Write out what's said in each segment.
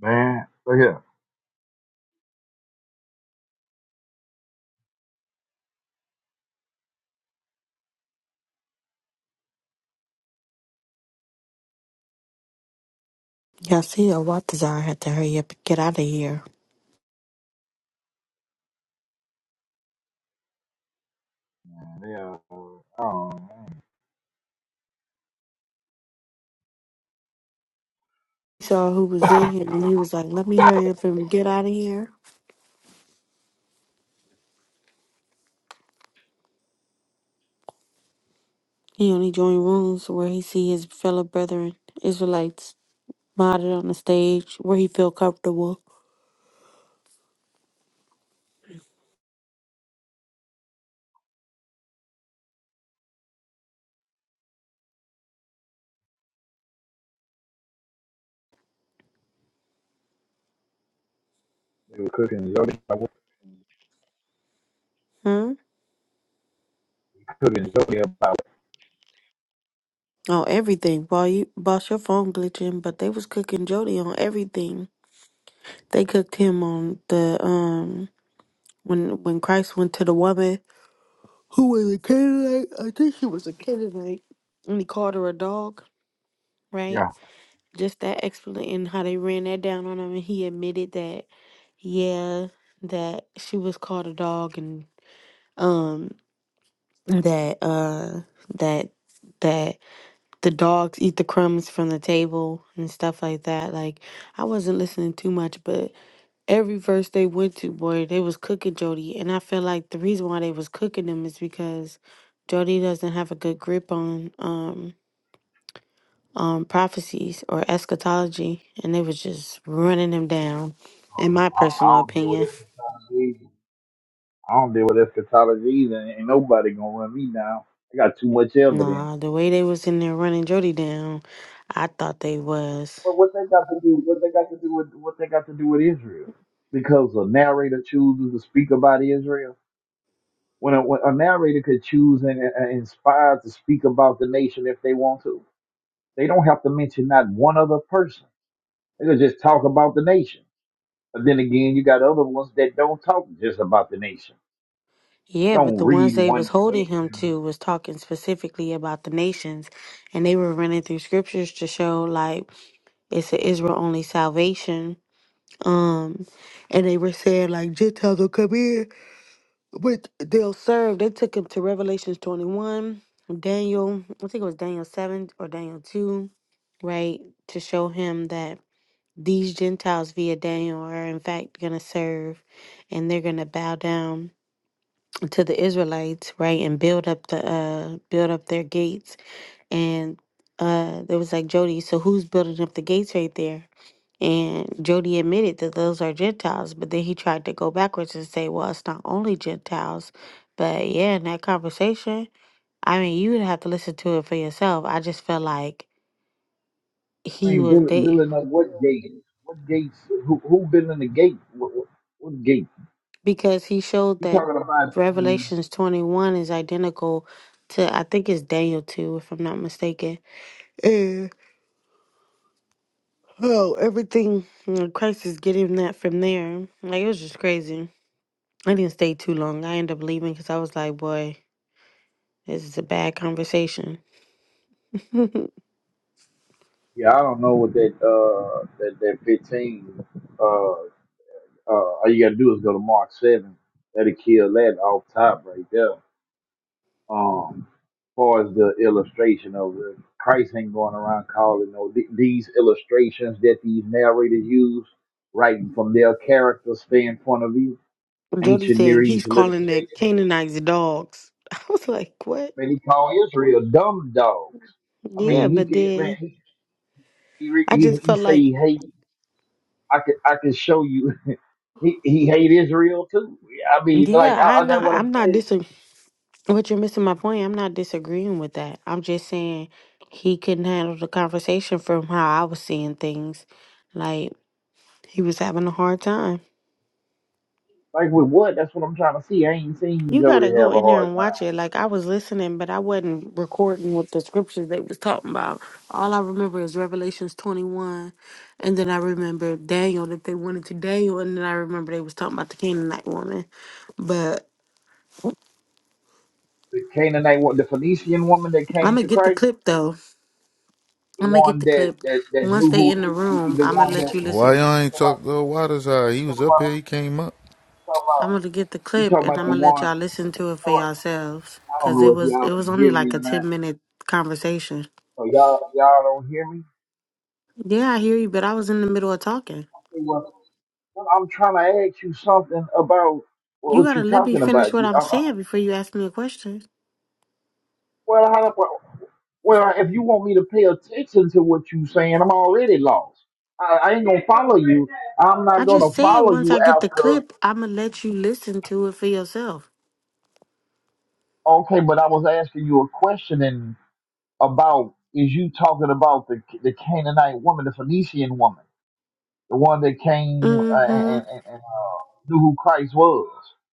Man, look here. Yasiel Watazar had to hurry up and get out of here. Man, they, uh, I don't know, man. He saw who was in here and he was like, Let me hurry up and get out of here. He only joined rooms where he see his fellow brethren, Israelites, modded on the stage where he feel comfortable. They were cooking Jody. I was Hmm? cooking Jody about On everything. While you boss your phone glitching, but they was cooking Jody on everything. They cooked him on the um when when Christ went to the woman who was a Canaanite. I think she was a Canaanite. And he called her a dog, right? Yeah, just that explanation and how they ran that down on him and he admitted that yeah that she was called a dog and um that uh that that the dogs eat the crumbs from the table and stuff like that like i wasn't listening too much but every verse they went to boy they was cooking jody and i feel like the reason why they was cooking them is because jody doesn't have a good grip on um. um, prophecies or eschatology, and they was just running them down. In my I, I personal don't deal with opinion, eschatology. I don't deal with eschatology either. Ain't nobody gonna run me down. I got too much evidence. nah, the way they was in there running Jody down, I thought they was. But what they got to do? What they got to do with what they got to do with Israel? Because a narrator chooses to speak about Israel. When a, when a narrator could choose and, and inspired to speak about the nation if they want to, they don't have to mention not one other person. They could just talk about the nation But then again, you got other ones that don't talk just about the nation. Yeah, but Don't the ones read they one was holding him nation. to was talking specifically about the nations, and they were running through scriptures to show like it's an Israel only salvation. Um, and they were saying like Gentiles will come in But they'll serve. They took him to Revelations 21, Daniel, I think it was Daniel 7 or Daniel 2, right? To show him that these Gentiles via Daniel are in fact going to serve and they're going to bow down to the Israelites, right? And build up the, uh, build up their gates. And, uh, there was like Jody, so who's building up the gates right there? And Jody admitted that those are Gentiles, but then he tried to go backwards and say, well, it's not only Gentiles. But yeah, in that conversation, I mean, you would have to listen to it for yourself. I just felt like I he mean, was building, they building up what gate? What gates? Who, who building the gate? What, what, what gate? because he showed You that talking about? When, Revelations 21 is identical to, I think it's Daniel 2, if I'm not mistaken. And oh, everything you know, Christ is getting that from there. Like, it was just crazy. I didn't stay too long. I ended up leaving because I was like, boy. This is a bad conversation. Yeah, I don't know what that uh that that fifteen uh uh all you gotta do is go to Mark seven. That'll kill that off top right there. Um, far as the illustration of it, Christ ain't going around calling no th- these illustrations that these narrators use, writing from their character standpoint of view, Jody ancient Near said East he's calling literature. the They, Canaanites dogs. I was like, what? man, he called Israel dumb dogs. I Yeah, mean, he but can man, then he he re- I he, just he felt say like, he hate. I could I could show you. he he hate Israel too. I mean, yeah, like I, I, I'm that's not. what I'm I'm not saying. disagreeing. What you're missing my point. I'm not disagreeing with that. I'm just saying he couldn't handle the conversation from how I was seeing things. Like he was having a hard time. Like with what? That's what I'm trying to see. I ain't seen You Jody gotta go have a in there hard and time. watch it. Like I was listening, but I wasn't recording what the scriptures they was talking about. All I remember is Revelations twenty one, and then I remember Daniel that they wanted to Daniel, and then I remember they was talking about the Canaanite woman. But the Canaanite one, the Phoenician woman that I'm came gonna to get the Christ, clip though. the I'm gonna get one the that clip. that that Once knew they in the who, the room, the I'm gonna one let that you listen. Why y'all you ain't talking about, talk to Waters? How he you was talking up here, he came up. I'm about, gonna get the you talking about you clip talking and about I'm the gonna let one. y'all listen to it you for talking about- yourselves. I don't Cause it know if was y'all it was can only hear me like or a not. ten minute conversation. So y'all y'all don't hear me. Yeah, I hear you, but I was in the middle of talking. Okay, Well, I'm trying to ask you something about You what gotta you let me talking finish about. what You- I'm I- I- saying before you ask me a question. Well, how, well, well, if you want me to pay attention to what you saying, I'm already lost. I, I ain't gonna follow you. I'm I not gonna just said follow once you I get the after. clip, I'ma let you listen to it for yourself. Okay, but I was asking you a question and about is you talking about the the Canaanite woman, the Phoenician woman, the one that came uh, and, Mm-hmm. and, and and, uh, knew who Christ was?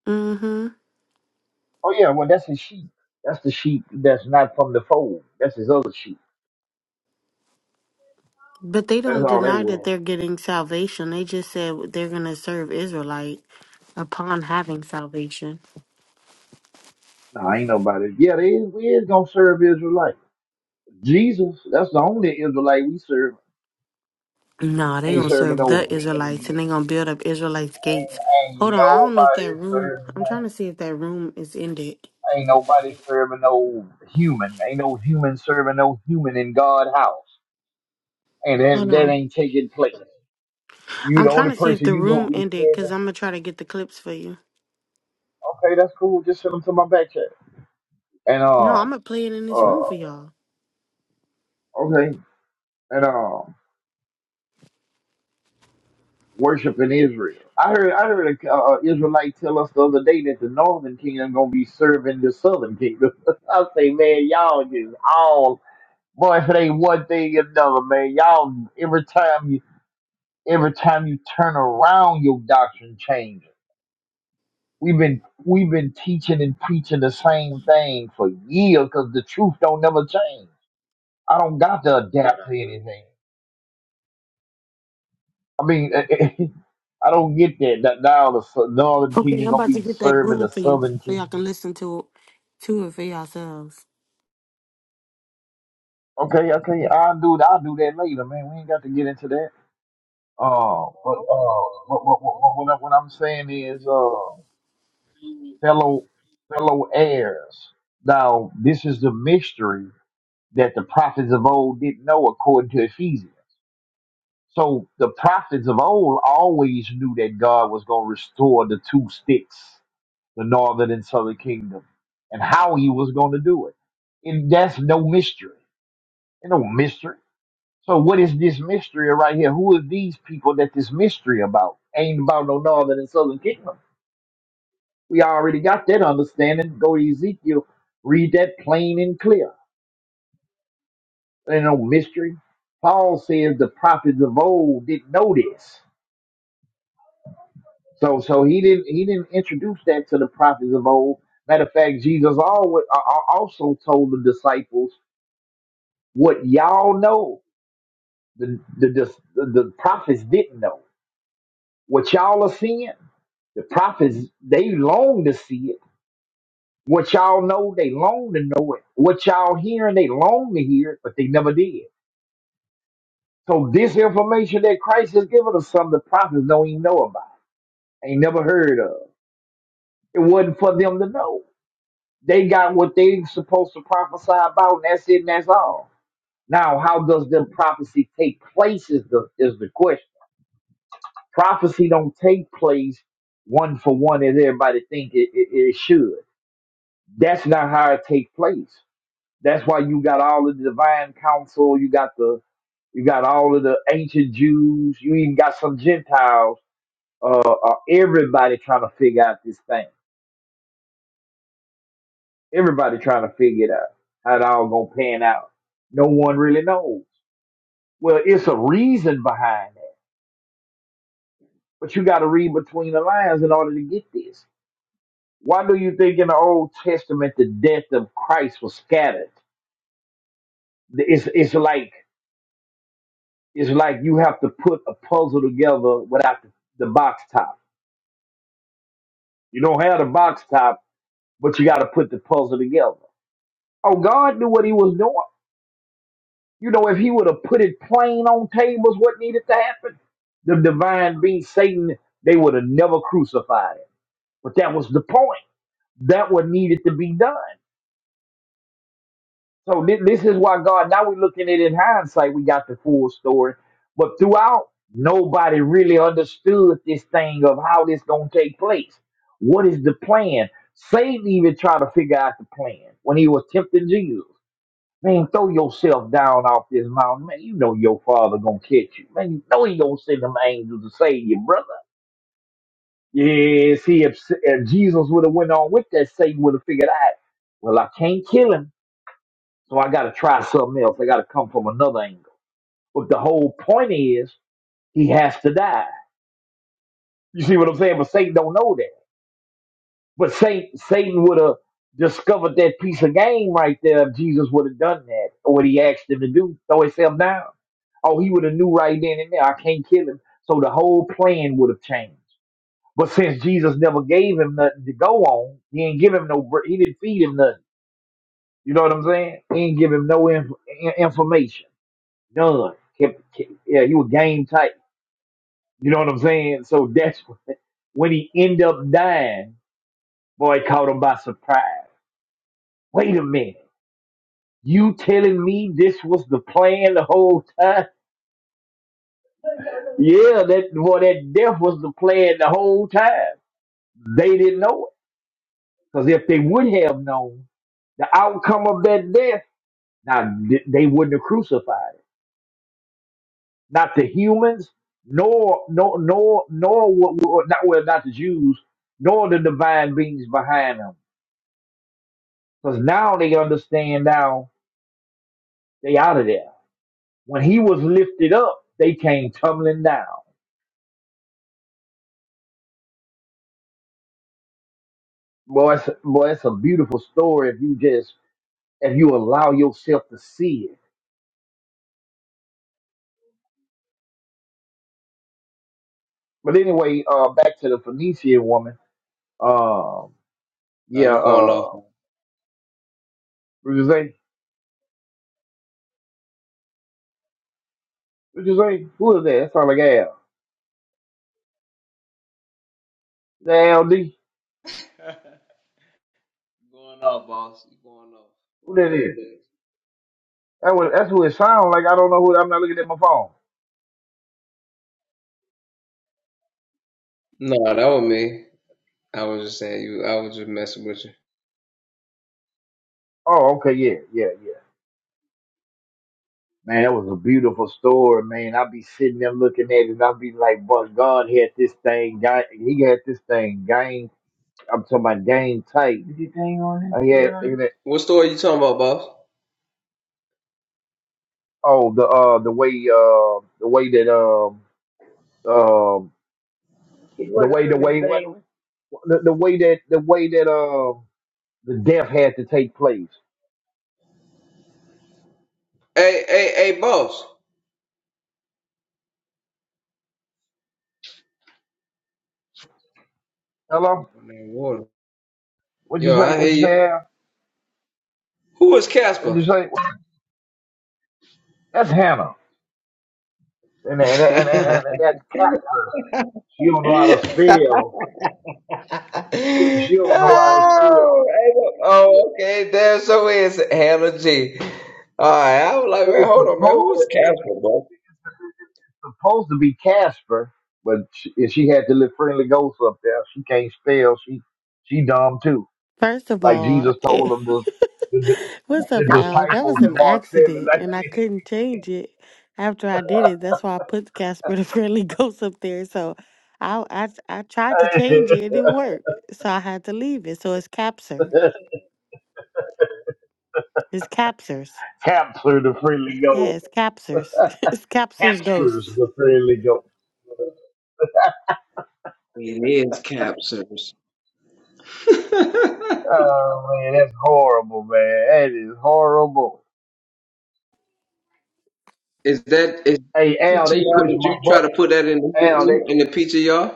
Mm-hmm. Oh yeah, well that's his sheep. That's the sheep that's not from the fold. That's his other sheep. But they That's don't all that deny that was. they're getting salvation. They just said they're gonna serve Israelite upon having salvation. Nah, ain't nobody. Yeah, they is, we is gonna serve Israelite. Jesus, that's the only Israelite we serve. No, they Ain't gonna serving serve no. the human Israelites and being. they gonna build up Israelites' gates. Ain't, ain't Hold on, I don't know if that nobody room serving. I'm no trying to see if that room is ended. Ain't nobody serving no human. Ain't no human serving no human in God house. And that, Hold that on. ain't taking place. You I'm the trying only to see if person the you gonna room be ended because serving. I'm gonna try to get the clips for you. Okay, that's cool. Just send them to my back chat. And No, I'm um, gonna play it in this room for uh, y'all. okay, and um, worship in Israel. I heard I heard a uh, Israelite tell us the other day that the northern kingdom gonna be serving the southern kingdom. I say, man, y'all just all boy, if it ain't one thing, it's another, man. Y'all every time you Every time you turn around, your doctrine changes. We've been we've been teaching and preaching the same thing for years because the truth don't never change. I don't got to adapt to anything. I mean, I don't get that. that now the sou- northern Okay, kingdom I'm gonna about to be get that serving room the for you southern so y'all can kingdom. listen to to it for yourselves. Okay, okay, I'll do I'll do that later, man. We ain't got to get into that. Uh, but uh, what what what what, what I- what I'm saying is, uh, fellow fellow heirs. Now this is the mystery that the prophets of old didn't know according to Ephesians. So the prophets of old always knew that God was going to restore the two sticks, the northern and southern kingdom, and how he was going to do it. And that's no mystery. Ain't No mystery. So what is this mystery right here? Who are these people that this mystery about? Ain't about no northern and southern kingdom. We already got that understanding. Go to Ezekiel, read that plain and clear. There ain't no mystery. Paul says the prophets of old didn't know this. So so he didn't he didn't introduce that to the prophets of old. Matter of fact, Jesus always also told the disciples what y'all know. The the, the the prophets didn't know what y'all are seeing. The prophets they long to see it. What y'all know, they long to know it. What y'all hearing, they long to hear it, but they never did. So this information that Christ has given us, some of the prophets don't even know about. ain't never heard of. It wasn't for them to know. They got what they supposed to prophesy about, and that's it, and that's all. Now, how does the prophecy take place is the is the question. Prophecy don't take place one for one as everybody think it, it, it should. That's not how it take place. That's why you got all of the divine council. You got the you got all of the ancient Jews. You even got some Gentiles. Uh, uh, everybody trying to figure out this thing Everybody trying to figure it out how it all gonna pan out. No one really knows. Well, it's a reason behind that, but you got to read between the lines in order to get this. Why do you think in the Old Testament the death of Christ was scattered? It's it's like it's like you have to put a puzzle together without the, the box top. You don't have the box top, but you got to put the puzzle together. Oh, God knew what He was doing. You know, if he would have put it plain on tables what needed to happen, the divine being Satan, they would have never crucified him. But that was the point. That what needed to be done. So thi- this is why God, now we're looking at it in hindsight, we got the full story. But throughout, nobody really understood this thing of how this gonna take place. What is the plan? Satan even tried to figure out the plan when he was tempting Jesus. Man, throw yourself down off this mountain. Man, you know your father gonna catch you. Man, you know he gonna send them angels to save you, brother. Yes, he if, if Jesus would have went on with that, Satan would have figured out, well, I can't kill him, so I gotta try something else. I gotta come from another angle. But the whole point is he has to die. You see what I'm saying? But Satan don't know that. But Satan, Satan would have discovered that piece of game right there if Jesus would have done that, or what he asked him to do, throw himself down. Oh, he would have knew right then and there, I can't kill him. So the whole plan would have changed. But since Jesus never gave him nothing to go on, he didn't give him no, br- he didn't feed him nothing. You know what I'm saying? He didn't give him no inf- in- information, none. Kept, kept, yeah, he was game tight. You know what I'm saying? So that's when when he ended up dying. Boy, it caught him by surprise. Wait a minute. You telling me this was the plan the whole time? Yeah, that well, that death was the plan the whole time. They didn't know it because if they would have known the outcome of that death, now th- they wouldn't have crucified it. Not the humans, nor nor nor nor what not well not the Jews, nor the divine beings behind them. Because now they understand. Now they out of there. When he was lifted up, they came tumbling down. Boy, it's, boy, it's a beautiful story if you just if you allow yourself to see it. But anyway, uh, back to the Phoenician woman. Um, Nah, yeah, you going off. uh, going what you say? What you say? Who is that? That sounds like Al. Is that LD? off, boss. You going off. Who that is? That was that's who it sounds like. I don't know who. I'm not looking at my phone. No, that was me. I was just saying you. I was just messing with you. Oh, okay, yeah, yeah, yeah. Man, that was a beautiful story, man. I'd be sitting there looking at it, and I'd be like, "But God had this thing, guy. He had this thing, Gang." I'm talking about game tight. Is your thing on there? I had Yeah. thinking that What story you talking about, boss? oh the uh the way uh the way that um um It the wasn't way the way what the, the way that the way that uh the death had to take place. Hey, hey, hey, boss. Hello, On that water. what you Yo, say? I hear What you you. say? Al? Who is What Casper? you say? That's Hannah, and and oh, and, hey, and, and that's Catherine. She don't know how to spell. She she don't know how to spell. oh, okay. There, so is Hannah G. All right, I was like, man, It's a hold on, man. Who is poem. Casper, bro? supposed to be Casper, but she, if she had to live friendly ghosts up there. She can't spell. She she dumb too. First of Like all, Jesus told it, them the the, what's up, the Al? That was disciples in an Mark seven. accident, and I couldn't change it after I did it. That's why I put Casper the Friendly Ghost up there. So I I I tried to change it, Like, it didn't work, so I had to leave it. So it's Capser. It's Capsers. capture the friendly Yeah, ghost. it's Capsers. it's Capsers Captures Ghosts. the friendly ghost. It is Capsers. Oh man, that's horrible, man. That is horrible. Is that is Hey Al, they PTR? pushed Did my you try to button. put that in the Al, they in the PTR?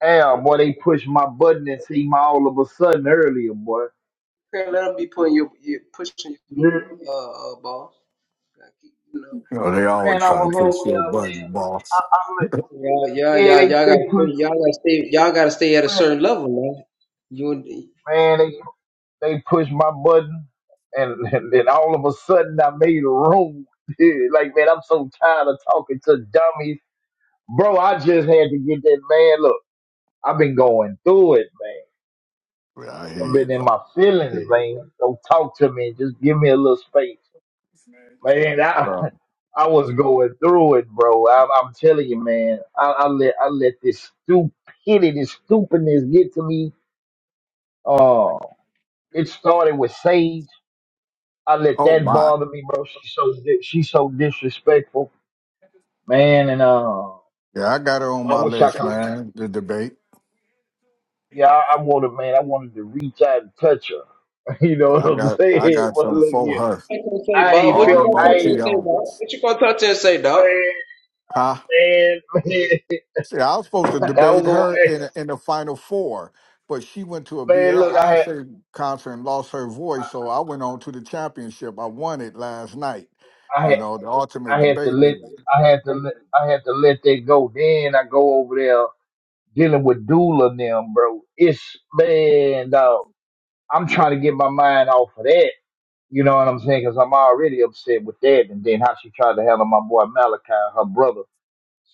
Al, boy, they Okay, pushed my button and see my all of a sudden earlier, boy. let them be putting your, your pushing your uh, uh ball. Gotta keep, You know, You know, they always Man, I try to was push over your there, man. button, I, boss. I, li- yeah, yeah, yeah, yeah, they y'all gotta they pushed stay, y'all gotta me, stay, y'all gotta stay at a certain level, man. You and man, they they pushed my button, and, and then all of a sudden I made a room. like man, I'm so tired of talking to dummies, bro. I just had to get that man. Look, I've been going through it, man. Yeah, I hear I've you, been in bro. my feelings, man. Don't talk to me. Just give me a little space. Man, I, Uh, I was going through it, bro. I, I'm telling you, man. I, I let I let this stupidity, this stupidness get to me. Uh, it started with Sage. I let oh that my, bother me, bro. She's so di- she's so disrespectful, man. And uh, yeah, I got her on I my wish I list, could. re- man. The debate. Yeah, I, I wanted, man. I wanted to reach out and touch her. You know but what I I'm got, I saying? got But some look for here, her. I can say, I Bob. ain't What All you felt. them gonna I touch OT ain't and say, Bob? onlys, What you gonna touch and say, Doc? man, huh? man, See, I was supposed to man. I was debate going, her in a, in the final four, but she went to a man. Look, I Beyonce concert and lost her voice. So I went on to the championship. I won it last night. You had. know, the ultimate I had to debate let league. I had to let I had to let that go. Then I go over there dealing with Dula and them, bro. It's man, dog. I'm trying to get my mind off of that. You know what I'm saying? Because I'm already upset with that. And then how she tried to handle my boy Malachi, her brother,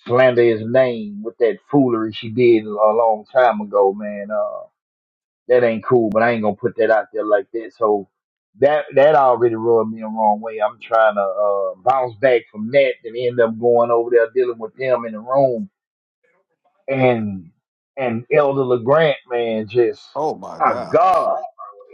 slander his name with that foolery she did a long time ago, man. Uh, that ain't cool, but I ain't gonna put that out there like that. So that that already rubbed me the wrong way. I'm trying to uh, bounce back from that and end up going over there dealing with them in the room and and Elder LeGrant, man, just Oh my my God. God,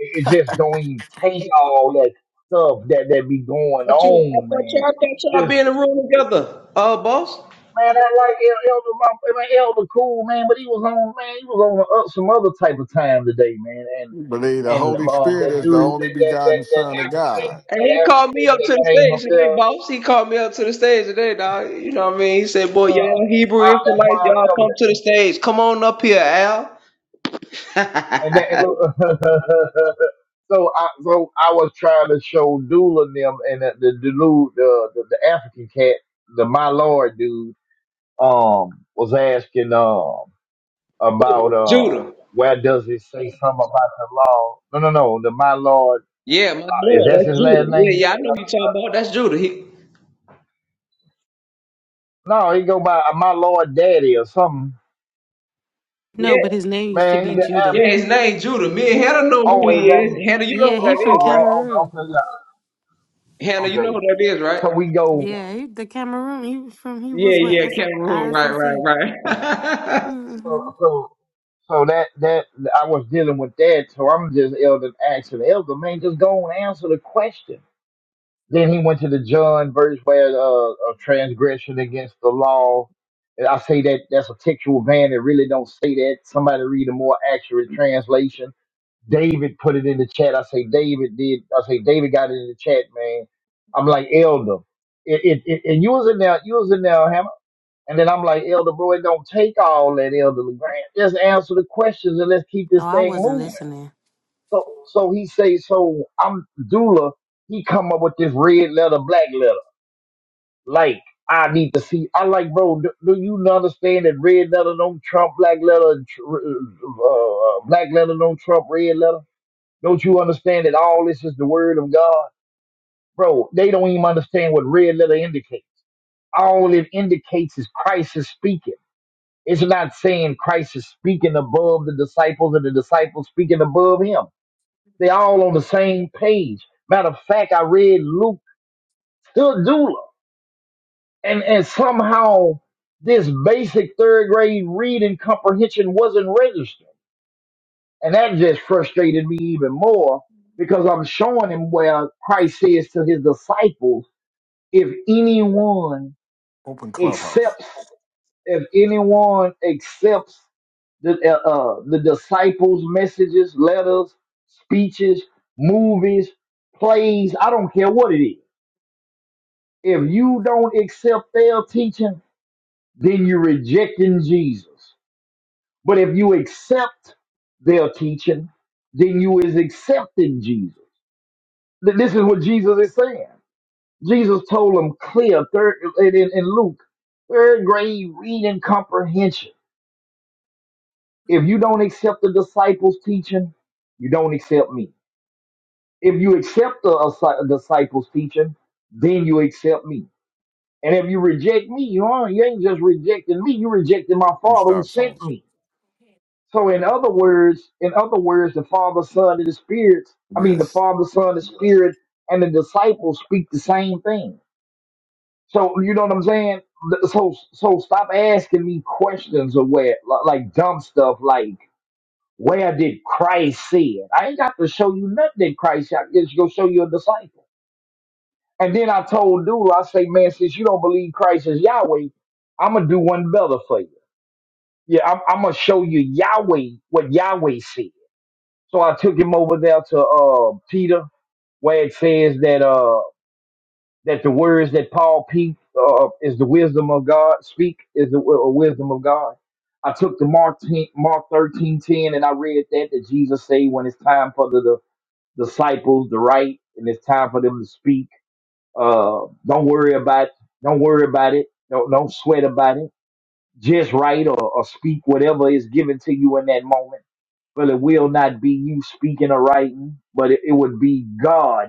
it it just don't even take all that stuff that that be going I thought you, I on, thought man. y'all, I thought y'all be Just in the room together, uh, boss. man, I like El- Elder, my man, Elder cool, man, but he was on, man, he was on uh, some other type of time today, man, You believe the and Holy um, Spirit that is the Jew, only that that that, begotten that Son of African, God. And that he called me African up to that the came up stage today, there. boss. He called me up to the stage today, dog. You know what I mean? He said, "Boy, Uh, y'all Hebrew I, that's Israelites, why I y'all left come it. to the stage. Come on up here, Al." And that and look, so I so I was trying to show Dula and them and the the, the dude, the, the the African cat, the my lord dude, um, was asking um about uh Judah. where does it say something about the law? No, no, no. The my lord Yeah, my uh, is lord, that his that's last Judah. Yeah, name? yeah, I know who you talking about. That's Judah. He, No, he go by uh, my lord daddy or something. No, yeah, but his name used to Man, be he the Judah. yeah, his name Judah. Me and Hannah know who Oh, he and then, is. Hannah, you know Yeah, uh, who he that from is, right? oh, oh, Cameroon. okay, yeah, Hannah, you know okay. who that is, right? So we go, Yeah, he, the Cameroon. He was from. He Yeah, was with yeah, SO, Cameroon. Right, right, ISOC. right. Mm-hmm. so, so, so that, that, I was dealing with that, so I'm just elder, asking the elder, man, just go and answer the question. Then he went to the John verse where, uh, a transgression against the law. And I say that that's a textual van that really don't say that. Somebody read a more accurate translation David put it in the chat. I say David did. I say David got it in the chat, man. I'm like Elder. It, it, it and you was in there. You was in there, Hammer. And then I'm like Elder, bro. It don't take all that, Elder Legrand. Just answer the questions and let's keep No, this I thing wasn't moving. listening. So so he say so. I'm Dula. He come up with this red letter, black letter. Like I need to see. I like, bro. Do, do you understand that red letter don't trump black letter? and tr- Uh, uh, black letter don't trump red letter. Don't you understand that all this is the word of God? Bro, they don't even understand what red letter indicates. All it indicates is Christ is speaking. It's not saying Christ is speaking above the disciples and the disciples speaking above him. They all on the same page. Matter of fact, I read Luke Dula, and, and somehow this basic third grade reading comprehension wasn't registered. And that just frustrated me even more because I'm showing him where Christ says to his disciples, if anyone Open clubhouse. accepts, if anyone accepts the, uh, uh, the disciples' messages, letters, speeches, movies, plays, I don't care what it is. If you don't accept their teaching, then you're rejecting Jesus. But if you accept their teaching, then you is accepting Jesus. Th- This is what Jesus is saying. Jesus told them clear third in, in in Luke, third grade reading comprehension. If you don't accept the disciples' teaching, you don't accept me. If you accept the asci- disciples' teaching, then you accept me. And if you reject me, you aren't you ain't just rejecting me, you rejecting my father who Restart sent phones. me. So in other words, in other words, the Father, Son, and the Spirit, I mean the Yes. Father, Son, the Spirit, and the disciples speak the same thing. So you know what I'm saying? Th- So so stop asking me questions of where li- like dumb stuff like where did Christ sin? I ain't got to show you nothing that Christ. I just go show you a disciple. And then I told Dude, I say, man, since you don't believe Christ is Yahweh, I'm gonna do one better for you. Yeah, I'm, I'm gonna show you Yahweh what Yahweh said. So I took him over there to uh, Peter, where it says that. uh, that the words that Paul P uh, is the wisdom of God speak is the wi- uh, wisdom of God. I took the Mark 10, Mark thirteen ten and I read that that Jesus say when it's time for the, the disciples to write and it's time for them to speak. Uh, don't worry about don't worry about it. Don't don't sweat about it. Just write or, or speak whatever is given to you in that moment. But it will not be you speaking or writing, but it, it would be God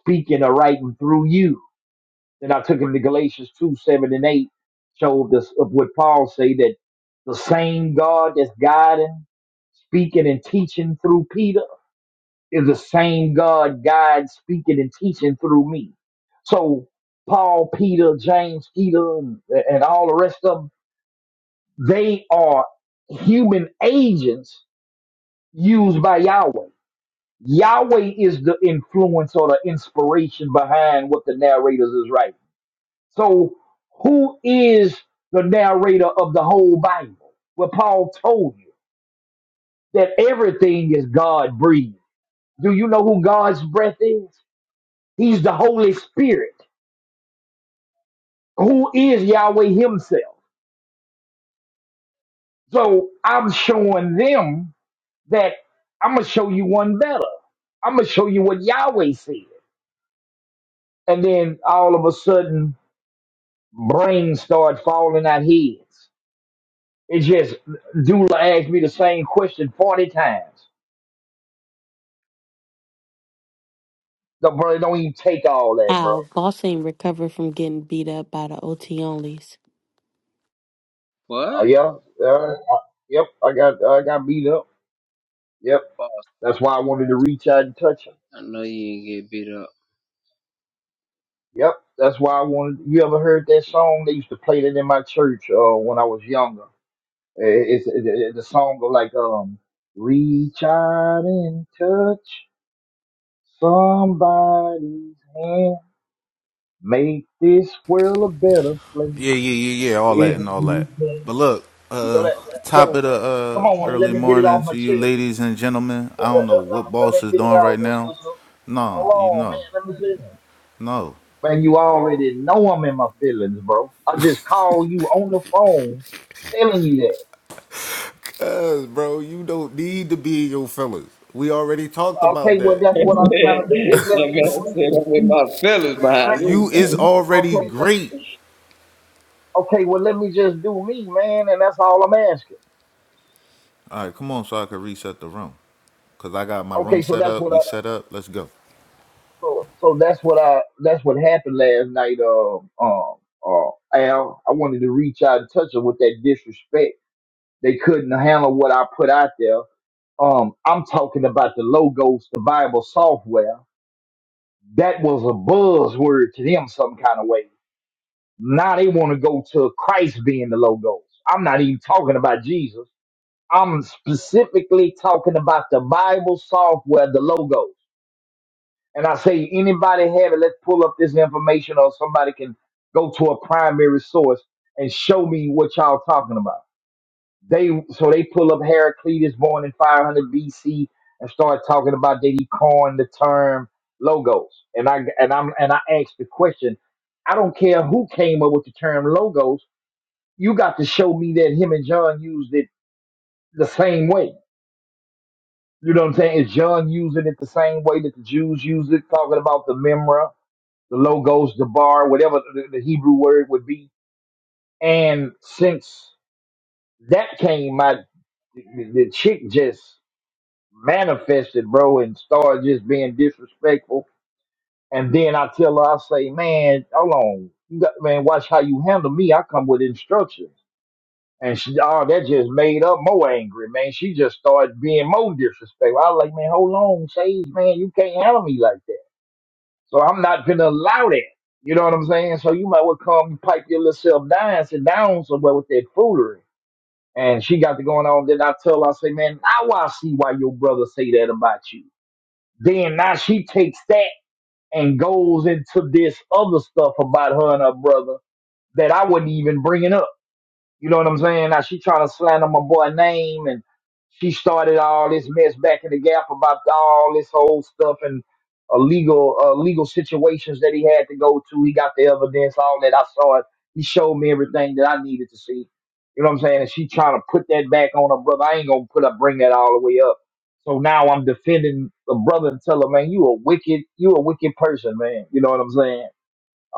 speaking or writing through you then I took him to Galatians 2, 7 and 8, showed us of what Paul say that the same God that's guiding, speaking and teaching through Peter is the same God guides, speaking and teaching through me. So Paul, Peter, James, Peter, and, and all the rest of them, they are human agents used by Yahweh. Yahweh is the influence or the inspiration behind what the narrators is writing. So, who is the narrator of the whole Bible? Well, Paul told you that everything is God breathed. Do you know who God's breath is? He's the Holy Spirit, who is Yahweh Himself. So, I'm showing them that I'm going to show you one better. I'm going to show you what Yahweh said. And then all of a sudden, brains start falling out heads. It's just, Dula asked me the same question 40 times. No, bro, it don't even take all that, bro. How boss ain't recovered from getting beat up by the OT onlys. Uh, What? yeah, yeah. I, yep, I got I got beat up. Yep, Boss, that's why I wanted to boss, reach out and touch him. I know you did get beat up. Yep, that's why I wanted. You ever heard that song? They used to play that in my church uh, when I was younger. It- It's it, it's a song of like um, reach out and touch somebody's hand, make this world a better place Yeah, yeah, yeah, yeah, all that if and all you that. can. But look, You know uh, that. top So of the come on, uh, man, let early me get it off morning my to you, chest. ladies and gentlemen. I Let, let, don't know let, what let boss me is get it doing out, right Miss now. Cooper. No, Hold you on, man. know, Let me finish. no. Man, you already know I'm in my feelings, bro. I just call you on the phone telling you that. Cuz, bro, you don't need to be your feelings. We already talked about Okay, well, that. I that's what I'm trying to do. Just let me gotta do me. sit up with my feelings Let, let, behind You this. is man. already okay, let, great. okay, well, let me just do me, man, and that's all I'm asking. All right, come on, so I can reset the room. Cause I got my room Okay, so set that's up. what We I, set up. Let's go. so, so that's what I, that's what happened last night, Um, um, uh, Al. I wanted to reach out and touch her with that disrespect They couldn't handle what I put out there. Um, I'm talking about the logos, the Bible software. That was a buzzword to them some kind of way. Now they want to go to Christ being the logos. I'm not even talking about Jesus. I'm specifically talking about the Bible software, the logos. And I say, anybody have it, let's pull up this information or somebody can go to a primary source and show me what y'all talking about. They so they pull up Heraclitus born in 500 BC and start talking about that he coined the term logos. And I and I'm and I asked the question. I don't care who came up with the term logos. You got to show me that him and John used it the same way. You know what I'm saying? Is John using it the same way that the Jews used it, talking about the memra, the logos, the bar, whatever the, the Hebrew word would be? And since that came, my the, the chick just manifested, bro, and started just being disrespectful. And then I tell her, I say, man, hold on, you got, man, watch how you handle me. I come with instructions. And she, oh, that just made up more angry, man. She just started being more disrespectful. I was like, man, hold on, Sage, man, you can't handle me like that. So I'm not gonna allow that. You know what I'm saying? So you might well come pipe your little self down, and sit down somewhere with that foolery. And she got to going on. Then I tell her, I say, man, now I see why your brother say that about you. Then now she takes that and goes into this other stuff about her and her brother that I wasn't even bringing up. You know what I'm saying? Now she trying to slander my boy name and she started all this mess back in the gap about all this whole stuff and illegal uh, legal situations that he had to go to. He got the evidence, all that. I saw it. He showed me everything that I needed to see. You know what I'm saying? And she trying to put that back on her brother. I ain't gonna put up bring that all the way up. So now I'm defending the brother and tell her, man, you a wicked, you a wicked person, man. You know what I'm saying?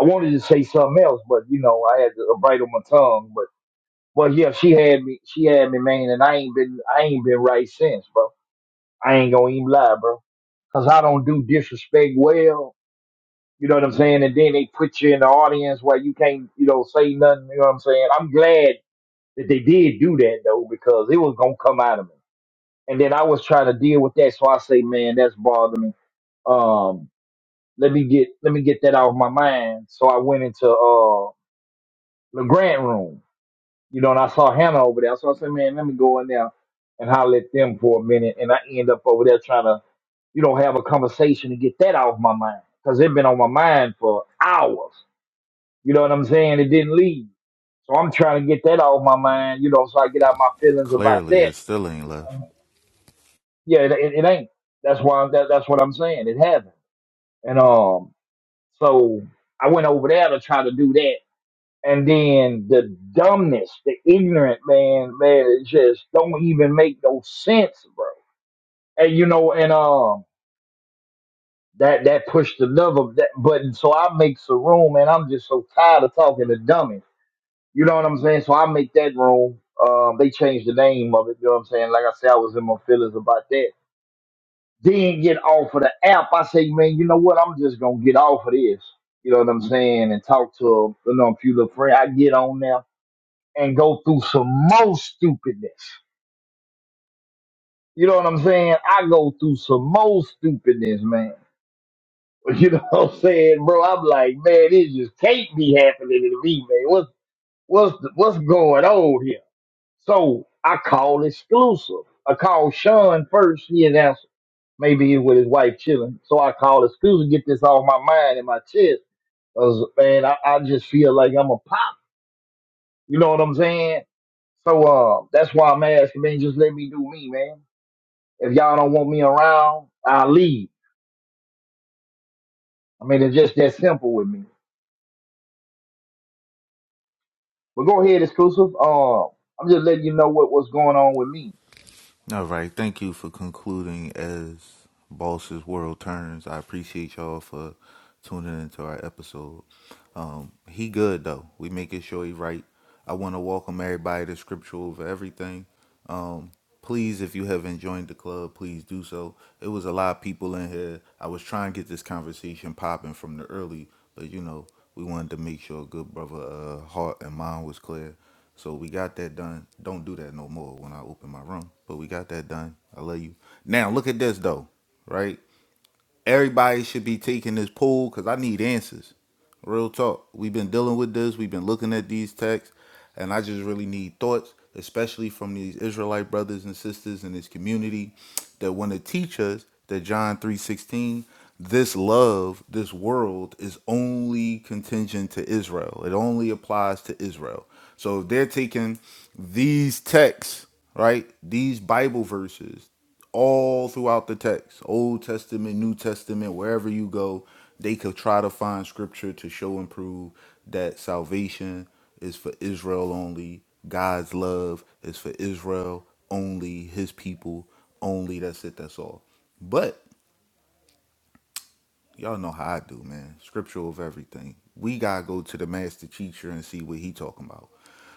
I wanted to say something else, but you know, I had to bite on my tongue. Well, yeah, she had me. She had me, man, and I ain't been. I ain't been right since, bro. I ain't gonna even lie, bro. Cause I don't do disrespect well. You know what I'm saying? And then they put you in the audience where you can't, you know, say nothing. You know what I'm saying? I'm glad that they did do that though, because it was gonna come out of me. And then I was trying to deal with that, so I say, man, that's bothering me. Um, let me get let me get that off my mind. So I went into uh the grant room. you know, and I saw Hannah over there. So I said, man, let me go in there and holler at them for a minute. And I end up over there trying to, you know, have a conversation to get that off my mind because it been on my mind for hours. You know what I'm saying? It didn't leave. So I'm trying to get that off my mind, you know, so I get out my feelings about Clearly, that. it still ain't left. Yeah, it, it, it ain't. That's why that, that's what I'm saying. It hasn't. And um, so I went over there to try to do that. And then the dumbness, the ignorant man, man, it just don't even make no sense, bro. And you know, and um, that that pushed another that button. So I make some room, and I'm just so tired of talking to dummies. You know what I'm saying? So I make that room. Um, they changed the name of it. You know what I'm saying? Like I said, I was in my feelings about that. Then get off of the app. I say, man, you know what? I'm just gonna get off of this. You know what I'm saying? And talk to you know a few little friends. I get on there. and go through some more stupidness. You know what I'm saying? I go through some more stupidness, man. You know what I'm saying, bro? I'm like, man, it just can't be happening to me, man. What's what's the, what's going on here? So I call exclusive. I call Sean first. He didn't answer. Maybe he's with his wife chilling. So I call exclusive, get this off my mind and my chest. 'Cause, man, I, I just feel like I'm a pop. You know what I'm saying? So uh, that's why I'm asking, man. Just let me do me, man. If y'all don't want me around, I'll leave. I mean, it's just that simple with me. But go ahead, exclusive. Uh, I'm just letting you know what, what's going on with me. All right. Thank you for concluding as Boss's World Turns. I appreciate y'all for tuning into our episode. Um, he good though. We making sure he right. I want to welcome everybody to Scripture over everything. Um, Please, if you haven't joined the club, please do so. It was a lot of people in here. I was trying to get this conversation popping from the early, but you know, we wanted to make sure good brother uh, heart and mind was clear. So we got that done. Don't do that no more when I open my room. But we got that done. I love you. Now look at this though, right? Everybody should be taking this poll because I need answers. Real talk. We've been dealing with this. We've been looking at these texts, and I just really need thoughts, especially from these Israelite brothers and sisters in this community that want to teach us that John 3:16, this love, this world is only contingent to Israel. It only applies to Israel. So if they're taking these texts, right? These Bible verses all throughout the text old testament new testament wherever you go they could try to find scripture to show and prove that salvation is for israel only god's love is for israel only his people only that's it that's all but Y'all know how I do, man. Scriptural of everything. We gotta go to the master teacher and see what he talking about.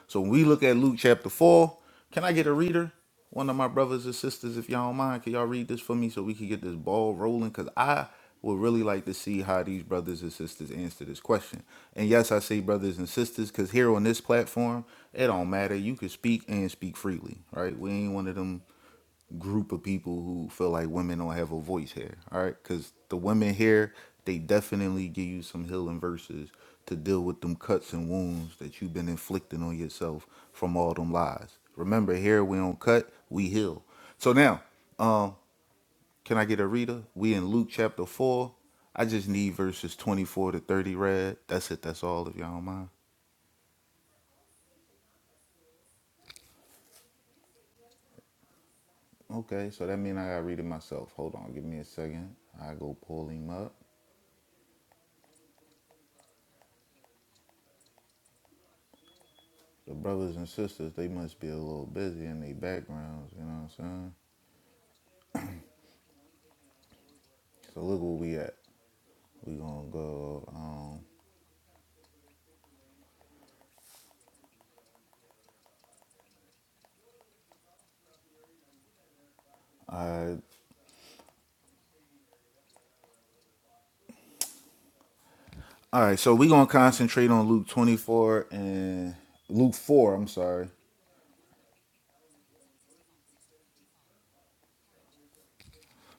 So when we look at Luke chapter four, can I get a reader? One of my brothers and sisters, if y'all don't mind, can y'all read this for me so we can get this ball rolling? Cause I would really like to see how these brothers and sisters answer this question. And yes, I say brothers and sisters, cause here on this platform, it don't matter. You can speak and speak freely, right? We ain't one of them group of people who feel like women don't have a voice here. All right, because the women here, they definitely give you some healing verses to deal with them cuts and wounds that you've been inflicting on yourself from all them lies. Remember, here we don't cut, we heal. So now, um, can I get a reader? We in Luke chapter four. I just need verses twenty four to thirty read. That's it. That's all. If y'all don't mind. Okay, so that means I gotta read it myself. Hold on, give me a second. I go pull him up. The brothers and sisters, they must be a little busy in their backgrounds, you know what I'm saying? So look where we at. We gonna go um all right, all right, so we gonna concentrate on Luke twenty four and Luke four, I'm sorry,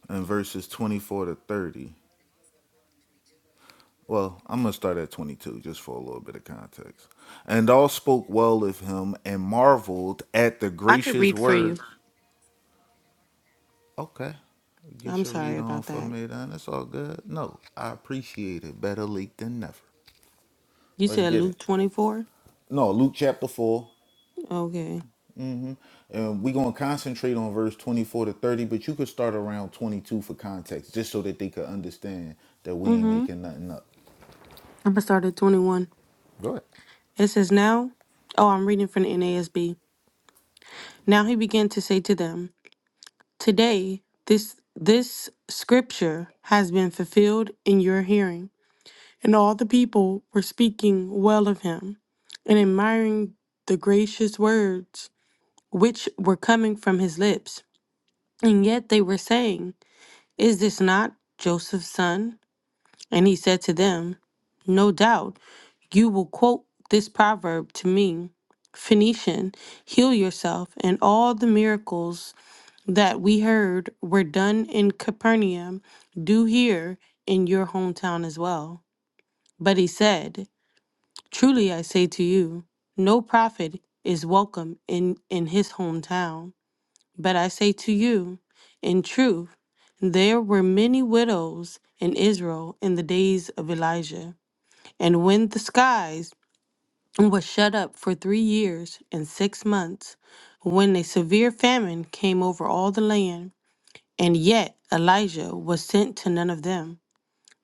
and verses twenty four to thirty. Well, I'm gonna start at twenty two just for a little bit of context. And all spoke well of him and marveled at the I could gracious read for you. words. Okay. Get I'm your sorry read on about for that. me then. It's all good. No, I appreciate it. Better late than never. You Let's said get it. Luke 24. No, Luke chapter 4. Okay. And we're going to concentrate on verse 24 to 30, but you could start around 22 for context, just so that they could understand that we ain't Mm-hmm. making nothing up. I'm gonna start at 21. Go ahead. It says now. Oh, I'm reading from the NASB. Now he began to say to them, "Today, this this scripture has been fulfilled in your hearing." And all the people were speaking well of him and admiring the gracious words which were coming from his lips. And yet they were saying, Is this not Joseph's son? And he said to them, No doubt you will quote this proverb to me Phoenician, heal yourself. And all the miracles that we heard were done in Capernaum, do here in your hometown as well. But he said, Truly I say to you, no prophet is welcome in, in his hometown. But I say to you, in truth, there were many widows in Israel in the days of Elijah. And when the skies was shut up for three years and six months, when a severe famine came over all the land, and yet Elijah was sent to none of them,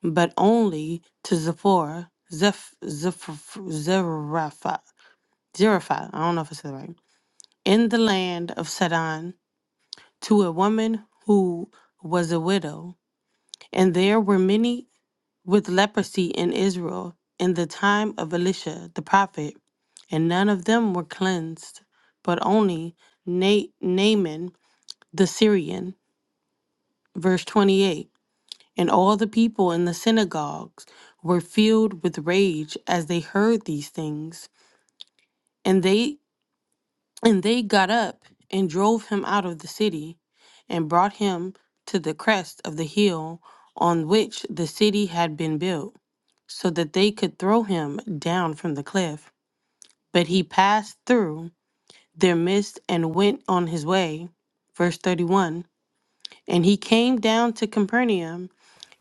but only to Zipporah, Zeph, Zeph, Zarephath, Zarephath, I don't know if I said it right, in the land of Sidon to a woman who was a widow. And there were many with leprosy in Israel in the time of Elisha the prophet, and none of them were cleansed, but only Na- Naaman the Syrian. Verse 28 And all the people in the synagogues were filled with rage as they heard these things. and they. And they got up and drove him out of the city, and brought him to the crest of the hill on which the city had been built, so that they could throw him down from the cliff. But he passed through their midst and went on his way. Verse 31 And he came down to Capernaum,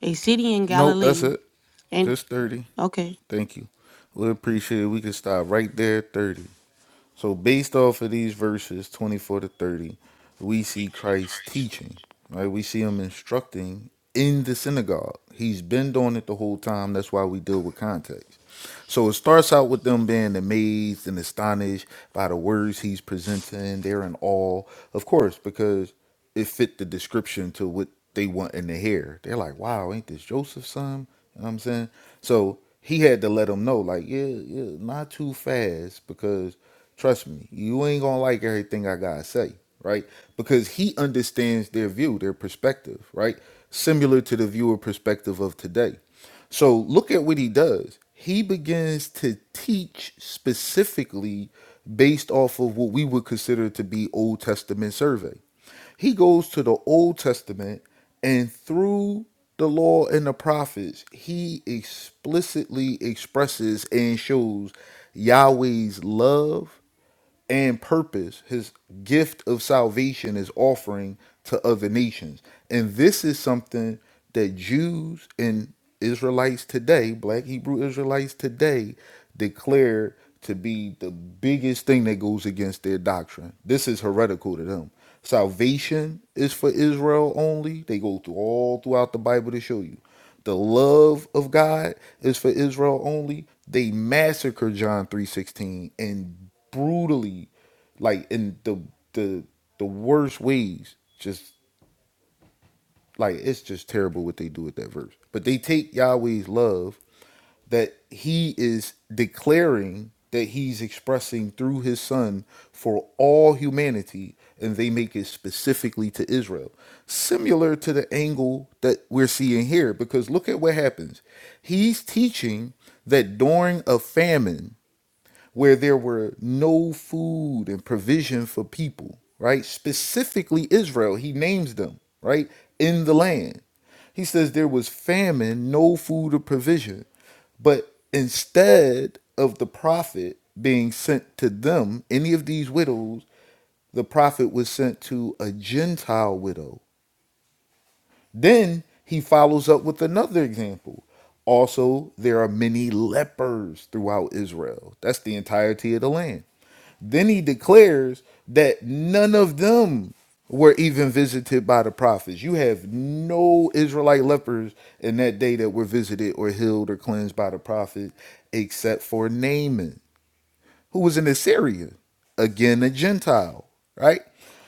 a city in Nope, that's Galilee. it. And Just 30. okay. Thank you. We appreciate it. We can stop right there at 30. So based off of these verses 24 to 30, we see Christ teaching, right? We see him instructing in the synagogue. He's been doing it the whole time. That's why we deal with context. So it starts out with them being amazed and astonished by the words he's presenting. They're in awe, of course, because it fit the description to what they want in the hair. They're like, wow, ain't this Joseph's son? You know what I'm saying? So he had to let them know, like, yeah, yeah, not too fast because trust me, you ain't gonna like everything I gotta say, right? Because he understands their view, their perspective, right? Similar to the viewer perspective of today. So look at what he does. He begins to teach specifically based off of what we would consider to be Old Testament survey. He goes to the Old Testament and through the law and the prophets, he explicitly expresses and shows Yahweh's love and purpose his gift of salvation is offering to other nations. And this is something that Jews and Israelites today, black Hebrew Israelites today, declare to be the biggest thing that goes against their doctrine. This is heretical to them. Salvation is for Israel only. They go through all throughout the Bible to show you the love of God is for Israel only. They massacre John 3:16 and brutally like in the the the worst ways. Just like it's just terrible what they do with that verse. But they take Yahweh's love that he is declaring that he's expressing through his son for all humanity and they make it specifically to Israel similar to the angle that we're seeing here because look at what happens he's teaching that during a famine where there were no food and provision for people right specifically Israel he names them right in the land he says there was famine no food or provision but instead of the prophet being sent to them, any of these widows, the prophet was sent to a Gentile widow. Then he follows up with another example. Also, there are many lepers throughout Israel. That's the entirety of the land. Then he declares that none of them were even visited by the prophets. You have no Israelite lepers in that day that were visited or healed or cleansed by the prophet, except for Naaman, who was an Assyrian, again a Gentile, right?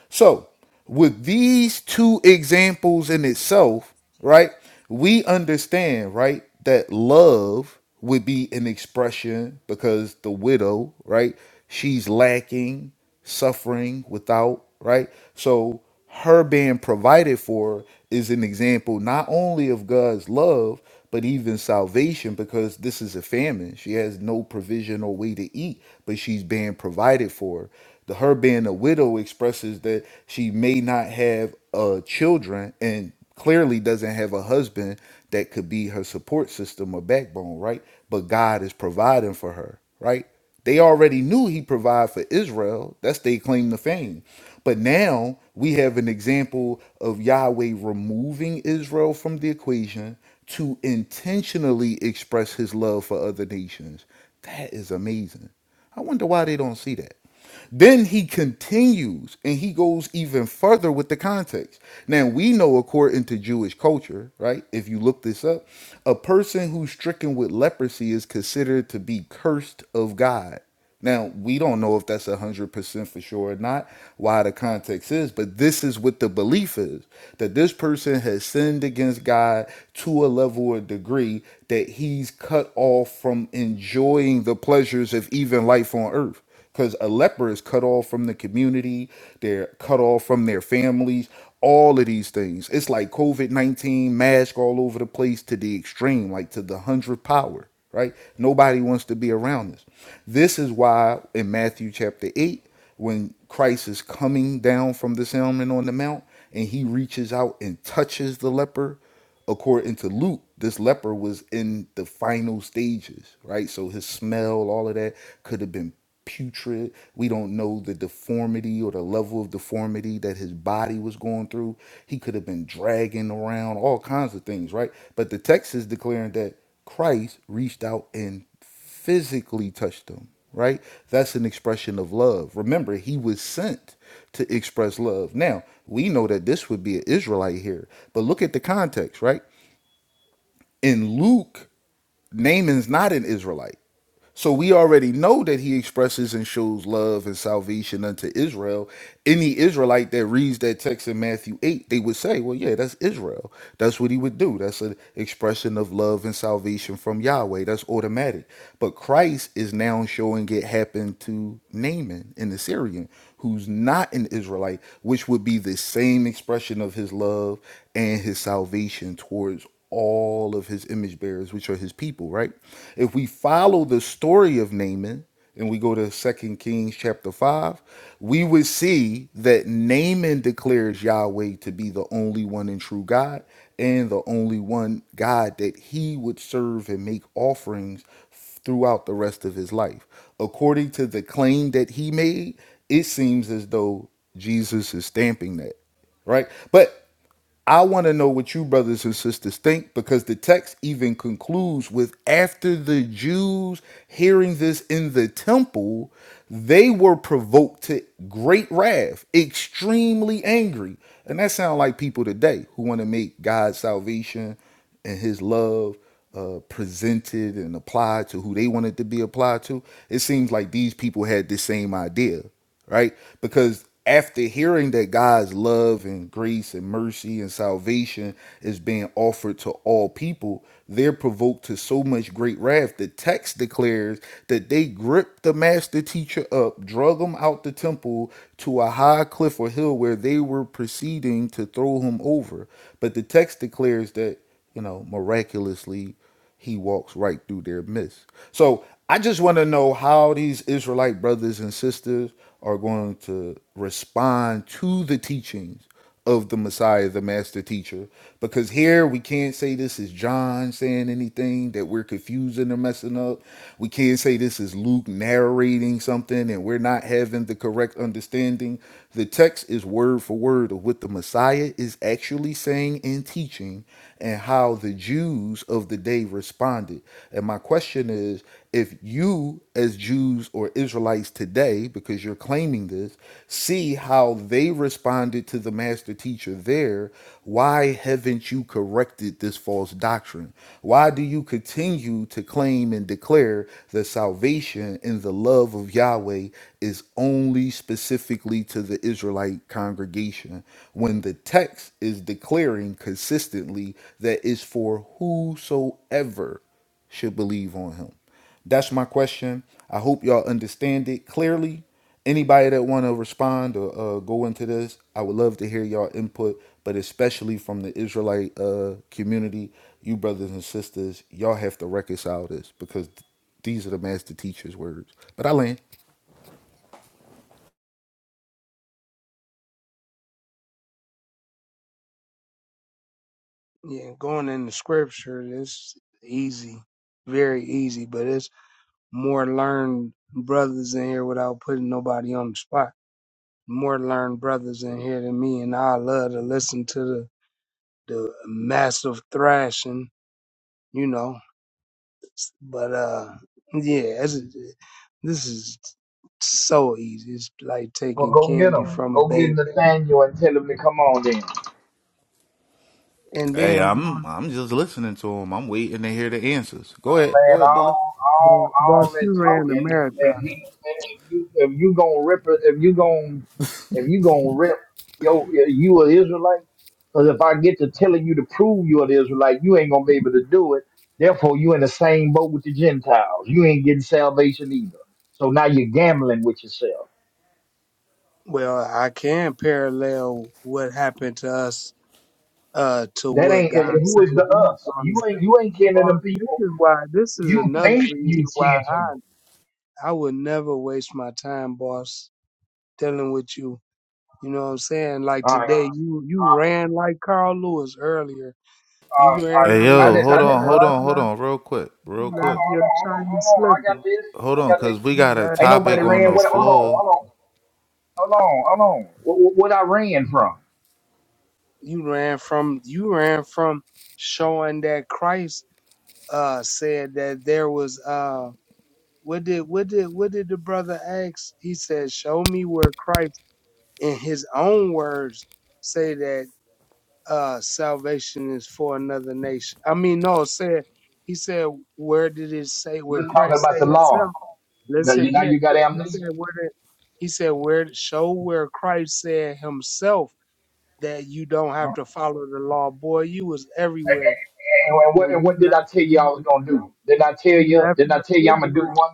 So, with these two examples in itself, right, we understand, right, that love would be an expression because the widow, right, she's lacking, suffering without, right? So, her being provided for is an example not only of God's love, but even salvation because this is a famine. She has no provision or way to eat, but she's being provided for the her being a widow expresses that she may not have uh children and clearly doesn't have a husband that could be her support system or backbone right but god is providing for her right they already knew he provided for israel that's they claim to fame but now we have an example of yahweh removing israel from the equation to intentionally express his love for other nations that is amazing i wonder why they don't see that then he continues and he goes even further with the context. Now, we know, according to Jewish culture, right? If you look this up, a person who's stricken with leprosy is considered to be cursed of God. Now, we don't know if that's 100% for sure or not, why the context is, but this is what the belief is that this person has sinned against God to a level or degree that he's cut off from enjoying the pleasures of even life on earth because a leper is cut off from the community, they're cut off from their families, all of these things. It's like COVID 19 mask all over the place to the extreme, like to the hundredth power, right? Nobody wants to be around this. This is why in Matthew chapter 8, when Christ is coming down from the Sermon on the Mount and he reaches out and touches the leper according to Luke, this leper was in the final stages, right? So his smell, all of that could have been putrid. We don't know the deformity or the level of deformity that his body was going through. He could have been dragging around all kinds of things, right? But the text is declaring that Christ reached out and physically touched him, right? That's an expression of love. Remember, he was sent to express love. Now, we know that this would be an Israelite here, but look at the context, right? In Luke, Naaman's not an Israelite. So we already know that he expresses and shows love and salvation unto Israel. Any Israelite that reads that text in Matthew 8, they would say, well, yeah, that's Israel. That's what he would do. That's an expression of love and salvation from Yahweh. That's automatic. But Christ is now showing it happened to Naaman in the Syrian, who's not an Israelite, which would be the same expression of his love and his salvation towards all of his image bearers, which are his people, right? If we follow the story of Naaman and we go to Second Kings chapter 5, we would see that Naaman declares Yahweh to be the only one and true God and the only one God that he would serve and make offerings throughout the rest of his life. According to the claim that he made, it seems as though Jesus is stamping that right? But I want to know what you brothers and sisters think because the text even concludes with after the Jews hearing this in the temple, they were provoked to great wrath, extremely angry. And that sounds like people today who want to make God's salvation and his love uh, presented and applied to who they wanted to be applied to, it seems like these people had the same idea, right? Because after hearing that God's love and grace and mercy and salvation is being offered to all people, they're provoked to so much great wrath. The text declares that they gripped the master teacher up, drug him out the temple to a high cliff or hill where they were proceeding to throw him over. But the text declares that you know, miraculously, he walks right through their midst. So I just want to know how these Israelite brothers and sisters are going to respond to the teachings of the Messiah, the master teacher, because here we can't say this is John saying anything that we're confusing or messing up. We can't say this is Luke narrating something and we're not having the correct understanding the text is word for word of what the Messiah is actually saying and teaching and how the Jews of the day responded. And my question is if you, as Jews or Israelites today, because you're claiming this, see how they responded to the master teacher there, why haven't you corrected this false doctrine? Why do you continue to claim and declare the salvation and the love of Yahweh is only specifically to the Israelite congregation when the text is declaring consistently that it's for whosoever should believe on him. That's my question. I hope y'all understand it clearly. Anybody that want to respond or uh, go into this, I would love to hear y'all input, but especially from the Israelite uh, community, you brothers and sisters, y'all have to reconcile this because th- these are the master teacher's words. But I land. Yeah, going in the scripture it's easy, very easy, but it's more learned brothers in here without putting nobody on the spot. More learned brothers in here than me, and I love to listen to the the massive thrashing, you know. But uh, yeah, it's, this is so easy. It's like Well, taking go get candy him. from a Go get baby. Nathaniel and tell him to come on then. And Hey, then boss, I'm I'm just listening to him. I'm waiting to hear the answers. Go ahead, man, go ahead, Dula. all boss, all boss all that you ran the talking. marathon. If he, if you, if you gonna rip, it- if you gonna, if you gonna rip, yo, you an Israelite. Because if I get to telling you to prove you an Israelite, you ain't gonna be able to do it. Therefore, you in the same boat with the Gentiles. You ain't getting salvation either. So now you're gambling with yourself. Well, I can parallel what happened to us uh, to That what ain't God eh, who said is the He was us. You going. ain't you ain't kin to Well, them this people. is why. This is You another think reason you why kin to them. I I would never waste my time, boss, dealing with you. You know what I'm saying? Like All right. today, you you Uh, ran like Carl Lewis earlier. You um, ran Hey, out of I, I there yo, didn't. I hold so didn't on, fast. hold run. on, You hold left on, real quick, real you Hold left quick. on, hold your on, hold shiny on, I slipper. got this. Hold I on, got this. cause we You got a left Ain't you nobody topic left on ran. your the What? Hold slipper. on, floor hold on, hold on, hold on. What, what, what I ran from? You ran from you ran from showing that Christ uh said that there was uh what did what did what did the brother ask? He said, Show me where Christ in his own words say that uh salvation is for another nation. I mean no said he said where did it say where We're talking Christ about say the law. himself? Let's Now say you, now yeah, you got yeah. He said amnesia. where did he said where show where Christ said himself that you don't have to follow the law. Boy, you was everywhere. And, what, what- And and what you did I left tell you I was you, gonna do? Didn't I tell you you? left Didn't I your tell you I'm gonna slipper do one?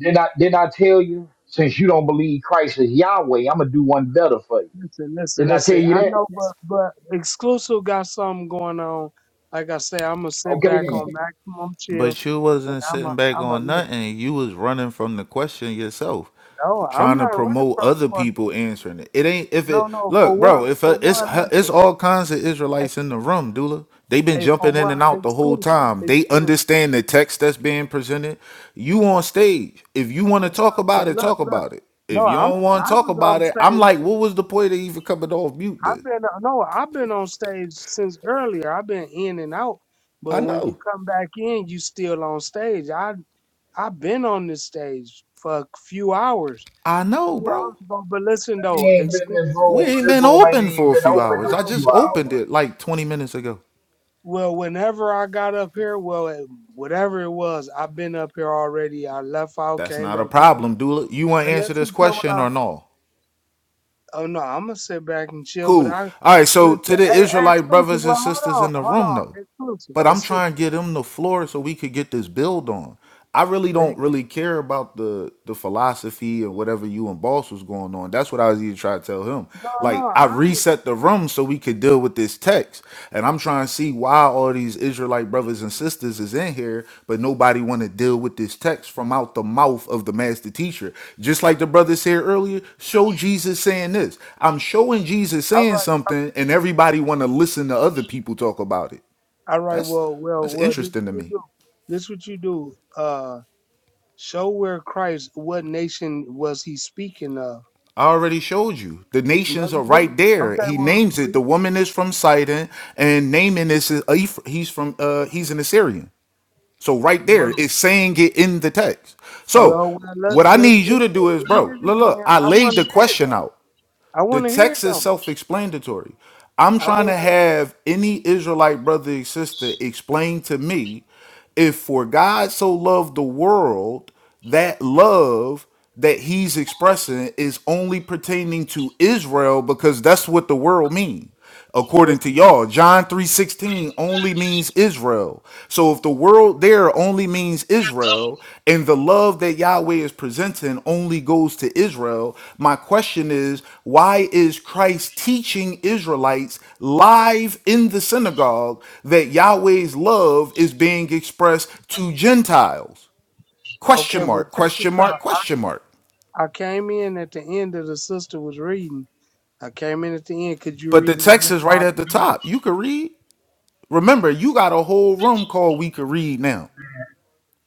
Didn't I? Didn't I tell you? Since you don't believe Christ is Yahweh, I'm gonna do one better for you. Listen, listen, Didn't I tell listen. you I that? know, but but exclusive got something going on. Like I say, I'm gonna sit Okay back then. on maximum chill, But you and wasn't I'm a sitting back I'm a on listen. nothing. You was running from the question yourself, No, I'm trying not to ready promote for the other quarter. people answering it. It ain't if No, it no. For look, one, bro. If for uh it's one, uh, it's listen. all kinds of Israelites in the room, Dula. They been Hey, for jumping in one, and out the whole exclusive, time. They exclusive, understand the text that's being presented. You on stage. If you want to talk about exclusive. it, Look, talk look. about it. If No, you I'm don't want I to talk was about on it, I'm stage. like, what was the point of even coming off mute? I've Then been no, I've been on stage since earlier. I've been in and out, I but when you know, come back in, you still on stage. I I've been on this stage for a few hours. I know, Few bro. hours ago, but listen We though, ain't been exclu- in this We room. ain't This been room ain't open even for a been few open in hours. a I well, just few well, hours. opened it like 20 minutes ago. well, whenever I got up here, well, it- whatever it was, I've been up here already. I left out, That's came not a back in. problem, Dula. You want to But answer this listen to what question I. or no? Oh no, I'm gonna sit back and chill. But Cool. I All right, so listen. to the Hey, hey, Israelite exclusive. brothers Well, and hold sisters on, in the hold room, on, though, exclusive, but I'm exclusive. trying to get them the floor so we could get this build on. I really hey, don't really care about the the philosophy or whatever you and boss was going on. That's what I was even trying to tell him. No, no, Like I I ain't. reset the room so we could deal with this text and i'm trying to see why all these israelite brothers and sisters is in here but nobody want to deal with this text from out the mouth of the master teacher just like the brother said earlier show jesus saying this i'm showing jesus All saying right. something and everybody want to listen to other people talk about it All right. that's Well, well, that's well. This interesting to what you me do. This what you do. Uh, show where Christ. What nation was he speaking of? I already showed you. The No, nations you are didn't. right there. Okay. He Well, names it. read. The woman is from Sidon, and Naaman is a, he's from uh he's an Assyrian. So right there, Well, it's saying it in the text. So well. well, Let's what I let's need you read to do it. is, Read bro, it look, look, again. I I laid want to the hear it. question out. Though. I The want to hear it text is though. self-explanatory. I'm I trying want to to. have any Israelite brother and sister explain to me if for God so loved the world, that love that he's expressing is only pertaining to Israel because that's what the world means according Let's. to y'all john 3.16 only means israel so if the world there only means israel and the love that yahweh is presenting only goes to israel my question is why is christ teaching israelites live in the synagogue that yahweh's love is being expressed to gentiles Okay. question Well, mark take the question time. mark question mark I came in at the end of the sister was reading. I came in at the end. Could you but the read it text again? is right at the Father? top you could read remember you got a whole room called we could read now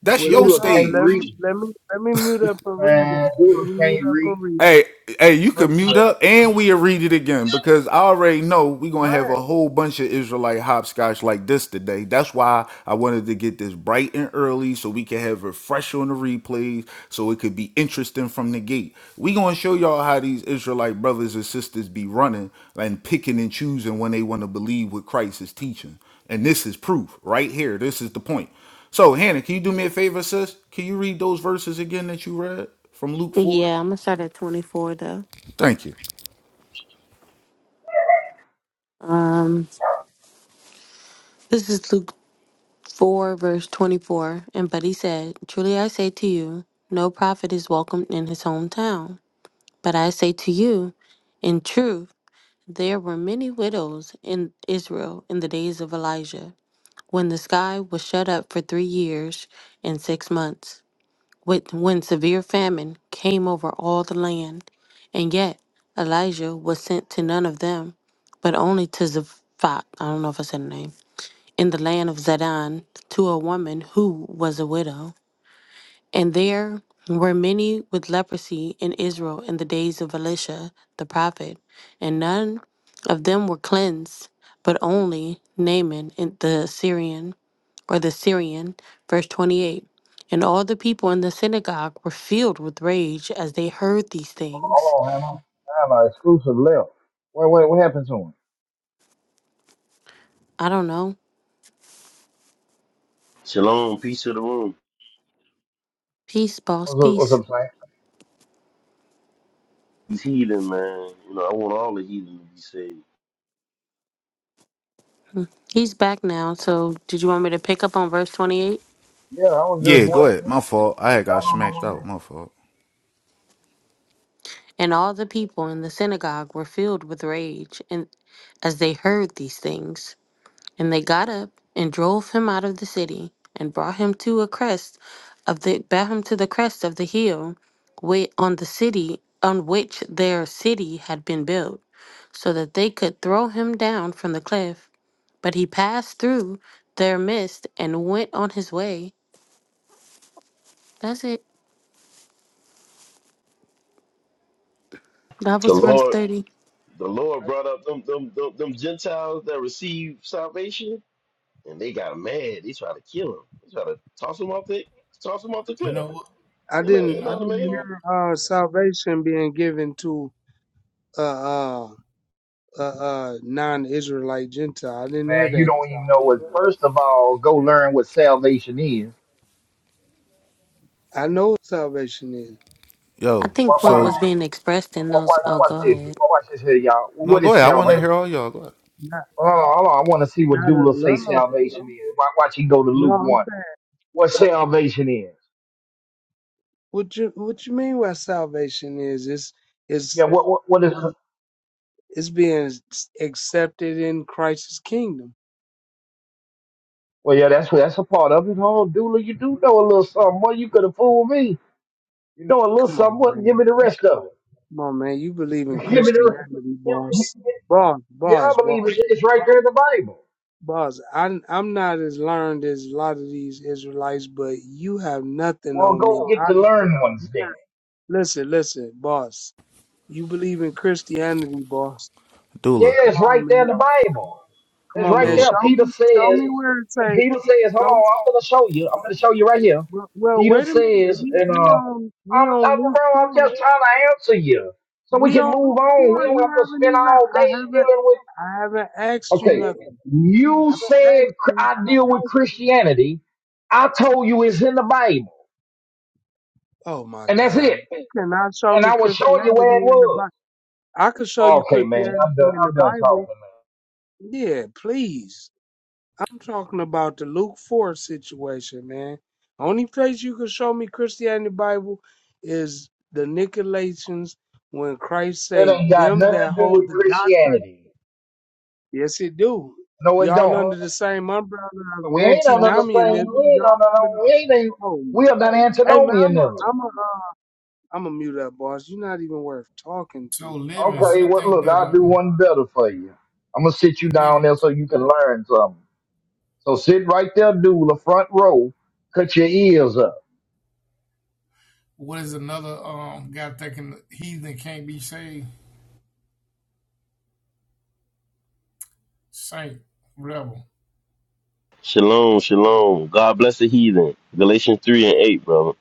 That's Well, your just Dula hold, can't let stage. me read, let me let me mute up and read it. man. Let Dula me mute can't up read. and read. it. Hey, hey, you But can mute but up and we'll read it again because I already know we're gonna no, have a whole bunch of Israelite hopscotch like this today. That's why I wanted to get this bright and early so we can have it fresh on the replays so it could be interesting from the gate. we gonna show y'all how these Israelite brothers and sisters be running and picking and choosing when they want to believe what Christ is teaching. And this is proof right here. This is the point. So, Hannah, can you do me a favor, sis? Can you read those verses again that you read from Luke 4? Yeah, I'm going to start at 24 though. Thank you. Um, this is Luke 4, verse 24. And but he said, Truly I say to you, no prophet is welcomed in his hometown. But I say to you, in truth, there were many widows in Israel in the days of Elijah, when the sky was shut up for three years and six months, with- when severe famine came over all the land. And yet Elijah was sent to none of them, but only to Zaphat. I don't know if I said the name in the land of Zidon to a woman who was a widow. And there were many with leprosy in Israel in the days of Elisha the prophet, and none of them were cleansed, but only Naaman in the Syrian or the Syrian, verse 28. And all the people in the synagogue were filled with rage as they heard these Hold things. on, Hannah. Hannah, exclusive left. Wait, wait, what happened to him? I don't know. Shalom, peace to the room. Peace, boss, What's up, what's peace. up, Sam? These heathen, man. You know, I want all the heathen to be saved. He's back now. So, did you want me to pick up on verse 28? Yeah, I was Yeah, just go ahead. wondering. My fault. I had I got don't know smacked what out. happened. My fault. And all the people in the synagogue were filled with rage and as they heard these things. And they got up and drove him out of the city and brought him to a crest of the brought him to the crest of the hill whi- on the city on which their city had been built, so that they could throw him down from the cliff. But he passed through their midst and went on his way. That's it. That The was verse Lord, 30. the Lord I, brought up them them them, them Gentiles that received salvation, and they got mad. They tried to kill him. They tried to toss him off the toss him off the You cliff. know what? I, I Isn't that, didn't You isn't that I know. didn't Uh, amazing? hear uh, salvation being given to a uh, uh, uh, uh, non-Israelite Gentile. I didn't hear Man, you that. don't even know what. First of all, go learn what salvation is. I know what salvation is I Yo, Watch, think what watch, was so being expressed in watch, those. Oh, watch go this. ahead. Wa- Watch this here, y'all. no, What go is ahead. I want to salvation? hear all y'all. Go ahead. not Hold on, hold on. I want to see what not a Dula say love. salvation is. Watch, watch him go to No, Luke I'm 1. saying What salvation is. what you what you mean by salvation is it's Yeah, it's what, what, what is it's being accepted in Christ's kingdom. Well, yeah, that's that's a part of it. Hold on, Dula, you do know a little something. Well, you could have fooled me. You know a little Come something. on, What? man. Give me the rest of it. Come on, man. You believe in Give me the. Christianity, boss. Boss, Yeah, I boss, boss, believe it's, it's right there in the Bible. boss. I'm, I'm not as learned as a lot of these Israelites, but you have nothing Well, on go me. get I, the learned ones then. listen, listen, boss. You believe in Christianity, boss. Doula, Yeah, Come it's on, right there in the man. Bible. Come It's on, right man. doula. there. Show Peter me, show says. me where it say. Peter says, "Hold Show, on, I'm gonna show you. I'm gonna show you right here." well, well, Peter wait a minute. says, We, and uh, we on, we I'm, on I'm Luke bro, I'm four. just trying to answer you so we We can on move Luke on. We four. don't You have to haven't spend even. all I day haven't. dealing with. I haven't asked you Okay, nothing. I you haven't said asked cr- you. I deal with Christianity. I told you it's in the Bible, Oh my and that's God. it. Cannot show and me I was showing you where it Christianity in the was. Bible. I could show you Okay, man, Christianity I'm done. in the I'm done Bible. talking, Yeah, please. I'm talking about the Luke 4 situation, man. Only place you can show me Christianity in the Bible is the Nicolaitans when Christ man. That say ain't got them that nothing to do hold with the doctrine. Christianity. Yes, it do. No, it Y'all don't. under the same umbrella of But we ain't on another thing. We antinomianism. ain't Y'all on under the, no. We ain't. ain't- oh my. We are not Hey man, I'm a, antinomianism. I'm a uh, I'm gonna mute up, boss. You're not even worth talking so to. Livings, Okay, you well, think look, that I'll do um, one better for you. I'm gonna sit you down Living there so you can learn something. So sit right there, dude, the front row. Cut your ears up. what is another um guy thinking heathen can't be saved? Saint rebel. Shalom, shalom. God bless the heathen. Galatians three and eight, brother.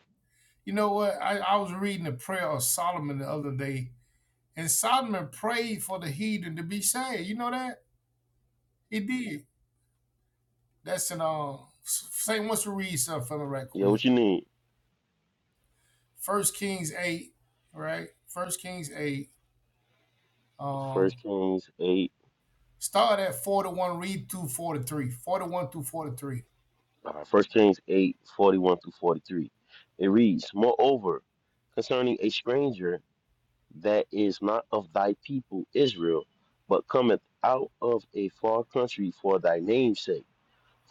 You know what? I, I was reading the prayer of Solomon the other day, and Solomon prayed for the heathen to be saved. You know that he did. That's in um. Saint wants to read something for me right Yeah, quick. what you need? First Kings eight, right? First Kings eight. Um, First Kings eight. start at forty one. Read through forty three. Forty one through forty three. Uh, First Kings eight forty one through forty three. It reads, moreover, concerning a stranger. that is not of thy people Israel, but cometh out of a far country for thy name's sake.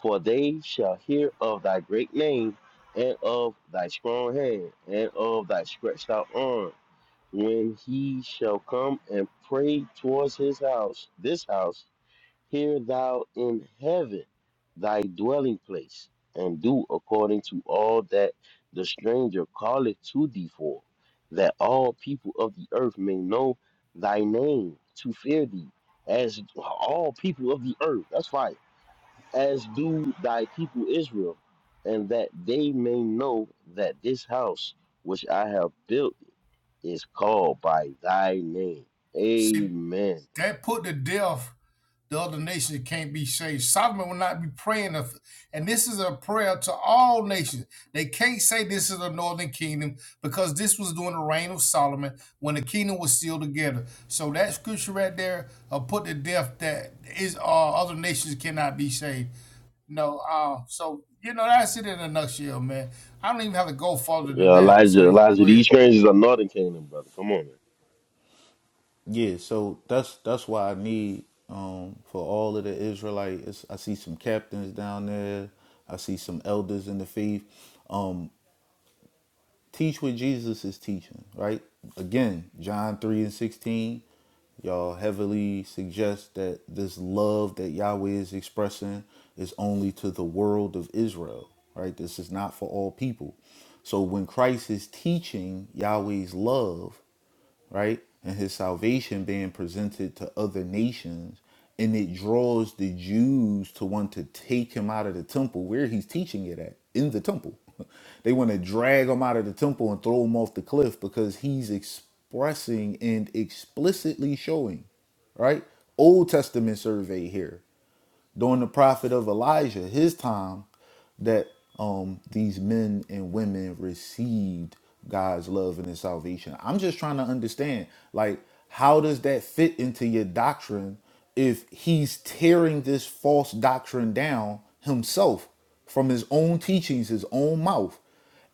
For they shall hear of thy great name, and of thy strong hand, and of thy stretched out arm, when he shall come and pray towards his house, this house, Hear thou in heaven thy dwelling place, and do according to all that the stranger calleth to thee for, that all people of the earth may know thy name to fear thee, as all people of the earth, that's fine, as do thy people Israel, and that they may know that this house which I have built is called by thy name. Amen. that put to death the other nations can't be saved. Solomon will not be praying, and this is a prayer to all nations. They can't say this is the northern kingdom because this was during the reign of Solomon when the kingdom was still together. So that scripture right there uh, put to death that is uh, other nations cannot be saved. No, uh, so you know that's it in a nutshell, man. I don't even have to go further than Yeah, that. Elijah, Saint, Elijah, go these ahead. strangers are Northern Kingdom, brother. Come on, man. Yeah, so that's that's why I need um for all of the Israelites. I see some captains down there. I see some elders in the faith. teach what Jesus is teaching, right? Again, John 3 and 16, y'all heavily suggest that this love that Yahweh is expressing is only to the world of Israel, right? This is not for all people. So when Christ is teaching Yahweh's love, right? And his salvation being presented to other nations. And it draws the Jews to want to take him out of the temple where he's teaching it at, in the temple. they want to drag him out of the temple and throw him off the cliff because he's expressing and explicitly showing, right? Old Testament survey here during the prophet of Elijah, his time, that um, these men and women received God's love and his salvation. I'm just trying to understand, like, how does that fit into your doctrine if he's tearing this false doctrine down himself from his own teachings, his own mouth?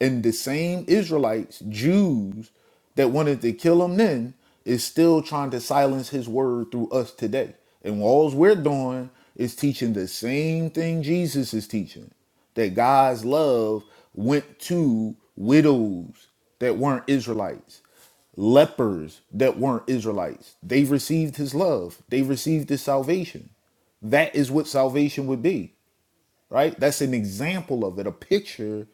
And the same Israelites, Jews, that wanted to kill him then is still trying to silence his word through us today. And all we're doing is teaching the same thing Jesus is teaching that God's love went to widows that weren't Israelites, lepers that weren't Israelites. They received his love, they received his salvation. That is what salvation would be right? That's an example of it, a picture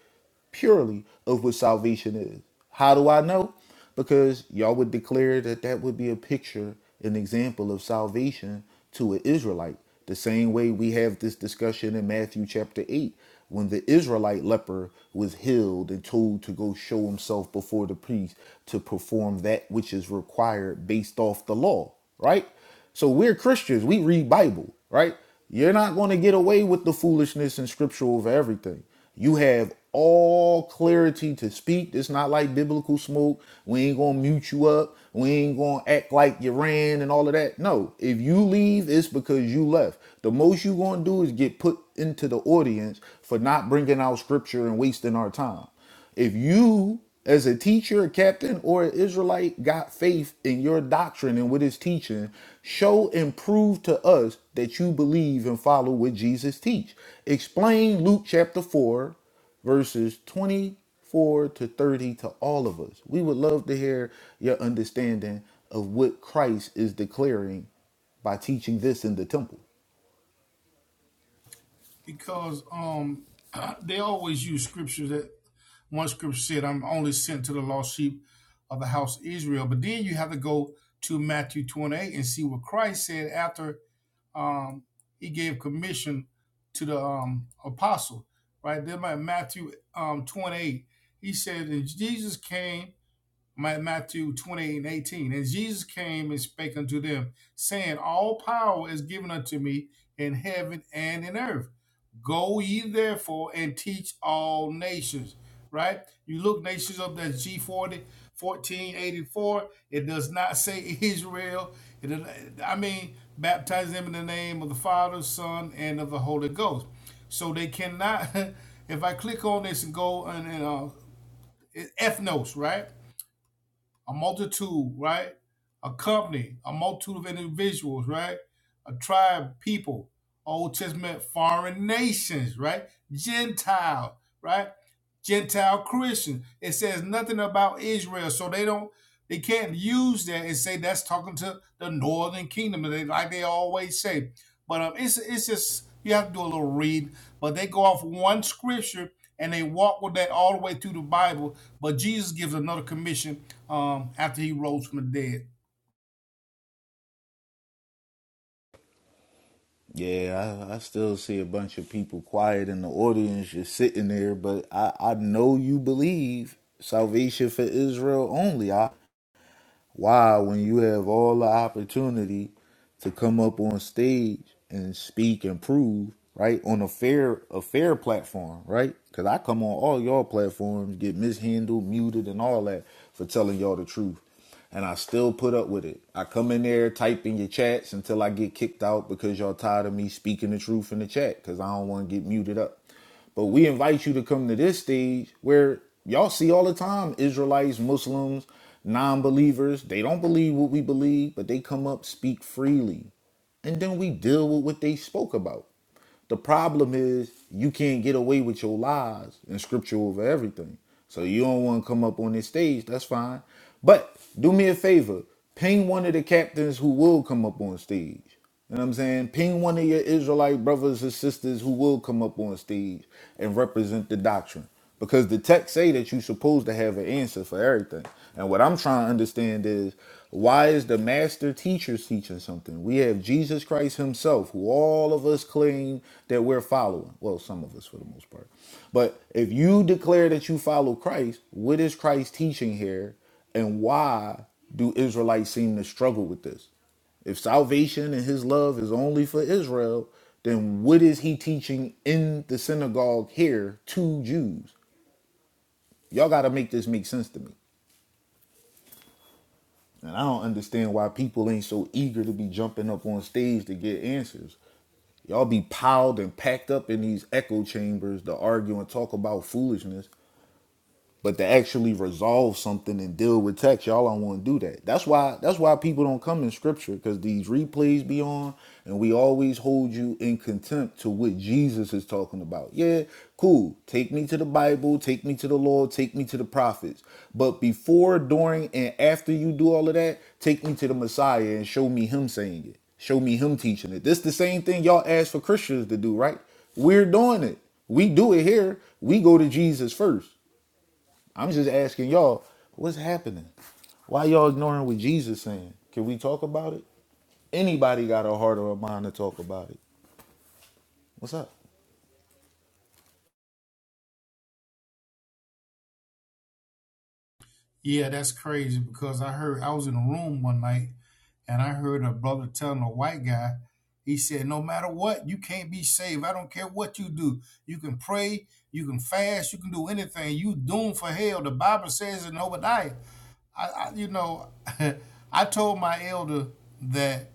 purely of what salvation is. How do I know? Because y'all would declare that that would be a picture, an example of salvation to an Israelite. The same way we have this discussion in Matthew chapter 8 when the Israelite leper was healed and told to go show himself before the priest to perform that which is required based off the law, right? So we're Christians. We read Bible, right? You're not going to get away with the foolishness and scripture over everything. You have all clarity to speak. It's not like biblical smoke. We ain't going to mute you up. We ain't going to act like you ran and all of that. No, if you leave, it's because you left. The most you are going to do is get put into the audience for not bringing out scripture and wasting our time. If you, as a teacher, a captain, or an Israelite, got faith in your doctrine and what it's teaching, show and prove to us that you believe and follow what Jesus teach. Explain Luke chapter 4, verses 24 to 30 to all of us. We would love to hear your understanding of what Christ is declaring by teaching this in the temple. because um they always use scriptures that one scripture said, I'm only sent to the lost sheep of the house of Israel. But then you have to go to Matthew 28 and see what Christ said after um, he gave commission to the um, apostle, right? Then by Matthew um, 28, he said, And Jesus came Matthew 28 and 18. And Jesus came and spake unto them, saying, All power is given unto me in heaven and in earth. Go ye therefore and teach all nations. Right? You look nations up, that's g forty fourteen eighty four. It does not say Israel. It, does- I mean, baptize them in the name of the Father, Son, and of the Holy Ghost. So they cannot, if I click on this and go and, and uh, ethnos, right? a multitude, right? A company, a multitude of individuals, right? A tribe, people. Old Testament, foreign nations, right? Gentile, right? Gentile Christian. It says nothing about Israel, so they don't, they can't use that and say that's talking to the Northern Kingdom, and they, like they always say. But um, it's it's just you have to do a little read. But they go off one scripture and they walk with that all the way through the Bible. But Jesus gives another commission um after he rose from the dead. Yeah, I, I still see a bunch of people quiet in the audience just sitting there, but I, I know you believe salvation for Israel only. I, why, when you have all the opportunity to come up on stage and speak and prove, right, on a fair a fair platform, right? Because I come on all y'all platforms, get mishandled, muted, and all that for telling y'all the truth and I still put up with it. I come in there, type in your chats until I get kicked out because y'all tired of me speaking the truth in the chat because I don't want to get muted up. But we invite you to come to this stage where y'all see all the time Israelites, Muslims, non believers. They don't believe what we believe, but they come up, speak freely. And then we deal with what they spoke about. The problem is you can't get away with your lies and scripture over everything. So you don't want to come up on this stage, that's fine. But do me a favor, ping one of the captains who will come up on stage. You know what I'm saying? Ping one of your Israelite brothers and sisters who will come up on stage and represent the doctrine. Because the text say that you're supposed to have an answer for everything. And what I'm trying to understand is why is the master teacher teaching something? We have Jesus Christ himself, who all of us claim that we're following. Well, some of us for the most part. But if you declare that you follow Christ, what is Christ teaching here? And why do Israelites seem to struggle with this? If salvation and his love is only for Israel, then what is he teaching in the synagogue here to Jews? Y'all got to make this make sense to me. And I don't understand why people ain't so eager to be jumping up on stage to get answers. Y'all be piled and packed up in these echo chambers to argue and talk about foolishness But to actually resolve something and deal with text, y'all don't want to do that. That's why that's why people don't come in scripture, because these replays be on and we always hold you in contempt to what Jesus is talking about. Yeah, cool. Take me to the Bible, take me to the Lord, take me to the prophets. But before, during, and after you do all of that, take me to the Messiah and show me him saying it. Show me him teaching it. This the same thing y'all ask for Christians to do, right? We're doing it. We do it here. We go to Jesus first. I'm just asking y'all, what's happening? Why y'all ignoring what Jesus saying? Can we talk about it? Anybody got a heart or a mind to talk about it? What's up? Yeah, that's crazy because I heard I was in a room one night And I heard a brother telling a white guy, he said, No matter what, you can't be saved. I don't care what you do. You can pray, you can fast, you can do anything. You doomed for hell. The Bible says in Obadiah. I, I you know, I told my elder that,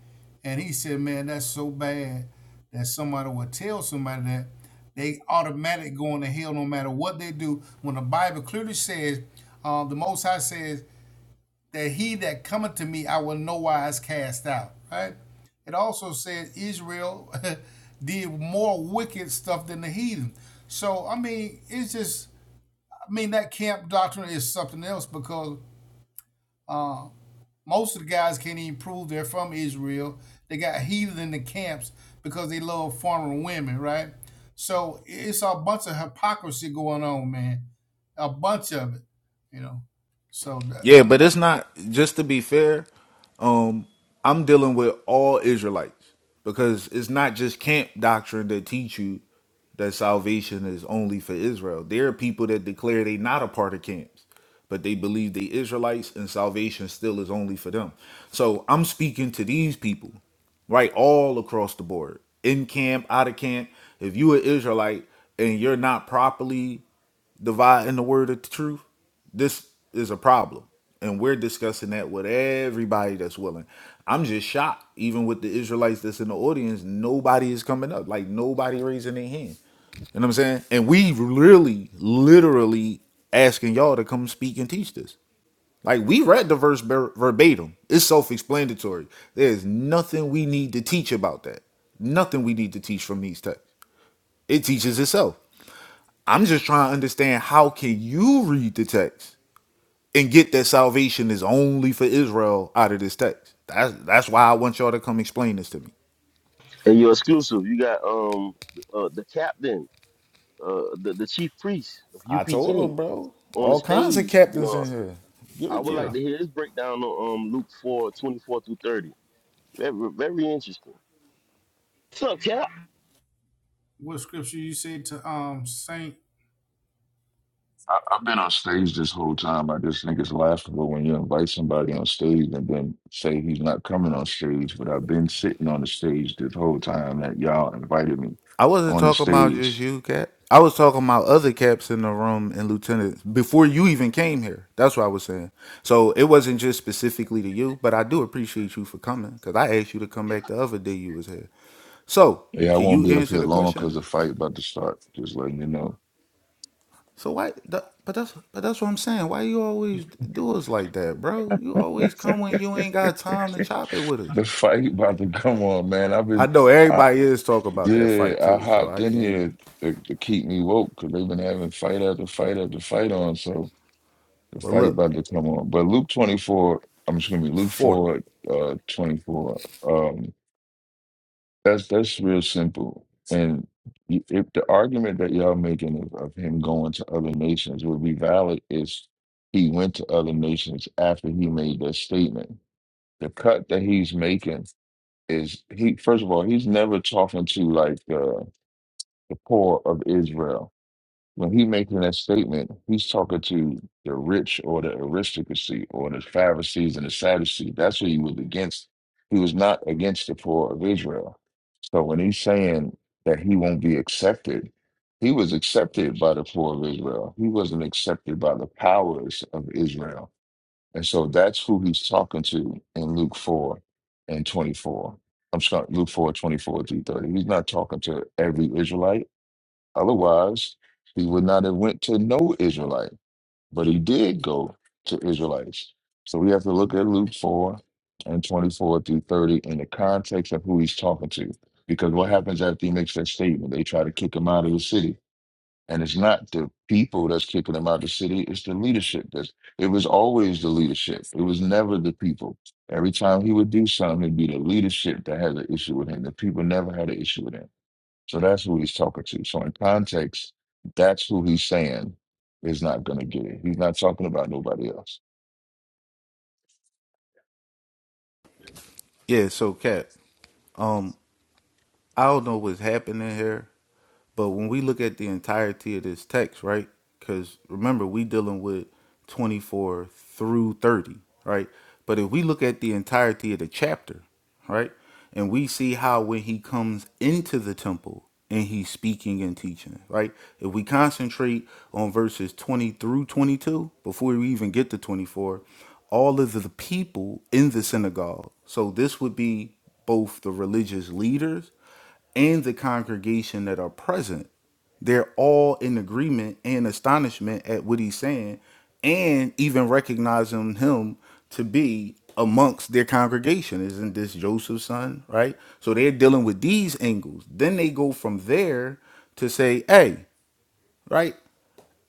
and he said, Man, that's so bad that somebody would tell somebody that they automatic going to hell no matter what they do. When the Bible clearly says, uh, the Most High says, that he that cometh to me I will no wise cast out. Right? It also says Israel did more wicked stuff than the heathen. So I mean, it's just I mean that camp doctrine is something else because uh, most of the guys can't even prove they're from Israel. They got heathen in the camps because they love foreign women, right? So it's a bunch of hypocrisy going on, man. A bunch of it, you know. So Yeah, but it's enough. not just to be fair, um, I'm dealing with all Israelites because it's not just camp doctrine that teach you that salvation is only for Israel. There are people that declare they not a part of camps, but they believe they Israelites and salvation still is only for them. So I'm speaking to these people. right? All across the board, in camp, out of camp. If you an Israelite and you're not properly dividing the word of the truth, this is a problem. And we're discussing that with everybody that's willing. I'm just shocked, even with the Israelites that's in the audience, nobody is coming up. Like nobody raising their hand. You know what I'm saying? And we really, literally asking y'all to come speak and teach this. Like we read the verse ver- verbatim. It's self-explanatory. There's nothing we need to teach about that. Nothing we need to teach from these texts. It teaches itself. I'm just trying to understand how can you read the text and get that salvation is only for Israel out of this text. That's that's why I want y'all to come explain this to me. And you're exclusive. You got um uh, the captain, uh the, the chief priest of I told UPK them, bro. on the All kinds of stage. You captains know, in here. Give I it would to Yeah. like us. to hear his breakdown on um Luke 4 24 through 30. Very very interesting. What's up, Cap? what scripture you said to um Saint I, I've been on stage this whole time. I just think it's laughable when you invite somebody on stage and then say he's not coming on stage. But I've been sitting on the stage this whole time that y'all invited me I wasn't on the talking about just stage. you, Cap. I was talking about other caps in the room and lieutenants before you even came here. That's what I was saying. So it wasn't just specifically to you, but I do appreciate you for coming because I asked you to come back the other day you was here. So Yeah, I can won't you be up answer here the long because the question? fight about to start. Just letting you know, So why? That, but that's but that's what I'm saying. Why you always do us like that, bro? You always come when you ain't got time to chop it with us. the fight about to come on, man. I've I been, know I, everybody is talking about that fight yeah, I too, so hopped I in can't. Even, here to, to keep me woke because they've been having fight after fight after fight on. So. The well, fight look, about to come on. But Luke 24, I'm just gonna be Luke four. 4, uh 24. Um that's that's real simple. And y- if the argument that y'all making of, of him going to other nations would be valid is he went to other nations after he made that statement. The cut that he's making is he first of all, he's never talking to like uh, the poor of Israel when he making that statement, he's talking to the rich or the aristocracy or the Pharisees and the Sadducees. That's who he was against. He was not against the poor of Israel. So when he's saying that he won't be accepted, he was accepted by the poor of Israel. He wasn't accepted by the powers of Israel. And so that's who he's talking to in Luke 4 and 24. I'm sorry, Luke 4, twenty-four through 30. He's not talking to every Israelite. Otherwise, he would not have went to no Israelite, but he did go to Israelites. So we have to look at Luke 4 and 24 through 30 in the context of who he's talking to. Because what happens after he makes that statement? They try to kick him out of the city. And it's not the people that's kicking him out of the city, it's the leadership. That's, it was always the leadership. It was never the people. Every time he would do something, it'd be the leadership that had an issue with him. The people never had an issue with him. So that's who he's talking to. So in context, that's who he's saying is not going to get it. He's not talking about nobody else. Yeah, so Cap. Um, I don't know what's happening here. But when we look at the entirety of this text, right? Because remember, we dealing with 24 through 30, right? But if we look at the entirety of the chapter, right? And we see how when he comes into the temple and he's speaking and teaching, right? If we concentrate on verses 20 through 22, before we even get to 24, all of the people in the synagogue. So this would be both the religious leaders and the congregation that are present. They're all in agreement and astonishment at what he's saying, and even recognizing him to be amongst their congregation. Isn't this Joseph's son? Right? So they're dealing with these angles. Then they go from there to say, hey, right?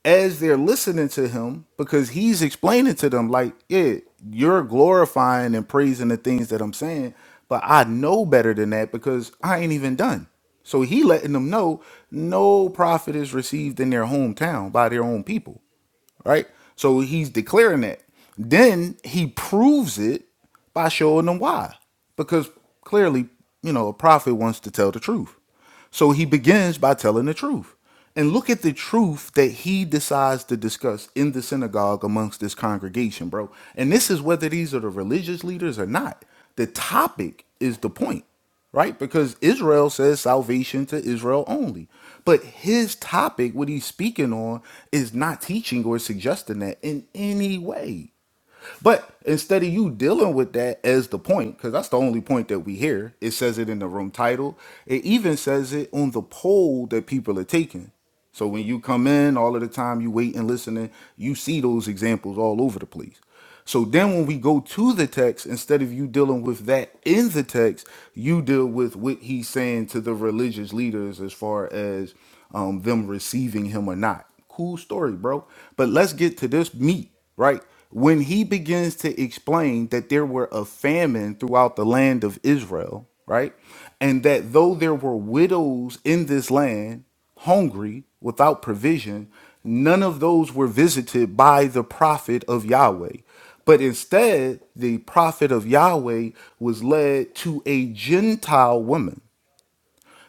as they're listening to him because he's explaining to them like yeah you're glorifying and praising the things that i'm saying but i know better than that because i ain't even done so he letting them know no prophet is received in their hometown by their own people right? So he's declaring that. Then he proves it by showing them why. Because clearly, you know, a prophet wants to tell the truth. So he begins by telling the truth. And look at the truth that he decides to discuss in the synagogue amongst this congregation, bro. And this is whether these are the religious leaders or not. The topic is the point right? Because Israel says salvation to Israel only. But his topic, what he's speaking on, is not teaching or suggesting that in any way. But instead of you dealing with that as the point, because that's the only point that we hear, it says it in the room title. It even says it on the poll that people are taking. So when you come in, all of the time you wait and listening, you see those examples all over the place. So then when we go to the text, instead of you dealing with that in the text, you deal with what he's saying to the religious leaders as far as um, them receiving him or not. Cool story, bro. But let's get to this meat, right? When he begins to explain that there were a famine throughout the land of Israel, right? And that though there were widows in this land, hungry, without provision, none of those were visited by the prophet of Yahweh. But instead, the prophet of Yahweh was led to a Gentile woman.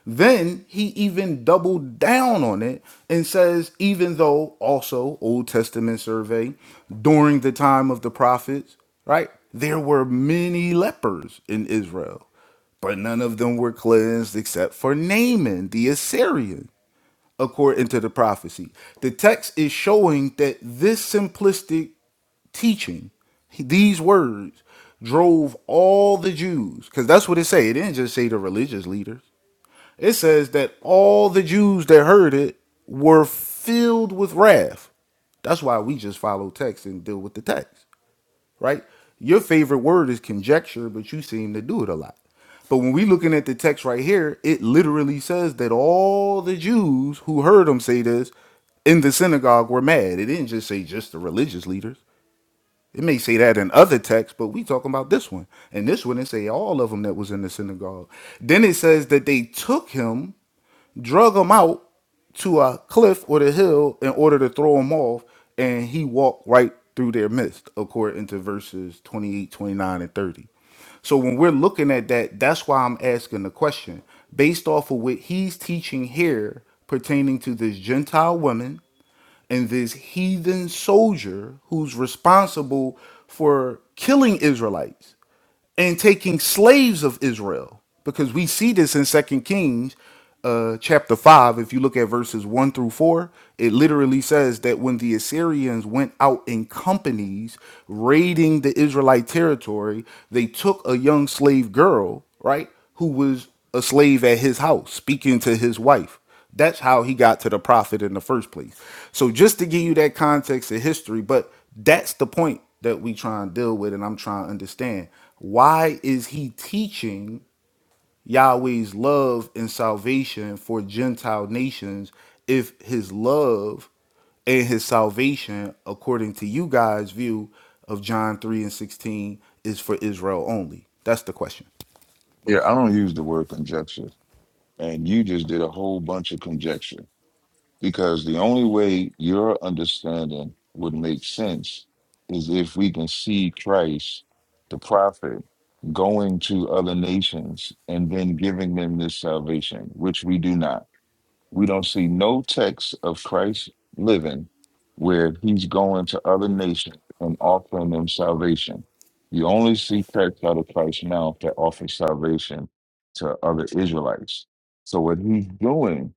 Then he even doubled down on it and says, even though also Old Testament survey during the time of the prophets, right? There were many lepers in Israel but none of them were cleansed except for Naaman the Assyrian according to the prophecy. The text is showing that this simplistic teaching, these words, drove all the Jews, because that's what it say. It didn't just say the religious leaders. It says that all the Jews that heard it were filled with wrath. That's why we just follow text and deal with the text right? Your favorite word is conjecture, but you seem to do it a lot. But when we looking at the text right here, it literally says that all the Jews who heard him say this in the synagogue were mad. It didn't just say just the religious leaders. It may say that in other texts, but we talking about this one. And this one, it say all of them that was in the synagogue. Then it says that they took him drug him out to a cliff or the hill in order to throw him off, and he walked right through their midst, according to verses 28, 29, and 30. So when we're looking at that, that's why I'm asking the question based off of what he's teaching here pertaining to this Gentile woman and this heathen soldier who's responsible for killing Israelites and taking slaves of Israel. Because we see this in Second Kings uh, chapter 5. If you look at verses 1 through 4, it literally says that when the Assyrians went out in companies raiding the Israelite territory, they took a young slave girl, right, who was a slave at his house, speaking to his wife. That's how he got to the prophet in the first place. So just to give you that context of history, but that's the point that we try and deal with, and I'm trying to understand. Why is he teaching Yahweh's love and salvation for Gentile nations if his love and his salvation, according to you guys' view of John 3 and 16, is for Israel only? That's the question. Yeah, I don't use the word conjecture. And you just did a whole bunch of conjecture because the only way your understanding would make sense is if we can see Christ, the prophet, going to other nations and then giving them this salvation, which we do not. We don't see no text of Christ living where he's going to other nations and offering them salvation. You only see texts out of Christ now that offer salvation to other Israelites. So what he's doing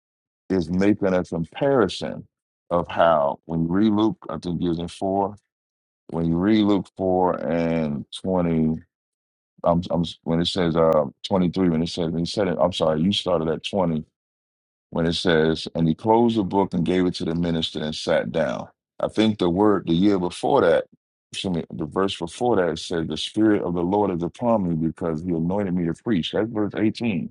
is making a comparison of how when you read Luke, I think it was in four, when you read Luke four and twenty, I'm, I'm when it says uh twenty three, when it says when he said it, I'm sorry, you started at twenty when it says, and he closed the book and gave it to the minister and sat down. I think the word the year before that, excuse me, the verse before that said, the spirit of the Lord is upon me because he anointed me to preach. That's verse 18.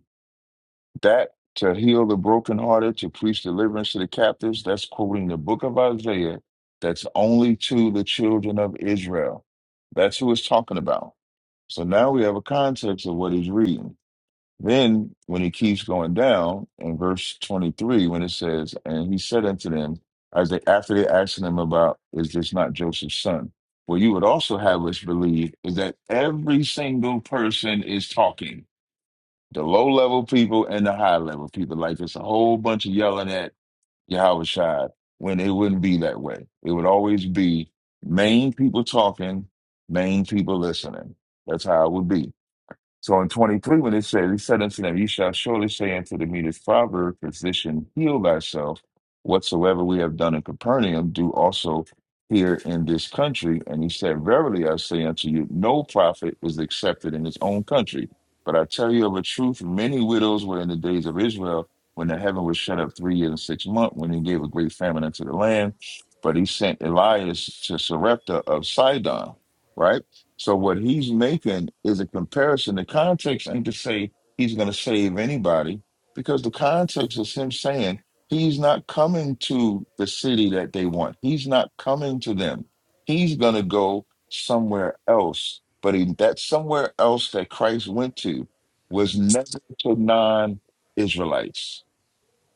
That to heal the brokenhearted, to preach deliverance to the captives, that's quoting the book of Isaiah that's only to the children of Israel. That's who it's talking about. So now we have a context of what he's reading. Then, when he keeps going down in verse 23, when it says, And he said unto them, as they after they asking him about, Is this not Joseph's son? What you would also have us believe is that every single person is talking the low level people and the high level people. Like it's a whole bunch of yelling at Yahweh Shai when it wouldn't be that way. It would always be main people talking, main people listening. That's how it would be. So in 23, when it said, He said unto them, Ye shall surely say unto the meanest proverb, Physician, heal thyself. Whatsoever we have done in Capernaum, do also here in this country. And he said, Verily I say unto you, no prophet is accepted in his own country. But I tell you of a truth, many widows were in the days of Israel when the heaven was shut up three years and six months, when he gave a great famine unto the land. But he sent Elias to Sarepta of Sidon, right? So what he's making is a comparison. The context ain't to say he's going to save anybody because the context is him saying he's not coming to the city that they want. He's not coming to them. He's going to go somewhere else. But he, that somewhere else that Christ went to was never to non-Israelites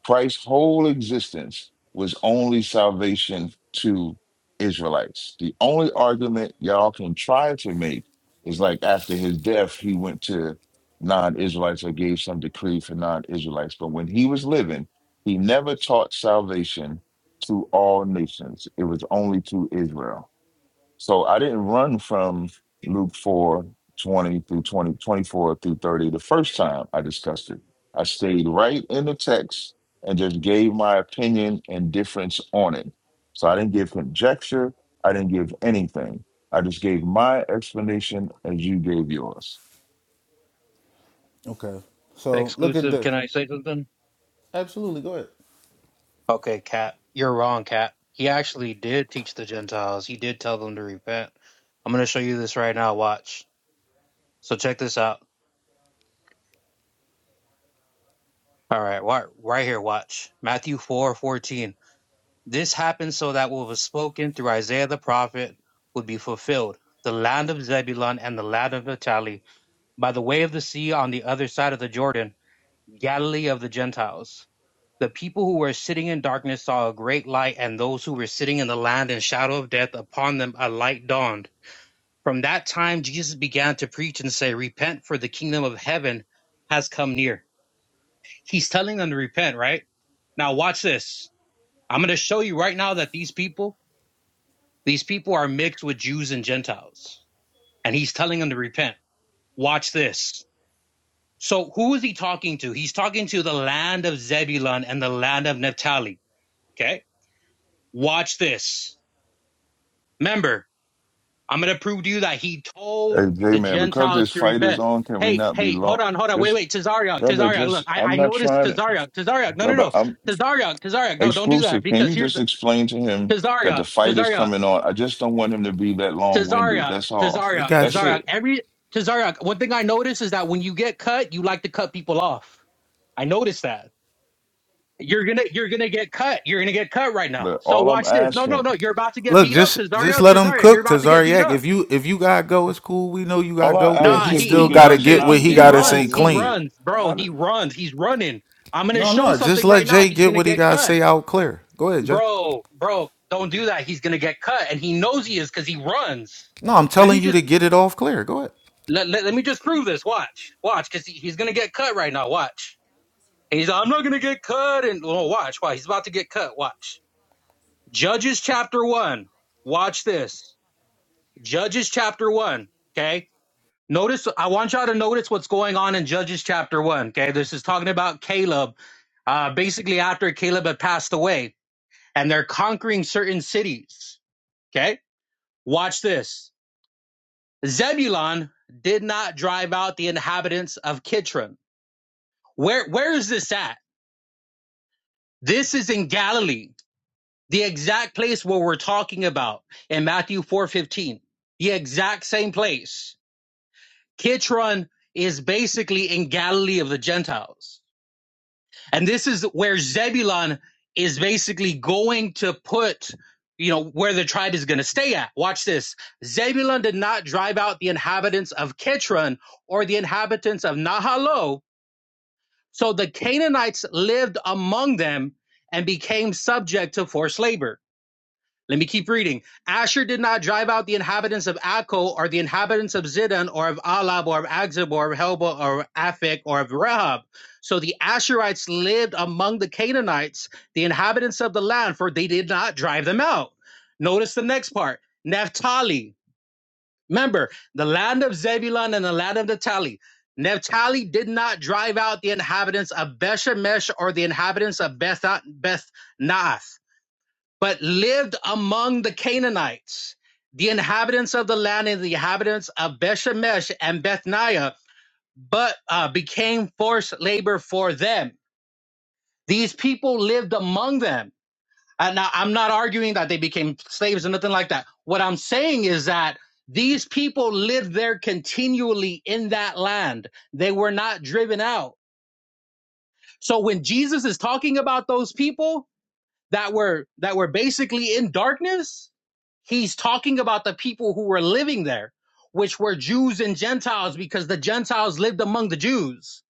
Christ's whole existence was only salvation to Israelites. The only argument y'all can try to make is like after his death, he went to non Israelites or gave some decree for non Israelites. But when he was living, he never taught salvation to all nations, it was only to Israel. So I didn't run from Luke 4 20 through 20 24 through 30 the first time I discussed it. I stayed right in the text and just gave my opinion and difference on it. So I didn't give conjecture, I didn't give anything. I just gave my explanation as you gave yours. Okay. So look at Exclusive, this. can I say something? Absolutely. Go ahead. Okay, Cap, you're wrong, Cap. He actually did teach the Gentiles. He did tell them to repent. I'm going to show you this right now. Watch. So check this out. All right, wa- right here. Watch Matthew four fourteen. This happened so that what was spoken through Isaiah the prophet would be fulfilled. The land of Zebulun and the land of Naphtali, by the way of the sea on the other side of the Jordan, Galilee of the Gentiles. The people who were sitting in darkness saw a great light, and those who were sitting in the land and shadow of death, upon them a light dawned. From that time, Jesus began to preach and say, Repent, for the kingdom of heaven has come near. He's telling them to repent, right? Now, watch this. I'm going to show you right now that these people, these people are mixed with Jews and Gentiles, and he's telling them to repent. Watch this. So, who is he talking to? He's talking to the land of Zebulun and the land of Naphtali. Okay. Watch this Remember, I'm going to prove to you that he told Hey, J the man, because Gentiles this to fight is repent. on, can we Hey, not be hey, hold long? on, hold on. Wait, Just, wait, Tazariak, brother, Tazariak. Look, just, I, I'm I not noticed trying to, Tazariak, Tazariak. No, no, brother, no. I'm, Tazariak, Tazariak. No, don't do that Exclusive, can because you here's just the explain to him that the Tazariak, fight is Tazariak, coming on? I just don't want him to be that long-winded. Tazariak, That's all. It Tazariak, got That's you. Tazariak. it. Every Tazariak, one thing I noticed is that when you get cut, you like to cut people off. I noticed that. You're gonna you're gonna get cut. You're gonna get cut right now. But So all I'm watch this. No, no, asking, no. You're about to get Look, beat up, just just Tazariak, let him Tazariak. You're cook to about to get beat Zaryak. up. If you if you gotta go, it's cool. We know you gotta all I go, but Nah, ask he if he we he still could gotta does just this. get what He not he he be gotta say runs. He clean. long-winded. runs, bro. How He did? runs. He's running. I'm gonna No, show no, just something let right now, Jay and he's get gonna what he get gotta cut, say out clear. Go ahead, Jay. bro. Bro, don't do that. He's gonna get cut, and he knows he is because he runs. No, I'm Let telling me you just to get it off clear. Go ahead. let, let, let me just prove this. Watch, watch, because he, he's gonna get cut right now. Watch. And he's like, I'm not gonna get cut, and oh, watch, watch. He's about to get cut. Watch. Judges chapter one. Watch this. Judges chapter one. Okay. Notice, I want y'all to notice what's going on in Judges chapter one. Okay, this is talking about Caleb. Uh, basically, after Caleb had passed away, and they're conquering certain cities. Okay, watch this. Zebulon did not drive out the inhabitants of Kitron. Where where is this at? This is in Galilee, the exact place where we're talking about in Matthew four fifteen. The exact same place. Kitron is basically in Galilee of the Gentiles. And this is where Zebulun is basically going to put, you know, where the tribe is going to stay at. Watch this. Zebulun did not drive out the inhabitants of Kitron or the inhabitants of Nahalo. So the Canaanites lived among them and became subject to forced labor. Let me keep reading. Asher did not drive out the inhabitants of Akko or the inhabitants of Zidon or of Alab or of Agzib or of Helba or of Aphek or of Rehob. So the Asherites lived among the Canaanites, the inhabitants of the land, for they did not drive them out. Notice the next part. Naphtali. Remember, the land of Zebulun and the land of Naphtali. Naphtali did not drive out the inhabitants of Beshemesh or the inhabitants of Beth Beth Naath but lived among the Canaanites, the inhabitants of the land and the inhabitants of Bethshemesh and Bethniah, but uh, became forced labor for them. These people lived among them. And now I'm not arguing that they became slaves or nothing like that. What I'm saying is that these people lived there continually in that land. They were not driven out. So when Jesus is talking about those people, that were that were basically in darkness he's talking about the people who were living there which were jews and gentiles because the gentiles lived among the jews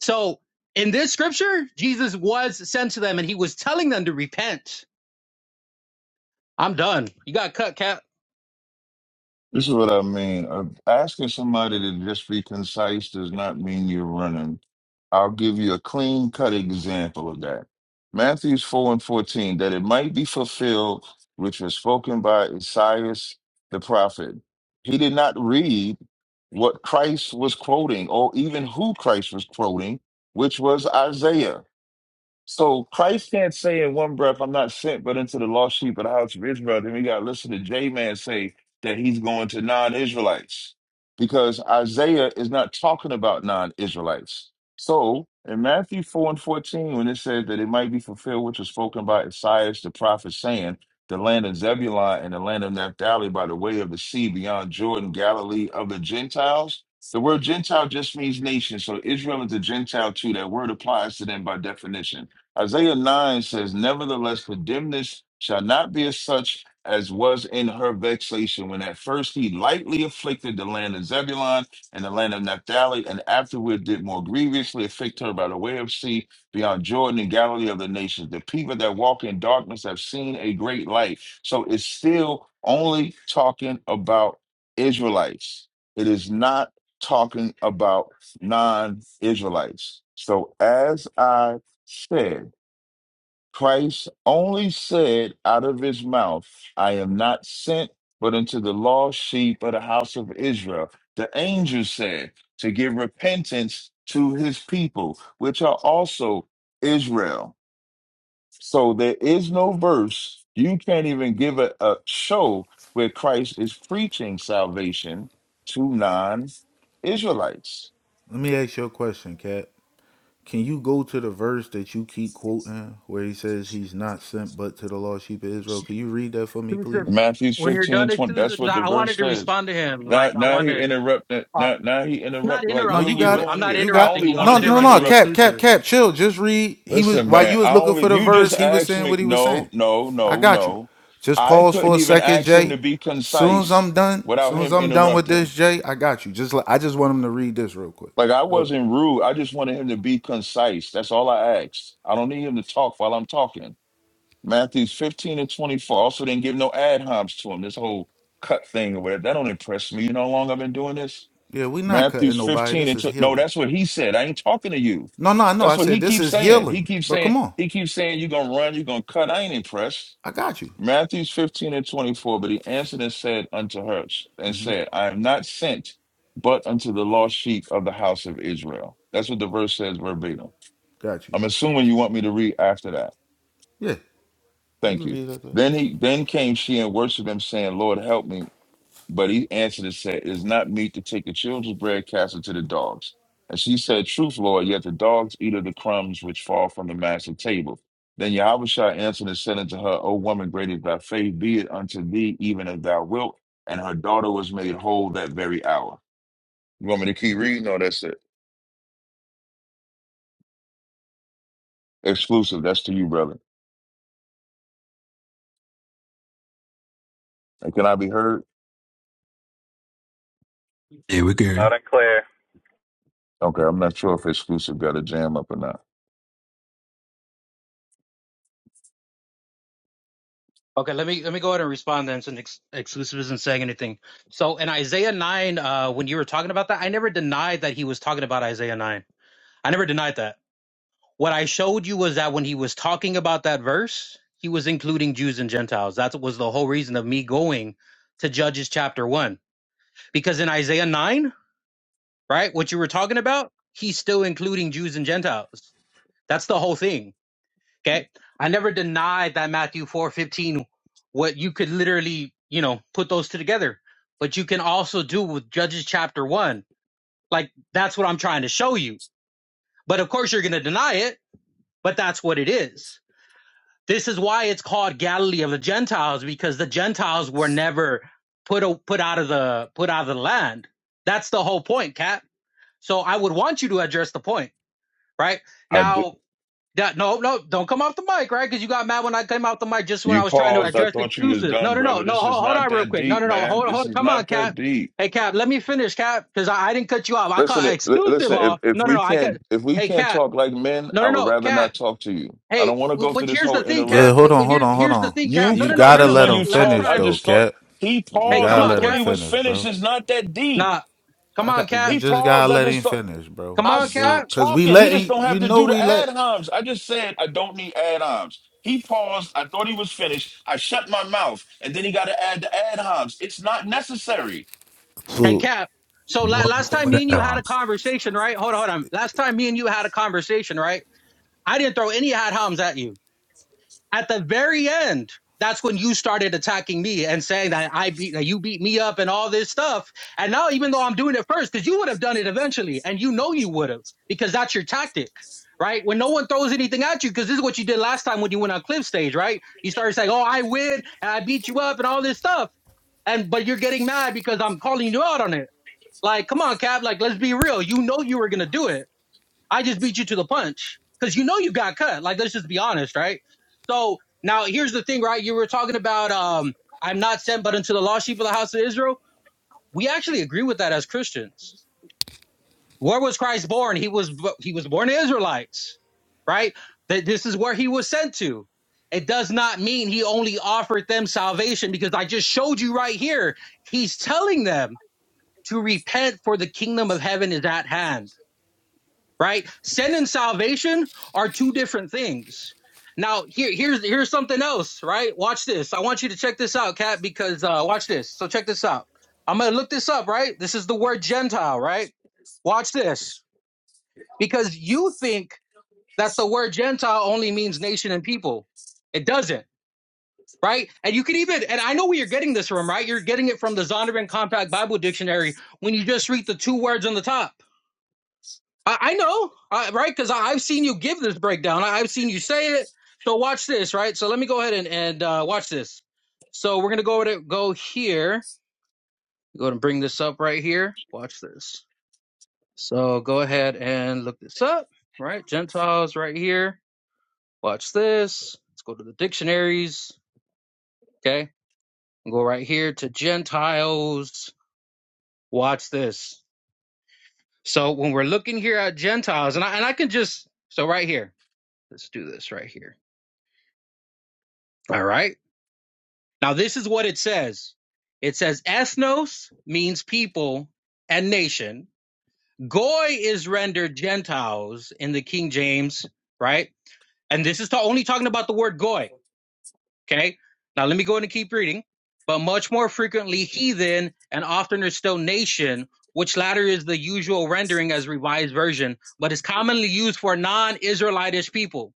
so in this scripture jesus was sent to them and he was telling them to repent i'm done you got cut cap This is what I mean. Uh, asking somebody to just be concise does not mean you're running. I'll give you a clean cut example of that. Matthews 4 and 14, that it might be fulfilled, which was spoken by Isaiah the prophet. He did not read what Christ was quoting or even who Christ was quoting, which was Isaiah. So Christ can't say in one breath, I'm not sent but into the lost sheep of the house of Israel. Then we got to listen to J Man say that he's going to non Israelites because Isaiah is not talking about non Israelites. So in Matthew 4 and 14, when it says that it might be fulfilled, which was spoken by Isaiah the prophet, saying, The land of Zebulun and the land of Naphtali by the way of the sea beyond Jordan, Galilee of the Gentiles. The word Gentile just means nation. So Israel is a Gentile too. That word applies to them by definition. Isaiah 9 says, Nevertheless, forgiveness shall not be as such as was in her vexation when at first he lightly afflicted the land of Zebulun and the land of Naphtali, and afterward did more grievously afflict her by the way of sea beyond Jordan and Galilee of the nations. The people that walk in darkness have seen a great light. So it's still only talking about Israelites, it is not talking about non Israelites. So as I said, Christ only said out of his mouth, I am not sent but unto the lost sheep of the house of Israel. The angel said to give repentance to his people, which are also Israel. So there is no verse. You can't even give a, a show where Christ is preaching salvation to non Israelites. Let me ask you a question, Cat. Can you go to the verse that you keep quoting where he says he's not sent but to the lost sheep of Israel? Can you read that for me, please? Exclusive. Matthew when you're 15 done and 20. exclusive That's 'cause what the i I verse wanted to says. respond to him Now, like i now he wanted interrupt. i'm Now, now he not interrupt. Like, No, what are interrupting you we got you it. i'm doing not here? You I got interrupting only you i'm no, wanted no, to no. no. interrupting interrupt. Cap, cap, exclusive cap. Chill. Just read. He was Listen, while you man. was I looking only for the you just verse. He was asked saying me. what he was saying. No, no, I no, got you. no. Just I pause for couldn't a even second, ask him Jay. to be Soon as I'm concise done, without soon as him I'm done with this, interrupting. Jay, I got you. Just like I just want him to read this real quick. Like I Go ahead. wasn't rude. I just wanted him to be concise. That's all I asked. I don't need him to talk while I'm talking. Matthews 15 and 24 also didn't give no ad homs to him. This whole cut thing or whatever. That don't impress me. You know how long I've been doing this? Yeah, we not cutting Matthews nobody. 15 This and is tw- no, healing. that's what he said. I ain't talking to you. No, no, no. I That's what said he this keeps is saying. He healing. keeps But saying, come on, he keeps saying, you're gonna run, you're gonna cut. I ain't impressed. I got you. Matthews 15 and 24, but he answered and said unto her and said, I am not sent but unto the lost sheep of the house of Israel. That's what the verse says verbatim. Got you. I'm assuming you want me to read after that. Yeah, you Thank can you. read like that. Then he then came she and worshipped him, saying, Lord, help me. But he answered and said, It is not meet to take the children's bread, and cast it to the dogs. And she said, Truth, Lord, yet the dogs eat of the crumbs which fall from the master's table. Then Yahushua answered and said unto her, O woman, great is thy faith, be it unto thee even as thou wilt. And her daughter was made whole that very hour. You want me to keep reading? No, that's it. Exclusive. That's to you, brother. And can I be heard? Yeah, we Loud could. and clear. Okay, I'm not sure if exclusive got a jam up or not. Okay, let me let me go ahead and respond then, since ex- exclusive isn't saying anything. So in Isaiah nine, uh, when you were talking about that, I never denied that he was talking about Isaiah nine. I never denied that. What I showed you was that when he was talking about that verse, he was including Jews and Gentiles. That was the whole reason of me going to Judges chapter one, because in Isaiah nine, right, what you were talking about, he's still including Jews and Gentiles. That's the whole thing. Okay. I never denied that Matthew 4:15 what you could literally, you know, put those two together. But you can also do with Judges chapter 1. Like that's what I'm trying to show you. But of course you're going to deny it, but that's what it is. This is why it's called Galilee of the Gentiles because the Gentiles were never put o- put out of the put out of the land. That's the whole point, Cap. So I would want you to address the point, right? I do. Now, Yeah, no, no, don't come off the mic, right? Because you got mad when I came off the mic just when I You was trying to paused. I address thought you was excuses. No, done, no, no, brother. no. This is Hold, hold not on, real that quick. No, deep, no, no. man. Hold, This hold. is Come on, not Cap. that deep. Hey, Cap, let me finish, Cap, because I, I didn't cut you off. I Listen, cut li- exclusive listen. If off. if No, no, we no. I cut. can't if we Hey, can't Cap. talk like men, No, I no, would no, rather Cap. not talk to you. I Hey, don't want to w- go but through this here's whole the thing, Yeah, interrupt. Cap. hold But but on, hold here's on, hold here's the on. thing, Cap. You No, You no, no, no, gotta paused no. let when Because him you last talk. finish I time, though, just thought Cap. he You hey, paused. come gotta I on, let thought him he Cap. was finish, finished. bro. It's not that deep. Nah, come I on, got you. Cap. He Just paused. gotta I let just him thought. finish, bro. Come I You on, do, Cap. stopped cause we talking. He just letting don't have you to know do the we ad let. homs. I just said I don't need ad homs. He paused. I thought he was finished. I shut my mouth, and then he got to add the ad homs. It's not necessary. Hey, So Cap. So la- What? last What? time me and What? you had Um, a conversation, right? Hold on, hold on. Last time me and you had a conversation, right? I didn't throw any ad homs at you. At the very end, that's when you started attacking me and saying that I beat that you beat me up and all this stuff. And now, even though I'm doing it first, because you would have done it eventually, and you know you would have, because that's your tactic, right? When no one throws anything at you, because this is what you did last time when you went on clip stage, right? You started saying, "Oh, I win and I beat you up and all this stuff," and but you're getting mad because I'm calling you out on it. Like, come on, Cap. Like, let's be real. You know you were gonna do it I just beat you to the punch because you know you got cut. Like, let's just be honest, right? So now here's the thing, right? You were talking about, um, I'm not sent but unto the lost sheep of the house of Israel. We actually agree with that as Christians. Where was Christ born? He was he was born to Israelites, right? That this is where he was sent to. It does not mean he only offered them salvation because I just showed you right here. He's telling them to repent for the kingdom of heaven is at hand right? Sin and salvation are two different things. Now, here, here's here's something else, right? Watch this. I want you to check this out, Cat, because uh, watch this. So check this out. I'm gonna look this up, right? This is the word Gentile, right? Watch this, because you think that the word Gentile only means nation and people. It doesn't, right? And you can even, and I know where you're getting this from, right? You're getting it from the Zondervan Compact Bible Dictionary when you just read the two words on the top I, I know, I, right? Because I've seen you give this breakdown. I, I've seen you say it. So watch this, right? So let me go ahead and, and uh, watch this. So we're gonna go over to go here. Go ahead and bring this up right here. Watch this. So go ahead and look this up, right? Gentiles right here. Watch this. Let's go to the dictionaries. Okay, go right here to Gentiles. Watch this. So when we're looking here at Gentiles, and I and I can just so right here. Let's do this right here. All right. Now, this is what it says it says, ethnos means people and nation. Goy is rendered Gentiles in the King James, right? And this is ta- only talking about the word goy, okay? Now, let me go in and keep reading. But much more frequently, heathen and oftener still nation, which latter is the usual rendering as revised version, but is commonly used for non Israelitish people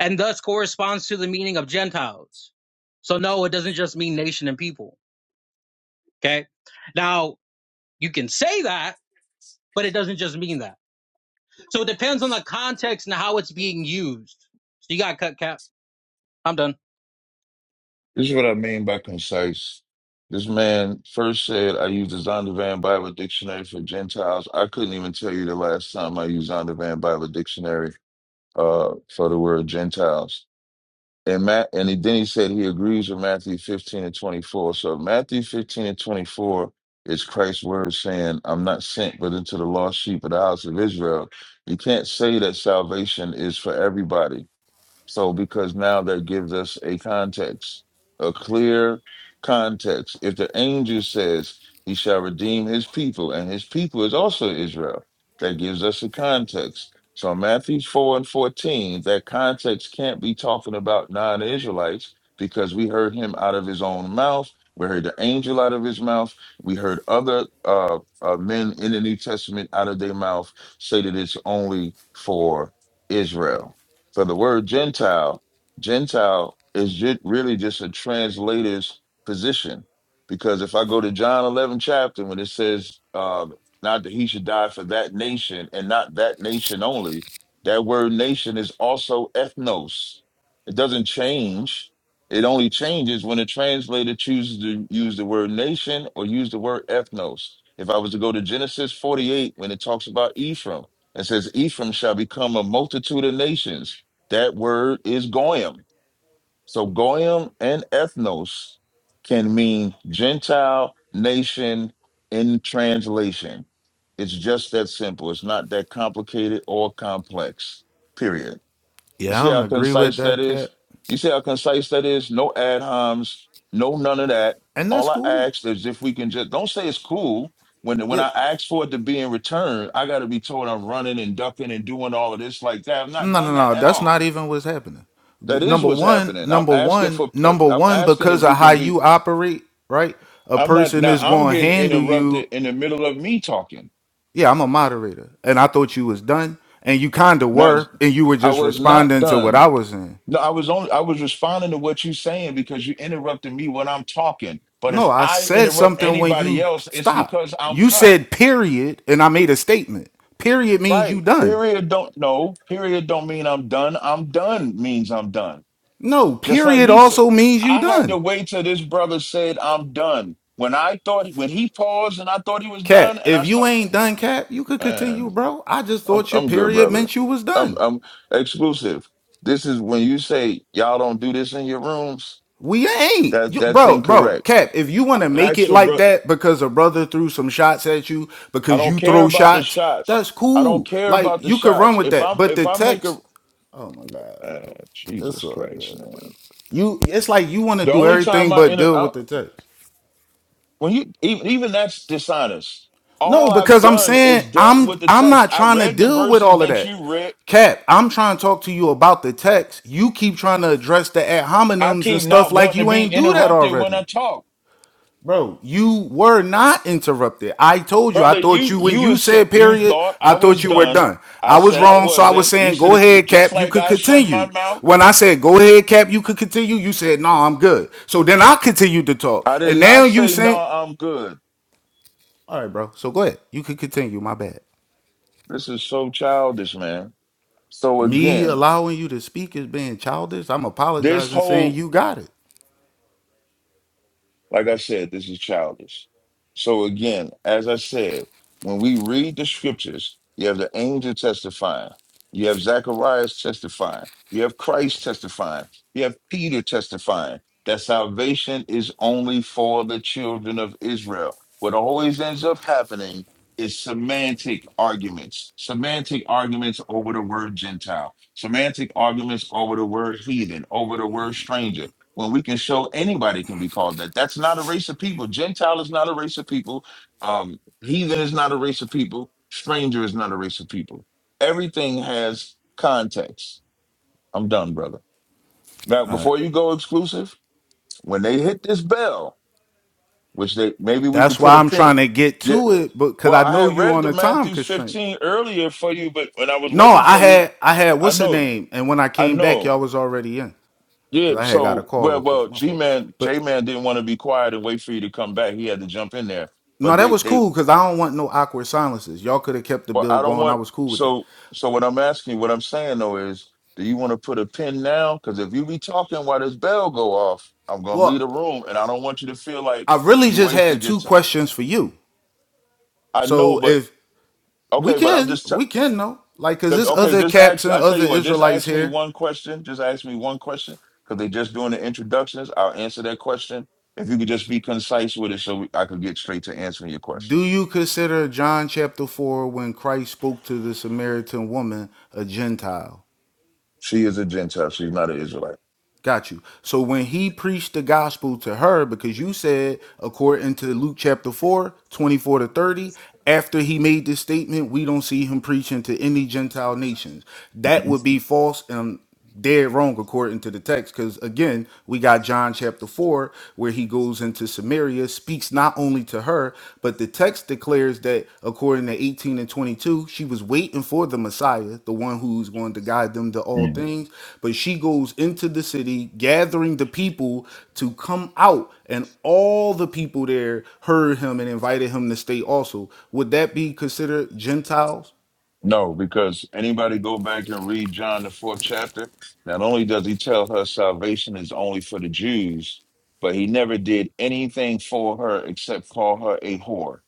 and thus corresponds to the meaning of Gentiles. So, no, it doesn't just mean nation and people. Okay. Now you can say that, but it doesn't just mean that. So it depends on the context and how it's being used. So you got to cut cap. I'm done. This is what I mean by concise. This man first said I used the Zondervan Bible Dictionary for Gentiles. I couldn't even tell you the last time I used Zondervan Bible Dictionary uh, for the word Gentiles. and Matt, and he, then he said he agrees with Matthew 15 and 24. So Matthew 15 and 24 is Christ's word saying, I'm not sent but into the lost sheep of the house of Israel. You can't say that salvation is for everybody so, because now that gives us a context, a clear context. If the angel says he shall redeem his people, and his people is also Israel, that gives us a context. So, Matthew 4 and 14, that context can't be talking about non Israelites because we heard him out of his own mouth. We heard the angel out of his mouth. We heard other uh, uh, men in the New Testament out of their mouth say that it's only for Israel. So the word Gentile, Gentile is ju- really just a translator's position. Because if I go to John 11 chapter, when it says, um, not that he should die for that nation and not that nation only, that word nation is also ethnos. It doesn't change. It only changes when a translator chooses to use the word nation or use the word ethnos. If I was to go to Genesis 48, when it talks about Ephraim, it says, Ephraim shall become a multitude of nations that word is goyim. So goyim and ethnos can mean Gentile nation in translation. It's just that simple. It's not that complicated or complex. Period. You yeah, I see don't how agree with concise that that, is? Cap. You see how concise that is? No ad homs, no none of that. And that's All I cool. ask is if we can just don't say it's cool. When when Yeah, I ask for it to be in return, I gotta be told I'm running and ducking and doing all of this like that. I've not no, done no, that no. at That's all. not even what's happening. Th- That is Number what's one, happening. I'm number asking one, for. Uh, number I'm one. asking if Because we of how can you be. operate, right? A I'm not person now. is I'm gonna getting handle you interrupted in the middle of me talking. Yeah, I'm a moderator. And I thought you was done. And you kinda Now were, and you were I just was not responding to what I done. was in. No, I was only. I was responding to what you're saying because you interrupted me when I'm talking. But if No, I I said interrupt something when anybody you else, it's stopped. because I'm You cut. said period, and I made a statement. Period means you Right. done. Period. Don't no. Period. Don't mean I'm done. I'm done means I'm done. No, Just like period he said, also means you I had to done. wait till this brother said, I'm done. When I thought, when he paused and I thought he was done, Cap, and if I you thought, ain't done, Cap, you could continue, man, bro. I just I'm, thought your I'm good, period brother. meant you was I'm, done. I'm exclusive. This is when you say, y'all don't do this in your rooms, We ain't, that you, that's bro, bro, incorrect. Cap. If you want to make Ask it for like brother. that because a brother threw some shots at you I because don't you care throw about the shots, shots. that's I don't cool. care Like about the you could run shots. with If that. I'm, But if the I make a, text, oh my god, bro, uh, it's Jesus all good, Christ, man. bro. You, it's like you want to The do only time everything I but deal enter, with the text. When you even, even that's dishonest. No, All I've because I'm done saying is dealt I'm with the I'm text. not I trying to read the deal with verses all of that that. you read. Cap, I'm trying to talk to you about the text. You keep trying to address the ad I hominems and keep stuff not like wanting to you be ain't do that interrupted when I already. talk. Bro, you were not interrupted. I told you. I Brother, thought you you when you you is said you period, thought I I thought was you were done. done. I I was said I wrong, so I was wasn't. You saying go said ahead, just Cap. You like could I shut my continue. mouth. When I said go ahead, Cap, you could continue. You said no, I'm good. So then I continued to talk, I and did now not you say no, saying, I'm good. all right, bro. So go ahead. You could continue. My bad. This is so childish, man. So Me again, allowing you to speak is being childish. I'm this apologizing, saying whole you got it. Like I said, this is childish. So again, as I said, when we read the scriptures, you have the angel testifying, you have Zacharias testifying, you have Christ testifying, you have Peter testifying that salvation is only for the children of Israel. What always ends up happening is semantic arguments, semantic arguments over the word Gentile, semantic arguments over the word heathen, over the word stranger well, we can show anybody can be called that. That's not a race of people. Gentile is not a race of people. Um, heathen is not a race of people. Stranger is not a race of people. Everything has context. I'm done, brother. Now, before you go exclusive, when they hit this bell, which they maybe we could That's put why a I'm pin. trying to get Yeah, to it, because well, I I know had you read on the a time Matthew constraint. 15 earlier for you, but when I was No, waiting I for you, had I had I what's her know, name, and when I I came back, know y'all was already in because Yeah, I had got a so call well, real quick. well, My G fault. Man, But J Man didn't want to be quiet and wait for you to come back. He had to jump in there. no, But that they, was they, cool because I don't want no awkward silences. Y'all could have kept the well, bill I don't going. I want. was cool with that. So, so what I'm asking, what I'm saying though is, do you want to put a pin now? Because if you be talking while this bell go off, I'm gonna leave Well, the room, and I don't want you to feel like I really you just had wasted your two time. questions for you. I know, So but if we okay, but I'm can, just we can know, like, cause The- there's Okay, other just caps ask. and I tell other you what, just Israelites ask me here. one question. Just ask me one question because they're just doing the introductions. I'll answer that question. If you could just be concise with it, so I could get straight to answering your question. Do you consider John chapter four when Christ spoke to the Samaritan woman a Gentile? She is a Gentile. She's not an Israelite. Got you. So when he preached the gospel to her, because you said, according to Luke chapter 4, 24 to 30, after he made this statement, we don't see him preaching to any Gentile nations. That would be false and dead wrong according to the text. Because again, we got John chapter 4, where he goes into Samaria, speaks not not only to her, but the text declares that according to 18 and 22, she was waiting for the Messiah, the one who's going to guide them to all Mhm. things. But she goes into the city, gathering the people to come out, and all the people there heard him and invited him to stay also. Would that be considered Gentiles? No, because anybody go back and read John the fourth chapter, not only does he tell her salvation is only for the Jews, but he never did anything for her except call her a whore.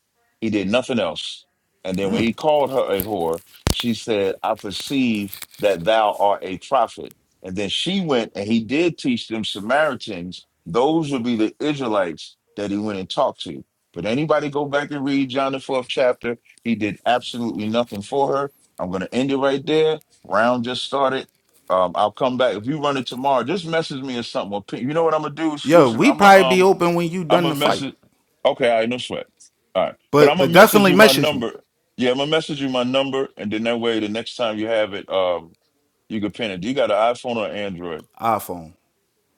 He did nothing else. And then when he called her a whore, she said, I perceive that thou art a prophet. And then she went and he did teach them Samaritans. Those would be the Israelites that he went and talked to. But anybody go back and read John the fourth chapter he did absolutely nothing for her. I'm going to end it right there. Round just started. Um, I'll come back if you run it tomorrow. Just message me or something. Or ping- You know what I'm gonna do? Yeah, Exclusive. we I'm gonna probably be um. open when you I'm done the gonna fight. message. Okay, All right. no sweat. All right, but But I'm but gonna message definitely you my message me. number. Yeah, I'm gonna message you my number, and then that way, the next time you have it, um, you can pin it. You got an iPhone or Android? iPhone.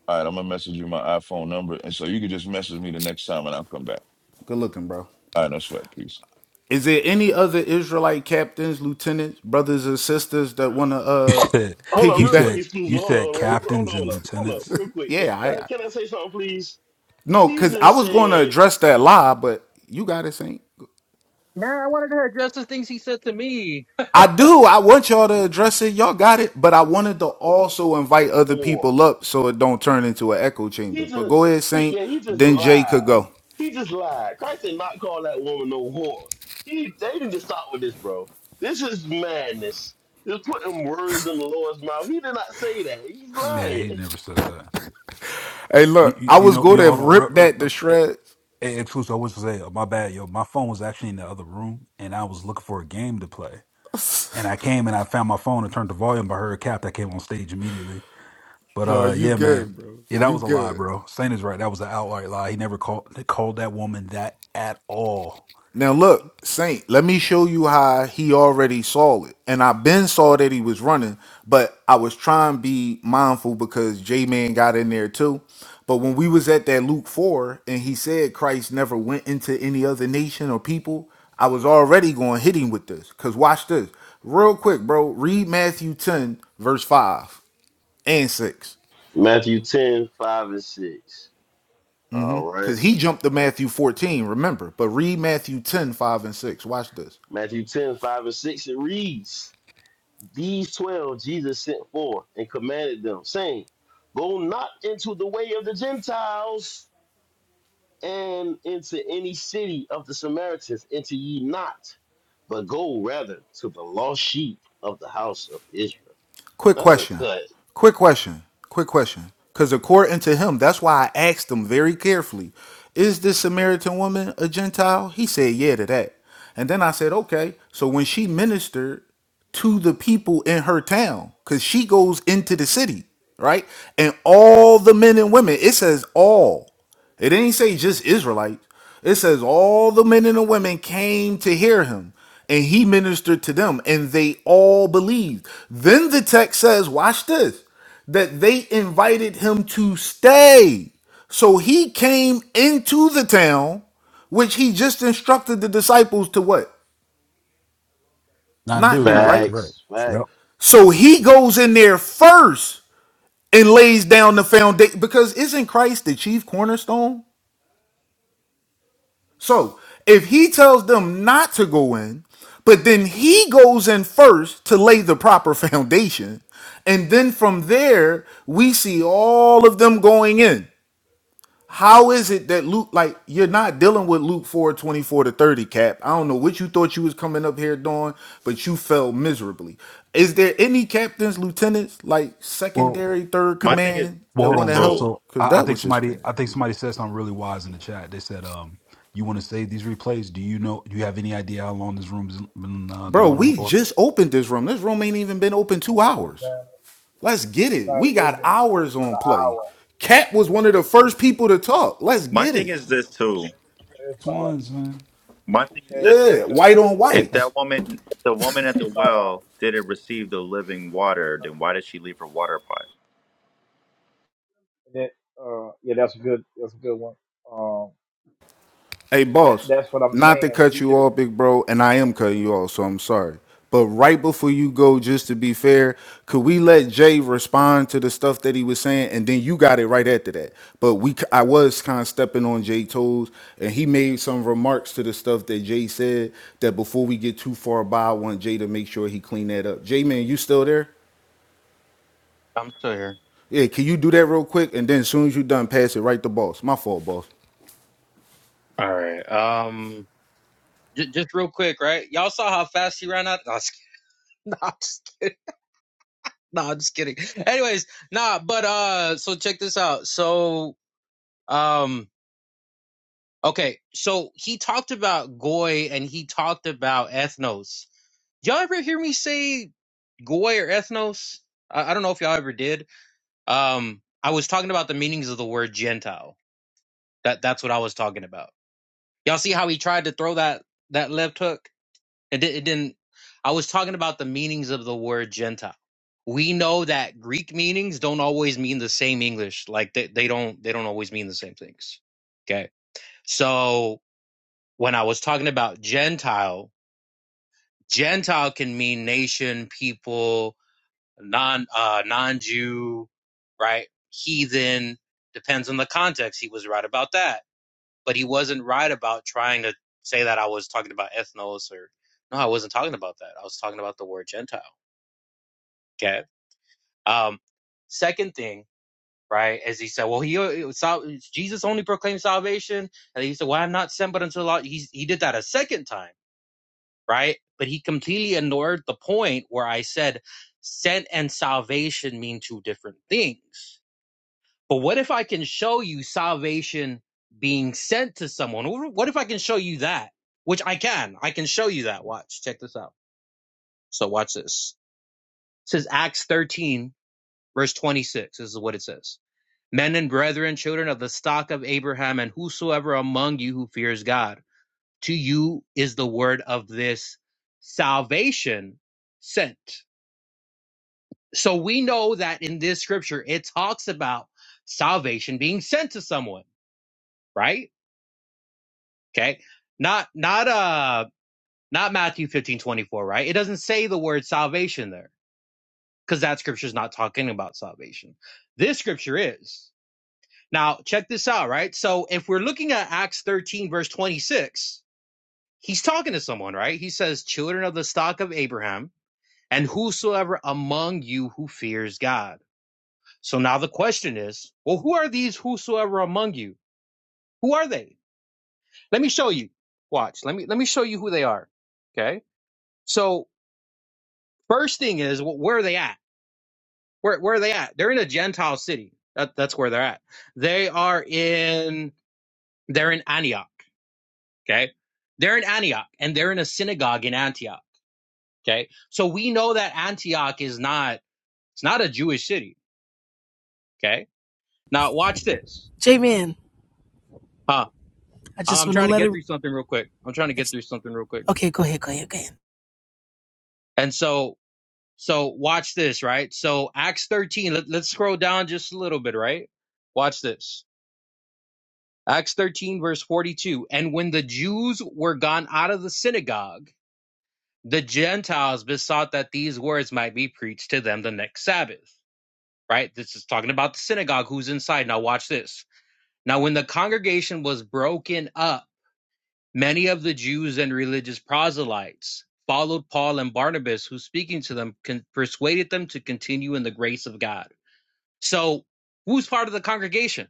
All right, I'm gonna message you my iPhone number, and so you can just message me the next time, and I'll come back. Good looking, bro. All right, no sweat. Peace. Is there any other Israelite captains, lieutenants, brothers and sisters that want to you uh Oh, said, hold on, you real piggyback? quick, said, exclusive. you Hold on, said hold on, hold captains on, hold and on, hold on lieutenants. real quick. It's, Yeah, I, can, I can I say something, please? no, He cause I just was going to said address that lie, but you got it, Saint. Nah, I wanted to address the things he said to me. I do. I want y'all to address it. Y'all got it, but I wanted to also invite other whore. people up so it don't turn into an echo He chamber. But go just, ahead, he, Saint. yeah, he just Then Jay could lied. go. He just lied. Christ did not call that woman no whore. He, they need to stop with this, bro. This is madness. Just putting words in the Lord's mouth. He did not say that. He's Yeah, he lying. never said that. Hey, You, look, you, I you was know, going yo, to hold on. Re, rip re, that uh, to eh, shreds. eh, Truce, I was to say, uh, my bad, yo. My phone was actually in the other room, and I was looking for a game to play. And I came and I found my phone and turned the volume. I heard Cap. I came on stage immediately. But No, uh, you yeah, man, good, bro. yeah, that You was a lie, good. bro. Saint is right. That was an outright lie. He never called called that woman that at all. Now look, Saint, let me show you how he already saw it. And I been saw that he was running, but I was trying to be mindful because J Man got in there too. But when we was at that Luke 4 and he said Christ never went into any other nation or people, I was already going hitting with this. Cause watch this. Real quick, bro. Read Matthew 10, verse 5 and 6. Matthew 10 5 and 6. All right. Cause he jumped to Matthew 14, remember. But read Matthew 10 5 and 6. Watch this. Matthew 10 5 and 6, it reads, These 12 Jesus sent forth and commanded them, saying, Go not into the way of the Gentiles and into any city of the Samaritans enter ye not, but go rather to the lost sheep of the house of Israel. Quick That's a question. cut. Quick question. Quick question. Because according to him, that's why I asked him very carefully, is this Samaritan woman a Gentile? He said, yeah, to that. And then I said, okay. So when she ministered to the people in her town, because she goes into the city, right? And all the men and women, it says all. It didn't say just Israelites. It says all the men and the women came to hear him, and he ministered to them, and they all believed. Then the text says, watch this, that they invited him to stay. So he came into the town, which he just instructed the disciples to what? Not Not do do, right, right? correct. Facts, Yep. facts. So he goes in there first and lays down the foundation because isn't Christ the chief cornerstone? So if he tells them not to go in, but then he goes in first to lay the proper foundation, and then from there we see all of them going in. How is it that Luke, like, you're not dealing with Luke 4 24 to 30, Cap? I don't know what you thought you was coming up here doing, but you fell miserably. Is there any captains, lieutenants, like Well. secondary, third My thing is command Well, that hold this want on, to bro. too. help? So Because I, I that think was just somebody, terrible. I think somebody said something really wise in the chat. They said, um, "You want to save these replays? Do you know? Do you have any idea how long this room's been uh, Bro, going on we for?" just opened this room. This room ain't even been open two hours. Man, Let's get it's it. about an We it's got been hours about on an play. hour. Cat was one of the first people to talk. Let's My get thing it. is this too. It's about a, Twins, man. My thing is this. it- has Yeah, Right? been white on If whites. that woman, if the woman at the about well didn't receive the living water, then why did she leave her water pot? And That uh, yeah, that's a good that's a good one. Um, Hey, that boss, that's what I'm not to saying. When you cut you just off, big bro, and I am cutting you off, so I'm sorry. But right before you go, just to be fair, could we let Jay respond to the stuff that he was saying, and then you got it right after that? But we, I was kind of stepping on Jay toes, and he made some remarks to the stuff that Jay said. That before we get too far by, I want Jay to make sure he clean that up. Jay, man, you still there? I'm still here. Yeah, can you do that real quick? And then as soon as you done, pass it right to boss. My fault, boss. All right. Um, j- just real quick, right? Y'all saw how fast he ran out. Nah, I'm just kidding. Nah, I'm just kidding. No, I'm just kidding. Anyways, nah, but uh, so check this out. So um, okay, so he talked about goy and he talked about ethnos. Y'all ever hear me say Goy or ethnos. I, I don't know if y'all ever did. Um, I was talking about the meanings of the word Gentile. That that's what I was talking about. Y'all see how he tried to throw that that left hook? It, di- it didn't. I was talking about the meanings of the word Gentile. We know that Greek meanings don't always mean the same English. Like they, they don't they don't always mean the same things. Okay. So when I was talking about Gentile, Gentile can mean nation, people, non uh, non Jew, right? Heathen depends on the context. He was right about that, but he wasn't right about trying to say that I was talking about ethnos or no, I wasn't talking about that. I was talking about the word Gentile. Okay. Um, second thing, right? As he said, well, he uh, Jesus only proclaimed salvation, and he said, "Well, I'm not sent but unto the law." He he did that a second time, right? But he completely ignored the point where I said sent and salvation mean two different things But what if I can show you salvation being sent to someone? What if I can show you that? Which I can. I can show you that. Watch. Check this out. So watch this. It says Acts 13, verse 26. This is what it says. Men and brethren, children of the stock of Abraham, and whosoever among you who fears God, to you is the word of this salvation sent. So we know that in this scripture, it talks about salvation being sent to someone, right? Okay. Not, not, uh, not Matthew 15 24 right? It doesn't say the word salvation there because that scripture is not talking about salvation. This scripture is. Now, check this out, right? So if we're looking at Acts 13, verse 26, he's talking to someone, right? He says, children of the stock of Abraham and whosoever among you who fears God. So now the question is, well, who are these whosoever among you? Who are they? Let me show you. Watch. Let me, let me show you who they are. Okay. So First thing is, wh- where are they at? Where where are they at? They're in a Gentile city. That, that's where they're at. They are in they're in Antioch. Okay, they're in Antioch, and they're in a synagogue in Antioch. Okay, so we know that Antioch is not it's not a Jewish city. Okay, now watch this. J Man, Huh? I I- just I'm want to trying to let get it. through something real quick. I'm trying to I get just- through something real quick. okay, go ahead, go ahead, go ahead. And so so watch this, right? So Acts 13. Let, let's scroll down just a little bit, right? Watch this. Acts 13, verse 42. And when the Jews were gone out of the synagogue, the Gentiles besought that these words might be preached to them the next Sabbath. Right? This is talking about the synagogue, who's inside. Now, watch this. Now, when the congregation was broken up, many of the Jews and religious proselytes followed Paul and Barnabas, who speaking to them con- persuaded them to continue in the grace of God. So, who's part of the congregation?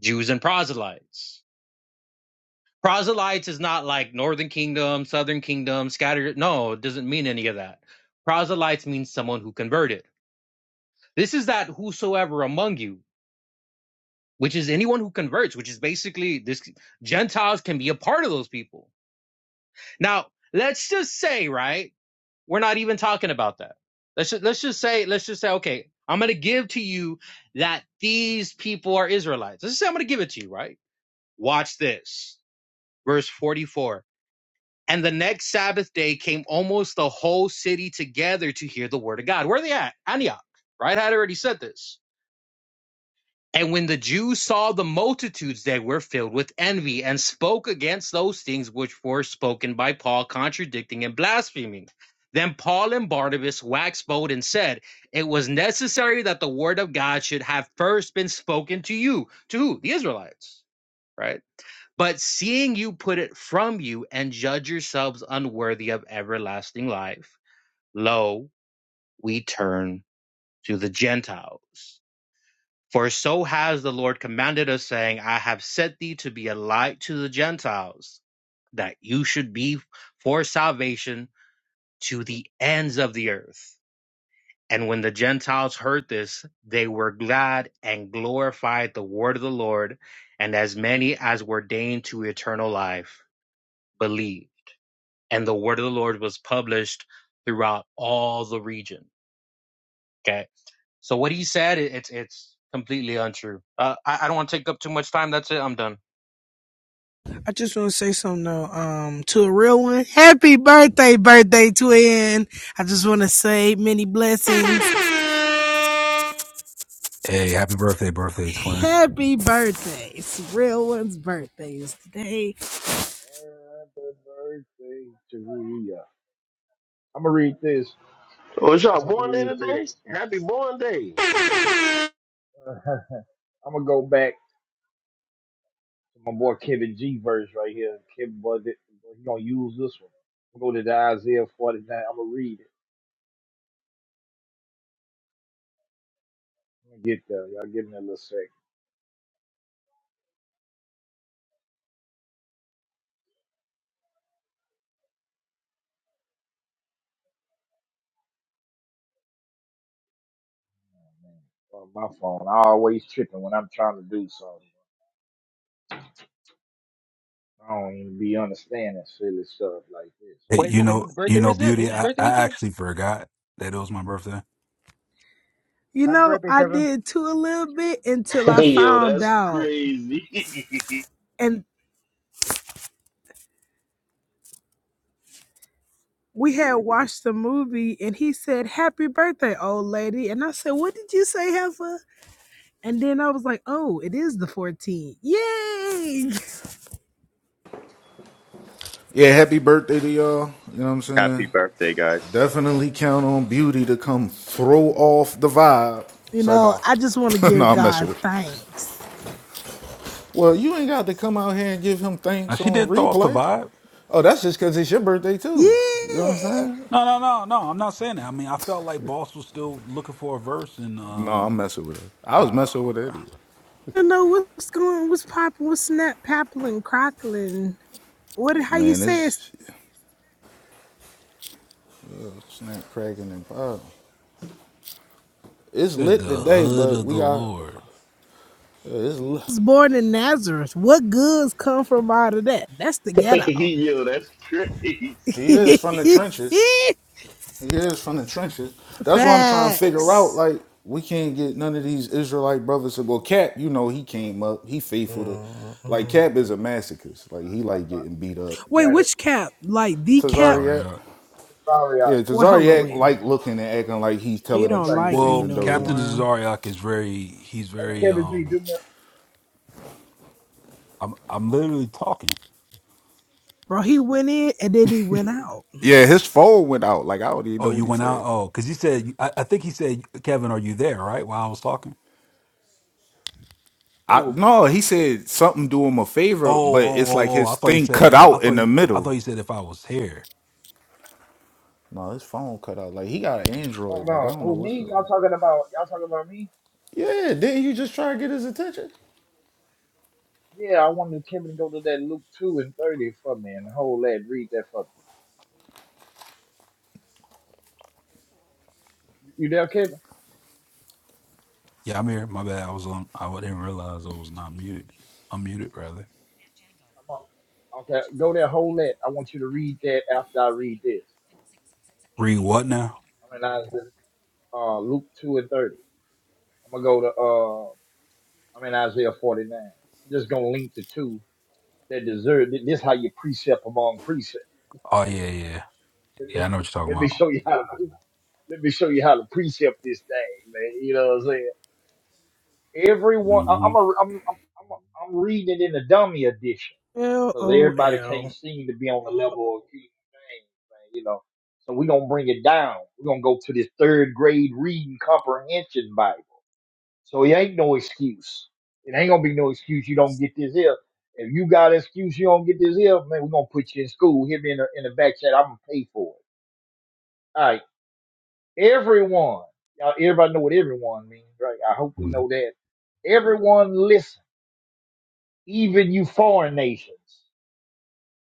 Jews and proselytes proselytes is not like northern kingdom southern kingdom scattered no it doesn't mean any of that proselytes means someone who converted this is that whosoever among you which is anyone who converts which is basically this gentiles can be a part of those people now let's just say right we're not even talking about that let's just, let's just say let's just say okay i'm going to give to you that these people are israelites let's just say i'm going to give it to you right watch this verse 44 And the next Sabbath day came almost the whole city together to hear the word of God. Where are they at? Antioch, right? I had already said this. And when the Jews saw the multitudes, they were filled with envy and spoke against those things which were spoken by Paul, contradicting and blaspheming. Then Paul and Barnabas waxed bold and said, It was necessary that the word of God should have first been spoken to you. To who? The Israelites, right? But seeing you put it from you and judge yourselves unworthy of everlasting life, lo, we turn to the Gentiles. For so has the Lord commanded us, saying, I have set thee to be a light to the Gentiles, that you should be for salvation to the ends of the earth. And when the Gentiles heard this, they were glad and glorified the word of the Lord, and as many as were deigned to eternal life believed. and the word of the Lord was published throughout all the region. Okay. So what he said, it, it's it's completely untrue. Uh, I, I don't want to take up too much time. That's it. I'm done. I just want to say something though, um, to a real one. Happy birthday, birthday twin. I just want to say many blessings. Hey, happy birthday, birthday twin. Happy birthday. It's a real one's birthday is today. happy birthday to you. I'm gonna read this. Was y'all I wanted to born day read this. today? Happy born day. I'm gonna go back to my boy Kevin G verse right here. Kevin was it? He gonna use this one. I'm gonna go to the Isaiah 49. I'm gonna read it. I'm gonna get there. Y'all give me a little second, man. Uh, my phone. I always tripping when I'm trying to do something. I don't even be understanding silly stuff like this. Hey, Wait, you who, know, whose you birthday know, is it? beauty. Whose I, birthday I is it? actually forgot that it was my birthday. You Happy know, birthday, I Kevin. did too a little bit until I Hey Yo, found that's out. crazy. And we had watched the movie and he said, Happy birthday, old lady. And I said, What did you say, Heifer? And then I was like, oh, it is the 14th. Yay! Yeah, happy birthday to y'all. You know what I'm Happy saying? birthday, guys. Definitely count on Beauty to come throw off the vibe. You Say know, no, I just want to no, give I'm messing God with you. thanks. Well, you ain't got to come out here and give him Now thanks she on did throw off the replay. vibe. Oh, that's just because it's your birthday Yeah. too. You know what I'm You saying? No, no, no, no. I'm not saying that. I mean, I felt like Boss was still looking for a verse, and No, uh, I'm messing with it. I was I messing with it anyway. know what's going what's popping, what's snap pappling, crockling. What how you Man, say it's it's snap cracking and popping. It's said the lit today, hood but of we the got Lord. it's. I Lit. was born in Nazareth. What goods come from out of that? That's the Hey, ghetto. Yo, that's crazy. He is from the trenches. He is from the trenches. That's what I'm trying to figure out. Facts. Like, we can't get none of these Israelite brothers to well, Cap, you know, he came up, he faithful to like Mm-mm. Cap is a masochist. I, Like he like I, getting beat up Wait, I and got it. which cap? Like the cap? Tazariak. Cesario. Sorry, Yeah, Wait, hello. Tazariak wait. like looking and acting like he's He I telling the was don't like, truth hey, like me Well, even no though he Captain ain't. more. Zariak is very, he's hey, very, Kevin G, um, do me. I'm, I'm literally talking. Bro, he went in and then he went out. Yeah, his phone went out. Like I don't even Oh, know what you he went out? said. Oh, because he said, I, I think he said, Kevin, are you there? Right? While I was talking. I Oh, no, he said something do him a Oh, favor, but oh, it's oh, like oh. I his thought he thing cut said, I out thought in he, the I thought middle. he said if I was here. No, his phone cut out. Like he got an oh Android. Like I no, don't know who what's me? up. Y'all talking about? Y'all talking about me? Yeah, didn't you just try to get his attention? Yeah, I wanted Kevin to go to that Luke two and thirty for me and hold that, read that for me. You there, Kevin? Yeah, I'm here. My bad. I was on, I didn't realize I was not muted. I'm muted, rather. I'm on. Okay, go there, hold that. I want you to read that after I read this. Read what now? I'm in Isaiah, uh, Luke two and thirty. I'm gonna go to uh, I'm in Isaiah forty nine. I'm just gonna link the two that deserve. This how you precept among precept. Oh, yeah, yeah. Yeah, I know what you're talking Let me about. show you how. To, let me show you how to precept this thing, man. You know what I'm saying? Everyone, I- hmm I'm a, I'm, I'm, I'm, I'm reading it in the dummy edition L because O everybody can't L. seem to be on the level of King James, man, you know. So we're gonna bring it down. We're gonna go to this third grade reading comprehension Bible. So it ain't no excuse. It ain't gonna be no excuse you don't get this here. If you got an excuse you don't get this here, man, we're gonna put you in school. Hit me in the in the back chat, I'm gonna pay for it. All right. Everyone, y'all everybody know what everyone means, right? I hope we know that. Everyone listen even you foreign nations.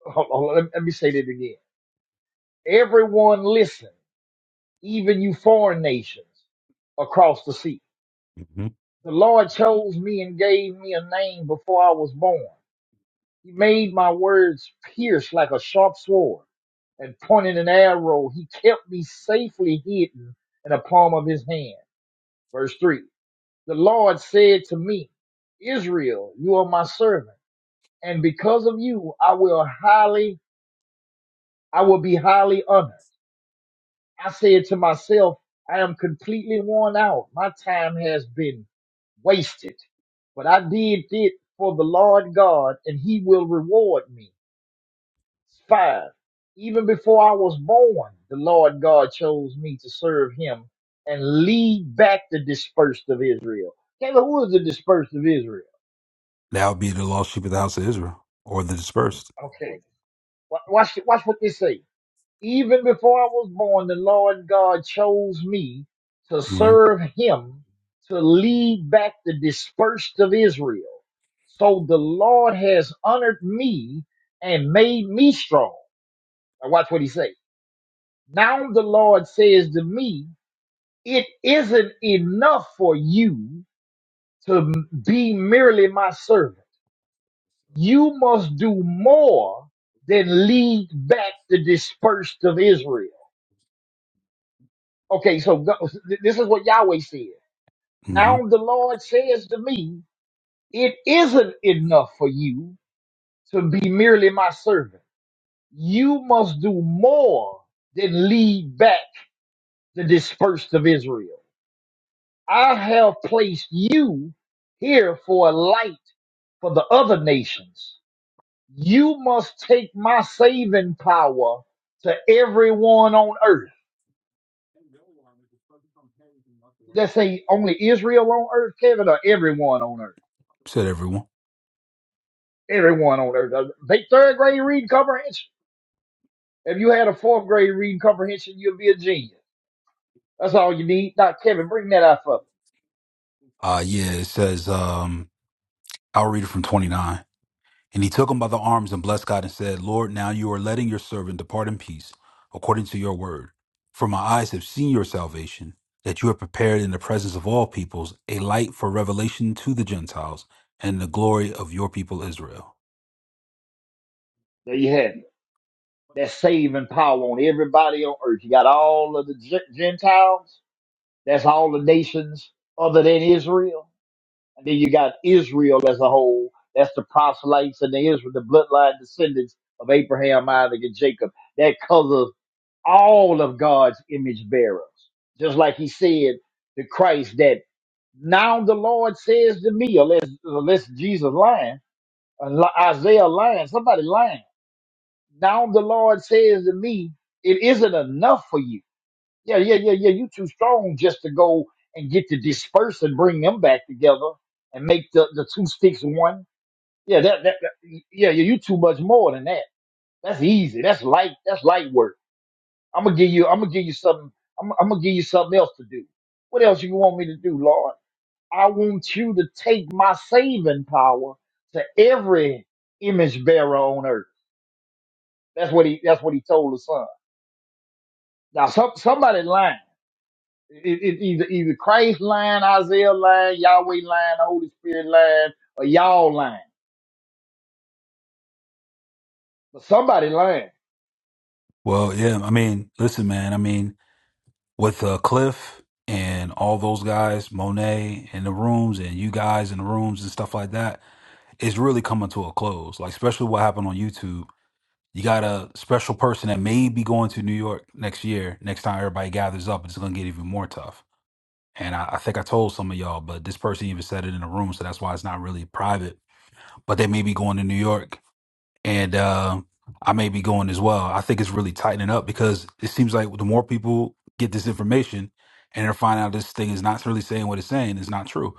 Hold on, let, let me say that again. Everyone listen, even you foreign nations across the sea. hmm The Lord chose me and gave me a name before I was born. He made my words pierce like a sharp sword and pointed an arrow. He kept me safely hidden in the palm of his hand. Verse three. The Lord said to me, Israel, you are my servant, and because of you, I will highly I will be highly honored. I said to myself, I am completely worn out. My time has been wasted, but I did it for the Lord God and he will reward me. Five, even before I was born, the Lord God chose me to serve him and lead back the dispersed of Israel. Taylor, who is the dispersed of Israel? That would be the lost sheep of the house of Israel or the dispersed. Okay. Wa- Watch, watch what they say. Even before I was born, the Lord God chose me to hmm serve him to lead back the dispersed of Israel. So the Lord has honored me and made me strong. Now watch what he says. Now the Lord says to me, it isn't enough for you to m- be merely my servant. You must do more than lead back the dispersed of Israel. Okay, so go- this is what Yahweh said. hmm Now the Lord says to me, It isn't enough for you to be merely my servant. You must do more than lead back the dispersed of Israel. I have placed you here for a light for the other nations. You must take my saving power to everyone on earth. Let's say only Israel on earth, Kevin, or everyone on earth. Said everyone. Everyone on earth. does Take third grade reading comprehension. If you had a fourth grade reading comprehension, you'd be a genius. That's all you need. Dr. Kevin, bring that out for me. Uh, yeah, it says, um, I'll read it from 29. And he took him by the arms and blessed God and said, Lord, now you are letting your servant depart in peace, according to your word. For my eyes have seen your salvation, that you have prepared in the presence of all peoples a light for revelation to the Gentiles and the glory of your people Israel. There you have it. That saving power on everybody on earth. You got all of the Gen- Gentiles. That's all the nations other than Israel. And then you got Israel as a whole. That's the proselytes and the Israel, the bloodline descendants of Abraham, Isaac, and Jacob. That covers all of God's image bearers. Just like he said to Christ that now the Lord says to me, unless, unless Jesus lying, unli- Isaiah lying, somebody lying. Now the Lord says to me, it isn't enough for you. Yeah, yeah, yeah, yeah. You too strong just to go and get to disperse and bring them back together and make the, the two sticks one. Yeah, that, that, that yeah, yeah, you too much more than that. That's easy. That's light. That's light work. I'm gonna give you. I'm gonna give you something. I'm, I'm gonna give you something else to do. What else you want me to do, Lord? I want you to take my saving power to every image bearer on earth. That's what he. That's what he told the son. Now, some, somebody lying. It, it, either either Christ lying, Isaiah lying, Yahweh lying, the Holy Spirit lying, or y'all lying. But somebody lying. Well, yeah, I mean, listen, man, I mean, with uh, Cliff and all those guys, Monet in the rooms and you guys in the rooms and stuff like that, it's really coming to a close. Like especially what happened on YouTube. You got a special person that may be going to New York next year. Next time everybody gathers up, it's gonna get even more tough. And I, I think I told some of y'all, but this person even said it in a room, so that's why it's not really private. But they may be going to New York and uh, I may be going as well. I think it's really tightening up because it seems like the more people get this information and they're finding out this thing is not really saying what it's saying, it's not true.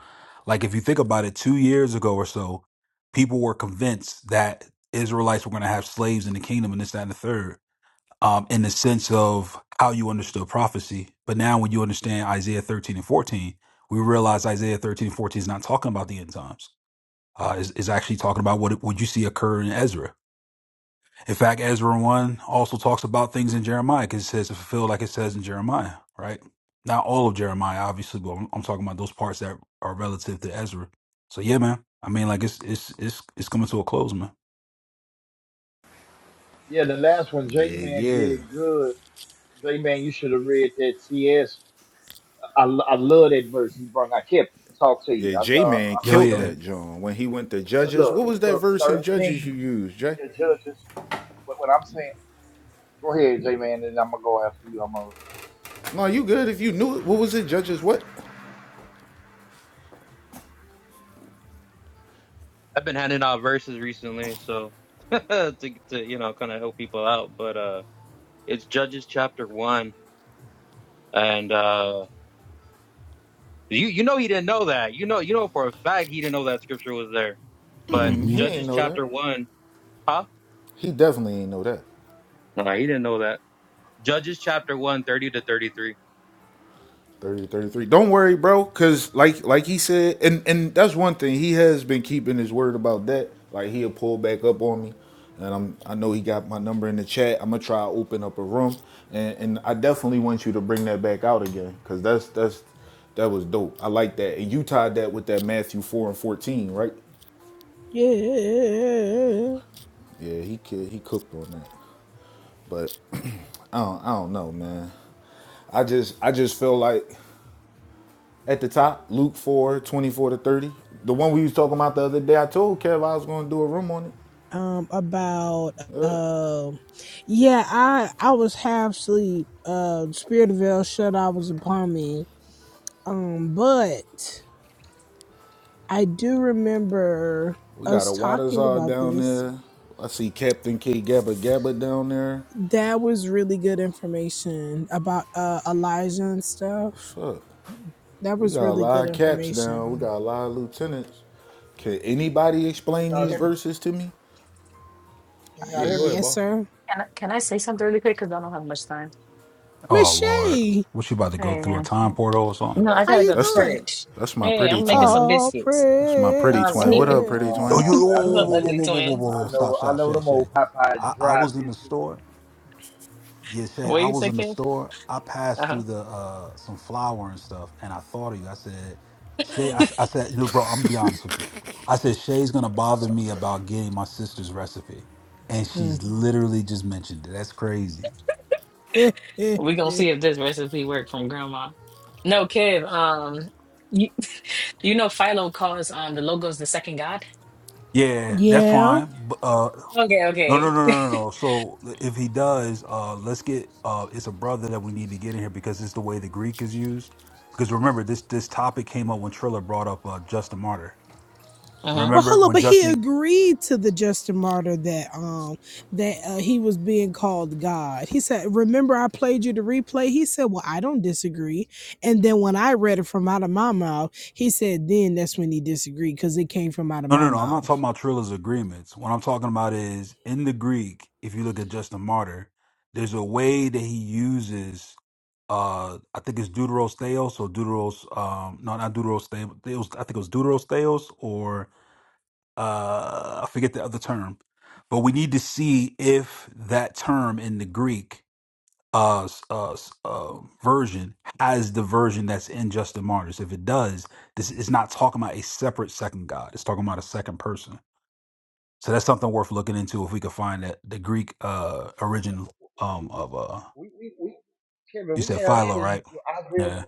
Like if you think about it, two years ago or so, people were convinced that Israelites were going to have slaves in the kingdom and this, that, and the third. Um, in the sense of how you understood prophecy. But now, when you understand Isaiah 13 and 14, we realize Isaiah 13 and 14 is not talking about the end times. Uh, is, is actually talking about what what you see occur in Ezra in fact, Ezra 1 also talks about things in Jeremiah because it says to fulfill like it says in Jeremiah, right? Not all of Jeremiah, obviously, but I'm, I'm talking about those parts that are relative to Ezra. So yeah, man. I mean, like it's it's it's it's coming to a close, man. Yeah, the last one, J Yeah, Man yeah. did good. J Man, you should have read that CS I, lo- I love that verse he brought. I kept talk to Yeah, you. I know. J Man Yo, I I killed know. yeah. You, that John when he went to look, Judges. What look, was that look, verse in Judges you thirteen used, Jay? the judges. What, what I'm saying. Go ahead, J man, and I'm gonna go after you. I'm gonna. No, you good if you knew it. What was it, Judges? What? I've been handing out verses recently, so to to you know kind of help people out. But uh, it's Judges chapter one, and uh, you you know he didn't know that. You know you know for a fact he didn't know that scripture was there. But Mm, hmm He ain't Judges know that. chapter one, huh? He definitely ain't know that. No, he didn't know that. Judges chapter one 30 to 33. Thirty, thirty-three. don't worry bro because like like he said and and that's one thing he has been keeping his word about that like he'll pull back up on me and i'm i know he got my number in the chat i'm gonna try to open up a room and and i definitely want you to bring that back out again because that's that's that was dope i like that and you tied that with that matthew 4 and 14 right Yeah. yeah he he cooked on that but i don't i don't know man i just i just feel like at the top, Luke 4, 24 to 30. The one we was talking about the other day, I told Kev I was gonna do a room on it. Um, about um, yeah, I I was half asleep. Uh, Spirit of El Shaddai was upon me. Um, but I do remember We got us a Waters talking about down this. there. I see Captain K Gabba Gabba down there. That was really good information about uh Elijah and stuff. What's up? That We was got a really lot good of caps down. We information. got a lot of lieutenants. Can anybody Can explain y'all these hear me? verses to me? Can Uh, y'all Yeah, hear go me? ahead, Yes, boss. sir. Can I, can I say something really quick? Because I don't have much time. Oh Miss Lord, Shay. what you about to go Hey, through a man. time portal or something? No, I How gotta you go to That's the doing? church. that's my Hey, pretty I'm making twin. some All biscuits. That's my pretty Um, twin. any What up, pretty praises. Oh, twin? you, Oh man, I what's know whoa, up, them. whoa, whoa, whoa, ugly Biscuits. whoa, whoa, whoa, whoa, twin? whoa, I stop, know. I stop, know Shay, them Shay. old Popeye I, I dry was in the biscuits. store Yeah, Shay, What I you was say, in the Kev? store. I passed Uh through the uh some flour and stuff, and I thought of you. I said, Shay, I, huh. s- I said, you know, bro, I'm gonna be honest with you. I said, Shay's gonna bother me about getting my sister's recipe. And Mm. she's literally just mentioned it. That's crazy. we gonna see if this recipe worked from Grandma. No, Kev. Um, you you know Philo calls um the logos the second god. Yeah, that's yeah. fine. B- Uh Okay, no no no okay. no no no. So if he does, uh let's get uh it's a brother that we need to get in here because it's the way the Greek is used. Because remember this this topic came up when Triller brought up uh Justin Martyr. But Remember hold on, when but he Justin agreed to the Justin Martyr that um that uh, he was being called God. He said, "Remember, I played you the replay." He said, "Well, I don't disagree." And then when I read it from out of my mouth, he said, "Then that's when he disagreed because it came from out of No, my no, no. I'm not mouth." talking about Trilla's agreements. What I'm talking about is in the Greek, if you look at Justin Martyr, there's a way that he uses uh I think it's Deuteros Theos or Deuteros um no not Deuteros Theos I think it was Deuteros Theos or uh I forget the other term. But we need to see if that term in the Greek uh, s- uh, s- uh version has the version that's in Justin Martyr's. If it does, this is not talking about a separate second God. It's talking about a second person. So that's something worth looking into if we could find that the Greek uh origin um of uh We we we. Kevin, you we said had Philo, that in right? Isaiah. Yeah.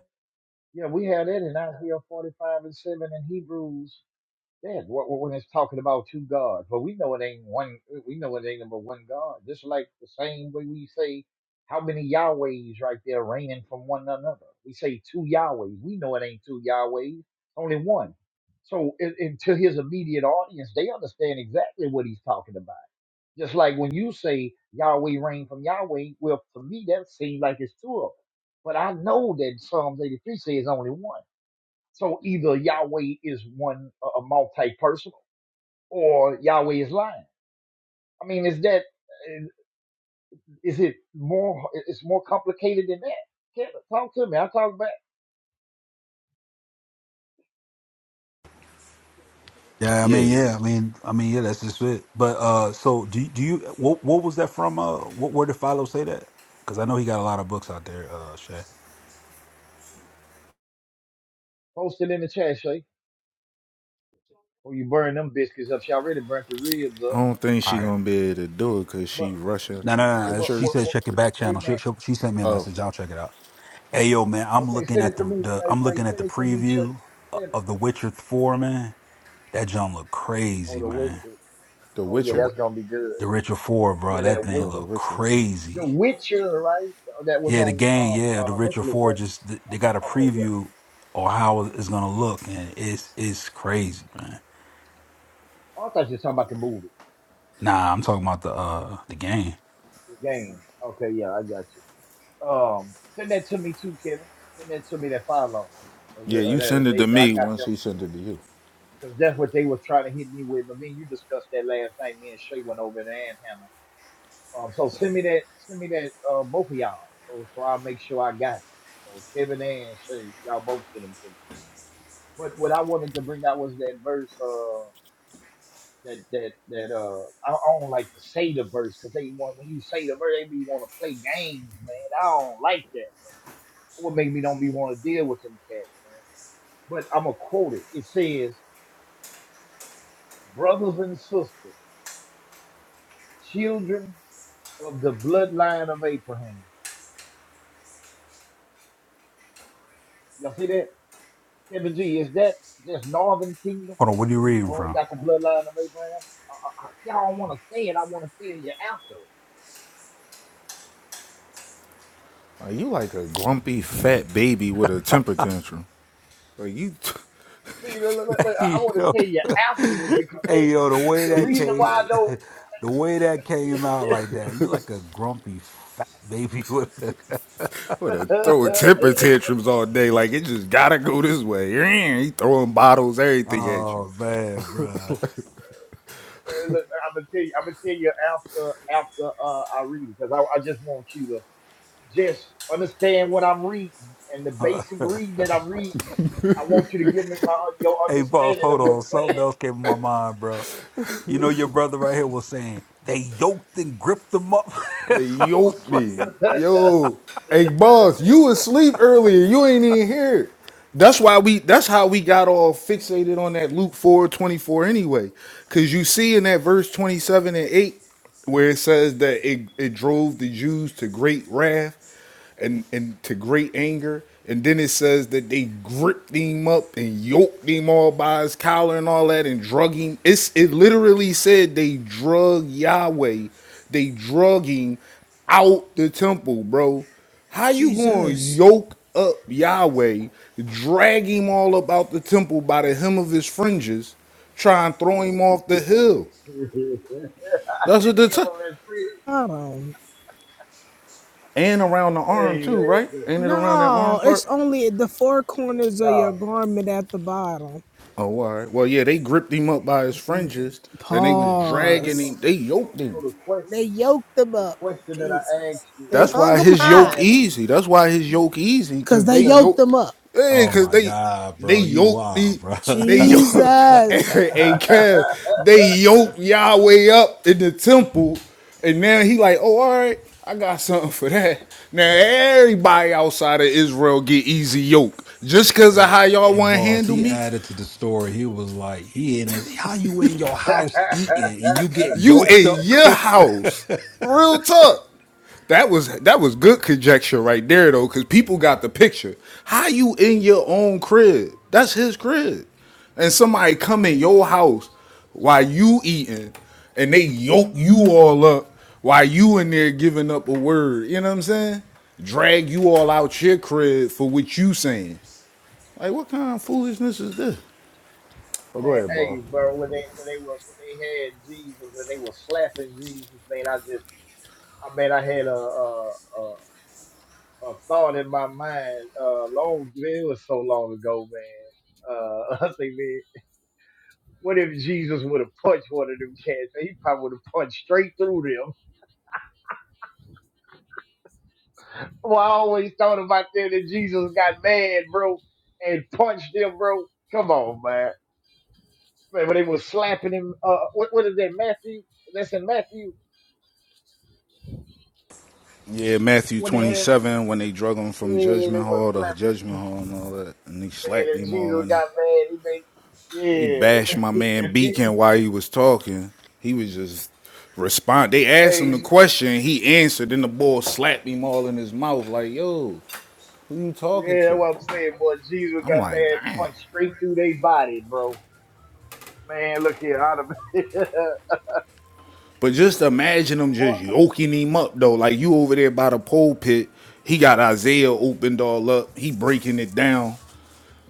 Yeah, we had that in Isaiah 45 and 7 in Hebrews Yeah, when it's talking about two gods, but we know it ain't one. We know it ain't but one God. Just like the same way we say, how many Yahwehs right there reigning from one another? We say two Yahwehs. We know it ain't two Yahwehs. Only one. So, and, and to his immediate audience, they understand exactly what he's talking about. Just like when you say Yahweh reign from Yahweh, well, to me that seems like it's two of them. But I know that Psalms 83 says only one. So either Yahweh is one, a multi-person, or Yahweh is lying. I mean, is that is it more? It's more complicated than that. Can't talk to me. I'll talk back. Yeah, I mean, Yeah. yeah, I mean, I mean, yeah, that's just it. But uh so do you- do you what what was that from uh what where did Philo say that? Cuz I know he got a lot of books out there, uh Shay. Post it in the chat, Shay. Or you burn them biscuits up. She already burnt the ribs I up. don't think All she right. gonna be able to do it cause But she rushing No, no, for no. no. but She what? said church. what check your back hey channel. man, She, she she sent me a Oh, message. I'll check it out. Hey yo, man, I'm okay, looking send at it to the me. the Hey, I'm hey looking at the send it to me, Shay. preview uh, Send it. of The Witcher 4, man. That John look Oh, crazy, the man. Witcher. The Oh yeah, Witcher? that's gonna be good. The Richard Four, bro, Yeah, that that thing Witcher. Oh, the look Richardson. The crazy. Witcher, right? Oh, That was Yeah, the on game, um yeah, the uh Richard Netflix, Four right? just th- they Okay, got a okay, yeah. preview on how it's gonna look, and it's it's crazy, man. Oh, I thought you were talking about the movie, Nah, I'm talking about the uh the game. the game. Okay, yeah, I got you. Um, send that to me too, Kevin. Send that to me that follow. Or Yeah, the- or you send that it to they, I me got once them he sent it to you. because that's what they were trying to hit me with. But me and you discussed that last night. Me and Shay went over there and Hannah. Um, so send me that. Send me that. Uh, both of y'all. So so I'll make sure I got it. So Kevin and Shay, y'all both send them to me. But what I wanted to bring out was that verse. Uh, that that that uh, I I don't like to say the verse because they want when you say the verse, they be want to play games, man. I don't like that. What make me don't be want to deal with them cats. but I'm gonna quote it. It says, "Brothers and sisters, children of the bloodline of Abraham." Y'all see that, Kevin G? Is that just Northern Kingdom? Hold on, what are you Is reading only from? got the bloodline of Abraham? Uh, uh, uh, y'all don't want to say it. I want to tell you after. Are you like a grumpy fat baby with a temper tantrum? Like you, See, look, look, look, look, I want to yo, tell you afterwards because hey they, yo, the way the that he reason why I came, don't. the way that came out like that, you like a grumpy fat baby with. A, would have throwing temper tantrums all day. Like it just gotta go this way. He throwing bottles, everything at you. oh man, bruh. Well, look, I'm gonna tell you. I'm gonna tell you after after uh, I read it because I, I just want you to. Just understand what I'm reading and the basic reading that I'm reading. I want you to give me my your Hey, boss, understanding hold of on. what's saying. Something else came in my mind, bro. You know, your brother right here was saying they yoked and gripped him up. They I was yoked like, me. the Yo. Hey boss, you was asleep earlier. You ain't even here. That's why we that's how we got all fixated on that Luke 4:24 24 anyway. Cause you see in that verse 27 and 8 where it says that it, it drove the Jews to great wrath and and to great anger. And then it says that they gripped him up and yoked him all by his collar and all that and drug him. It's it literally said they drug Yahweh, they drug him out the temple, bro. How you gonna Jesus, yoke up Yahweh, drag him all about the temple by the hem of his fringes, try and throw him off the hill? That's what the t- I don't. and around the arm Hey too, man, right? Ain't it around that arm No, it's part? only the four corners of your no. garment at the bottom. Oh, all right. Well, yeah, they gripped him up by his fringes and they was dragging Pause. So, him. They so, yoked so him. the question, They yoked them the up, question that I Jesus. asked you, They That's the hung why them question his I'm yoke high asking easy. you, That's why his yoke easy because because they they okay. yoked yoke. them up, Hey, Oh because my they God, they bro, you yoked wild, the bro. they yoke. Jesus. hey, Kev, they yoked Yahweh up in the temple, and now he like, oh, all right, I got something for that. Now everybody outside of Israel get easy yoke just because of hey, how y'all hey, want to boss, handle he me. added to the story. He was like, he in his, how you in your house eating and you get You yoked in up? your house. Real talk. That was that was good conjecture right there though, because people got the picture. How you in your own crib? That's his crib. And somebody come in your house while you eating and they yoke you all up while you in there giving up a word. You know what I'm saying? Drag you all out your crib for what you saying. Like what kind of foolishness is this? Oh, go man, ahead, hey, boss. bro, when they when they were when they had Jesus and they were slapping Jesus, man, I just I mean, I had a a, a, a thought in my mind uh, long. It was so long ago, man. Uh, I say, man, what if Jesus would have punched one of them cats? He probably would have punched straight through them. Well, I always thought about that that Jesus got mad, bro, and punched them, bro. Come on, man. Man, but they was slapping him. Uh, what, what is that, Matthew? That's in Matthew Yeah, Matthew when they had, yeah, 27, when they drug him they from Judgment was Hall to slapping. Judgment Hall and all that, and they Man, slapped and him all Jesus in. got mad. They bashed my He made, man yeah. Beacon while he was talking. He was just respond. They asked him Hey. the question, he answered, and the boy slapped him all in his mouth like, yo, who you talking Yeah, that's to? what I'm saying, boy. Jesus I'm got like, mad damn. punched straight through their body, bro. Man, look here, out of boy. But just imagine them just yoking him up though. Like you over there by the pulpit. he got Isaiah opened all up. He breaking it down.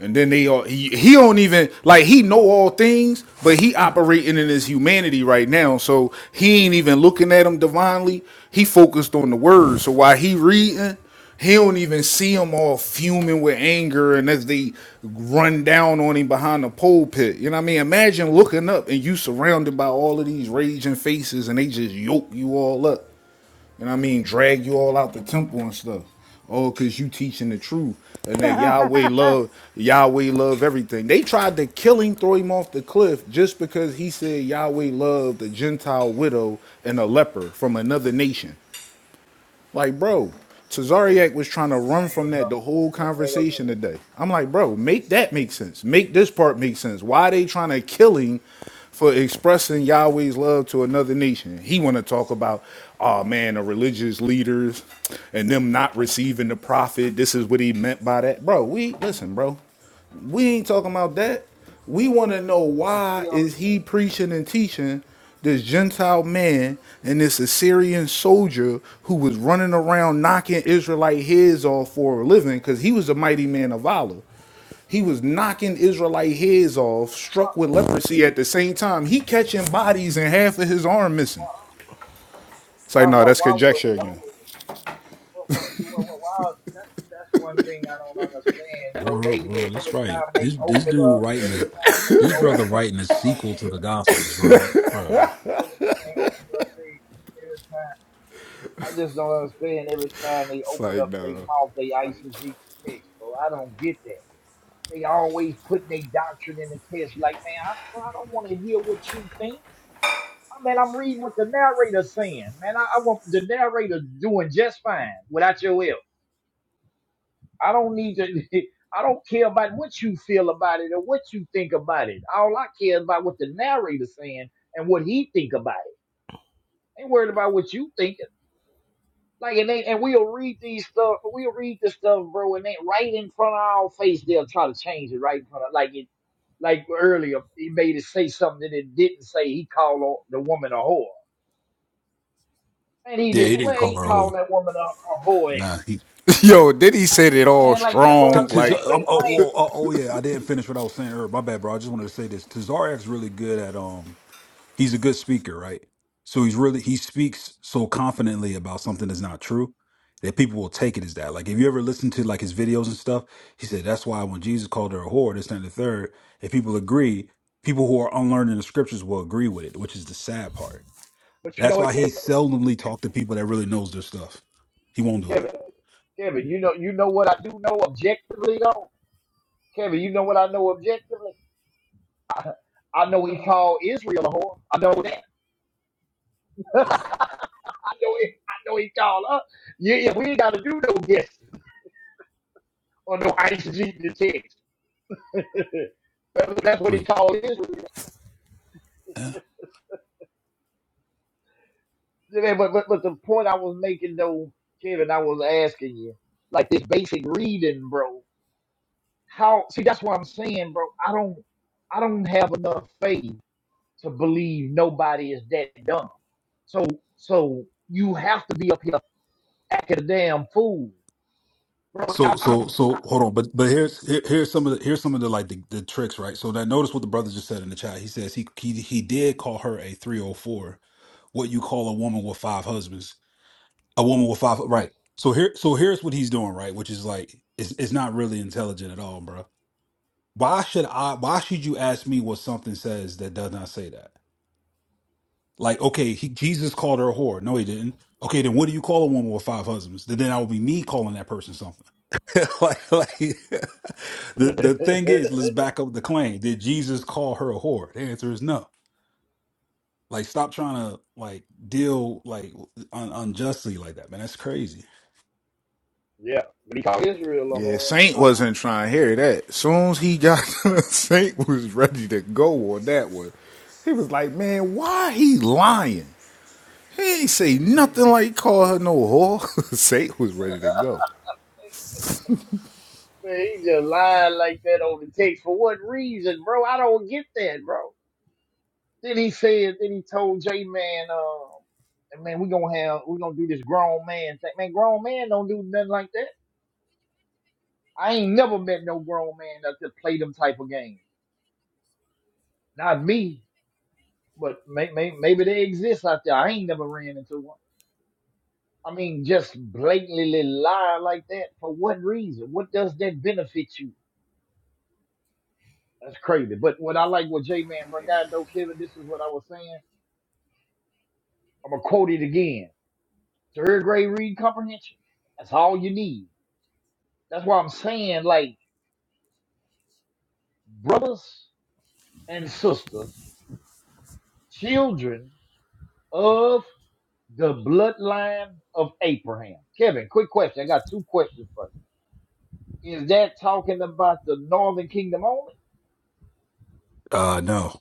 And then they all he, he don't even like he know all things, but he operating in his humanity right now. So he ain't even looking at them divinely. He focused on the word. So while he reading, he don't even see them all fuming with anger and as they run down on him behind the pulpit. You know what I mean? Imagine looking up and you surrounded by all of these raging faces and they just yoke you all up. And I mean, drag you all out the temple and stuff. All because you teaching the truth and that Yahweh love, Yahweh love everything. They tried to kill him, throw him off the cliff just because he said Yahweh loved the Gentile widow and a leper from another nation. Like, bro, Cesariak Man, was trying to run there you from that the go. whole There you go. conversation today. I'm like, bro, make that make sense. Make this part make sense. Why are they trying to kill him for expressing Yahweh's love to another nation? He want to talk about, oh man, the religious leaders and them not receiving the prophet. This is what he meant by that, bro. We listen, bro. We ain't talking about that. We want to know Don't why kill me. is he preaching and teaching this Gentile man and this Assyrian soldier who was running around knocking Israelite heads off for a living because he was a mighty man of valor. He was knocking Israelite heads off, struck with leprosy at the same time. He catching bodies and half of his arm missing. It's Why? like, no, Why? that's Why would? conjecture Why again. would? Why, why, why, why, why- that's that's one thing I don't understand, bro. World, They bro, just that's every right. time they This this open dude up, writing every the, time they this brother open up writing the a mouth, sequel to the Gospels, bro. every time, Bro, every time they open up the, every time. I just don't understand every time they It's open like, up their no. mouth, they eisegesis text, bro. I don't get that. They always putting their doctrine in the test. Like, man, I, bro, I don't want to hear what you think. I mean, I'm reading what the narrator's saying, man. I, I want the narrator doing just fine without your help. I don't need to. I don't care about what you feel about it or what you think about it. All I care is about what the narrator's saying and what he think about it. Ain't worried about what you think. Like and they and we'll read these stuff, we'll read this stuff, bro, and they right in front of our face, they'll try to change it right in front of like it like earlier, he made it say something that it didn't say. He called o- the woman a whore. And he yeah, he didn't. didn't Well, call he her old. called that woman a, a whore. Nah, he Yo, did he said it all Man, like that's what I'm strong? Because Like, saying. oh, That's oh, right. well, oh, oh yeah, I didn't finish what I was saying earlier. My bad, bro. I just wanted to say this. Tazarek's really good at um. He's a good speaker, right? So he's really he speaks so confidently about something that's not true that people will take it as that. Like if you ever listen to like his videos and stuff, he said that's why when Jesus called her a whore, this and the third, if people agree, people who are unlearned in the scriptures will agree with it, which is the sad part. But you know That's what, why he Kevin? seldomly talked to people that really knows their stuff. He won't do it. Kevin, Kevin, you know, you know what I do know objectively, though. Kevin, you know what I know objectively. I, know he called Israel a whore. I know that. know it. I know it, y'all. Huh? Yeah, yeah, we ain't got to do no guessing or no ICD test. That- That's what he Right. called Israel. Yeah, but, but but the point I was making though, Kevin, I was asking you, like this basic reading, bro. How see that's what I'm saying, bro. I don't I don't have enough faith to believe nobody is that dumb. So so you have to be up here acting a damn fool. Bro, So I, I so don't, so hold on, but but here's here, here's some of the here's some of the like the, the tricks, right? So that notice what the brother just said in the chat. He says he he he did call her a 304, what you call a woman with five husbands. A woman with five right. So here so here's what he's doing, right? Which is like it's it's not really intelligent at all, bro. Why should I why should you ask me what something says that does not say that? Like, okay, he, Jesus called her a whore. No, he didn't. Okay, then what do you call a woman with five husbands? Then, then I would be me calling that person something. like, like the the thing is, let's back up the claim. Did Jesus call her a whore? The answer is no. Like, stop trying to like deal like un- unjustly like that, man. That's crazy. what he called Israel, Yeah, Lahore. Saint wasn't trying to hear that. As Soon as he got Saint was ready to go on that one. He was like, "Man, why he lying? He ain't say nothing like call her no whore." Saint was ready to go Man, he just lied like that on the text. For what reason, bro? I don't get that, bro. Then he said, then he told J Man, uh, man, we gonna have, we gonna do this grown man thing. Man, grown man don't do nothing like that. I ain't never met no grown man that just play them type of games. Not me, but may, may, maybe they exist out there. I ain't never ran into one. I mean, just blatantly lie like that. For what reason? What does that benefit you? That's crazy. But what I like what J Man brought out though, Kevin, this is what I was saying. I'm gonna quote it again. Third grade reading comprehension. That's all you need. That's why I'm saying, like, brothers and sisters, children of the bloodline of Abraham. Kevin, quick question. I got two questions for you. Is that talking about the northern kingdom only? Uh, no,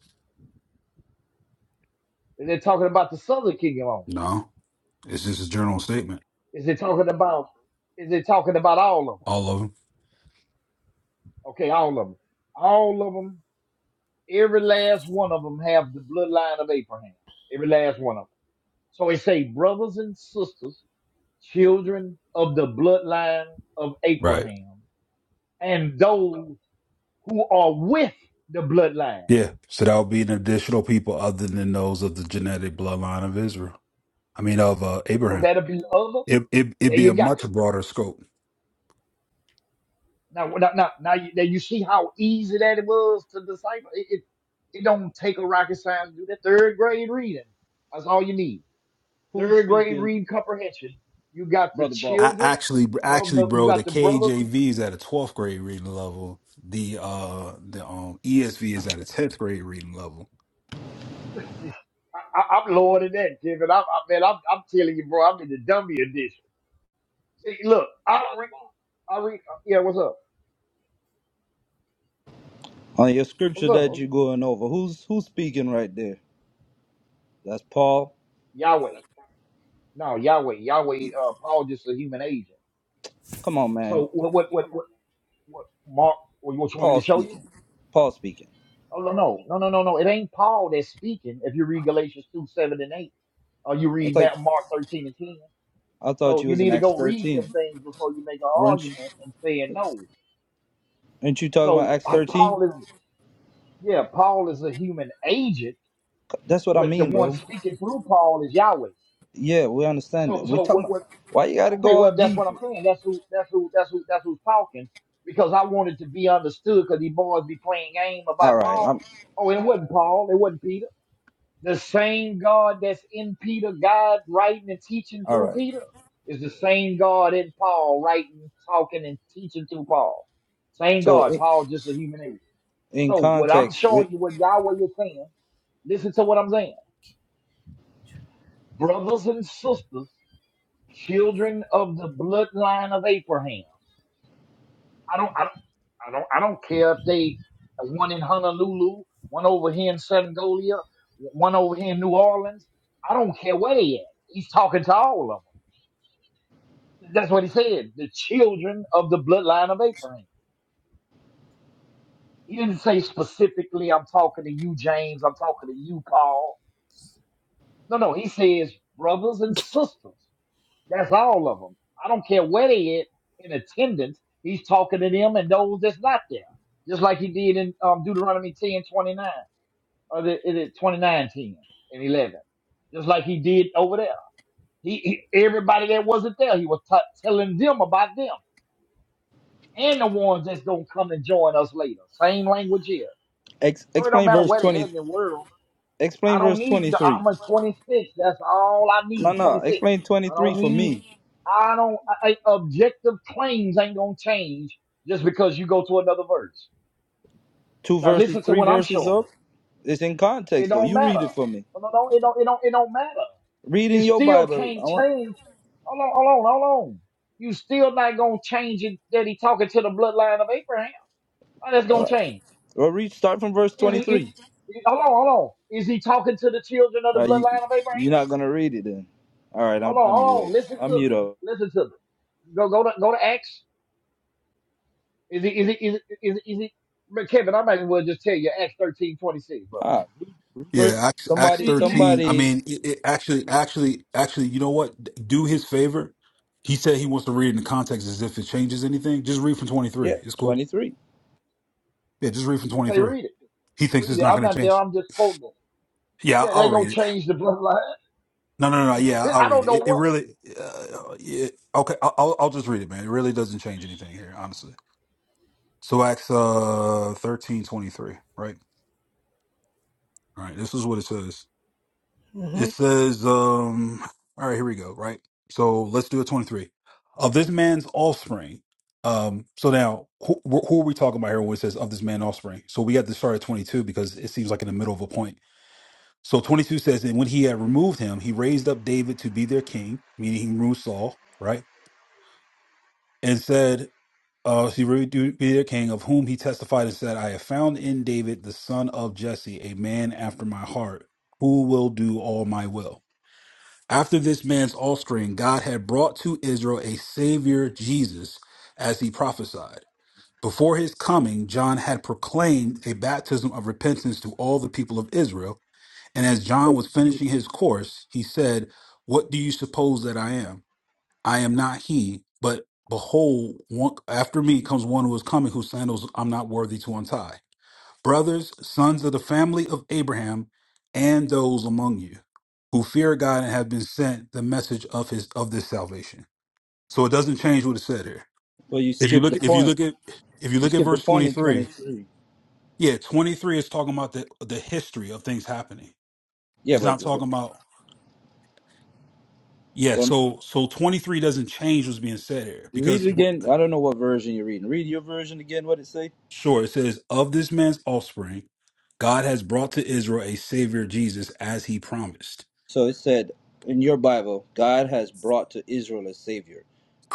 Is it talking about the southern kingdom only? no, it's just a general statement. Is it talking about? Is it talking about all of them? All of them, Okay, all of them. All of them. Every last one of them have the bloodline of Abraham. Every last one of them. So it say, brothers and sisters, children of the bloodline of right? Abraham, and those who are with the bloodline. Yeah. So that would be an additional people other than those of the genetic bloodline of Israel. I mean, of uh, So Abraham. that'll be other. It it it'd There be you a go. much broader scope. Now, now, now, now you, now you see how easy that it was to decipher. It, it, it don't take a rocket science to do that. Third grade reading. That's all you need. Who's Third grade speaking, read comprehension. You got the brother boss? I children actually of actually the, you bro, the got the brothers. KJV is at a twelfth grade reading level. The uh the um ESV is at a tenth grade reading level. I, I'm lower than that, Kevin. I'm, I, man, I'm, I'm telling you, bro. I'm in the dummy edition. See, look, I don't read. I read. Yeah, what's up? On your scripture What's up? that What's you're up? going over, who's who's speaking right there? That's Paul. Yahweh. No, Yahweh. Yahweh. Uh, Paul just a human agent. Come on, man. So what? What? What? What? what Mark, what, what you want me Paul to show you? speaking. Paul speaking. Oh no, no, no, no, no, no. It ain't Paul that's speaking. If you read Galatians two seven and eight, or you I read thought Ma- Mark thirteen and ten, I thought so you you was in need to Acts go read 13. them things before you make an Weren't you, argument and saying no. aren't you talking about So Acts uh, 13? Paul is yeah, Paul is a human agent, That's what I but the mean, one bro. speaking through Paul is Yahweh. Yeah, we understand So, that. We so talking what? about what why you got to okay, go all well, that's deep. what I'm saying. That's who. That's who. That's who. That's who's talking. Because I wanted to be understood. Because these boys be playing game All about right, I'm Paul. Oh, and it wasn't Paul. It wasn't Peter. The same God that's in Peter, God writing and teaching all through right. Peter, is the same God in Paul writing, talking, and teaching through Paul. Same So God. in, Paul just a human agent. in So what I'm context, with showing you, what Yahweh is saying. Listen to what I'm saying brothers and sisters, children of the bloodline of Abraham. I don't, I don't, I don't, I don't care if they uh, one in Honolulu, one over here in Sangolia, one over here in New Orleans. I don't care where they at. He's talking to all of them. That's what he said. The children of the bloodline of Abraham. He didn't say specifically, I'm talking to you, James. I'm talking to you, Paul. No, no. He says brothers and sisters. That's all of them. I don't care where they at in attendance. He's talking to them and those that's not there. Just like he did in um, Deuteronomy 10 29 or the, is it 29, and 11. Just like he did over there. He, he Everybody that wasn't there, he was t- telling them about them and the ones that's going to come and join us later. Same language here. ex, So it don't explain matter verse where they are 20. in the world. I Explain don't verse need. The, 23. I'm a 26. That's all I No, need. no. 26. Explain I 23 don't for need. me. I don't. I, I- objective claims ain't gonna change just because you go to another verse. Two Now verses, listen to three what I'm verses showing up. It's in you. It context though. don't You matter. read it for me. No, no, no, it don't. It don't. It don't matter. Read You in your still Bible. can't I want. change. Hold on. Hold on. Hold on. You still not gonna change it that he talking to the bloodline of Abraham. How that's All gonna right. change? Well, read. Start from verse Is he? Is, twenty-three. hold on. Hold on. Is he talking to the children of All the right, you, bloodline of Abraham? you're not gonna read it then. All right. Hold I'm, on, I'm hold mute. on. Up. Listen I'm to mute me. up. Listen to me. Go, go to, go to Acts. Is it, is it, is it, is it, is it? But Kevin, I might as well just tell you Acts thirteen twenty six, bro. All right. Yeah, Verse. Acts Acts So Somebody. you- you- you- thirteen. I Somebody. mean, it, it actually actually actually, you know what? Do his favor. He said he wants to read in the context as if it changes anything. Just read from twenty Yeah. three. It's cool. Twenty-three. Yeah, just read from twenty Okay, three. read it. He thinks Read it's it. not I'm going to not there. change. I'm just quoting it. Yeah, Yeah, I'll they read it. gonna change the bloodline. No, no, no. no. Yeah, I'll I read don't it. know It, it what. really, uh, yeah, okay. I'll, I'll I'll just read it, man. It really doesn't change anything here, honestly. So Acts uh thirteen twenty three, right? All right. This is what it says. It Mhm. says, um, all right, here we go. Right. So let's do a twenty three of this man's offspring. Um, so now who, who are we talking about here when it says of this man's offspring? So we got to start at twenty two because it seems like in the middle of a point. So twenty two says, and when he had removed him, he raised up David to be their king, meaning he removed Saul, right? and said, uh, she rebuked the king, of whom he testified and said, I have found in David the son of Jesse, a man after my heart, who will do all my will. After this man's offspring, God had brought to Israel a Savior, Jesus, as he prophesied. Before his coming, John had proclaimed a baptism of repentance to all the people of Israel. And as John Hey, was finishing his course, he said, What do you suppose that I am? I am not he, but behold, one, after me comes one who is coming, whose sandals I'm not worthy to untie. Brothers, sons of the family of Abraham, and those among you who fear God and have been sent the message of his of this salvation. So it doesn't change what it said here. well, you If you skipped look, the if you point. look at, if you You look at skipped the verse point in 23, twenty-three. yeah, 23 is talking about the the history of things happening. Yeah, It's but, not talking about yeah. but So so 23 doesn't change what's being said here read because it again. I don't know what version you're reading. Read your version again. What it say? Sure, it says, Of this man's offspring, God has brought to Israel a Savior, Jesus, as he promised. So it said in your Bible, God has brought to Israel a savior,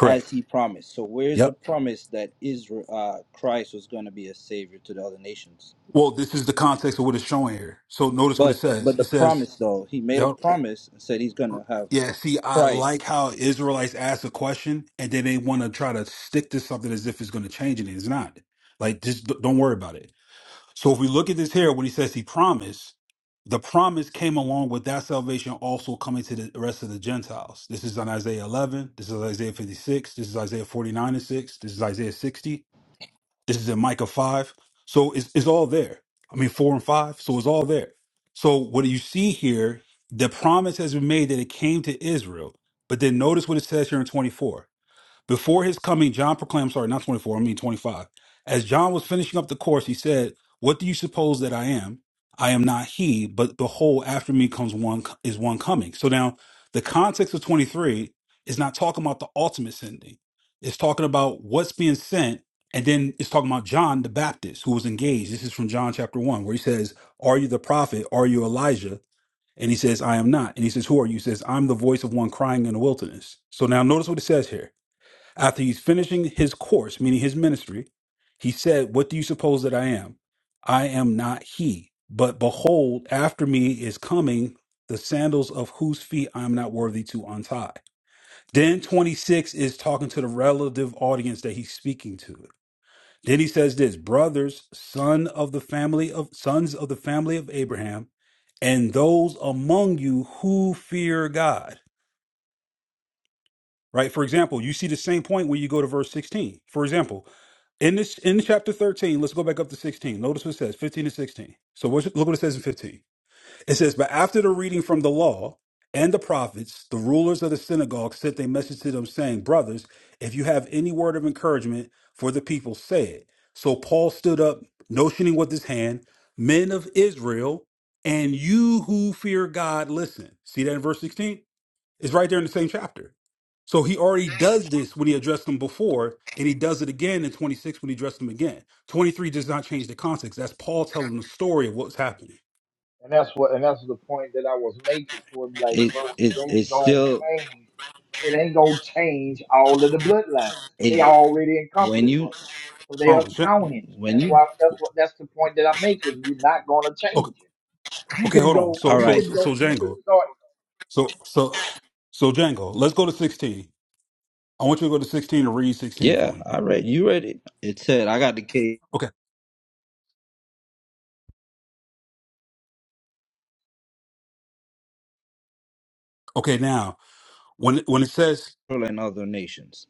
as He promised. So where's the Yep. promise that Israel, uh, Christ was going to be a savior to the other nations? Well, this is the context of what it's showing here. So notice what it But says. but It the says, promise though, He made a Yep. promise and said He's going to have Yeah, see, I Christ. like how Israelites ask a question and then they want to try to stick to something as if it's going to change it. It's not. Like, just d- don't worry about it. So if we look at this here, when he says he promised, the promise came along with that salvation also coming to the rest of the Gentiles. This is on Isaiah 11. This is Isaiah 56. This is Isaiah 49 and 6. This is Isaiah 60. This is in Micah 5. So it's, it's all there. I mean, 4 and 5. So it's all there. So what you see here, the promise has been made that it came to Israel. But then notice what it says here in 24. Before his coming, John proclaimed, sorry, not 24, I mean 25. As John was finishing up the course, he said, What do you suppose that I am? I am not he, but behold, after me comes one, is one coming. So now the context of 23 is not talking about the ultimate sending, it's talking about what's being sent. And then it's talking about John the Baptist who was engaged. This is from John chapter one, where he says, Are you the prophet? Are you Elijah? And he says, I am not. And he says, Who are you? He says, I'm the voice of one crying in the wilderness. So now notice what it says here after he's finishing his course, meaning his ministry, he said, What do you suppose that I am? I am not he. But behold, after me is coming the sandals of whose feet I am not worthy to untie. Then 26 is talking to the relative audience that he's speaking to. Then he says this, brothers, son of the family of sons of the family of Abraham, and those among you who fear God. Right? For example, you see the same point when you go to verse 16. For example, In this in chapter 13, let's go back up to 16. Notice what it says, 15 to 16. So what, look what it says in 15. It says, But after the reading from the law and the prophets, the rulers of the synagogue sent a message to them, saying, 'Brothers, if you have any word of encouragement for the people, say it. So Paul stood up, notioning with his hand, Men of Israel, and you who fear God, listen. See that in verse 16? It's right there in the same chapter. So he already does this when he addressed them before, and he does it again in 26 when he addressed them again. 23 does not change the context. That's Paul telling the story of what's happening. And that's what, and that's the point that I was making. For like, It bro, it is ain't it's gonna still change. It ain't gonna change all of the bloodlines. They it, already when encompassed, you bro. So they Hold are on. Jan- counting. when That's you why. That's what. That's the point that I'm making. You're not gonna change Okay, it. You okay, can hold on. go. So, all You so, right can so, go. so You can Django. start. So, so, so Django. Let's go to 16. I want you to go to 16 and read 16 yeah for me. I read you read it. It said I got the case Okay. Okay. Now, when when it says, Israel and other nations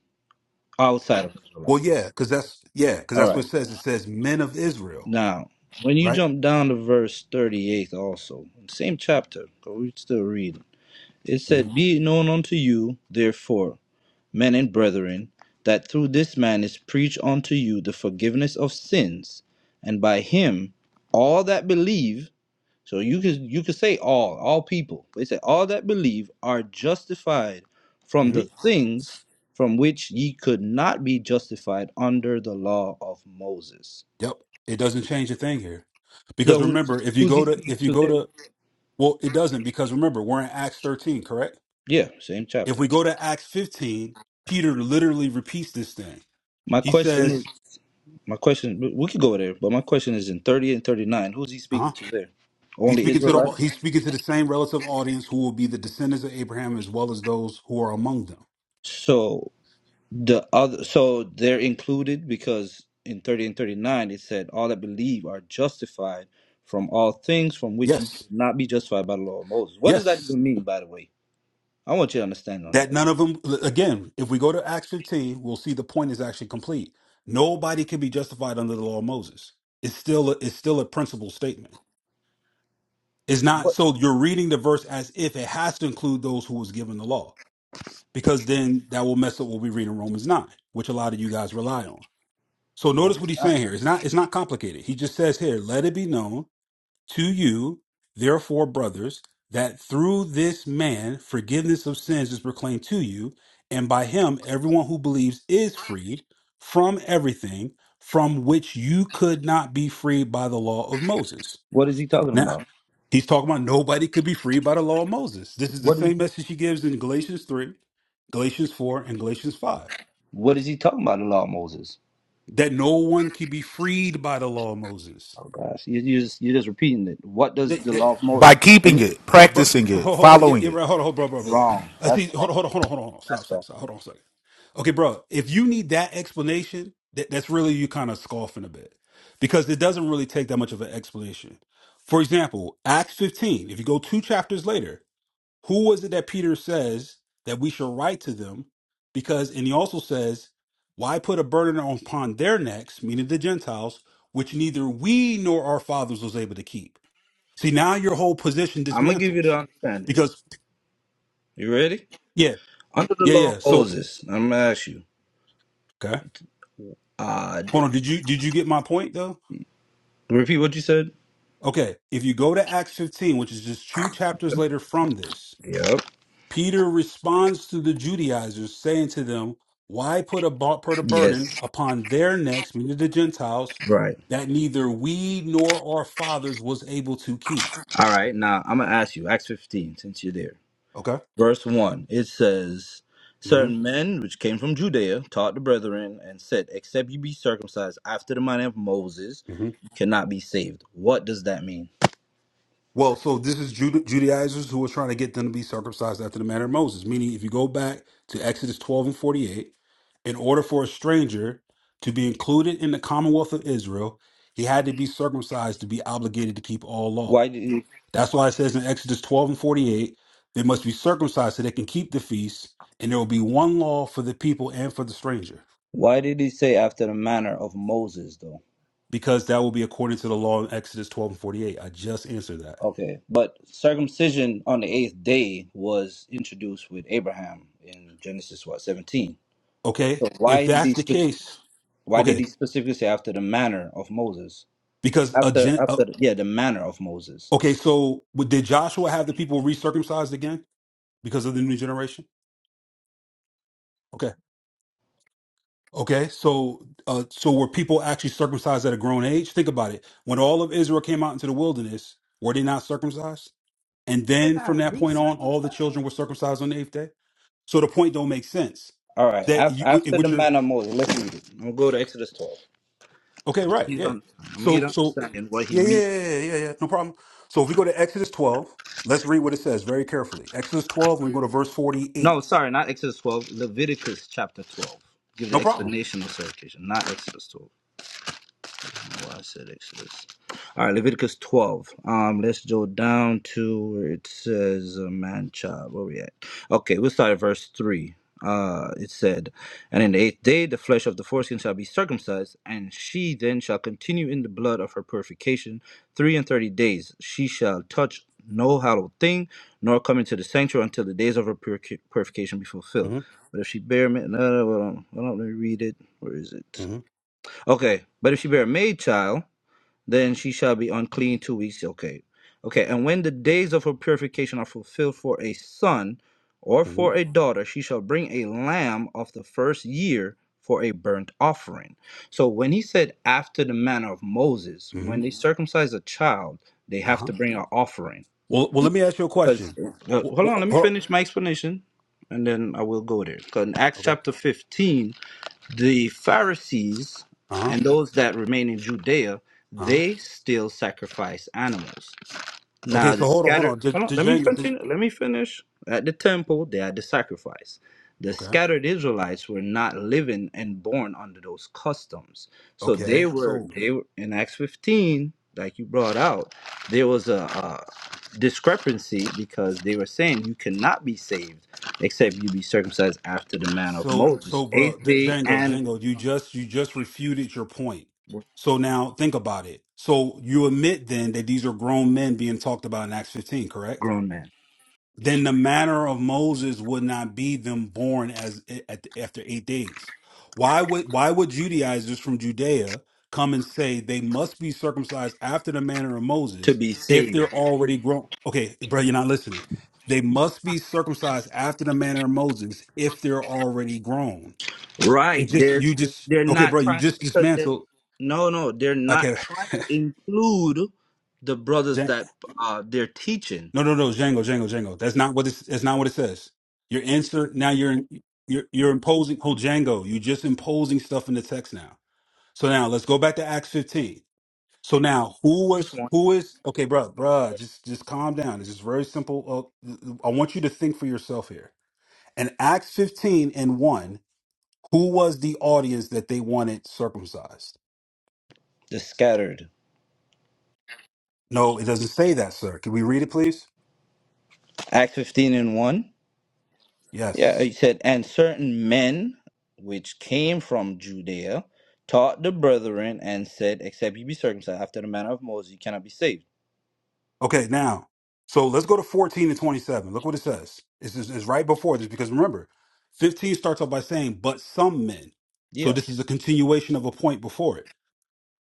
outside of Israel. well, yeah, because that's yeah, because All that's right. what it says. It says men of Israel, Now, when you right? jump down to verse 38 also, same chapter, but we still reading. It said, Mm-hmm. Be it known unto you, therefore, men and brethren, that through this man is preached unto you the forgiveness of sins, and by him all that believe, so you could you could say all, all people, but it said all that believe are justified from the things from which ye could not be justified under the law of Moses. Yep. It doesn't change a thing here. Because So who's remember, if you who's he go to speaking if you to go there? to well, it doesn't because remember, we're in Acts 13, correct? Yeah, same If chapter. we go to Acts 15, Peter literally repeats this thing. My He question is says, my question we we could go there, but my question is in thirty and thirty nine, who's he huh? speaking to there? He's Only speaking to the Israelites? he's speaking to the same relative audience who will be the descendants of Abraham as well as those who are among them. So the other so they're included because in thirty and thirty nine it said all that believe are justified from all things from which you Yes. could not be justified by the law of Moses. What does that Yes. even mean, by the way? I want you to understand on That that. none of them again, if we go to Acts 15, we'll see the point is actually complete. Nobody can be justified under the law of Moses. It's still a, it's still a principle statement It's not What so you're reading the verse as if it has to include those who was given the law, because then that will mess up what we read in Romans nine, which a lot of you guys rely on. So notice what he's I- saying here. It's not it's not complicated. He just says here, let it be known to you, therefore, brothers, that through this man forgiveness of sins is proclaimed to you, and by him everyone who believes is freed from everything from which you could not be freed by the law of Moses. what is he talking Now. about? He's talking about nobody could be freed by the law of Moses. This is the same message he gives in Galatians 3, Galatians 4, and Galatians 5 What is he talking about the law of Moses? that no one can be freed by the law of Moses. Oh gosh, you, you just you just repeating it. What does That, the that, law of Moses? by When keeping you- it, bro, bro, practicing oh, it, oh, yeah, following yeah, it. bro, hold on, hold on, bro, bro, bro. wrong, I that's see, hold false. on, hold on, hold on, hold on, hold on. That's Stop, stop, false. stop. Hold on a second. Okay, bro, if you need that explanation, that, that's really you kind of scoffing a bit because it doesn't really take that much of an explanation. For example, Acts 15, if you go two chapters later, Who was it that Peter says that we should write to them? Because, and he also says, why put a burden upon their necks, meaning the Gentiles, which neither we nor our fathers was able to keep? See, now your whole position I'm gonna give you the dismantles understanding. because, You ready? yeah, Under the yeah, law of yeah. So, Moses, I'm gonna ask you. okay. Uh, Hold did- on. Did you, did you get my point though? repeat what you said. Okay. If you go to Acts 15, which is just two chapters later from this, Yep. Peter responds to the Judaizers, saying to them, Why put a, bu- put a burden Yes. upon their necks, meaning the Gentiles, Right. that neither we nor our fathers was able to keep? All right. Now I'm gonna ask you. Acts 15, since you're there. Okay. Verse one. It says, hmm "Certain men which came from Judea taught the brethren and said, Except you be circumcised after the manner of Moses, hmm you cannot be saved." What does that mean? Well, so this is Juda- Judaizers who were trying to get them to be circumcised after the manner of Moses, meaning if you go back to Exodus 12 and 48, in order for a stranger to be included in the commonwealth of Israel, he had to be circumcised to be obligated to keep all law. Why did? That's why it says in Exodus 12 and 48, they must be circumcised so they can keep the feast, and there will be one law for the people and for the stranger, Why did he say after the manner of Moses, though? because that will be according to the law in Exodus 12 and 48. I just answered that. Okay, but circumcision on the eighth day was introduced with Abraham in Genesis what seventeen. Okay, So if why did that's he the spec- case, why did okay, he specifically say after the manner of Moses? because a After gen, uh, after the, yeah the manner of Moses. okay, so w- did Joshua have the people recircumcised again because of the new generation? Okay, okay, so uh, so were people actually circumcised at a grown age? Think about it. When all of Israel came out into the wilderness, were they not circumcised? And They then from got that point on, all the recircumcised children were circumcised on the eighth day. So the point don't make sense All right, that after, you, wh- after the which are manner of Moses, let's read it. I'm gonna go to Exodus twelve. okay, right? You Yeah. don't- I'm gonna get So so understanding what he yeah yeah means. yeah yeah yeah yeah, no problem. So if we go to Exodus twelve, let's read what it says very carefully. Exodus twelve, we go to verse forty No, eight. sorry, not Exodus twelve. Leviticus chapter twelve. Give the No problem. explanation of circumcision, not Exodus twelve. Well, I said Exodus. All right, Leviticus 12. Um, let's go down to where it says uh, man child. Where we at? Okay, we'll start at verse 3. Uh, it said, And in the eighth day the flesh of the foreskin shall be circumcised, and she then shall continue in the blood of her purification three and thirty days. She shall touch no hallowed thing, nor come into the sanctuary until the days of her purica- purification be fulfilled. hmm But if she bear, ma- no, no, hold on, hold on, let me read it. Where is it? hmm Okay, but if she bear a maid child, then she shall be unclean two weeks. Okay. Okay. And when the days of her purification are fulfilled for a son or hmm for a daughter, she shall bring a lamb of the first year for a burnt offering. So when he said, after the manner of Moses, hmm when they circumcise a child, they Uh have huh. to bring an offering. Well well, let me ask you a Because, question. hold Wh- wh- on, let me hold on. finish my explanation and then I will go there. Because in Acts Okay. chapter 15, the Pharisees Uh huh. and those that remain in Judea, Uh huh. they still sacrifice animals. Okay. Now So the hold on hold scattered on. Did, hold on, did let me Jane, did, continue. Let me finish. At the temple, they had the sacrifice. The okay. scattered Israelites were not living and born under those customs. So they Okay. So were they were in Acts 15, like you brought out, there was a, a discrepancy because they were saying you cannot be saved except you be circumcised after the manner of So, Moses, so, bro, eighth D- day Django, and Django, you just you just refuted your point. with a So now think about it. So you admit then that these are grown men being talked about in Acts 15, correct? grown man Then the manner of Moses would not be them born as eh, at, after eight days. Why would why would Judaizers from Judea come and say they must be circumcised after the manner of to Moses be if saved. they're already grown? Okay, bro, you're not listening. They must be circumcised after the manner of Moses if they're already grown. It Right. just They're you just they're okay, bro. not You trying just because they're dismantled. no no, they're not Okay, trying to include the brothers Django. that uh they're teaching. no, no, no, Django, Django, Django. That's not what it's. That's not what it says. Your answer now. You're you're you're imposing. Oh, Django, you are just imposing stuff in the text now. So now let's go back to Acts 15. So now who First was one. who is okay, bro, bro. Just just calm down. It's just very simple. Uh, I want you to think for yourself here. In Acts 15 and one, who was the audience that they wanted circumcised? The scattered. No, it doesn't say that, sir. Can we read it, please? Acts fifteen and one. Yeah, he Yes. said, and certain men which came from Judea taught the brethren and said, Except you be circumcised after the manner of Moses, you cannot be saved. Okay, now, so let's go to 14 and 27. Look what it says. It's, it's, it's right before this because remember, 15 starts off by saying, but some men. So Yeah. this is a continuation of a point before it.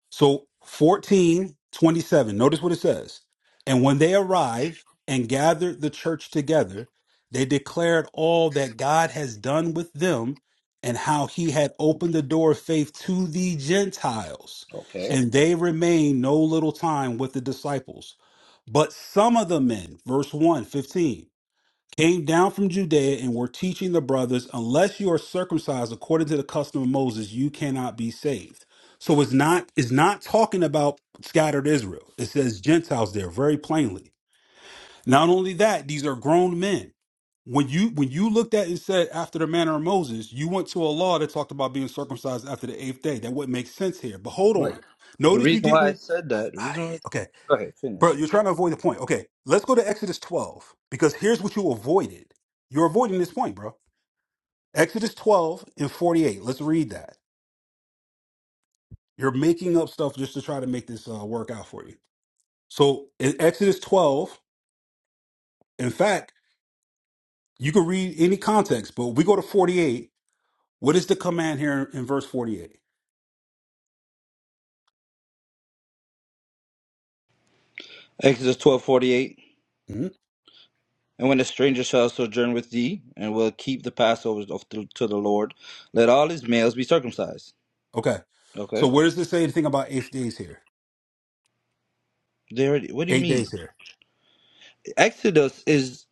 So 14 27. notice what it says. And when they arrived and gathered the church together, they declared all that God has done with them and how he had opened the door of faith to the Gentiles. Okay. And they remained no little time with the disciples. But some of the men, verse one 15 came down from Judea and were teaching the brothers, unless you are circumcised according to the custom of Moses, you cannot be saved. So it's not it's not talking about scattered Israel. It says Gentiles there very plainly. Not only that, these are grown men. When you when you looked at and said after the manner of Moses, you went to a law that talked about being circumcised after the eighth day. That wouldn't make sense here. But hold Wait. on. The Notice you reason why I didn't said that, the reason why okay. go ahead, Bro, finish. you're trying to avoid the point. Okay, let's go to Exodus 12 because here's what you avoided. You're avoiding this point, bro. Exodus 12 and 48. Let's read that. You're making up stuff just to try to make this uh, work out for you. So in Exodus 12, in fact, you can read any context, but we go to 48. What is the command here in verse 48? Exodus twelve forty eight. Mhm. And when a stranger shall sojourn with thee, and will keep the Passover of the, to the Lord, let all his males be circumcised. Okay. So Okay. where does this say anything about eight days here? They already, what do you Eight mean? days here. Exodus is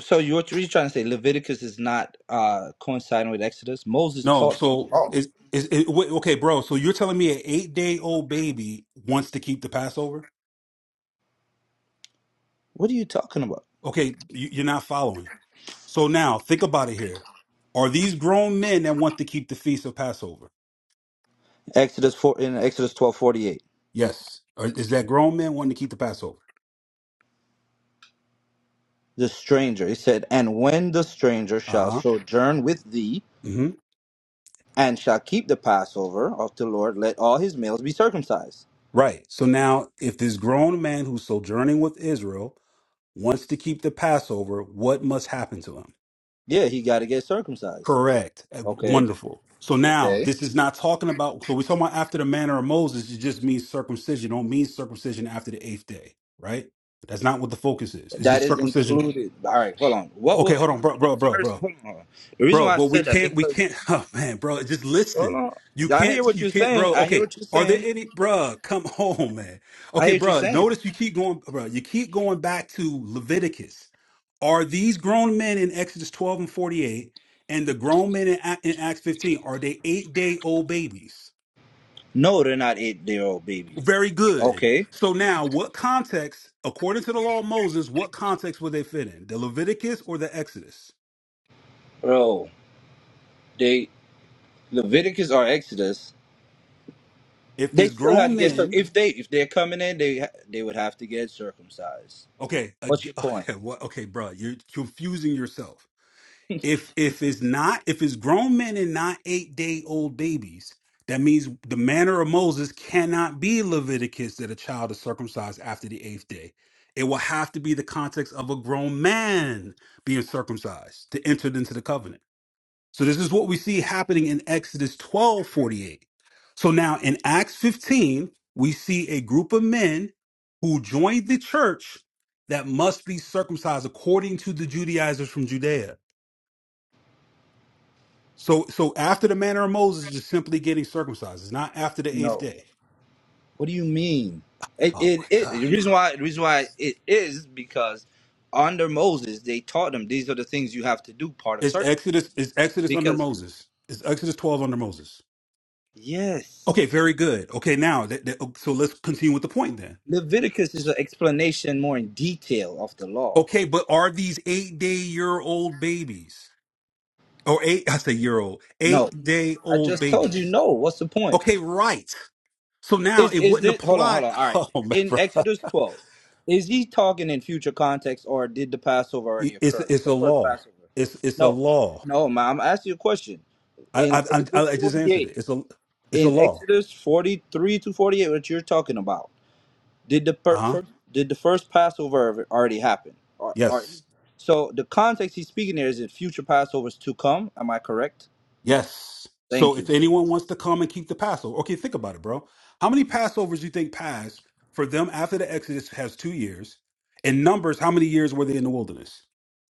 so you're, you're trying to say Leviticus is not uh, coinciding with Exodus? Moses No, taught. so is is it, wait, okay, bro. So you're telling me an eight day old baby wants to keep the Passover? What are you talking about? Okay, you, you're not following. So now think about it here. Are these grown men that want to keep the feast of Passover? Exodus four in Exodus twelve forty eight. Yes. Or is that grown men wanting to keep the Passover? The stranger, it said, and when the stranger Uh shall huh. sojourn with thee, hmm and shall keep the Passover of the Lord, let all his males be circumcised. Right. So now, if this grown man who's sojourning with Israel wants to keep the Passover, what must happen to him? Yeah, he got to get circumcised. Correct. Uh, Okay. Wonderful. So now Okay. this is not talking about. So we're talking about after the manner of Moses. It just means circumcision. Don't mean circumcision after the eighth day, right? That's not what the focus is. It's That just is circumcision. included. All right, hold on. What Okay, will hold on, remember bro, the bro, bro, Pharisee? bro Hold on. hold on. The reason bro why I but we said that can't we because can't oh man bro just hold listen on. you I hear can't what you you're can't saying. bro I hear okay what you're are there saying. any bro? come home man I okay hear what you're bro. saying. notice you keep going bro. you keep going back to leviticus are these grown men in exodus 12 and 48 and the grown men in, Ac- in acts 15 are they eight day old babies No, they're not eight year old babies. very good Okay, so now what context according to the law of moses what context would they fit in the leviticus or the exodus bro. They Leviticus or Exodus. if They there's still had grown to get circ- men if they if they're coming in, they ha- they would have to get circumcised. Okay, What's ag- your point? okay, what? Okay, bro, you're confusing yourself. If if it's not if it's grown men and not eight day old babies, that means the manner of Moses cannot be Leviticus that a child is circumcised after the eighth day. It will have to be the context of a grown man being circumcised to enter into the covenant. So this is what we see happening in Exodus 12 48. So now in Acts 15, we see a group of men who joined the church that must be circumcised according to the Judaizers from Judea. So so after the manner of Moses just simply getting circumcised. It's not after the eighth No. day. What do you mean? It, Oh it, my it God, the bro. reason why the reason why it is because under Moses they taught them these are the things you have to do part of It's circumcision. Exodus, it's Exodus under Because Moses. It's Exodus 12 under Moses. yes, Okay, very good. Okay, now that, that- so let's continue with the point then. Leviticus is an explanation more in detail of the law. Okay, but are these eight day year old babies or eight? I say year old, eight No, day I old just told you babies. no. What's the point? Okay, right. So now Is it is wouldn't this? Hold on, apply. hold on. All right. Oh, man, In bro. Exodus twelve, is he talking in future context, or did the Passover already it's occur? it's The a first law. Passover. It's it's a No, law. no, ma. I'm asking you a question. I In I Exodus I, I just answered 48. it. It's a it's a in law. Exodus 43 to 48, what you're talking about, did the per- Uh huh. first, did the first Passover ever- already happen? Or, or, Yes. so the context he's speaking there is that future Passovers to come. Am I correct? Yes. So Thank if you. anyone wants to come and keep the Passover, okay, think about it, bro. How many Passovers you think passed for them after the Exodus has two years? In numbers, how many years were they in the wilderness?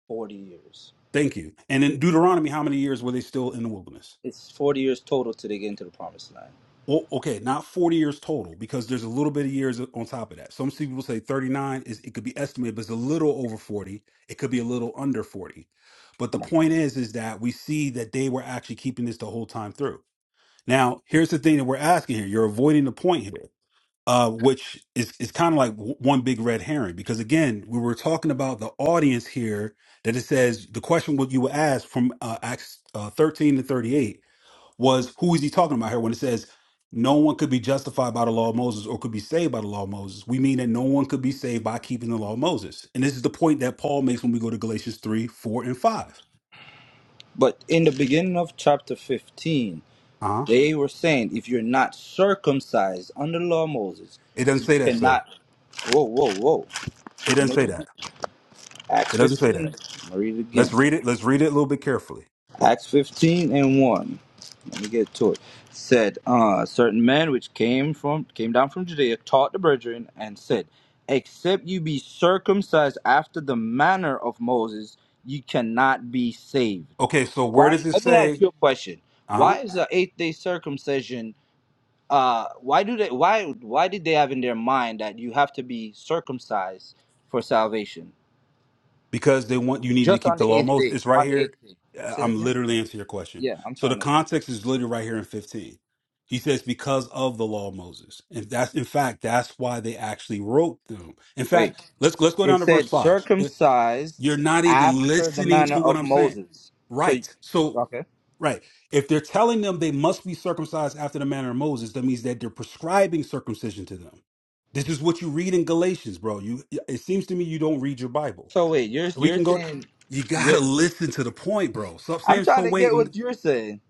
40 years. Thank you. And in Deuteronomy, how many years were they still in the wilderness? It's 40 years total till they get into the promised land. Well, okay, not 40 years total, because there's a little bit of years on top of that. Some people say 39 is it could be estimated, but it's a little over 40. It could be a little under 40. But the point is, is that we see that they were actually keeping this the whole time through. Now, here's the thing that we're asking here. You're avoiding the point here. uh, which is, is kind of like w- one big red herring because again we were talking about the audience here that it says the question what you were asked from uh, acts uh, 13 to 38 was who is he talking about here when it says no one could be justified by the law of moses or could be saved by the law of moses we mean that no one could be saved by keeping the law of moses and this is the point that paul makes when we go to galatians 3 4 and 5 But in the beginning of chapter 15, uh-huh they were saying, if you're not circumcised under the law of Moses, it doesn't you say that sir cannot. Whoa, whoa, whoa. it I'm doesn't going to say that read Acts it doesn't say 15. I'm that going to read it let's again. read it let's read it a little bit carefully Acts 15 and 1. Let me get to it. Said, uh, certain men which came from came down from Judea taught the brethren and said, Except you be circumcised after the manner of Moses, you cannot be saved. okay so where does Why? it Let me ask say you a question. uh-huh Why is the eighth day circumcision? Uh, why do they? Why? Why did they have in their mind that you have to be circumcised for salvation? because they want you need to Just keep on the the law of eighth Moses. day. It's right On the eighth here. day. Uh, Say it I'm again. literally answering your question. Yeah, I'm So the trying to context is literally right here in 15. He says because of the law of Moses, and that's in fact that's why they actually wrote them. In wait. fact, let's let's go It down to verse said five. If circumcised you're not even after the listening manner to what of I'm saying, Moses. So, right? So okay. right, if they're telling them they must be circumcised after the manner of Moses, that means that they're prescribing circumcision to them. This is what you read in Galatians, bro. You it seems to me you don't read your Bible So wait, you're we can you're go. saying, You gotta you're, listen to the point, bro. So I'm I'm saying, trying so to get waiting. what you're saying.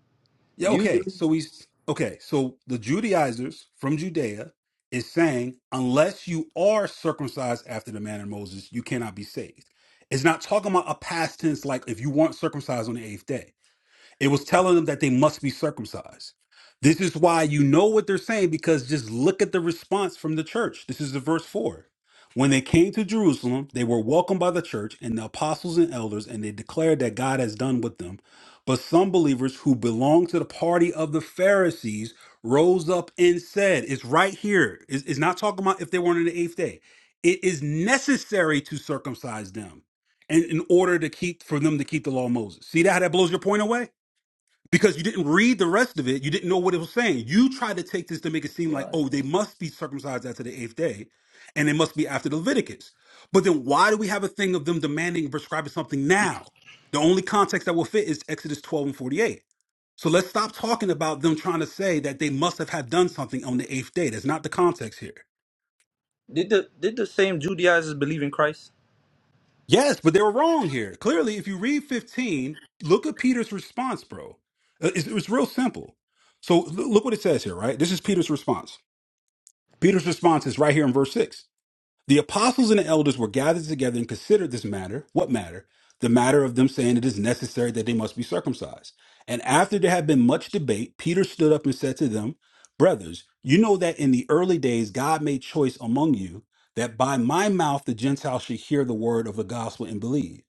Yeah, You okay. believe So he's okay. So the Judaizers from Judea is saying, unless you are circumcised after the manner of Moses, you cannot be saved. It's not talking about a past tense like if you weren't circumcised on the eighth day. It was telling them that they must be circumcised. This is why you know what they're saying because just look at the response from the church. This is the verse 4. When they came to Jerusalem, they were welcomed by the church and the apostles and elders, and they declared that God has done with them. But some believers who belonged to the party of the Pharisees rose up and said, It's right here. It's, it's not talking about if they weren't on the eighth day. It is necessary to circumcise them and in order to keep for them to keep the law of Moses. See that how that blows your point away? because you didn't read the rest of it. You didn't know what it was saying. You tried to take this to make it seem like, right? oh, they must be circumcised after the eighth day, and they must be after the Leviticus. But then why do we have a thing of them demanding and prescribing something now? The only context that will fit is Exodus 12 and 48. So let's stop talking about them trying to say that they must have had done something on the eighth day. That's not the context here. Did the did the same Judaizers believe in Christ? Yes, but they were wrong here. Clearly, if you read 15, look at Peter's response, bro. Uh, It's, it's real simple. So l- look what it says here, right? This is Peter's response. Peter's response is right here in verse 6. The apostles and the elders were gathered together and considered this matter. What matter? The matter of them saying it is necessary that they must be circumcised. And after there had been much debate, Peter stood up and said to them, Brothers, you know that in the early days God made choice among you that by my mouth the Gentiles should hear the word of the gospel and believe.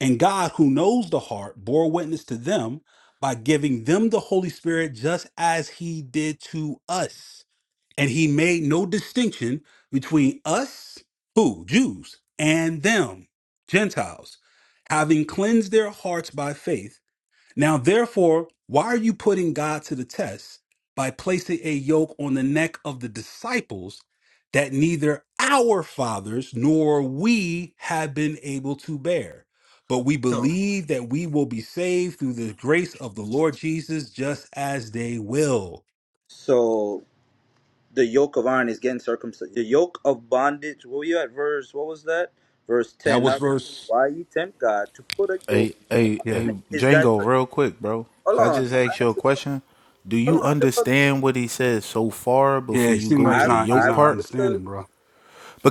And God, who knows the heart, bore witness to them by giving them the Holy Spirit just as he did to us and he made no distinction between us, who, Jews, and them, Gentiles, having cleansed their hearts by faith. Now, therefore, why are you putting God to the test by placing a yoke on the neck of the disciples that neither our fathers nor we have been able to bear? But we So believe that we will be saved through the grace of the Lord Jesus, just as they will. so the yoke of iron is getting circumcised. The yoke of bondage. What were you at verse? What was that? Verse That ten. was Now therefore, verse. why you tempt God to put a yoke Hey, hey, upon the Yeah. hey, neck? Is that Django, real quick, bro. hold Could I on? just I'm ask you a asking. question? Do Hold you on. The brother understand what he said so far Yeah, before it you seems go like he's to I've the not he's yoke I've not part? understood. understanding, bro.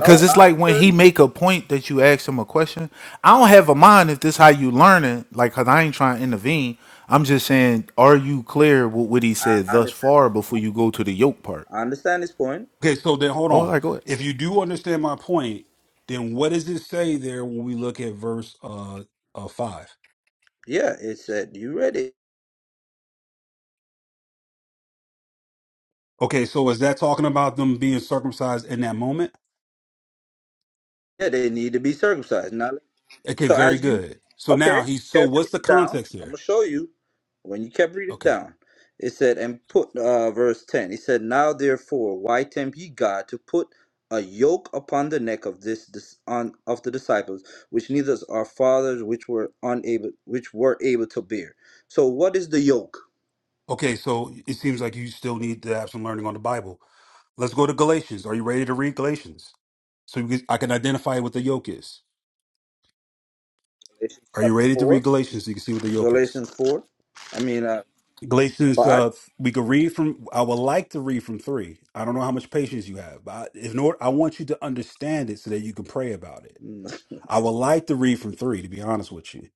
No, it's I like when he understand. make a point that you ask him a question, I don't have a mind if this how you learning, like cause I ain't trying to intervene. I'm just saying, are you clear with what he I said thus understand. far before you go to the yoke part? I understand his point. Okay, so then hold Oh, all on. right, go ahead. If you do understand my point, then what does it say there when we look at verse uh, uh five? Yeah, it said you read it. Okay, so is that talking about them being circumcised in that moment? Yeah, they need to be circumcised. Now, Okay, so very as you, good. So now okay, you he's so kept what's the reading down. context I'm there? gonna show you when you kept reading Okay. down. It said, and put uh, verse ten. It said, now therefore, why tempt ye God to put a yoke upon the neck of this, this on of the disciples, which neither our fathers, which were unable, which were able to bear. So, what is the yoke? Okay, so it seems like you still need to have some learning on the Bible. Let's go to Galatians. Are you ready to read Galatians? So you can, I can identify what the yoke is. Galatians Are you chapter ready to read four. Galatians so you can see what the yoke is? Galatians 4? I mean, uh, Galatians, 5? uh, we could read from. I would like to read from three. I don't know how much patience you have, but I, if not, I want you to understand it so that you can pray about it. I would like to read from three, to be honest with you,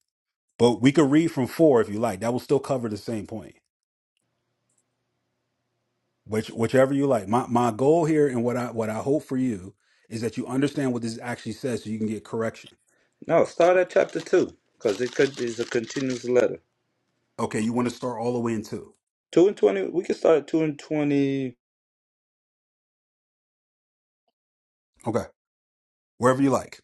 but we could read from four if you like. That will still cover the same point, which whichever you like. My my goal here and what I what I hope for you is that you understand what this actually says, so you can get correction. No, start at chapter 2 because it could is a continuous letter. Okay, you want to start all the way in two. 2 and 20, we can start at 2 and 20. Okay, wherever you like.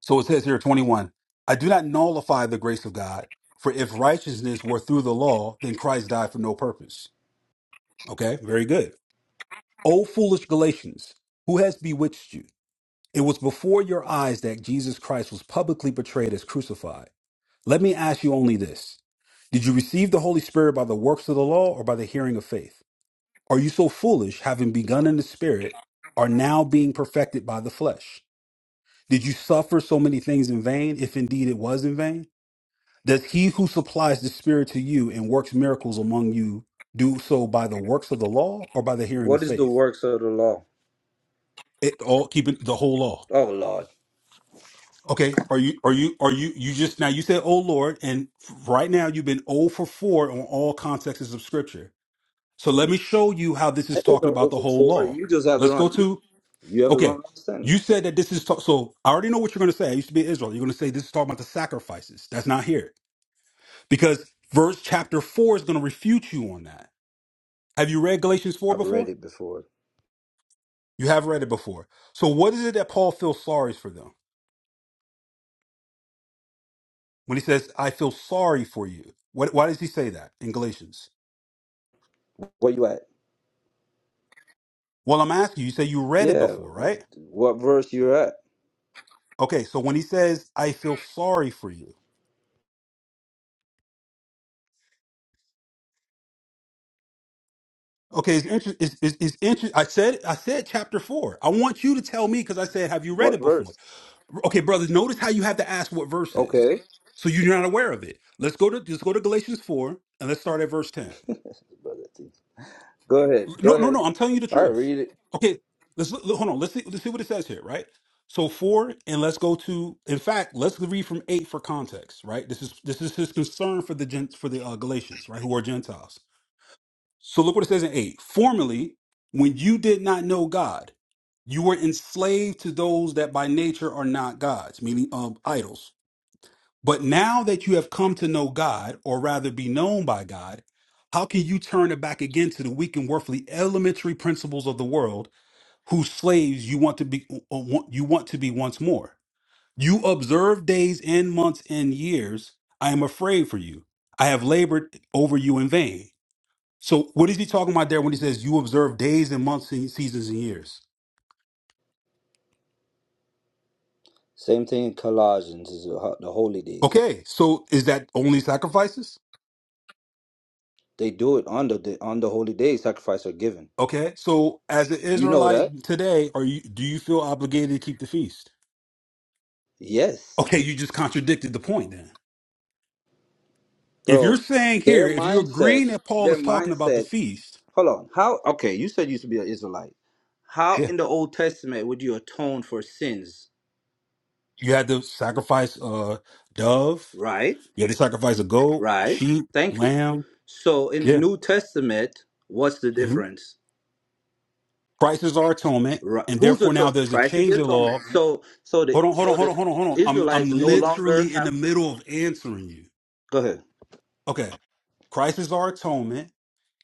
So it says here, 21, I do not nullify the grace of God, for if righteousness were through the law, then Christ died for no purpose. Okay, very good. O foolish Galatians, who has bewitched you? It was before your eyes that Jesus Christ was publicly portrayed as crucified. Let me ask you only this Did you receive the Holy Spirit by the works of the law or by the hearing of faith? Are you so foolish, having begun in the Spirit, are now being perfected by the flesh? Did you suffer so many things in vain, if indeed it was in vain? Does he who supplies the Spirit to you and works miracles among you do so by the works of the law or by the hearing of What is the faith? works of the law? It all keeping the whole law. Oh, Lord. Okay, are you are you are you you just now you said oh Lord and right now you've been 0 for 4 on all contexts of scripture. So let me show you how this I is did talking no about the over whole 4. law. You just have the Let's go wrong, you, to you have the okay. wrong understanding. You said that this is ta- so I already know what you're going to say. I used to be in Israel. You're going to say this is talking about the sacrifices. That's not here because verse chapter 4 is going to refute you on that Have you read Galatians 4 I've before? read it before. You have read it before. So what is it that Paul feels sorry for them? When he says, I feel sorry for you. What, why does he say that in Galatians? Where you at? Well, I'm asking you, you say you read it Yeah, before, but right? what verse you're at? Okay, so when he says, I feel sorry for you. Okay, it's interesting. It's, it's, it's interesting. I said, I said chapter four. I want you to tell me because I said, have you read What it before? verse? Okay, brothers, notice how you have to ask what verse is. Okay. So you're not aware of it. Let's go to, let's go to Galatians 4 and let's start at verse 10. Brother T. Go ahead. No, Go no, ahead. no. I'm telling you the All right, truth. read it. Okay, let's look, hold on. Let's see. Let's see what it says here, right? So four, and let's go to. In fact, let's read from eight for context, right? This is this is his concern for the gent for the uh, Galatians, right, who are Gentiles. So look what it says in eight. Formerly, when you did not know God, you were enslaved to those that by nature are not gods, meaning um, idols. But now that you have come to know God, or rather be known by God, how can you turn it back again to the weak and worthily elementary principles of the world, whose slaves you want to be uh, want- you want to be once more? You observe days and months and years. I am afraid for you. I have labored over you in vain. So what is he talking about there when he says you observe days and months and seasons and years? Same thing in Colossians is the ho- the holy days. Okay, so is that only sacrifices? They do it on the day- on the holy day. Sacrifice are given. Okay, so as an You know that? Israelite today, are you do you feel obligated to keep the feast? Yes, Okay, you just contradicted the point then. If you're bro. saying here, Their if you're mindset. agreeing that Paul Their is talking about the mindset. feast, Hold on. How? Okay, you said you used to be an Israelite. How yeah, in the Old Testament would you atone for sins? you had to sacrifice a dove, Right. you had to sacrifice a goat, Right. sheep, Thank you. lamb. So in the Yeah, New Testament, what's the hmm difference? Christ is our atonement, Right. and Who's therefore now atonement? there's a Christ is the change in atonement. law. So so the Hold on, hold on, so hold the on, hold on, hold on. I'm I'm Israelites no longer literally in have. the middle of answering you. Go ahead. Okay, Christ is our atonement.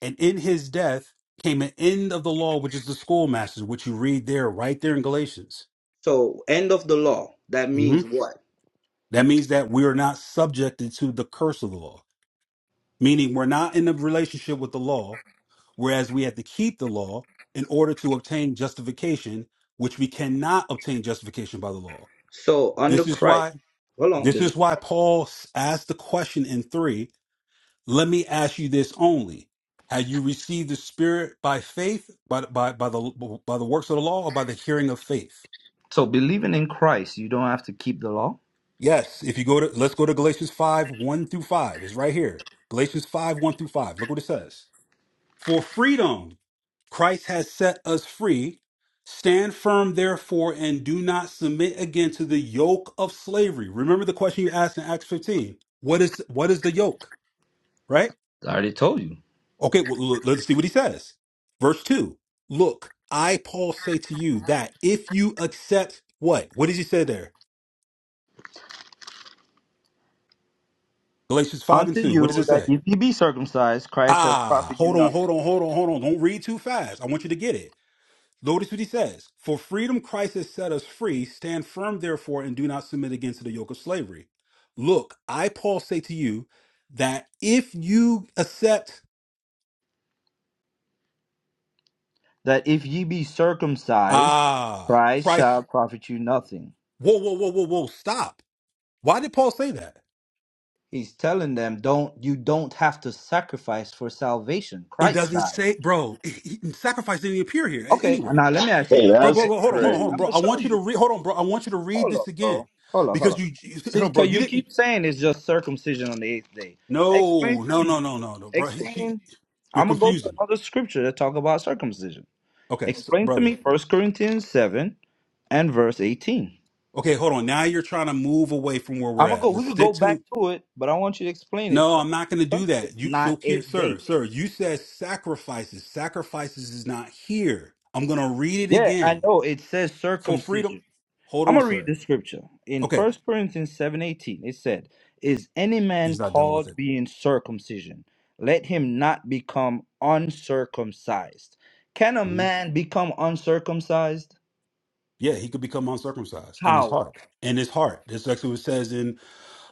And in his death came an end of the law, which is the schoolmasters, which you read there, right there in Galatians. So end of the law. That hmm means what? That means that we are not subjected to the curse of the law, meaning we're not in a relationship with the law, whereas we have to keep the law in order to obtain justification, which we cannot obtain justification by the law. So under This is Christ, why. hold on. This Believe. is why Paul s- asked the question in three Let me ask you this only. Have you received the Spirit by faith, by, by, by, the, by the works of the law, or by the hearing of faith? So believing in Christ, you don't have to keep the law. Yes. If you go to, let's go to Galatians 5, 1 through 5. It's right here. Galatians 5, 1 through 5. Look what it says. For freedom, Christ has set us free. Stand firm, therefore, and do not submit again to the yoke of slavery. Remember the question you asked in Acts 15. What is, what is the yoke? Right? I already told you. Okay, well, let's see what he says. Verse 2 Look, I, Paul, say to you that if you accept what? What did he say there? Galatians 5 and Unto 2. What does it you that say? if ye be circumcised, Christ has Ah, profit you hold on, nothing. hold on, hold on, hold on. Don't read too fast. I want you to get it. Notice what he says. For freedom Christ has set us free. Stand firm, therefore, and do not submit again to the yoke of slavery. Look, I, Paul, say to you that if you accept, That if ye be circumcised, ah, Christ Christ, shall profit you nothing. whoa, whoa, whoa, whoa, whoa, stop. Why did Paul say that? He's telling them, don't you don't have to sacrifice for salvation. It Christ doesn't died. say, bro. He, he, sacrifice didn't appear here a- Okay, anyway, now let me ask you Hey, this. bro, bro. Okay, that's Bro, hold on, hold on, hold on, I'm bro. crazy. gonna I show want you to you. read. Hold on, bro. I want you to read Hold up, this again bro. Hold up, hold because up. you, you hold See, on, bro. cause You you didn't. keep saying it's just circumcision on the eighth day. Explain No, to no, no, me. no, no, no, bro. He- she- Explain. you're I'm gonna go to confusing. another scripture that talk about circumcision. Okay, s Explain to brother. me First Corinthians seven and verse eighteen. Okay, hold on. Now you're trying to move away from where we're I'm gonna go. at. We Let's could go stick back to. to it, but I want you to explain it No, I'm not going to because do it's that. You so not here, eighth sir, day. sir. You said sacrifices. Sacrifices is not here. I'm going to read it Yeah, I again know. It says for freedom. circumcision. Hold I'm on, gonna read sir. the scripture in Okay, First Corinthians seven eighteen. It said, "Is any he's man not dealing with called it. being circumcision? Let him not become uncircumcised. Can a Mm-hmm. man become uncircumcised? Yeah, he could become uncircumcised in his How? heart. In his heart. That's actually what it says in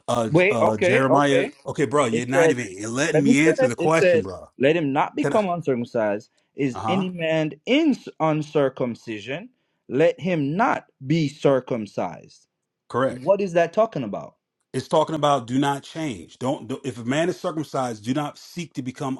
uh J- Wait, uh okay, Jeremiah. okay. Okay, bro, you're It not said, even you're letting let me me answer finish. the It question, said, bro. let him not Can I become uncircumcised. Is uh-huh. any man in uncircumcision? Let him not be circumcised. Correct. What is that talking about? It's talking about do not change. Don't do, if a man is circumcised, do not seek to become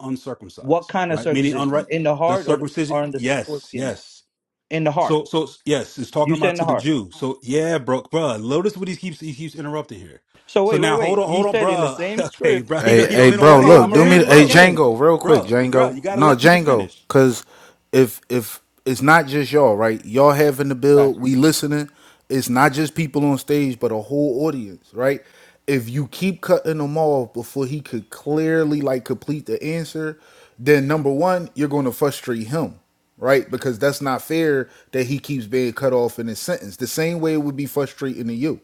What uncircumcised, kind of right? Meaning circumcision? unright In the the heart or, the, circumcision. or on the Yes, foreskin? yes. In the heart. So, so yes, it's You talking said about in to the the heart. Jew. So, yeah, bro, bro. Notice what he keeps he keeps interrupting here. So So wait, wait, now, hold wait. on, He hold on, said in the bro. same Okay, script. bro. He don't he Hey, he s- don't hey, he don't bro, Hold want he don't on, I'm look, want to gonna do me, read have, it hey, bro. Let's, again. Django, real quick, bro, bro. Django. You got to No, let people Django, finish, cause if if it's not just y'all, right? Y'all having the Gotcha. bill, we listening. It's not just people on stage, but a whole audience, right? If you keep cutting them off before he could clearly like complete the answer, then number one, you're going to frustrate him right? Because that's not fair that he keeps being cut off in his sentence. The same way it would be frustrating to you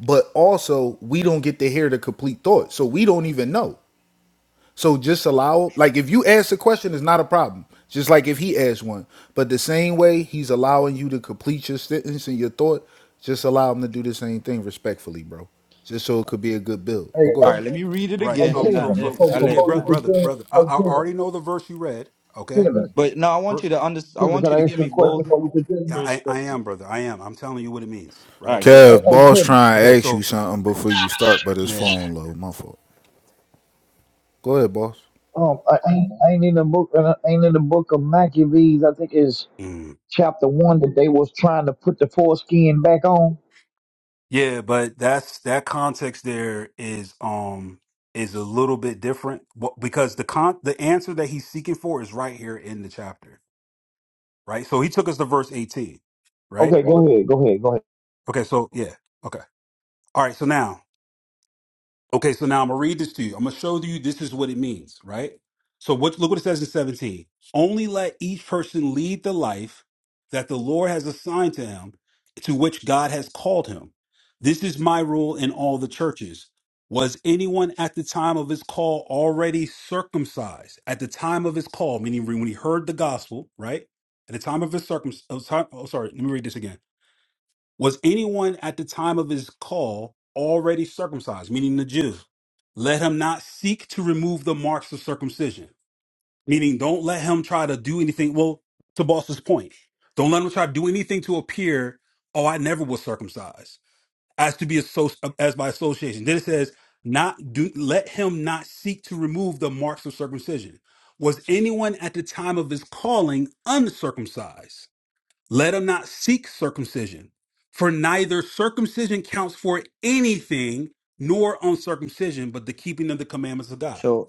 but also we don't get to hear the complete thought so we don't even know so just allow like if you ask a question it's not a problem just like if he asks one but the same way he's allowing you to complete your sentence and your thought just allow him to do the same thing respectfully bro just so it could be a good build Hey, but go All hey, ahead right, let me read it right? again, hey, So, and I, so, Kevin, so, and before, I see, let yeah, before you you brother, answer. brother, continue, brother. I, hey, I Kevin, already know the verse you read. Okay, Kevin, But no, I want verse. you to under, I Kevin, want can you to I give ask you a me question both before you Yeah, continue? I, I perspectives. am, brother. I am. I'm telling you what it means, All right? right, go Hey, Kev, ahead. hey boss Kevin, trying Okay, to ask you so something before you start, but his yeah. phone low. My fault. go ahead boss um, I I ain't, I ain't in the book, uh, ain't in the book of Maccabees, I think it's mm. chapter one that they was trying to put the foreskin back on. Yeah, but that's that context there is um is a little bit different Wh- because the con the answer that he's seeking for is right here in the chapter, right? So he took us to verse 18, right? Okay, go ahead. Okay, so yeah. Okay. All right, so now Okay, so now I'm gonna read this to you. I'm gonna show you this is what it means, right? So what look what it says in 17. Only let each person lead the life that the Lord has assigned to him, to which God has called him. This is my rule in all the churches. Was anyone at the time of his call already circumcised? At the time of his call, meaning when he heard the gospel, right? At the time of his circum, oh, sorry, let me read this again was anyone at the time of his call already circumcised, meaning the Jew? Let him not seek to remove the marks of circumcision, meaning don't let him try to do anything. Well, to Boss's point, don't let him try to do anything to appear, oh, I never was circumcised, as to be associ- as by association. Then it says, not do let him not seek to remove the marks of circumcision. Was anyone at the time of his calling uncircumcised? Let him not seek circumcision, for neither circumcision counts for anything nor uncircumcision, but the keeping of the commandments of God. So,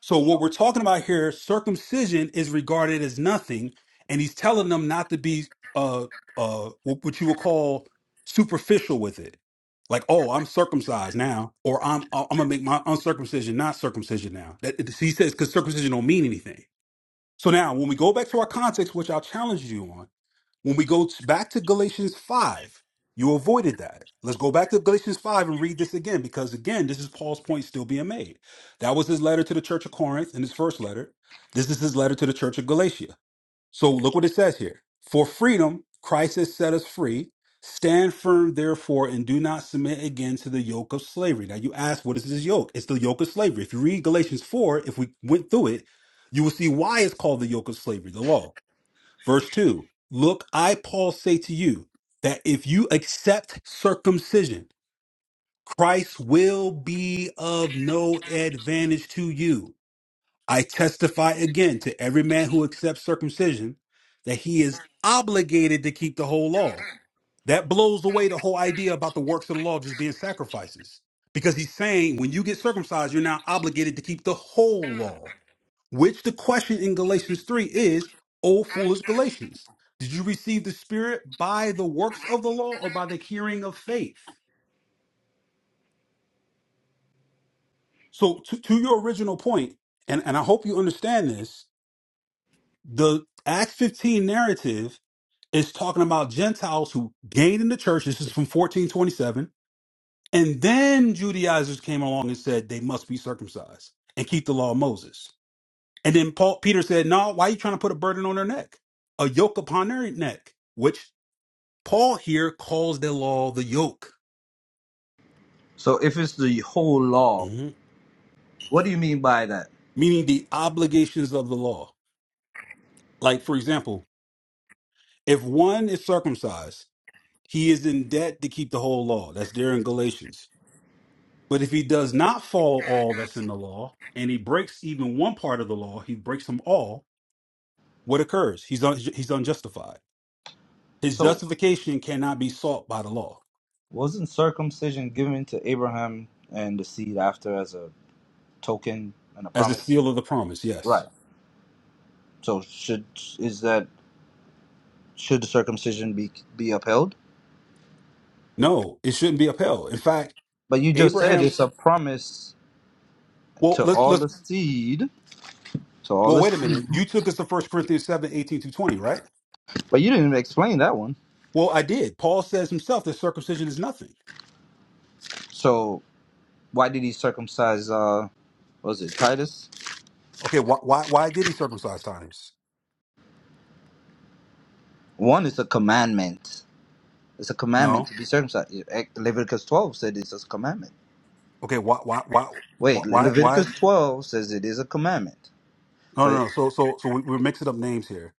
So, what we're talking about here, circumcision is regarded as nothing, and he's telling them not to be uh, uh, what you would call superficial with it. Like, oh, I'm circumcised now, or I'm uh, I'm gonna make my uncircumcision not circumcision now. That, he says because circumcision don't mean anything. So now, when we go back to our context, which I'll challenge you on, when we go t- back to Galatians 5, you avoided that. Let's go back to Galatians 5 and read this again, because again, this is Paul's point still being made. That was his letter to the church of Corinth in his first letter. This is his letter to the church of Galatia. So look what it says here For freedom, Christ has set us free. Stand firm, therefore, and do not submit again to the yoke of slavery. Now, you ask, what is this yoke? It's the yoke of slavery. If you read Galatians 4, if we went through it, you will see why it's called the yoke of slavery, the law. Verse 2 Look, I, Paul, say to you that if you accept circumcision, Christ will be of no advantage to you. I testify again to every man who accepts circumcision that he is obligated to keep the whole law. That blows away the whole idea about the works of the law just being sacrifices. Because he's saying when you get circumcised, you're now obligated to keep the whole law which the question in Galatians 3 is, O foolish Galatians, did you receive the Spirit by the works of the law or by the hearing of faith? So, to, to your original point, and, and I hope you understand this, the Acts 15 narrative is talking about Gentiles who gained in the church. This is from 1427. And then Judaizers came along and said they must be circumcised and keep the law of Moses. And then Paul Peter said, No, why are you trying to put a burden on their neck? A yoke upon their neck. Which Paul here calls the law the yoke, so if it's the whole law, hmm what do you mean by that? meaning the obligations of the law. Like, for example, if one is circumcised, he is in debt to keep the whole law. That's there in Galatians. But if he does not follow all that's in the law and he breaks even one part of the law, he breaks them all, what occurs? He's, un- he's unjustified. His So, justification cannot be sought by the law wasn't circumcision given to Abraham and the seed after as a token and a as a promise? seal of the promise. Right. Yes. So should is that should the circumcision be be upheld? No, it shouldn't be upheld. In fact, But you just said it's a Abraham's, promise well, to let's, all let's the seed, to all Well, the wait a seed. minute. You took us to First Corinthians seven eighteen 18 through 20, right? But you didn't even explain that one. Well, I did. Paul says himself that circumcision is nothing. So why did he circumcise? Uh, what was it Titus? Okay, why why why did he circumcise Titus? One is a commandment. It's a commandment No. to be circumcised. Ec- Leviticus twelve said it's a commandment. Okay, why why why why Wait, Le- why? why? Leviticus twelve says it is a commandment. No, no, commandment. no. 'Cause- So so so we, we're mixing up names here.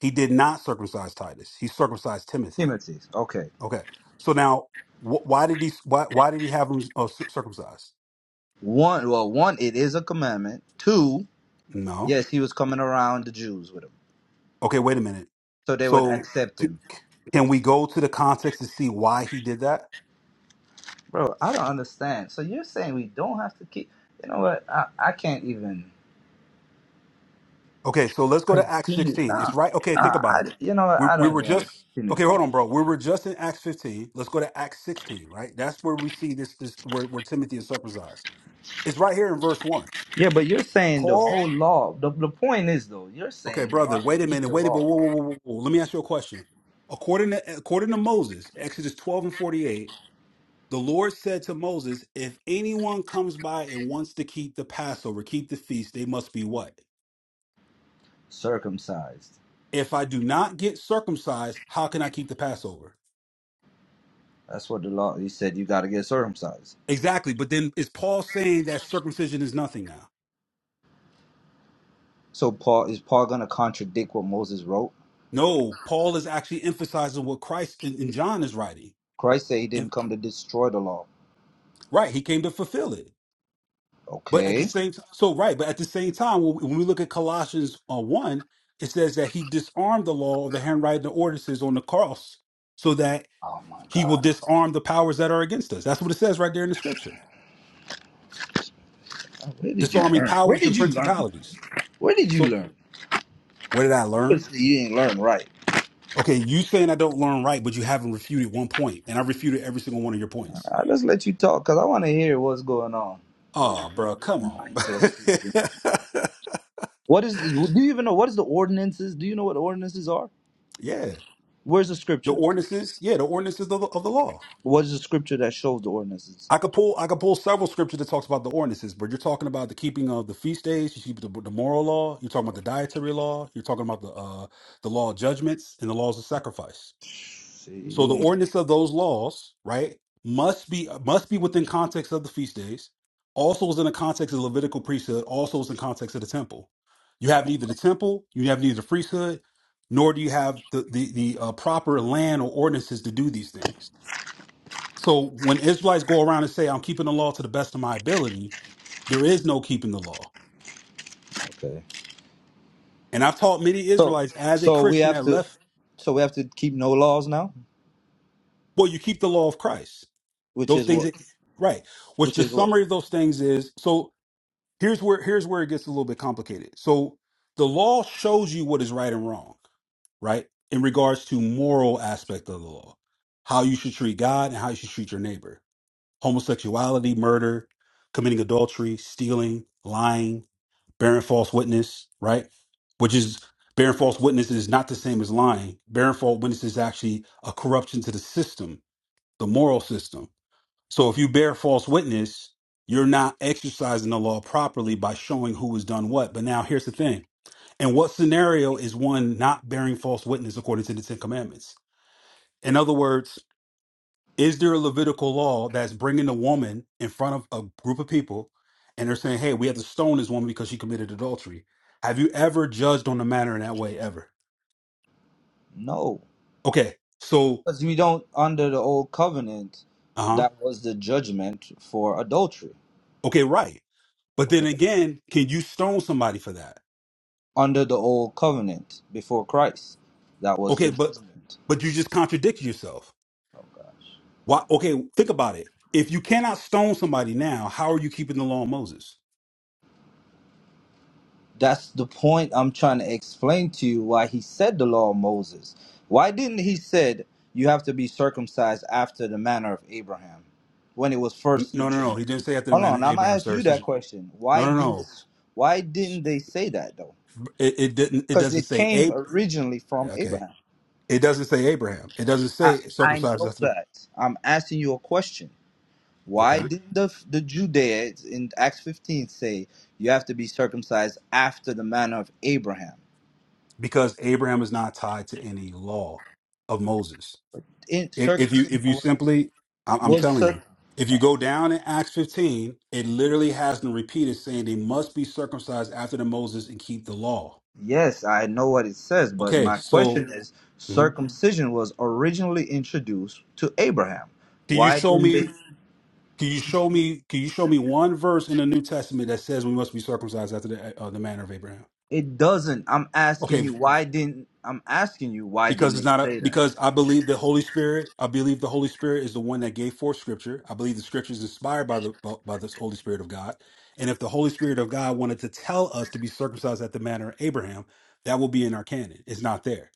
He did not circumcise Titus. He circumcised Timothy. Timothy. Okay. Okay. So now wh- why did he why why did he have him uh, cir- circumcised? One. Well, one, it is a commandment. Two. No. Yes, he was coming around the Jews with it. Okay, wait a minute. so they would So accept t- him. can we go to the context to see why he did that? Bro, I don't understand. So you're saying we don't have to keep? You know what? I, I can't even. Okay, so let's go to Acts 16. It's Nah, right. Okay, nah. think about I it. you know what? We, I we don't were even want to just continue to okay. come. Hold on, bro. We were just in Acts 15. Let's go to Acts 16. Right, that's where we see this. This where where Timothy is circumcised. It's right here in verse one. Yeah, but you're saying the Paul. whole law. The the point is though, you're Okay, saying we don't brother. have to Wait a keep minute. the Wait a minute. law. Whoa, whoa, whoa, whoa. whoa. Let me ask you a question. According to according to Moses, Exodus 12 and 48, the Lord said to Moses, "If anyone comes by and wants to keep the Passover, keep the feast, they must be what? Circumcised. If I do not get circumcised, how can I keep the Passover?" That's what the law. He said you got to get circumcised. Exactly. But then is Paul saying that circumcision is nothing now? So Paul is Paul gonna contradict what Moses wrote? No, Paul is actually emphasizing what Christ and, and John is writing. Christ said he And didn't come to destroy the law. right, he came to fulfill it. But at the Okay. same time, so right, but at the same time, when we when we look at Colossians uh, 1, it says that he disarmed the law of the handwriting of ordinances on the cross so that Oh my he will God. disarm the powers that are against us. That's what it says right there in the scripture. Where did you Disarming learn? Where powers and did you learn? principalities. Where did you So learn? what did I learn? Obviously, you ain't learn right. Okay, you saying I don't learn right, but you haven't refuted one point, and I refuted every single one of your points. I just let you talk because I want to hear what's going on with, Oh, bro, with come the on. mindset of Christian. What is? Do you even know what is the ordinances? Do you know what ordinances are? yeah, Where's the the scripture? ordinances. Yeah, the ordinances of the, of the law. What is the scripture that shows the ordinances? I could pull. I could pull several scriptures that talks about the ordinances, but you're talking about the keeping of the feast days. You keep the, the moral law. You're talking about the dietary law. You're talking about the uh, the law of judgments and the laws of sacrifice. See, So the you ain't ordinance of those laws, right, must be must be within context of the feast days. Also is in the context of the Levitical priesthood. Also is in context of the temple. You have neither the temple, you have neither the priesthood, nor do you have the the, the uh, proper land or ordinances to do these things. So when Israelites go around and say, "I'm keeping the law to the best of my ability," there is no keeping the law. okay. And I've taught many So, Israelites as a so we Christian have that to, left. so we have to keep no laws now, Well, you keep the law of Christ. which Those is things, what, that, right? Which which the is what. summary of those things is so here's where here's where it gets a little bit complicated. So the law shows you what is right and wrong, right? In regards to moral aspect of the law, how you should treat God and how you should treat your neighbor. Homosexuality, murder, committing adultery, stealing, lying, bearing false witness, right? Which is bearing false witness is not the same as lying. Bearing false witness is actually a corruption to the system, the moral system so if you bear false witness, you're not exercising the law properly by showing who has done what. But now here's the thing. In what scenario is one not bearing false witness according to the Ten Commandments? In other words, is there a Levitical law that's bringing a woman in front of a group of people and they're saying, hey, we have to stone this woman because she committed adultery? Have you ever judged on the matter in that way ever? No, Okay. So, because we don't under the old covenant. uh huh. That was the judgment for adultery. Okay, right. But okay? then again, can you stone somebody for that? under the old covenant before Christ. That was Okay, the but judgment. but you just contradict yourself. Why? Okay, think about it. If you cannot stone somebody now, how are you keeping the law of Moses? That's the point I'm trying to explain to you why he said the law of Moses. Why didn't he said you have to be circumcised after the manner of Abraham when it was M- first No, no, no. introduced? He didn't say after the Hold manner on, of I'm gonna Abraham, ask sir. It you that says- question. No, Why no, didn't no. why didn't they say that though? It, it didn't. It Because doesn't it say came Ab. originally from Okay, Abraham. it doesn't say Abraham. It doesn't I, say I circumcised know after. The, that. I'm asking you a question. Why okay, didn't the the Judeans in Acts 15 say you have to be circumcised after the manner of Abraham? because Abraham is not tied to any law of Moses. In If, if you circumcision if you was, simply, I'm, I'm was telling circ- you, if you go down in Acts 15, it literally has them repeated saying they must be circumcised after the Moses and keep the law. Yes, I know what it says, but Okay, my so question is Mhm. circumcision was originally introduced to Abraham. can you Why show didn't me? they Can you show me? Can you show me one verse in the New Testament that says we must be circumcised after the uh, the manner of Abraham? it doesn't I'm asking Okay, you why didn't I'm asking you why because didn't it's it not a say that? because I believe the Holy Spirit. I believe the Holy Spirit is the one that gave forth Scripture. I believe the Scripture is inspired by the by by the Holy Spirit of God. And if the Holy Spirit of God wanted to tell us to be circumcised at the manner of Abraham, that will be in our canon. It's not there,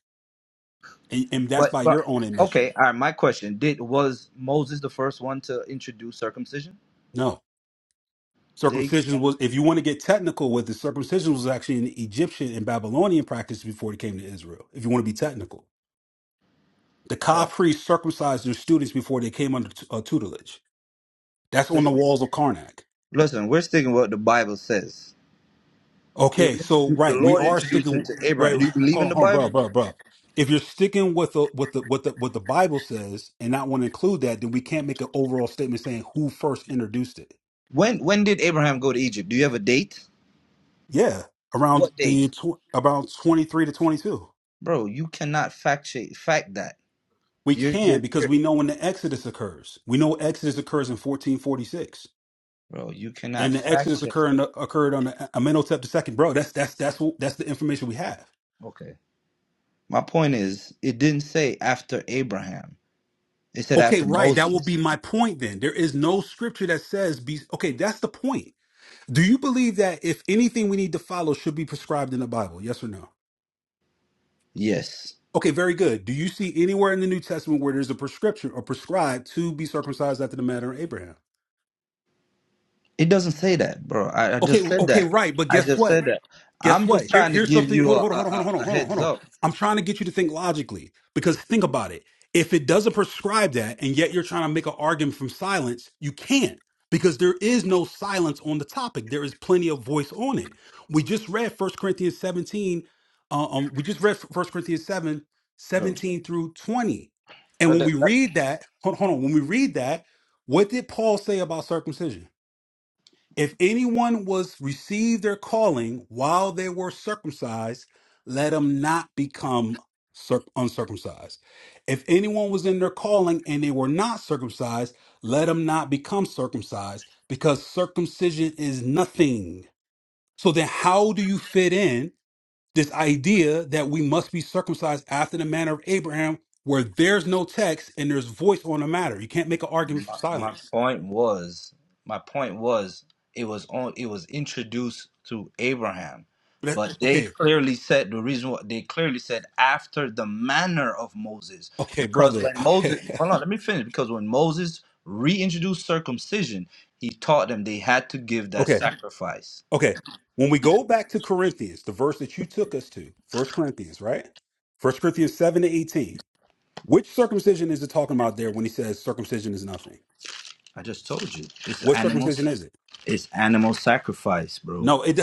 and, and that's But by but your own admission. okay, all right, my question. Did was Moses the first one to introduce circumcision? No, They circumcision was. If you want to get technical with it, circumcision was actually an Egyptian and Babylonian practice before it came to Israel. If you want to be technical, the Ka bro, priests circumcised their students before they came under t- uh, tutelage. That's on the listen. walls of Karnak. Listen, we're sticking with what the Bible says. It was Okay, so introduced, the right, we Lord are introduced sticking. it to Right, Abraham. Do you believe hold in on, the hold on, Bible? bro, bro, bro. If you're sticking with the with the with the what the Bible says and not want to include that, then we can't make an overall statement saying who first introduced it. When when did Abraham go to Egypt? Do you have a date? Yeah, around What the date, tw- about twenty three to twenty two. bro? You cannot fact check fact that. We You're can you're, because you're we know when the Exodus occurs. We know Exodus occurs in fourteen forty six, bro. You and cannot the Exodus fact check. occurred occurred on the Amenhotep II. Bro, that's that's that's what, that's the information we have. Okay. My point is, it didn't say after Abraham. It said Okay, after right. That will Moses. be my point then. There is no scripture that says be okay, that's the point. Do you believe that if anything we need to follow should be prescribed in the Bible? Yes or no? Yes. Okay, very good. Do you see anywhere in the New Testament where there's a prescription or prescribed to be circumcised after the manner of Abraham? It doesn't say that, bro. I, I Okay, just said okay, that. right. But I guess just what? said that. Guess I'm what? just Here, trying to here's give something. you Hold a, a, on, hold on, hold on, a hold on, a hold on, hold heads on. up, I'm trying to get you to think logically because think about it. If it doesn't prescribe that, and yet you're trying to make an argument from silence, you can't because there is no silence on the topic. There is plenty of voice on it. We just read First Corinthians 17. uh, Um, we just read First Corinthians 7, bro. seventeen through 20. And when we read that, hold, hold on, when we read that, what did Paul say about circumcision? If anyone was received their calling while they were circumcised, let him not become circ- uncircumcised. If anyone was in their calling and they were not circumcised, let him not become circumcised, because circumcision is nothing. So then, how do you fit in this idea that we must be circumcised after the manner of Abraham, where there's no text and there's voice on the matter? You can't make an argument from My, my silence. point was, my point was, it was on, it was introduced to Abraham, That- but they Okay, clearly said the reason why they clearly said after the manner of Moses, okay, because brother. when Okay, Moses, hold on, let me finish. Because when Moses reintroduced circumcision, he taught them they had to give that okay. sacrifice. Okay. When we go back to Corinthians, the verse that you took us to, First Corinthians, right? First Corinthians 7 to 18. Which circumcision is it talking about there when he says circumcision is nothing? I just told you, it's What animal, circumcision is it? it's animal sacrifice, bro. No, it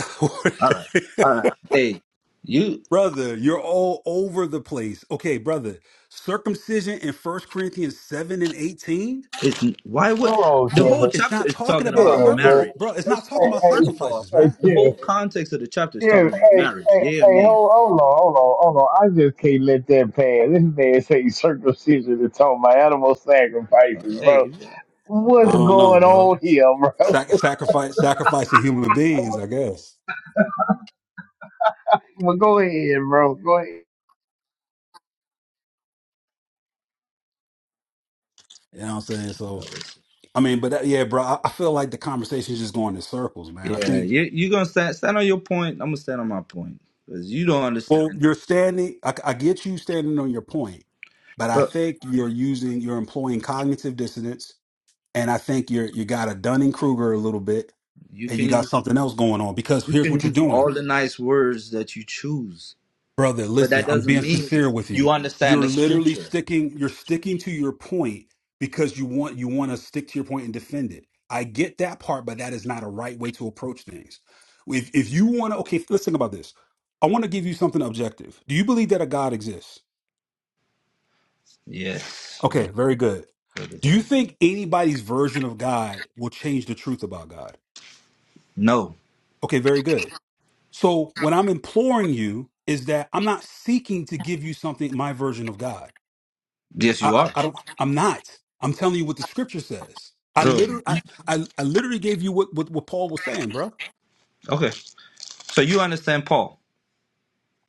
All right, all right. Hey, you. Brother, you're all over the place. Okay, brother. Circumcision in First Corinthians 7 and 18? It's why would Oh, the whole Kevin, It's chapter not is talking talking about about Kevin, man. circumcision, bro. marriage. It's not First of Hey, talking all, about hey, first of all, sacrifices, hey, man. the Kevin, whole context of the chapter is Yeah, talking hey, about marriage. hey, Yeah or hey, nay? hold, hold on, hold on, hold on. I just can't let that pass. This man say circumcision is talking about animal Uh, sacrifices, hey, bro. if you- uh, I What's don't know, going bro. on here, bro? Sac- sacrifice sacrificing human beings, I guess. Well, go ahead, bro. Go ahead. You know what I'm saying? So listen. I mean, but that, yeah, bro, I, I feel like the conversation's just going in circles, man. I yeah, think, you you gonna stand stand on your point. I'm gonna stand on my point because you don't well, understand. you're standing, I, I get you standing on your point, but I Look, think you're using, you're employing cognitive dissonance. And I think you're, you got a Dunning Kruger a little bit you and you can got use something else going on because you here's can what you're use doing. all the nice words that you choose, brother but listen that i'm doesn't being mean sincere with you you understand the you're literally scripture. sticking you're sticking to your point because you want you want to stick to your point and defend it i get that part but that is not a right way to approach things if, if you want to okay let's think about this i want to give you something objective do you believe that a god exists Yes, okay very good brother. do you dear. think anybody's version of god will change the truth about god No. okay very good so what i'm imploring you is that i'm not seeking to give you something my version of god Yes, I, you are. I, I don't. I'm not. I'm telling you what the scripture says. I Bro. literally, I, I, I literally gave you what, what what Paul was saying, bro. Okay. So you understand Paul?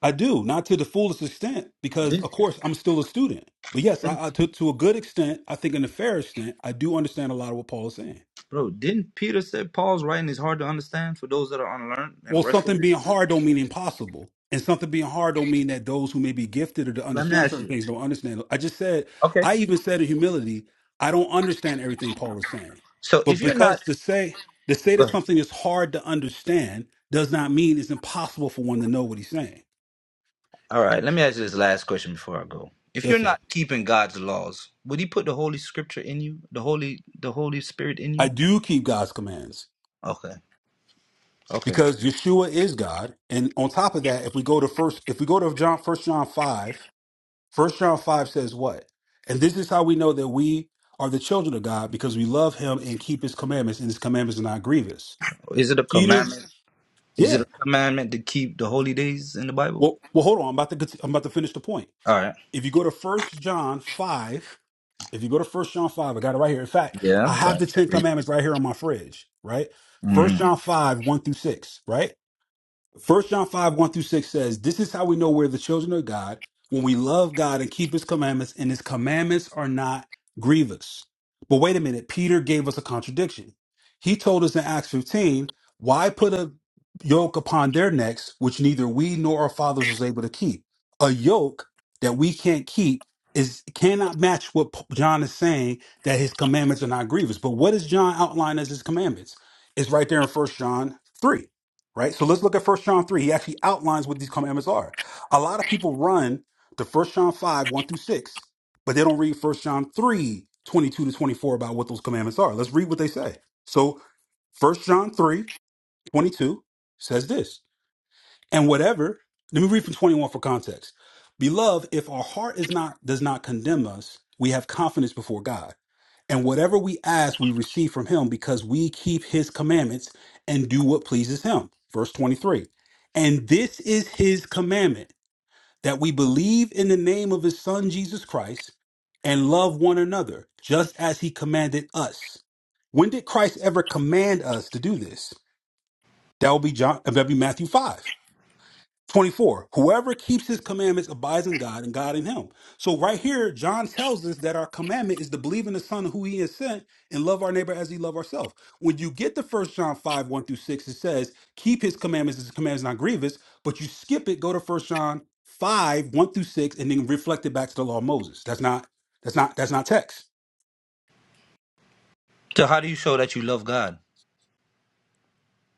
I do not to the fullest extent because, Didn't? of course, I'm still a student. But yes, I, I to to a good extent, I think in a fair extent, I do understand a lot of what Paul is saying. Bro, didn't Peter say Paul's writing is hard to understand for those that are unlearned and Well, restless? something being hard don't mean impossible. And something being hard don't mean that those who may be gifted or to Let me understand ask certain you. things don't understand. I just said, Okay. I even said in humility, I don't understand everything Paul is saying. So But if you're not because to say to say Go that ahead. something is hard to understand does not mean it's impossible for one to know what he's saying. all right, let me ask you this last question before I go. If you're Yes, sir. not keeping God's laws, would he put the holy scripture in you? The holy the Holy Spirit in I you? do keep God's commands Okay. Okay. because Yeshua is God. And on top of that, if we go to first if we go to John first John five, First John 5 says what? And this is how we know that we are the children of God because we love him and keep his commandments, and his commandments are not grievous. Is it a Peter, commandment? Is it yeah. a commandment to keep the holy days in the Bible? Well, well, hold on. I'm about to cont- I'm about to finish the point. All right. If you go to First John 5, if you go to First John 5, I got it right here. In fact, Yeah, I I'm have trying to the Ten read. Commandments right here on my fridge, right? First hmm John 5, 1 through 6, right? First John 5, 1 through 6 says, This is how we know we're the children of God, when we love God and keep his commandments, and his commandments are not grievous. But wait a minute, Peter gave us a contradiction. He told us in Acts 15, Why put a yoke upon their necks, which neither we nor our fathers was able to keep? A yoke that we can't keep is cannot match what P- John is saying that his commandments are not grievous. But what does John outline as his commandments? It's right there in First John 3 right? So let's look at First John 3. He actually outlines what these commandments are. A lot of people run to First John 5, 1 through 6, but they don't read First John 3 22 to 24 about what those commandments are. Let's read what they say. So First John 3 22 says this and whatever let me read from 21 for context beloved if our heart is not does not condemn us we have confidence before god and whatever we ask we receive from him because we keep his commandments and do what pleases him verse 23 and this is his commandment that we believe in the name of his son jesus christ and love one another just as he commanded us when did christ ever command us to do this that would be john that would be matthew 5 24 whoever keeps his commandments abides in god and god in him so right here john tells us that our commandment is to believe in the son and who he has sent and love our neighbor as he love ourselves when you get to first john 5 1 through 6 it says keep his commandments as his commandments not grievous but you skip it go to first john 5 1 through 6 and then reflect it back to the law of moses that's not that's not that's not text So how do you show that you love God?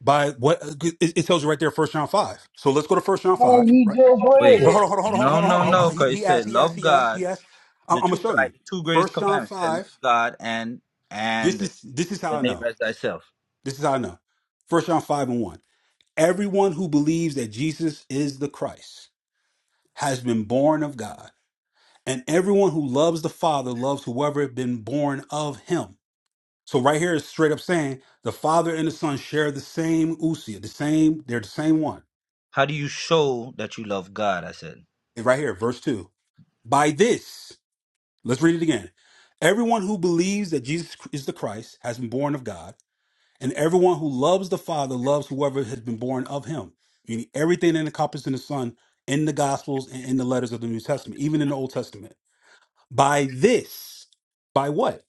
by what it it tells you right there first john 5 so let's go to first john Man, 5 you right just read Wait. hold it. on, hold on, hold on, hold No, on, no, hold on. Oh, oh, no, He, because it he asked, said he asked, love he asked, God he asked. I'm, The I'm gonna two show you. like the two greatest First John commandments. He said, love five. God and This and is this is how the I neighbor know. as thyself. This is how I know. First John five and one. Everyone who believes that Jesus is the Christ has been born of God, and everyone who loves the Father loves whoever has been born of Him. So right here is straight up saying the Father and the Son share the same usia, the same. They're the same one. How do you show that you love God? I said. Right here, verse two. By this. Let's read it again. Everyone who believes that Jesus is the Christ has been born of God, and everyone who loves the Father loves whoever has been born of him. Meaning everything that encompasses in the Son in the Gospels and in the letters of the New Testament, even in the Old Testament. By this, by what?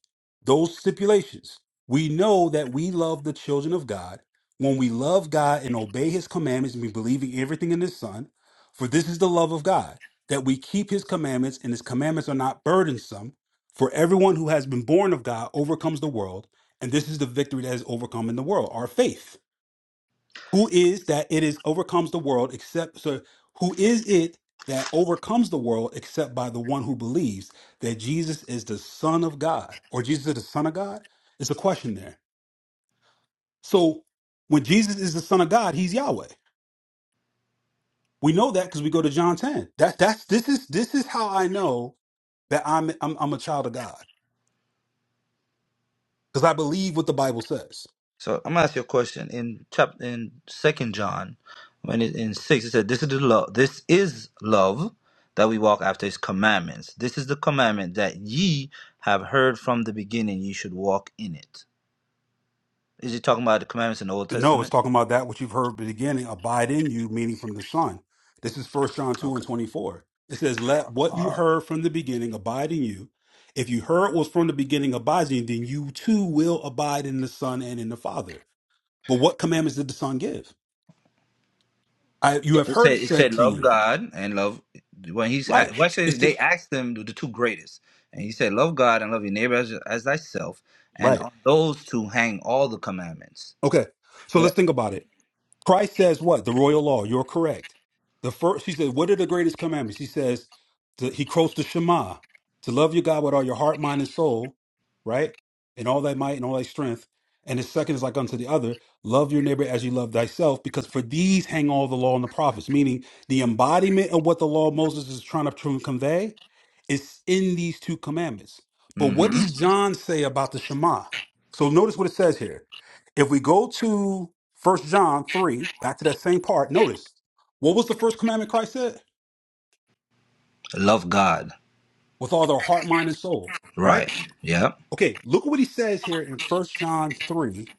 Those stipulations. We know that we love the children of God when we love God and obey his commandments and we believe in everything in his son. For this is the love of God, that we keep his commandments, and his commandments are not burdensome. For everyone who has been born of God overcomes the world, and this is the victory that has overcome in the world, our faith. Who is that it is overcomes the world except so who is it that overcomes the world except by the one who believes that Jesus is the Son of God or Jesus is the Son of God? It's a question there. So when Jesus is the Son of God, he's Yahweh. We know that because we go to John 10. That that's this is this is how I know that I'm I'm, I'm a child of God. Because I believe what the Bible says. So I'm gonna ask you a question. In chapter in second John, when it in six it said, This is the love this is love that we walk after his commandments. This is the commandment that ye have heard from the beginning, ye should walk in it." Is he talking about the commandments in the Old No, it's Testament? talking about that which you've heard at the beginning, abide in you, meaning from the Son. This is First John 2 and Okay. 24. It says, Let what you heard from the beginning abide in you. If you heard was from the beginning abides in you, then you too will abide in the Son and in the Father. But what commandments did the Son give? I, you Yeah, have It heard it said it said said to love you. God and love when he's Right. at- what It's said the, they asked him the two greatest, and he said love God and love your neighbor as, as thyself, and right. on those two hang all the commandments. Okay. So let's think about it. Christ says what? The royal law. You're correct. The first, he said, what are the greatest commandments? He says, to, he quotes the Shema, to love your God with all your heart, mind, and soul, right? And all thy might and all thy strength. And the second is like unto the other, love your neighbor as you love thyself, because for these hang all the law and the prophets, meaning the embodiment of what the law of Moses is trying to tr- convey is in these two commandments. But what hmm does John say about the Shema? So notice what it says here. If we go to First John 3, back to that same part, notice what was the first commandment Christ said? Love God, With all their heart, mind, and soul, right? right? Yeah. Okay, look at what he says here in First John 3,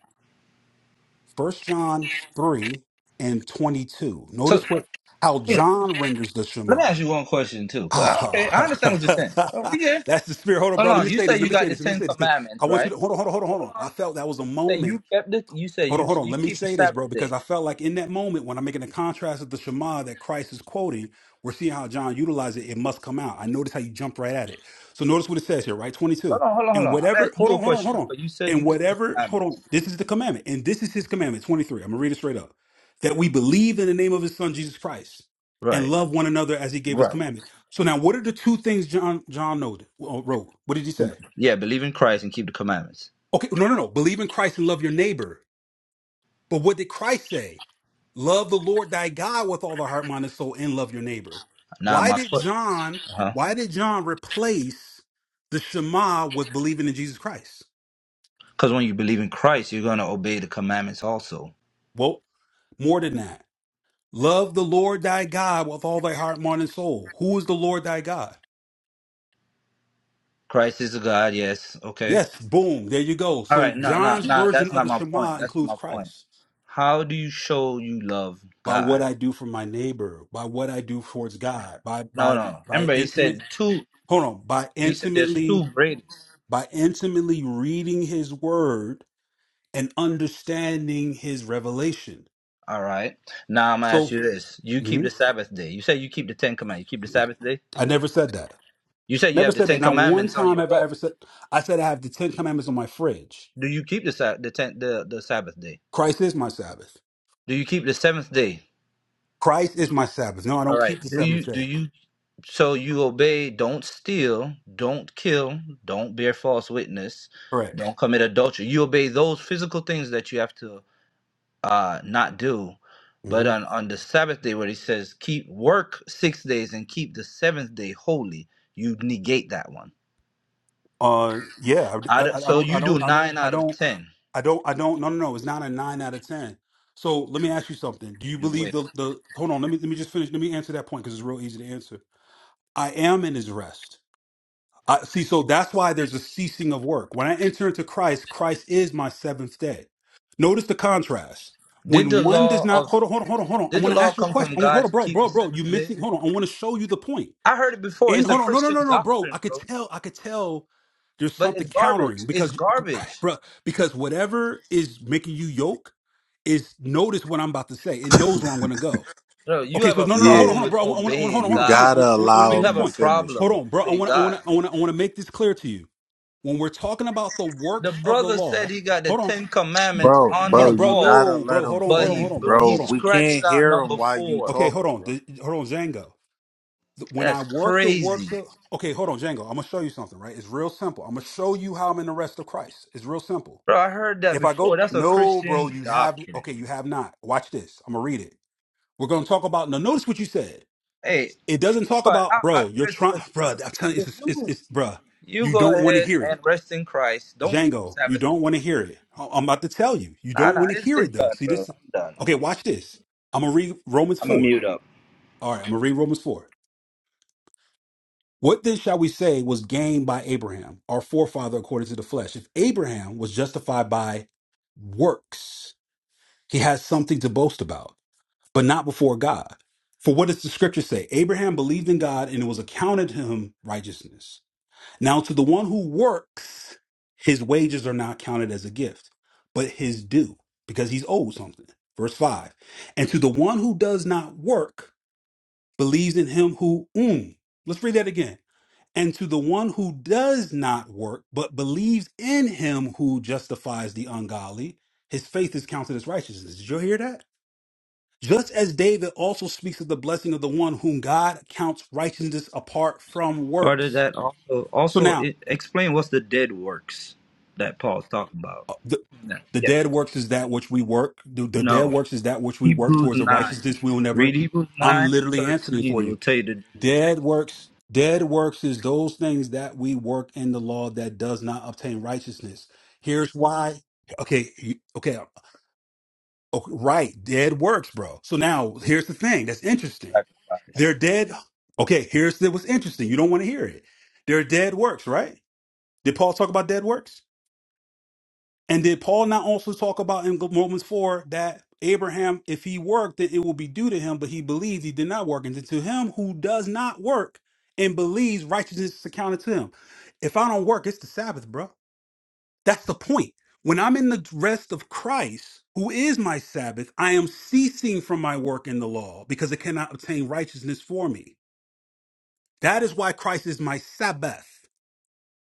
First John 3 and 22. So Notice what how John renders the let me Shema. ask you one question too. 'cause I, okay, I Ah, understand what you're saying. Oh, we good. That's the spirit. Hold on, Hold bro. Let on. me You say say this. Let you me got say the this. Let me Ten say this. 'Cause I Commandments, want you right? to hold on, hold on, hold on, hold Hold on. on. I felt that was a You say moment you kept the. You say Hold on, you hold so on. you Let me keep the say this, Sabbath bro, because day. I felt like in that moment when I'm making the contrast of the Shema that Christ is quoting, we're seeing how John utilized it. It must come out. I noticed how you jumped right at it. So notice what it says here, right? 22. Hold on, hold on, hold And on. I'm whatever, asking hold you a on, hold on, question, hold on. but you said And you keep the whatever, hold on. commandments. This is the commandment. And this is his commandment, 23. I'm going to read it straight up. That we believe in the name of his son, Jesus Christ, and Right. love one another as he gave us Right. commandment. So now what are the two things John John noted, uh, wrote? What did he say? Yeah, believe in Christ and keep the commandments. Okay, no, no, no. Believe in Christ and love your neighbor but what did Christ say? Love the Lord thy God with all the heart, mind, and soul, and love your neighbor. Now, Why my did John, uh why did John replace the Shema with believing in Jesus Christ? because when you believe in Christ, you're gonna obey the commandments also. Well, more than that. Love the Lord thy God with all thy heart, mind, and soul. Who is the Lord thy God? Christ is a God, yes, okay. Yes, boom, there you go. All right, So no, no, John's no, version that's of not the my Shema point. That's includes not my point. Christ. How do you show you love By what God? I do for my neighbor, by what I do towards God, by No, by no. no. by Remember, he intimate said two. hold on, by He said there's intimately two greatest. by intimately reading his word and understanding his revelation. All right. Now I'm gonna ask So you this: You keep the Mhm. Sabbath day. You say you keep the Ten Commandments. You keep the Sabbath day. I never said that. You say you Never have the said Ten that. Not one Commandments on time your have I wall. ever said I said I have the Ten Commandments on my fridge. Do you keep the Sa- the, ten, the the Sabbath day? Christ is my Sabbath. Do you keep the seventh day? Christ is my Sabbath. No, I All don't right. keep the Do you seventh do day. you so you obey, don't steal, don't kill, don't bear false witness, Correct. don't commit adultery. You obey those physical things that you have to uh not do. But hmm on on the Sabbath day where he says keep work 6 days and keep the 7th day holy, you negate that one. Uh, yeah. I, Out of, I, I so don't. I you do don't. I don't. 9 I out of don't. 10. I don't. I don't. No, no, no. It's not a nine out of ten. So let me ask you something. Do you You believe wait. the the? Hold on. Let me let me just finish. Let me answer that point because it's real easy to answer. I am in his rest. I, see, so that's why there's a ceasing of work. When I enter into Christ, Christ is my seventh day. Notice the contrast. Did When the one does law not of hold on, hold on, hold on, hold on. I did the want to law ask you a come question. from I want hold God on, to bro, keep the bro, bro. You 7th day? missing? Hold on. I want to show you the point. I heard it before. And It's a hold on, no, no, no, Christian no, bro. doctrine, I could bro. tell. I could tell. There's But something it's garbage. countering It's because, garbage. bro, because whatever is making you yoke is notice what I'm about to say. It knows where I'm going to go. Bro, you Okay, have so a no, no, no, hold Yeah, on, problem hold on, with bro. I want, I want, hold obeying on, you hold on, hold on. God. I gotta want, I want to make allow You this have him a to point. finish Hold though. problem on, with bro. I obeying want, I want, God. I want, I want to make this clear to you. When we're talking about the The works of the brother said law, he got the hold on, Ten Commandments Bro, on hold bro, his on, you bro. wall, gotta No, let bro. him Hold on, but hold on, hold he finish, on, bro. he bro. Hold on. We scratched can't out hear him number while you four. Okay, hold talking, on, bro. The- hold on, Django. The- When I That's work the crazy, works of, okay, hold on, Django. I'm gonna show you something, right? It's real simple. I'm gonna show you how I'm in the rest of Christ. It's real simple. bro. I heard that If I go, before. That's a no, bro, Christian you have, doctrine. okay, you have not. Watch this. I'm gonna read it. We're gonna talk about. Now, notice what you said. Hey, It doesn't talk but about, I, I, bro, you're listen, trying, listen, bro, I'm listen. telling you, it's, it's, it's bro, You you go don't want to ahead hear it. and rest in Christ. Don't keep Django, you Sabbath. don't want to hear it. I- I'm about to tell you, you Nah, don't nah, want to it's, hear it's it though. done, See bro. this? I'm done. Okay, I'm, watch this. I'm going to read Romans I'm a 4. mute up. All right, I'm going to read Romans 4. What then shall we say was gained by Abraham, our forefather according to the flesh? If Abraham was justified by works, he has something to boast about, but not before God. For what does the scripture say? Abraham believed in God and it was accounted to him righteousness. Now, to the one who works, his wages are not counted as a gift, but his due, because he's owed something. Verse 5. And to the one who does not work, believes in him who, mm. let's read that again. And to the one who does not work, but believes in him who justifies the ungodly, his faith is counted as righteousness. Did you hear that? Just as David also speaks of the blessing of the one whom God counts righteousness apart from Part of works. that also So also now, it, explain what's the dead works that Paul's talking about. uh, the No, the Yeah. dead works is that which we work. The, the dead No. works is that which we work Hebrews towards the nine. righteousness we will never. Read Hebrews I'm nine and literally answering for thirteen you. will tell you the dead Dead works. works, dead works is those things that we work in the law that does not obtain righteousness. Here's why. Okay, you- okay, uh, okay, right. Dead works, bro. So now here's the thing that's interesting. Sacrifice. They're dead. Okay, here's the, what's interesting. You don't want to hear it. They're dead works, right? Did Paul talk about dead works? And did Paul not also talk about in Romans 4 that Abraham, if he worked, then it will be due to him, but he believed he did not work. And to him who does not work and believes righteousness is accounted to him. If I don't work, it's the Sabbath, bro. That's the point. When I'm in the rest of Christ, who is my Sabbath, I am ceasing from my work in the law because it cannot obtain righteousness for me. That is why Christ is my Sabbath.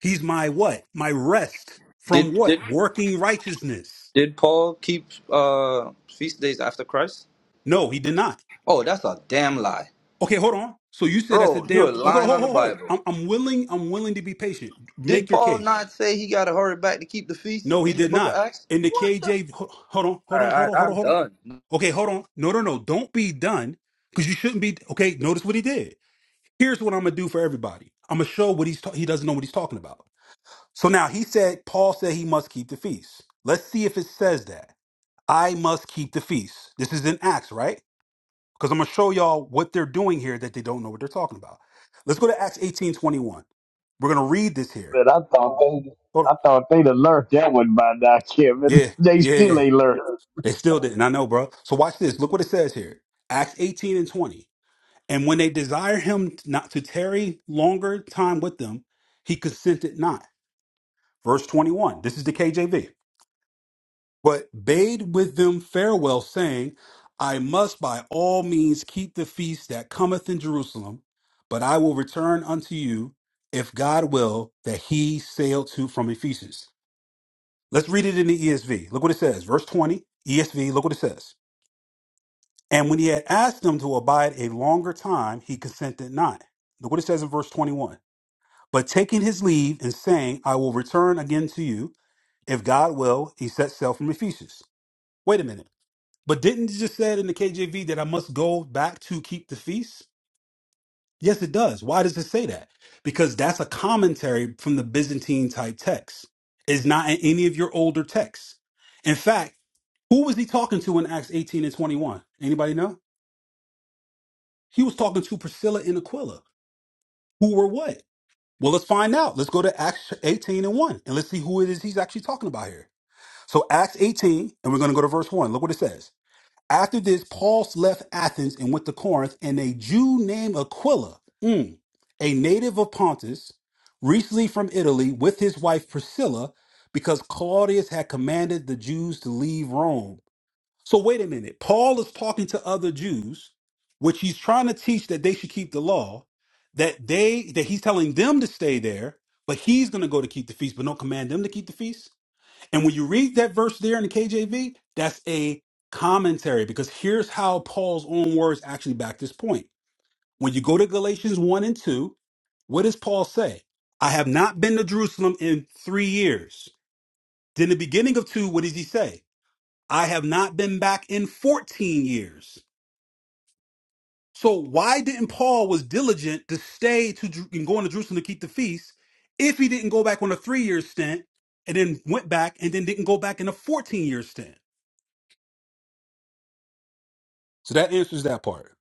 He's my what? My rest from Did what? did Working righteousness. did Paul keep uh feast days after Christ? No, he did not. Oh, that's a damn lie. Okay, hold on. So you said that's a Bro, damn. you're Okay, hold, lying hold, on the hold. Bible. I'm, I'm willing. I'm willing to be patient. Make Did your Paul case. not say he gotta hurry back to keep the feast No, he in the did book of not. Acts? In the What the KJ, ho- hold on, hold on, Alright, hold alright, on, hold I'm on, hold on. done. Okay, hold on. No, no, no. Don't be done because you shouldn't be. Okay, notice what he did. Here's what I'm gonna do for everybody. I'm gonna show what he's ta- he doesn't know what he's talking about. So now he said Paul said he must keep the feast. Let's see if it says that I must keep the feast. This is in Acts, right? because I'm gonna show y'all what they're doing here that they don't know what they're talking about. Let's go to Acts 18:21. We're gonna read this here. But I thought they, Hold on. I thought they'd have learned that one by now, Kevin. Yeah, They yeah, still yeah. ain't learned. They still didn't. I know, bro. So watch this. Look what it says here. Acts 18 and 20. And when they desire him not to tarry longer time with them, he consented not. Verse 21. This is the KJV. but bade with them farewell, saying, I must by all means keep the feast that cometh in Jerusalem, but I will return unto you, if God will, that he sailed to from Ephesus. Let's read it in the ESV. Look what it says. Verse 20, ESV, look what it says. And when he had asked them to abide a longer time, he consented not. Look what it says in verse 21. But taking his leave and saying, I will return again to you, if God will, he set sail from Ephesus. Wait a minute. But didn't it just said in the KJV that I must go back to keep the feast? Yes, it does. Why does it say that? Because that's a commentary from the Byzantine type text. It's not in any of your older texts. In fact, who was he talking to in Acts 18 and 21? Anybody know? He was talking to Priscilla and Aquila, who were what? Well, let's find out. Let's go to Acts 18 and 1 and let's see who it is he's actually talking about here. So, Acts 18, and we're going to go to verse 1. Look what it says. After this, Paul left Athens and went to Corinth, and a Jew named Aquila, mm, a native of Pontus, recently from Italy, with his wife Priscilla, because Claudius had commanded the Jews to leave Rome. So, wait a minute. Paul is talking to other Jews, which he's trying to teach that they should keep the law, that they that he's telling them to stay there, but he's going to go to keep the feast, but don't command them to keep the feast. And when you read that verse there in the KJV, that's a commentary because here's how Paul's own words actually back this point. When you go to Galatians 1 and 2, what does Paul say? I have not been to Jerusalem in three years. Then the beginning of 2, what does he say? I have not been back in 14 years. So why didn't Paul was diligent to stay to Jer- and going to Jerusalem to keep the feast if he didn't go back on a three-year stint and then went back and then didn't go back in a 14-year stint? So that answers that part.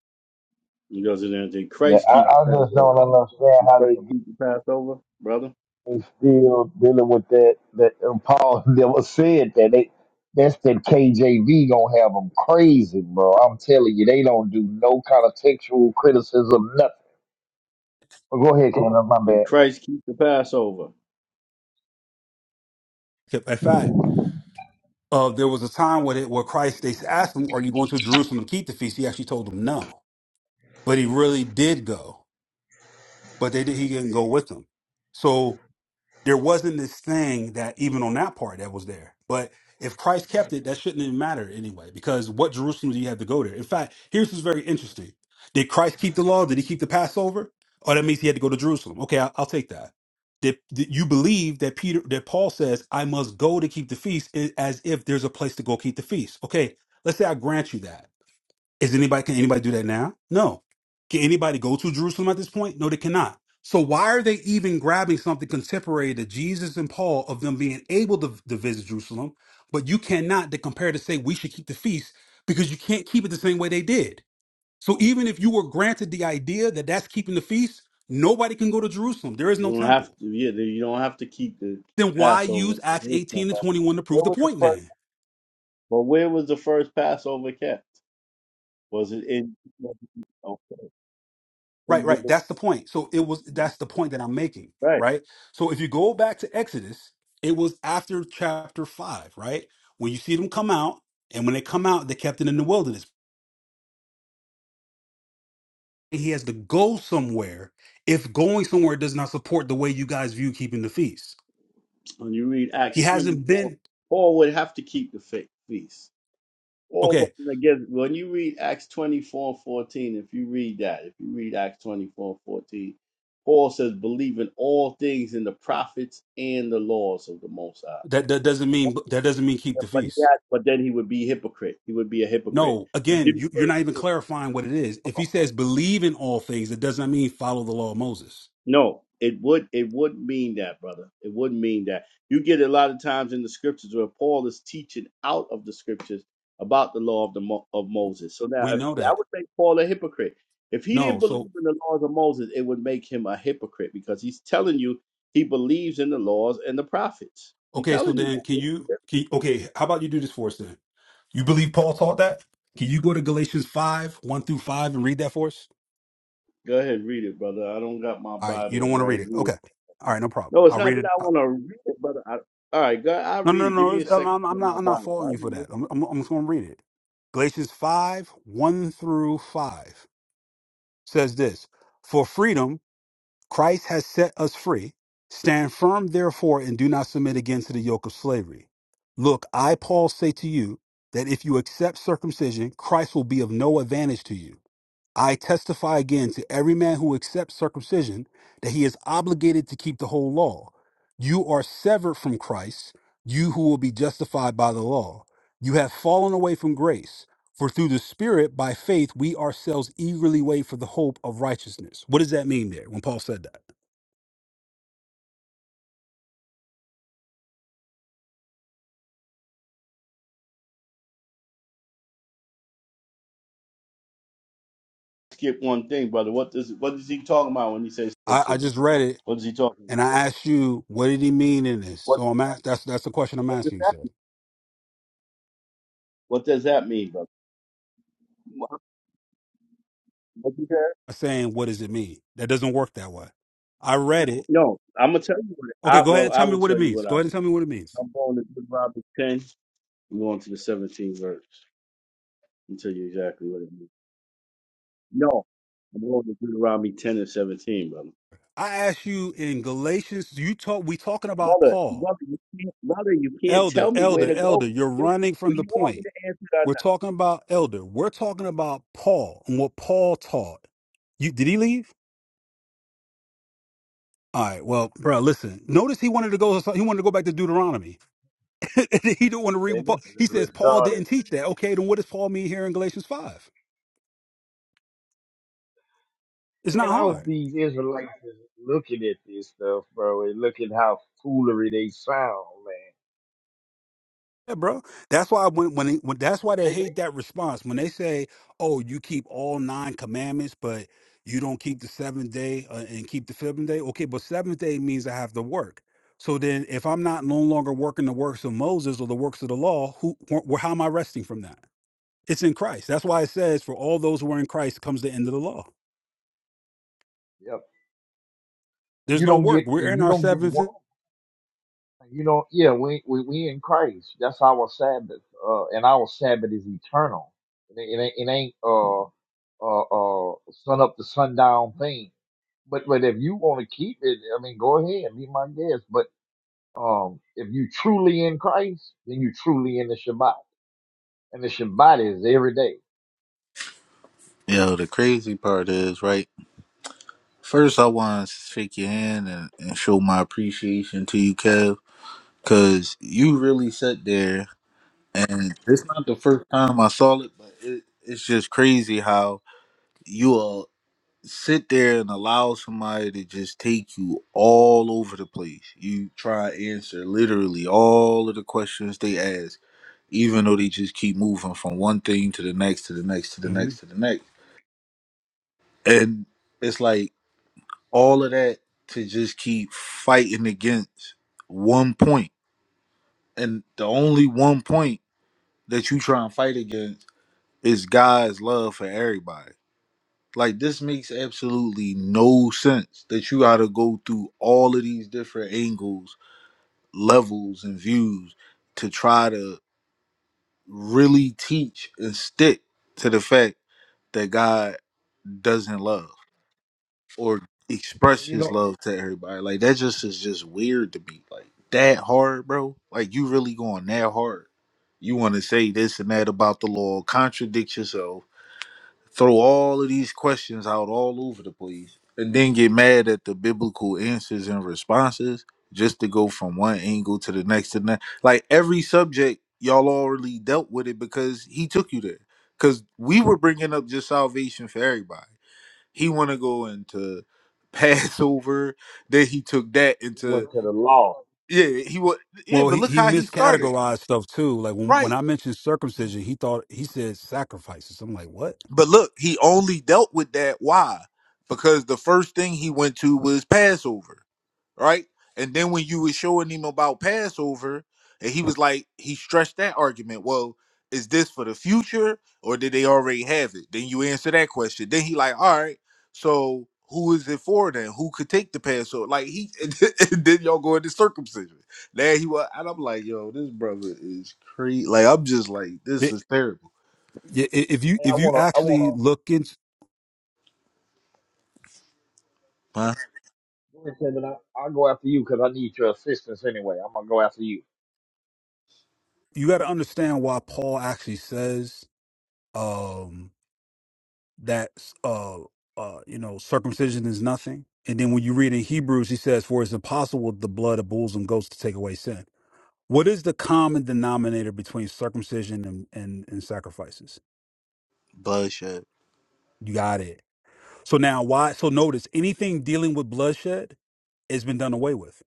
He goes in there and says, Man, Christ I, keep the I just Passover. don't understand Did how Christ they keep the Passover, brother? they still dealing with that. That and Paul never said that. They, that's that KJV gonna have them crazy, bro. I'm telling you, they don't do no kind of textual criticism, nothing. But go ahead, Cannon, my Did bad. Christ keep the Passover? In fact, uh, there was a time where, it, where Christ, they asked him, are you going to Jerusalem to keep the feast? He actually told them no. But he really did go. But they did, he didn't go with them. So there wasn't this thing that even on that part that was there. But if Christ kept it, that shouldn't even matter anyway, because what Jerusalem do you have to go there? In fact, here's what's very interesting. Did Christ keep the law? Did he keep the Passover? Oh, that means he had to go to Jerusalem. Okay, I, I'll take that. Did, did you believe that Peter that Paul says, I must go to keep the feast i- as if there's a place to go keep the feast? Okay, let's say I grant you that. Is anybody can anybody do that now? No. Can anybody go to Jerusalem at this point? No, they cannot. So why are they even grabbing something contemporary to Jesus and Paul of them being able to, to visit Jerusalem, but you cannot to compare to say we should keep the feast because you can't keep it the same way they did. So even if you were granted the idea that that's keeping the feast, nobody can go to Jerusalem. There is You no don't have temple. to yeah, you don't have to keep the Then why Passover. use Acts Where 18 and 21 to prove the was the point first then? but where was the first Passover kept? Was it in okay. Right, right. That's the point. So it was that's the point that I'm making, Right. right? So if you go back to Exodus, it was after chapter five, right? When you see them come out, and when they come out, they kept it in the wilderness. He has to go somewhere if going somewhere does not support the way you guys view keeping the feast. When you read He Acts twenty hasn't four, been Paul would have to keep the fe- feast. Or okay. when again, when you read Acts 24 and 14, if you read that, if you read Acts 24 and 14, Paul says, believe in all things in the prophets and the laws of the Most High. That that doesn't mean that doesn't mean keep Yeah, the But, he feast. had, but then he would be hypocrite. He would be a hypocrite. No, again, you, you're not even clarifying what it is. If he says believe in all things, it does not mean follow the law of Moses. No, it would it would mean that, brother. It would mean that. You get a lot of times in the scriptures where Paul is teaching out of the scriptures about the law of the Mo- of Moses. So now, We if, know I that. would make Paul a hypocrite. If he didn't No, so believe in the laws of Moses, it would make him a hypocrite because he's telling you he believes in the laws and the prophets. He's Okay, so telling you. then can you That. can okay, how about you do this for us then? You believe Paul taught that? Can you go to Galatians 5, 1 through 5 and read that for us? Go ahead, and read it, brother. I don't got my All right, you don't Bible want to right read it. Okay. here. All right, no problem. No, it's I'll not read that it. I Uh, want to read it, brother. I, all right, God, I'll No, no, read it. no, Give no. me it's- a I'm, second to I'm get not my I'm not Bible. faulting I you for read it. that. I'm, I'm, I'm just going to read it. Galatians 5, 1 through 5 says this, "For freedom Christ has set us free. Stand firm, therefore, and do not submit again to the yoke of slavery. Look, I, Paul, say to you that if you accept circumcision, Christ will be of no advantage to you. I testify again to every man who accepts circumcision that he is obligated to keep the whole law. You are severed from Christ, you who will be justified by the law. You have fallen away from grace. For through the Spirit, by faith, we ourselves eagerly wait for the hope of righteousness. What does that mean there when Paul said that? skip one thing, brother. What does what is he talking about when he says strip I, I scissors? just read it What is he talking? and What, I asked you, what did he mean in this? what, So I'm ask, that's that's the question I'm what does asking you, that? sir. What does that mean, brother? What, what does that- I'm saying, what does it mean? That doesn't work that way. I read it. No, I'm gonna tell you what. Okay, I go ahead well, and I tell me will what it tell you means. what Go ahead and I'm. tell me what it means. I'm going to Deuteronomy ten. I'm going to the 17th verse. I'll tell you exactly what it means. No, I'm going to Deuteronomy 10 and 17, brother. I asked you in Galatians, you talk we talking about Brother, Paul. brother, you can't, brother, you can't Elder, tell me where elder, to go. elder, you're Do running from the you want me point. to answer that? We're talking about elder. We're talking about Paul and what Paul taught. You did he leave? All right, well, bro, listen. Notice he wanted to go he wanted to go back to Deuteronomy. he don't want to read what Man, Paul. this He is says Paul retarded, didn't teach that. man. Okay, then what does Paul mean here in Galatians five? It's not Man, I was hard, these Israelites is looking at this stuff, bro, and look at how foolery they sound, man. yeah, bro. That's why when when, they, when that's why they They, hate they- that response when they say, "Oh, you keep all nine commandments, but you don't keep the seventh day uh, and keep the seventh day." Okay, but seventh day means I have to work. So then, if I'm not no longer working the works of Moses or the works of the law, who wh- wh- how am I resting from that? It's in Christ. That's why it says, "For all those who are in Christ comes the end of the law." yep. There's You no don't work. get, We're and in you our don't get one. 7th You know, yeah, we we, we in Christ. That's our Sabbath, uh, and our Sabbath is eternal. It, ain't- it, ain't- it ain't uh uh uh sun up to sundown thing. But but if you want to keep it, I mean, go ahead, be my guest. But um, if you truly in Christ, then you truly in the Shabbat, and the Shabbat is every day. Yo, the crazy part is, right? First, I want to shake your hand and, and show my appreciation to you, Kev, because you really sat there, and it's not the first time I saw it, but it, it's just crazy how you all sit there and allow somebody to just take you all over the place. You try to answer literally all of the questions they ask even though they just keep moving from one thing to the next to the next to the next to the next. And it's like all of that to just keep fighting against one point. And the only one point that you try and fight against is God's love for everybody. Like this makes absolutely no sense that you gotta go through all of these different angles, levels, and views to try to really teach and stick to the fact that God doesn't love or express You his know, love to everybody. Like that just is just weird to me. Like that hard, bro. Like you really going that hard. You want to say this and that about the law, contradict yourself, throw all of these questions out all over the place, and then get mad at the biblical answers and responses just to go from one angle to the next and that. Like every subject, y'all already dealt with it because he took you there. Because we were bringing up just salvation for everybody he want to go into Passover. Then he took that we into went to the law. yeah. He was yeah, Well, but he, look he how he started miscategorized stuff too. Like when, when right. I mentioned circumcision, he thought he said sacrifices. I'm like, what? But look, he only dealt with that. Why? Because the first thing he went to was Passover. right? And then when you were showing him about Passover, and he was like, he stretched that argument. Well, is this for the future, or did they already have it? Then you answer that question. Then he like, all right, so who is it for then? Who could take the Passover? Like he, and then y'all go into circumcision. Now he was, and I'm like, yo, this brother is crazy. Like I'm just like, this It, is terrible. i- i- if you Hey, I if you wanna I actually wanna. look into, Huh? go ahead, Kevin. I- I'll go after you because I need your assistance anyway. I'm gonna go after you, you got to understand why Paul actually says um, that uh, uh, you know circumcision is nothing. And then when you read in Hebrews, he says, "For it's impossible with the blood of bulls and goats to take away sin." What is the common denominator between circumcision and and, and sacrifices? Bloodshed. You got it. So now why so notice anything dealing with bloodshed has been done away with.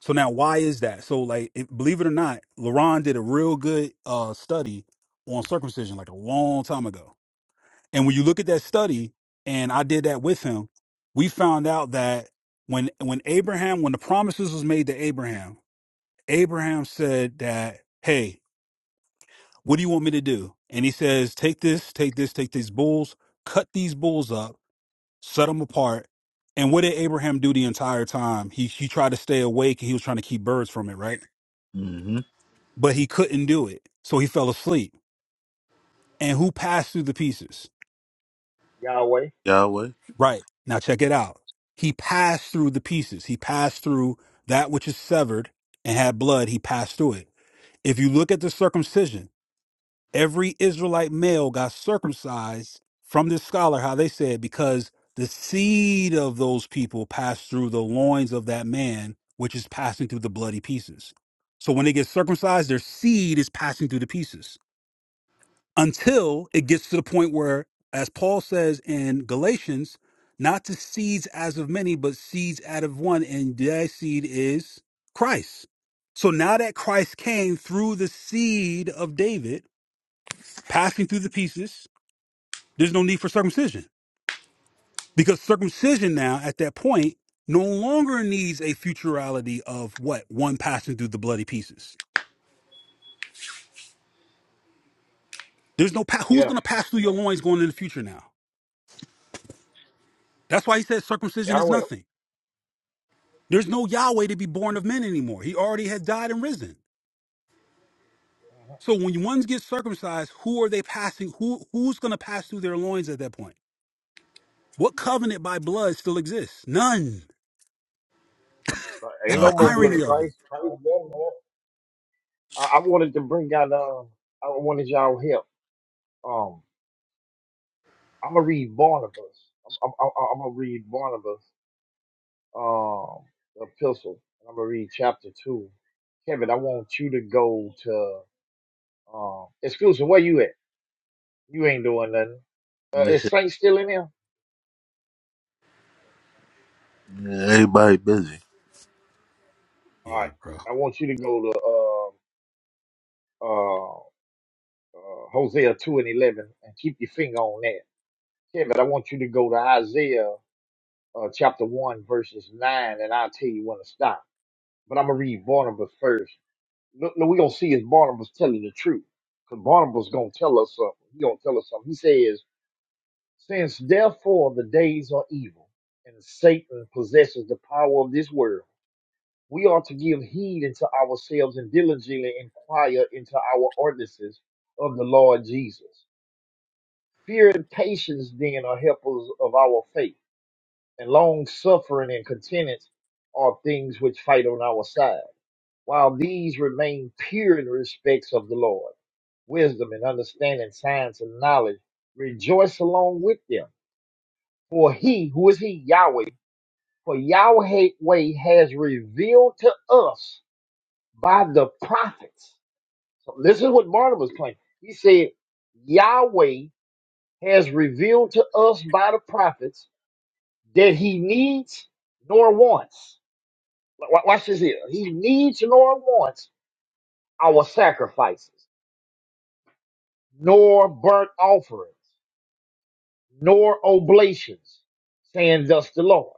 So now why is that? So like it, believe it or not, LaRon did a real good uh study on circumcision like a long time ago. And when you look at that study, and I did that with him, we found out that when when Abraham, when the promises was made to Abraham, Abraham said that, Hey, what do you want me to do? And he says, Take this, take this, take these bulls, cut these bulls up set them apart. And what did Abraham do the entire time? He he tried to stay awake and he was trying to keep birds from it, right? Mm-hmm. But he couldn't do it. So he fell asleep. And who passed through the pieces? Yahweh. Yahweh. Right. Now check it out. He passed through the pieces. He passed through that which is severed and had blood. He passed through it. If you look at the circumcision, every Israelite male got circumcised from this scholar, how they said, because the seed of those people passed through the loins of that man, which is passing through the bloody pieces. So when they get circumcised, their seed is passing through the pieces until it gets to the point where, as Paul says in Galatians, not to seeds as of many, but seeds out of one, and that seed is Christ. So now that Christ came through the seed of David, passing through the pieces, there's no need for circumcision. Because circumcision now, at that point, no longer needs a futurality of what? One passing through the bloody pieces. There's no, pa- who's Yeah, going to pass through your loins going into the future now? That's why he says circumcision is Yahweh. nothing. There's no Yahweh to be born of men anymore. He already had died and risen. Mhm. So when ones get circumcised, who are they passing? Who who's going to pass through their loins at that point? What covenant by blood still exists? None. That's Ain't no No, the he- more blood. irony of it. Christ, Christ done that. I, I wanted to bring out. Um, I wanted y'all help. Um, I'm gonna read Barnabas. I'm, I'm, I'm I'm gonna read Barnabas. Um, epistle. And I'm gonna read chapter two. Kevin, I want you to go to. Um, exclusive. Where you at? You ain't doing nothing. Uh, is Saint still in there? everybody busy. All Yeah, right. bro. I want you to go to uh, uh, uh, Hosea 2 and 11 and keep your finger on that. Kevin, I want you to go to Isaiah uh, chapter 1, verses 9, and I'll tell you when to stop. But I'm going to read Barnabas first. Look, look, we going to see if Barnabas telling the truth. Because Barnabas going to tell us something. He going to tell us something. He says, Since therefore the days are evil, and Satan possesses the power of this world, we are to give heed unto ourselves and diligently inquire into our ordinances of the Lord Jesus. Fear and patience then are helpers of our faith and long suffering and contentment are things which fight on our side, while these remain pure in respects of the Lord. Wisdom and understanding, science and knowledge rejoice along with them. For he, who is he, Yahweh, for Yahweh has revealed to us by the prophets. So this is what Barnabas claimed. He said, Yahweh has revealed to us by the prophets that he needs nor wants. Wa- Watch this here. He needs nor wants our sacrifices, nor burnt offerings, nor oblations, saying thus the Lord.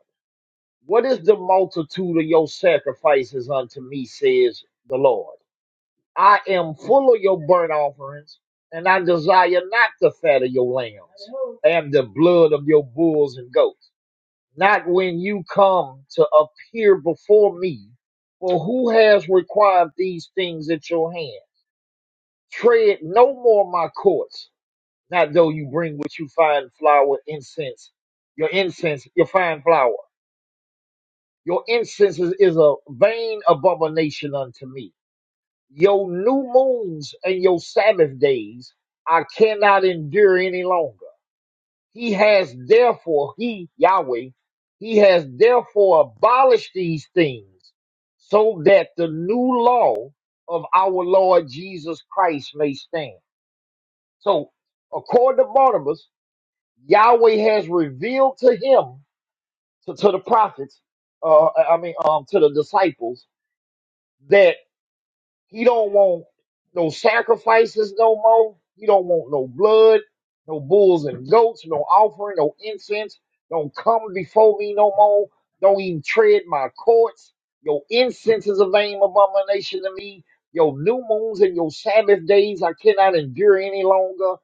What is the multitude of your sacrifices unto me, says the Lord? I am full of your burnt offerings, and I desire not the fat of your lambs and the blood of your bulls and goats. Not when you come to appear before me, for who has required these things at your hand? Tread no more my courts, not though you bring with you fine flour, incense, your incense, your fine flour. Your incense is, is a vain abomination unto me. Your new moons and your Sabbath days I cannot endure any longer. He has therefore, he, Yahweh, he has therefore abolished these things so that the new law of our Lord Jesus Christ may stand So, according to Barnabas, Yahweh has revealed to him, to, to the prophets, uh, I mean, um, to the disciples, that he don't want no sacrifices no more. He don't want no blood, no bulls and goats, no offering, no incense. Don't come before me no more. Don't even tread my courts. Your incense is a vain abomination to me. Your new moons and your Sabbath days I cannot endure any longer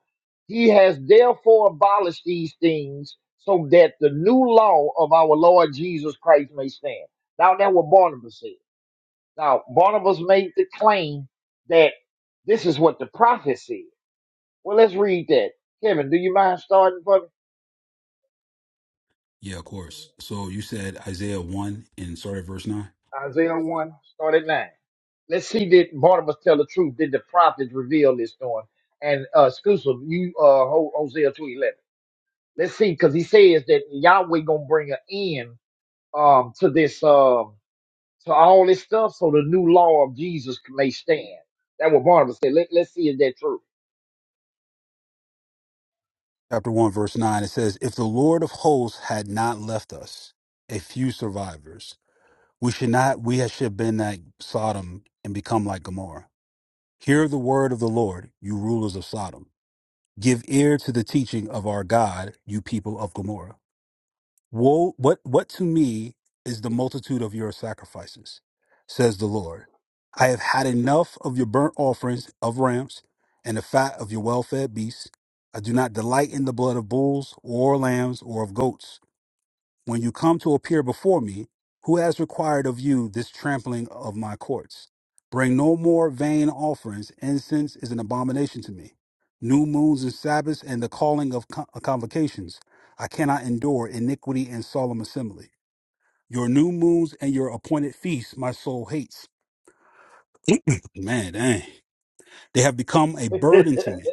he has therefore abolished these things so that the new law of our Lord Jesus Christ may stand. Now that's what Barnabas said. Now Barnabas made the claim that this is what the prophet said. Well, let's read that. Kevin, do you mind starting for me? Yeah, of course. So you said Isaiah 1 and sorry, verse 9. Isaiah 1, start at 9. Let's see did Barnabas tell the truth. Did the prophets reveal this to him? And uh exclusive, you uh Ho- Hosea 211. Let's see, because he says that Yahweh gonna bring an end um to this Um, to all this stuff so the new law of Jesus may stand. That what Barnabas said. Let, let's see if that's true. Chapter 1, verse 9, it says, If the Lord of hosts had not left us, a few survivors, we should not, we should have been like Sodom and become like Gomorrah. Hear the word of the Lord, you rulers of Sodom. Give ear to the teaching of our God, you people of Gomorrah. Woe, what, what to me is the multitude of your sacrifices, says the Lord. I have had enough of your burnt offerings of rams and the fat of your well fed beasts. I do not delight in the blood of bulls or lambs or of goats when you come to appear before me, who has required of you this trampling of my courts? Bring no more vain offerings. Incense is an abomination to me. New moons and Sabbaths and the calling of con- convocations. I cannot endure iniquity and solemn assembly. Your new moons and your appointed feasts my soul hates. Man, dang. They have become a burden to me.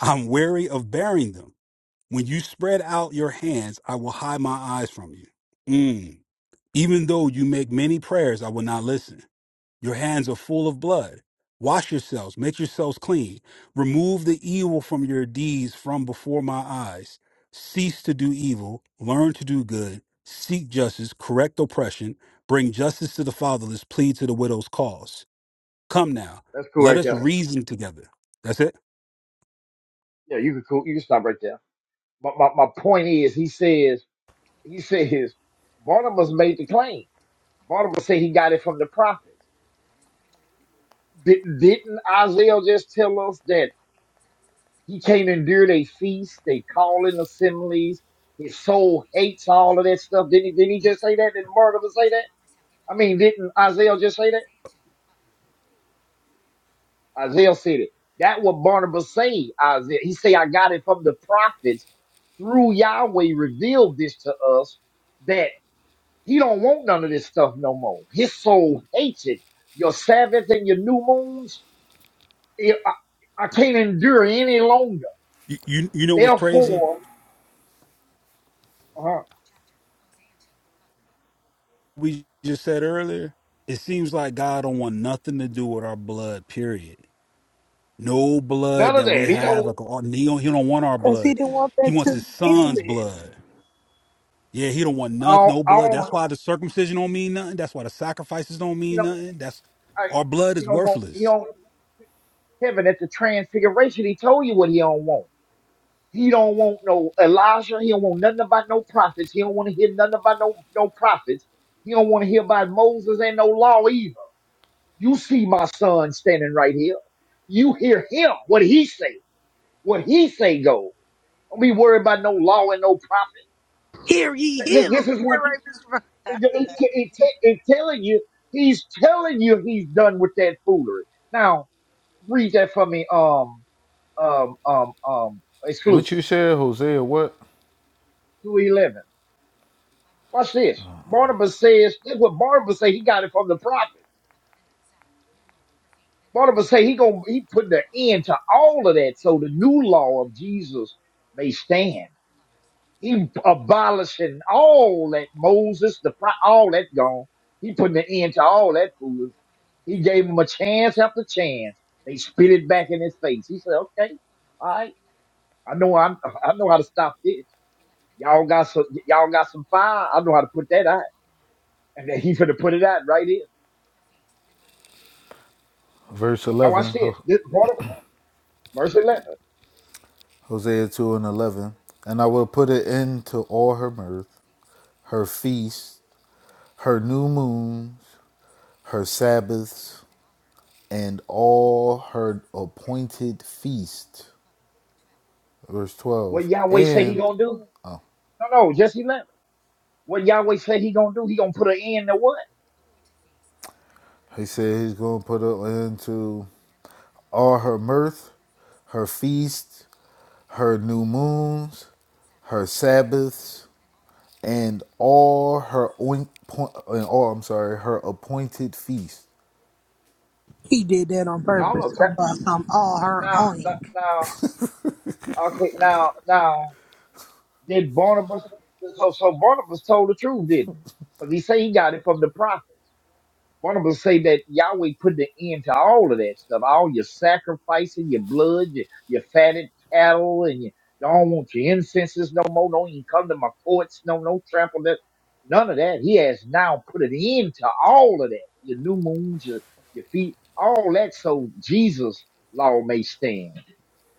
I'm weary of bearing them. When you spread out your hands, I will hide my eyes from you. Mm. Even though you make many prayers, I will not listen. Your hands are full of blood. Wash yourselves, make yourselves clean. Remove the evil from your deeds from before my eyes. Cease to do evil, learn to do good, seek justice, correct oppression, bring justice to the fatherless, plead to the widow's cause. Come now, that's cool let right us there. reason together. That's it. Yeah, you can cool. You can stop right there. My, my, my point is, he says, he says, Barnabas made the claim. Barnabas said he got it from the prophets. Did, didn't Isaiah just tell us that he can't endure their feasts, they calling assemblies, his soul hates all of that stuff? Didn't he, didn't he just say that? Didn't Barnabas say that? I mean, didn't Isaiah just say that? Isaiah said it. That what Barnabas say, Isaiah. He say, I got it from the prophets through Yahweh revealed this to us that he don't want none of this stuff no more. His soul hates it. Your Sabbath and your new moons, it, I, I can't endure any longer. You, you, you know what's crazy? Therefore, uh, We just said earlier, it seems like God don't want nothing to do with our blood, period No none blood of that we that. He have. don't, Like, or- he, don't, he don't want our because he blood. didn't want He that wants to his begin son's with. blood. Yeah, he don't want I nothing, don't, no I blood. That's don't why the circumcision don't mean nothing. That's why the sacrifices don't you mean know, nothing. That's I, our blood he is don't want, he worthless. don't, heaven at the transfiguration, he told you what he don't want. He don't want no Elijah. He don't want nothing about no prophets. He don't want to hear nothing about no, no prophets. He don't want to hear about Moses and no law either. You see my son standing right here. You hear him, what he say. What he say go. Don't be worried about no law and no prophet. Hear ye Th- him. th- This is what That right, Mr. Right? it, it, it, it it telling you. He's telling you he's done with that foolery. Now, read that for me, um, um, um, um, What exclusive. you said, Hosea? What? 211. Watch this. Barnabas says, that's what Barnabas say he got it from the prophets. Barnabas say he gonna he put the end to all of that so the new law of Jesus may stand. He abolishing all that Moses, the pro- all that gone. He putting the end to all that food. He gave him a chance after chance. They spit it back in his face. He said, "Okay, all right, I know I'm, I know how to stop this. Y'all got some, y'all got some fire. I know how to put that out." And then he finna put it out right here. verse Well, now watch 11, this. This brought up verse eleven. Hosea 2 and 11. And I will put an end to all her mirth, her feasts, her new moons, her Sabbaths, and all her appointed feasts. Verse What 12. Yahweh said he And gonna do? No, no, just eleven. What Yahweh said he gonna do? He gonna put an end to what? he said he's going to put an end to all her mirth, her feasts, her new moons, her Sabbaths, and all her oink, point, and all I'm sorry, her appointed feasts. He did that on All purpose. of it. Talking That, about some all now, her now, that, own. now, okay, now, now, did Barnabas? So, so Barnabas told the truth, didn't he? Because he said he got it from the prophet. Barnabas say that Yahweh put an end to all of that stuff, all your sacrificing, your blood, your, your fatted cattle, and you don't want your incenses no more. Don't even come to my courts. No, no trample that. None of that. He has now put an end to all of that. Your new moons, your, your feet, all that. So Jesus' law may stand.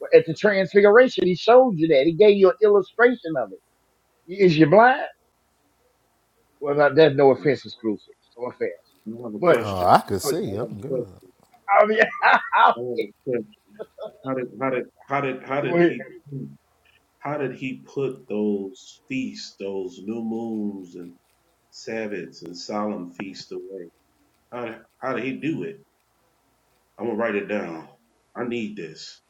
Well, At the transfiguration, he showed you that. He gave you an illustration of it. Is you blind? Well, now, that's no offense exclusive. No offense. I have a But Oh, question. I could uh, I see. have I'm a question. good. I mean, I I have mean, a question. How did how did how did how Go did ahead. he how did he put those feasts, those new moons and Sabbaths and solemn feasts away? How how did he do it? I'm gonna write it down. I need this.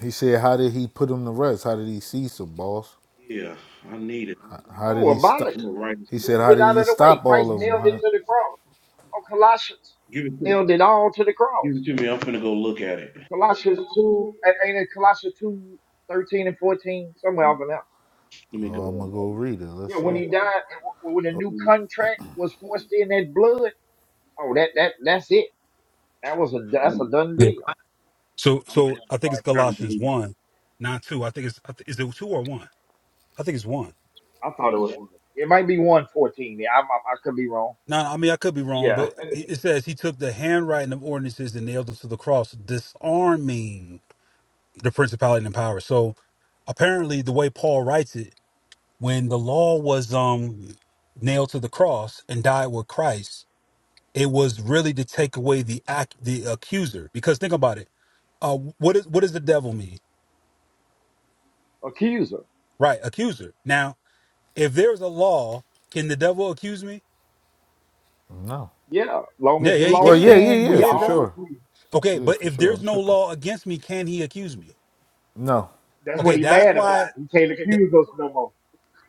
He said, "How did he put him to rest? How did he cease them, boss? Yeah, I need it. I'm How did oh, he abolish it. stop?" gonna write He it. said, Move "How it did out he of the way. stop all Christ of them?" nailed it Huh? to the cross. Oh, Colossians Give it to nailed it all to the give cross. it to me. I'm finna go look at it. Colossians 2, a- ain't it Colossians 2, 13 and 14, somewhere off in there. Let me go. Oh, I'm gonna go read it. Let's Yeah, when see. he died, and w- when the new contract was forced in that blood, oh, that, that, that's it. That was a, Cause that's a I'm, done Yeah. deal. So, I might have so I a think it's hard time Colossians believing. one, not two. I think it's I thi- is it two or one? I think it's one. I thought it was. It might be 114. Yeah, I, I, I could be wrong. Now, I mean, I could be wrong, Yeah. but it it says he took the handwriting of ordinances and nailed them to the cross, disarming the principality and power. So apparently, the way Paul writes it. when the law was um nailed to the cross and died with Christ, it was really to take away the act the accuser. Because think about it. Uh what is what does the devil mean? Accuser. Right, accuser. Now, if there's a law, can the devil accuse me? No. Yeah. Long Yeah, as the yeah, he law Well, can. yeah, stand, yeah, yeah, we Yeah, for bro. all sure. accused. Okay, Yeah, but for if sure. there's I'm no tripping. law against me, can he accuse me? No. That's what Okay, he that's mad about. why He can't th- accuse us no more.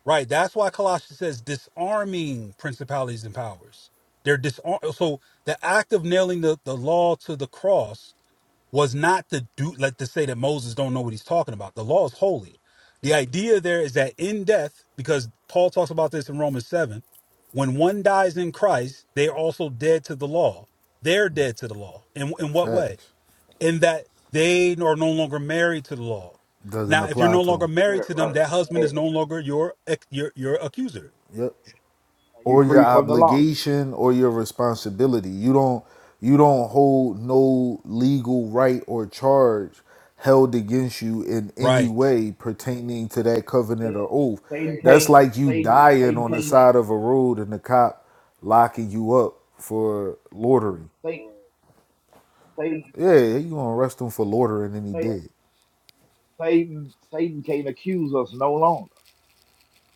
right, that's why Colossians says disarming principalities and powers. They're disarm so the act of nailing the, the law to the cross was not to do like to say that Moses don't know what he's talking about. The law is holy. The idea there is that in death, because Paul talks about this in Romans seven, when one dies in Christ, they are also dead to the law. They're dead to the law. In in what way? Facts In that they are no longer married to the law. doesn't Now, if you're apply no to longer him. married Yeah, to right. them, that Yeah. husband is no Are longer your ac- your your accuser. Yep. you or your free from the law? obligation or your responsibility. You don't you don't hold no legal right or charge held against you in any Right. way pertaining to that covenant Satan or oath. Satan That's can't. like you Satan. dying Satan on can't. the side of a road and the cop locking you up for loitering. Satan. Satan. Yeah, you gonna arrest him for loitering and he Satan. dead. Satan Satan can't accuse us no longer,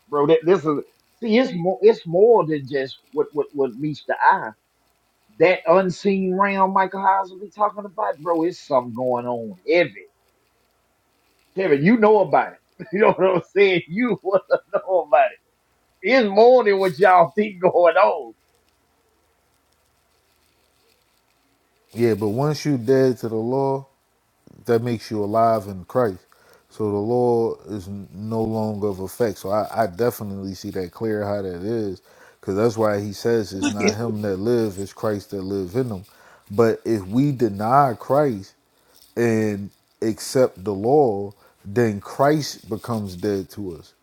bro. That this is see. It's more. It's more than just what what what meets the eye. That unseen realm Michael Hines will be talking about, bro. It's something going on heavy. Kevin, you know about it. You know what I'm saying? You want to know about it. It's more than what y'all think going on. Yeah, but once you dead to the law, that makes you alive in Christ. So the law is n- no longer of effect. So I, I definitely see that clear how that is, because that's why he says it's not him that live, it's Christ that live in him. But if we deny Christ and accept the law, then Christ becomes dead to us.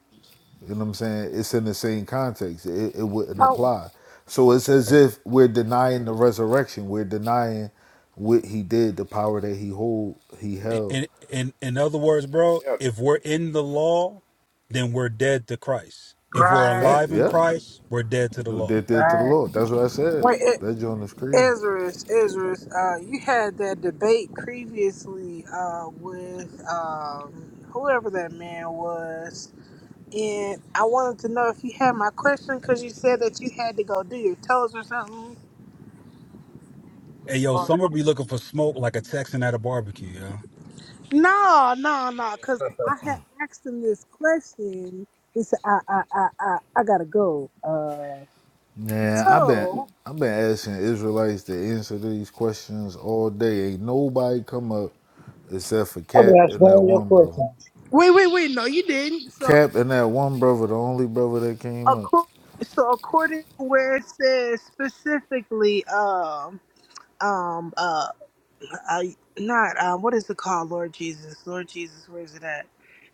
You know what I'm saying? It's in the same context. It, it wouldn't Oh, apply. So it's as if we're denying the resurrection. We're denying what he did, the power that he hold, he held. in in in other words, bro, Yeah, if we're in the law, then we're dead to Christ. If we're right, Fact, alive in yeah. Christ, we're dead to the law. They did to the right. Lord. That's what I said. Wait, it, That joint is crazy. Ezra's, Ezra's, uh, you had that debate previously uh, with um, whoever that man was, and I wanted to know if you had my question because you said that you had to go do your toes or something. Hey yo, Or- summer be looking for smoke like a Texan at a barbecue, yo. No, no, no, because I had asked him this question. He said, "I, I, I, I, I gotta go." Uh, Yeah, I've been so I've been asking Israelites to answer these questions all day. Ain't nobody come up except for I'm Cap gonna ask and that all your one brother. questions. wait, wait, wait. No, you didn't. So. Cap and that one brother, the only brother that came up. According, so according to where it says specifically, um, um, uh, I not um, what is it called? Lord Jesus, Lord Jesus, where is it at?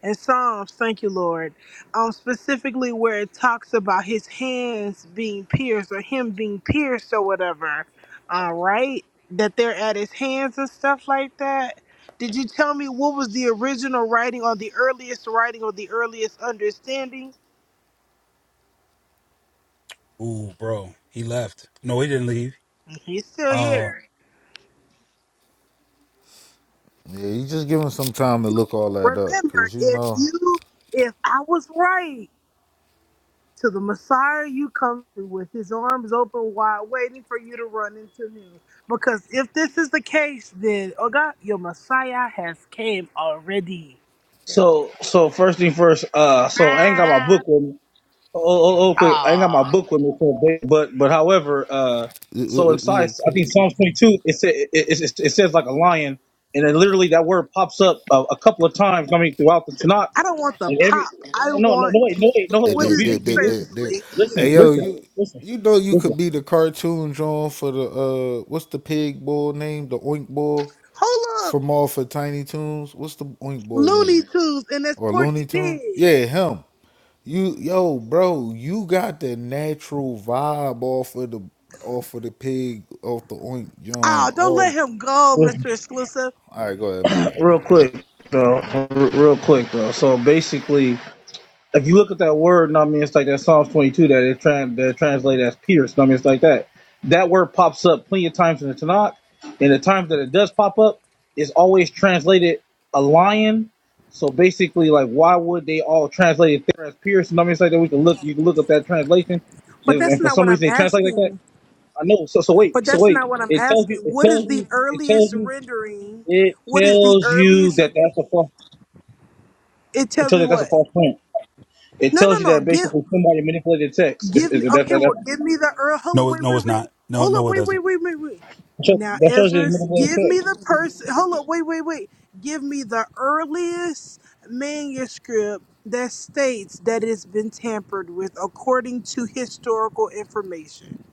In Psalms, thank you, Lord. Um, specifically where it talks about his hands being pierced or him being pierced or whatever. Uh, right? That they're at his hands and stuff like that. Did you tell me what was the original writing or the earliest writing or the earliest understanding? Ooh, bro. He left. No, he didn't leave. He's still Uh here. Yeah, you just give him some time to look all that up, Remember, cause you if know, you, if I was right, to the Messiah you come to with his arms open wide, waiting for you to run into him. Because if this is the case, then oh God, your Messiah has came already. So, so first thing first. Uh, so I ain't got my book with me. Oh, oh, oh, quick. I ain't got my book with me. so, ba- But, but, however, uh, we, so we, in we size, I okay. think Psalms 22, it says it, it, it, it says like a lion, and then literally that word pops up a, a couple of times. I mean, throughout the Tanakh, I don't want the and pop. every. I No, no, want no, wait, no, wait, Eh, no, what no, they- is the they- be, they- be, they- listen, they- Hey translation? yo, you listen, listen, you know you listen, could be the cartoon drawn for the uh, what's the pig bull name? The oink bull. Hold up, from off for Tiny Toons. What's the Oink Boy Looney name? Tunes, and that's Or Porky Looney Tune? Pig. Yeah, him. You yo, bro, you got the natural vibe off of the off of the pig, off the oink John. Oh, don't let All him go, Mr. Exclusive. all right, go ahead, my bad, go real ahead. quick, though, r- real quick, though. So basically, if you look at that word, know what I mean, it's like that Psalms 22 that it trans that translate as pierced. know what I mean, it's like that. That word pops up plenty of times in the Tanakh, and the times that it does pop up, it's always translated a lion. So basically, like, why would they all translate it there as pierced? know what I mean, it's like that. We can look, you can look up that translation, But and, that's and for not some what I'm reason they translate like asking. that. I know. So so wait, But so that's wait. not what I'm It tells asking. you, it What tells is the you, it tells earliest you, rendering? it What is the tells you earliest? that that's a false. It It tells tells me you that's a what? false print. It No, tells no, you no. that Give, basically somebody manipulated text. It's, give it, me. that, Okay, that, that, well, give me the earl. Hold on, no it- wait, no wait, it's not. wait. No, Hold on, no it wait, doesn't. wait, wait, wait, wait. shows, Now, that shows you Ezra, it's manipulated give me text. the person. Hold on, wait, wait, wait. Give me the earliest manuscript that states that it's been tampered with according to historical information.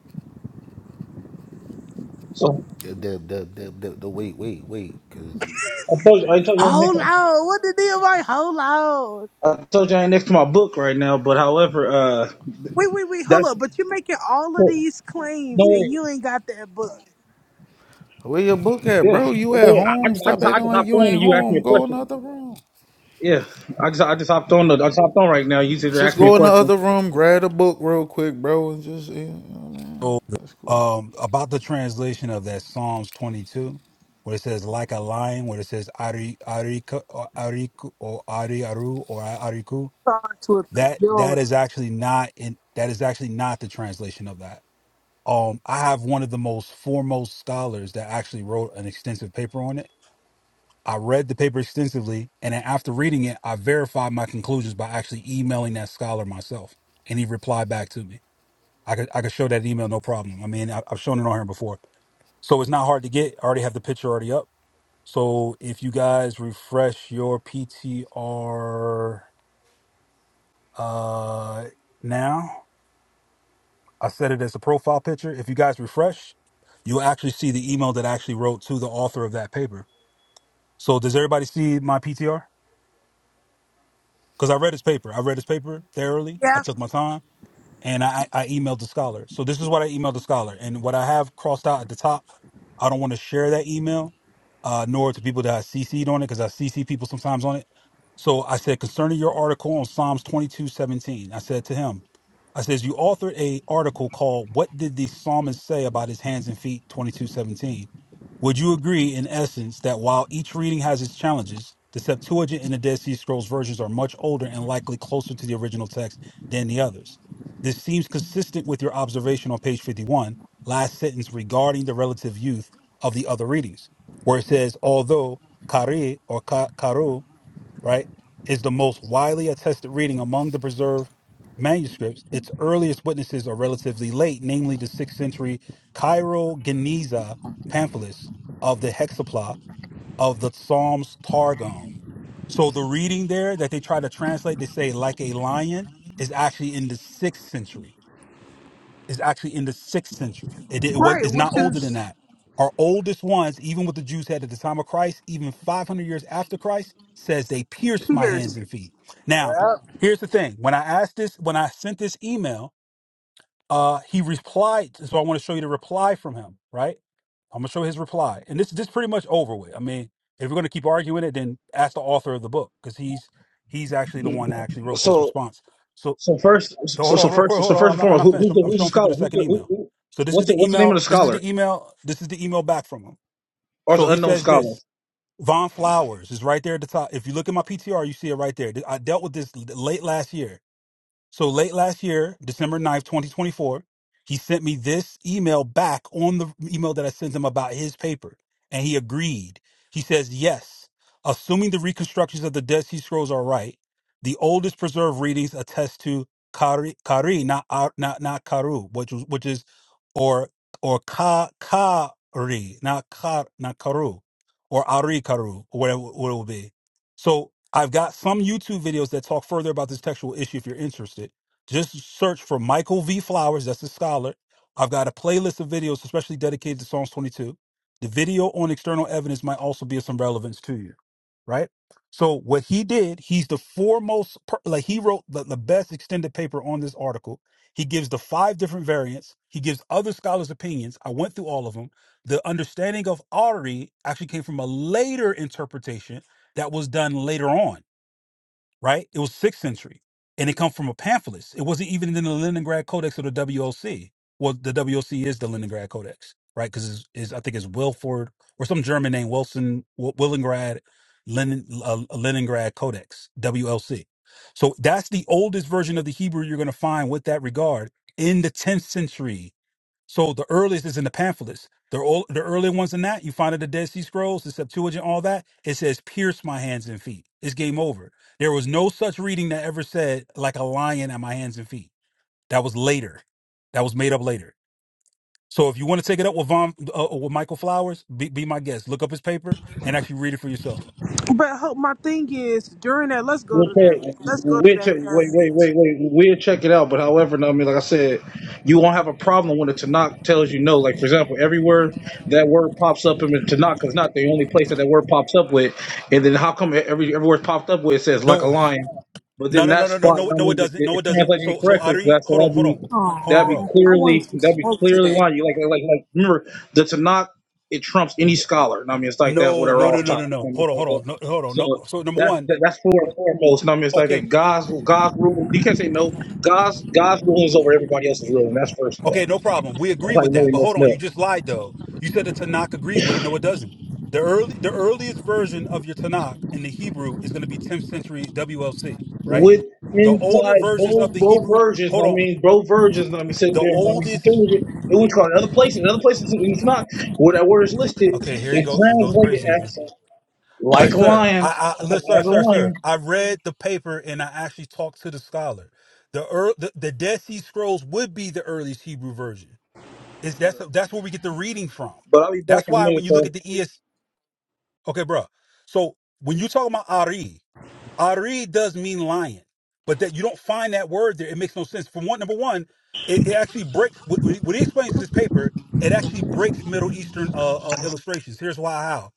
So Yeah, Deb, Deb, Deb, Deb, Deb, wait, wait, wait, cause I told you, I told you, I'm Hold next, on. What the deal? Like, hold on. I told you I ain't next to my book right now. But however, uh, Wait, wait, wait, hold that's up. But you're making all of these claims no and way. you ain't got that book. where your book at, Yeah, bro? You no at way. I, I home? just, I Stop just, I acting just like hopped you on ain't and you asked me home. a Go in question. the other room. Yeah, I just, I just hopped on. The, I just hopped on right now. You just Just asked me a go in the question. other room, grab a book real quick, bro, and just you know what I mean? So That's cool. um about the translation of that Psalms twenty two, where it says like a lion, where it says Ari Arika or Ariku or Ari Aru or Ariku. Start to a that Joe. that is actually not in that is actually not the translation of that um i have one of the most foremost scholars that actually wrote an extensive paper on it i read the paper extensively and then after reading it i verified my conclusions by actually emailing that scholar myself and he replied back to me i could i could show that email no problem i mean I, i've shown it on here before so it's not hard to get i already have the picture already up so if you guys refresh your ptr uh now I set it as a profile picture. If you guys refresh, you'll actually see the email that I actually wrote to the author of that paper. So does everybody see my PTR? Because I read his paper. I read his paper thoroughly. I Yeah, took my time and I, I emailed the scholar. So this is what I emailed the scholar, and what I have crossed out at the top, I don't want to share that email, uh, nor to people that I CC'd on it because I CC people sometimes on it. So I said concerning your article on Psalms twenty two seventeen, I said to him, I says you authored a article called "What Did the Psalmist Say About His Hands and Feet?" twenty two seventeen. Would you agree, in essence, that while each reading has its challenges, the Septuagint and the Dead Sea Scrolls versions are much older and likely closer to the original text than the others? This seems consistent with your observation on page 51, last sentence regarding the relative youth of the other readings, where it says, although Kari or Ka- Karu, right, is the most widely attested reading among the preserved manuscripts, its earliest witnesses are relatively late, namely the 6th century Cairo Geniza pamphlets of the Hexapla of the Psalms Targum. So the reading there that they try to translate, they say like a lion, is actually in the 6th century is actually in the sixth century. It, it was right, it's which not older than is that. Our oldest ones, even what the Jews had at the time of Christ, even 500 years after Christ, says they pierced my hands Pierce. and feet. Now, Yep. here's the thing: when I asked this, when I sent this email, uh, he replied. So I want to show you the reply from him. Right? I'm gonna show his reply, and this this pretty much over with. I mean, if we're gonna keep arguing it, then ask the author of the book because he's he's actually the one that actually wrote this So, response. So. so first, So so, hold so on, real quick. first, so Hold on. first I'm and not. I'm foremost, not who, finished. who's I'm, the, I'm who's the showing people scholar? the Who's second the, who, email. who, So this is what's the, the what's the name of email. the This is scholar? the email. This is the email back from him. Or it's So an he unknown says scholar? this. Von Flowers is right there at the top. If you look at my PTR, you see it right there. I dealt with this late last year. So late last year, December ninth, 2024, he sent me this email back on the email that I sent him about his paper. And he agreed. He says, yes, assuming the reconstructions of the Dead Sea Scrolls are right, the oldest preserved readings attest to Kari, Kari not, Ar- not, not Karu, which, was, which is, or, or Ka, Kari, not Kar, not Karu, or Ari Karu, or whatever, what it will be. So I've got some YouTube videos that talk further about this textual issue if you're interested. Just search for Michael V. Flowers, that's a scholar. I've got a playlist of videos especially dedicated to Psalms 22. The video on external evidence might also be of some relevance to you, right? So what he did, he's the foremost, per- like he wrote the, the best extended paper on this article. He gives the five different variants. He gives other scholars' opinions. I went through all of them. The understanding of Ari actually came from a later interpretation that was done later on right? It was sixth century, and it comes from a pamphlet. It wasn't even in the Leningrad Codex or the WOC. Well, the WOC is the Leningrad Codex, right? Because it's, it's, I think it's Wilford or some German name, Wilson, Wil- Willingrad, Lenin, uh, Leningrad Codex, WLC. So that's the oldest version of the Hebrew you're going to find with that regard in the 10th century so the earliest is in the pamphlets. The, ol- the early ones in that, you find in the Dead Sea Scrolls, the Septuagint, all that, it says, pierce my hands and feet. It's game over. There was no such reading that ever said, like a lion at my hands and feet. That was later. That was made up later. So if you want to take it up with Von, uh, uh, with Michael Flowers, be, be my guest. Look up his paper and actually read it for yourself. But ho- my thing is, during that, let's go We'll to check. that. Let's go to We'll that check. Wait, wait, passage. wait, wait. We'll check it out. But however, no, I mean, like I said, you won't have a problem when the Tanakh tells you no. Like for example, everywhere that word pops up in the Tanakh is not the only place that that word pops up with. And then how come every everywhere it's popped up with it says like a No, lion, but no, then no, no, that no, no, spot, no, I no, it mean, it, doesn't. No, it it doesn't. translated So, so incorrectly. So Ari, that's so hold on, that'd hold be on, hold on, that'd be bro. Oh, I want clearly to that'd be smoke clearly today. lying. You like like like remember the Tanakh it trumps any scholar. And I mean, it's like that. No, Whatever no, no, off no, top. no, I no. mean, Hold it's on, like hold that. on, no, hold on. No. So, So number that, one, that that's for and foremost. No, I mean, it's like a okay. God's God's rule. You can't say no. God's God's rule is over everybody else's rule, and that's first step. Okay, no problem. We That's agree like with that. really But hold messing on, you up. just lied though. You said the Tanakh agrees with it. No, it doesn't. The early the earliest version of your Tanakh in the Hebrew is going to be 10th century WLC, right? With The older inside versions of both the both Hebrew, versions, hold I on. mean, both versions. Let me sit The there and I mean, oldest security. It went to other places. Other places, and it's not where that word is listed. Okay, here he It's goes. He goes translated crazy again. as All right, like a sir. lion, I, I listen, sir, as a sir, sir. lion. I read the paper and I actually talked to the scholar. The, ear the the Dead Sea Scrolls would be the earliest Hebrew version. Is that's But that's where we get the reading from. I'll be back That's in a why when minute, you though. look at the ESV. Okay, bro. So when you talk about Ari, Ari does mean lion, but that you don't find that word there. It makes no sense. For one, number one, it, it actually breaks. What what he explains in this paper, it actually breaks Middle Eastern uh, uh, illustrations. Here's why how,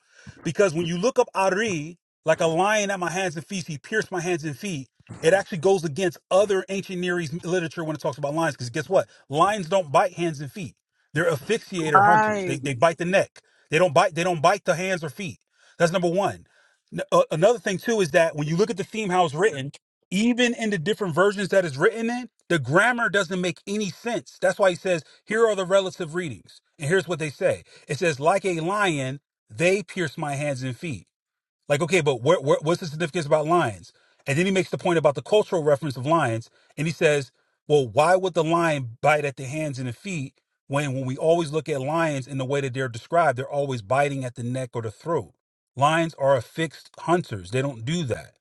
because when you look up Ari, like a lion at my hands and feet, he pierced my hands and feet. It actually goes against other ancient Near East literature when it talks about lions, because guess what? Lions don't bite hands and feet. They're asphyxiator hunters. They Right. they bite the neck. They don't bite. They don't bite the hands or feet. That's number one. N- uh, another thing too is that when you look at the theme how it's written, even in the different versions that it's written in, the grammar doesn't make any sense. That's why he says, "Here are the relative readings," and here's what they say. It says, "Like a lion, they pierced my hands and feet." Like, okay, but where, where, what's the significance about lions? And then he makes the point about the cultural reference of lions, and he says, well, why would the lion bite at the hands and the feet when when we always look at lions in the way that they're described, they're always biting at the neck or the throat. Lions are affixed hunters; they don't do that.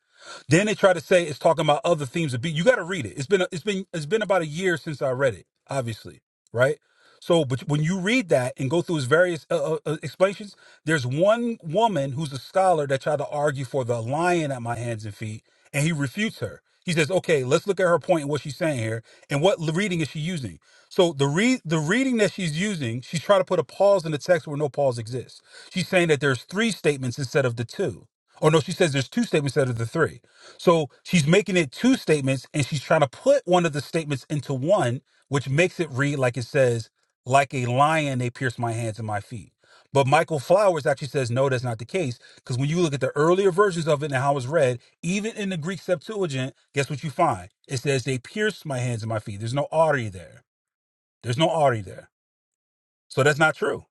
Then they try to say it's talking about other themes of being. You got to read it. It's been it's been it's been about a year since I read it, obviously, right? So, but when you read that and go through his various uh, uh, uh, explanations, there's one woman who's a scholar that tried to argue for the lion at my hands and feet, and he refutes her. He says, "Okay, let's look at her point and what she's saying here, and what l- reading is she using?" So the re- the reading that she's using, she's trying to put a pause in the text where no pause exists. She's saying that there's three statements instead of the two. Or no, she says there's two statements instead of the three. So she's making it two statements, and she's trying to put one of the statements into one, which makes it read like it says, "Like a lion, they pierced my hands and my feet." But Michael Flowers actually says no, that's not the case. Because when you look at the earlier versions of it and how it's read, even in the Greek Septuagint, guess what you find? It says they pierced my hands and my feet. There's no artery there. There's no artery there. So that's not true.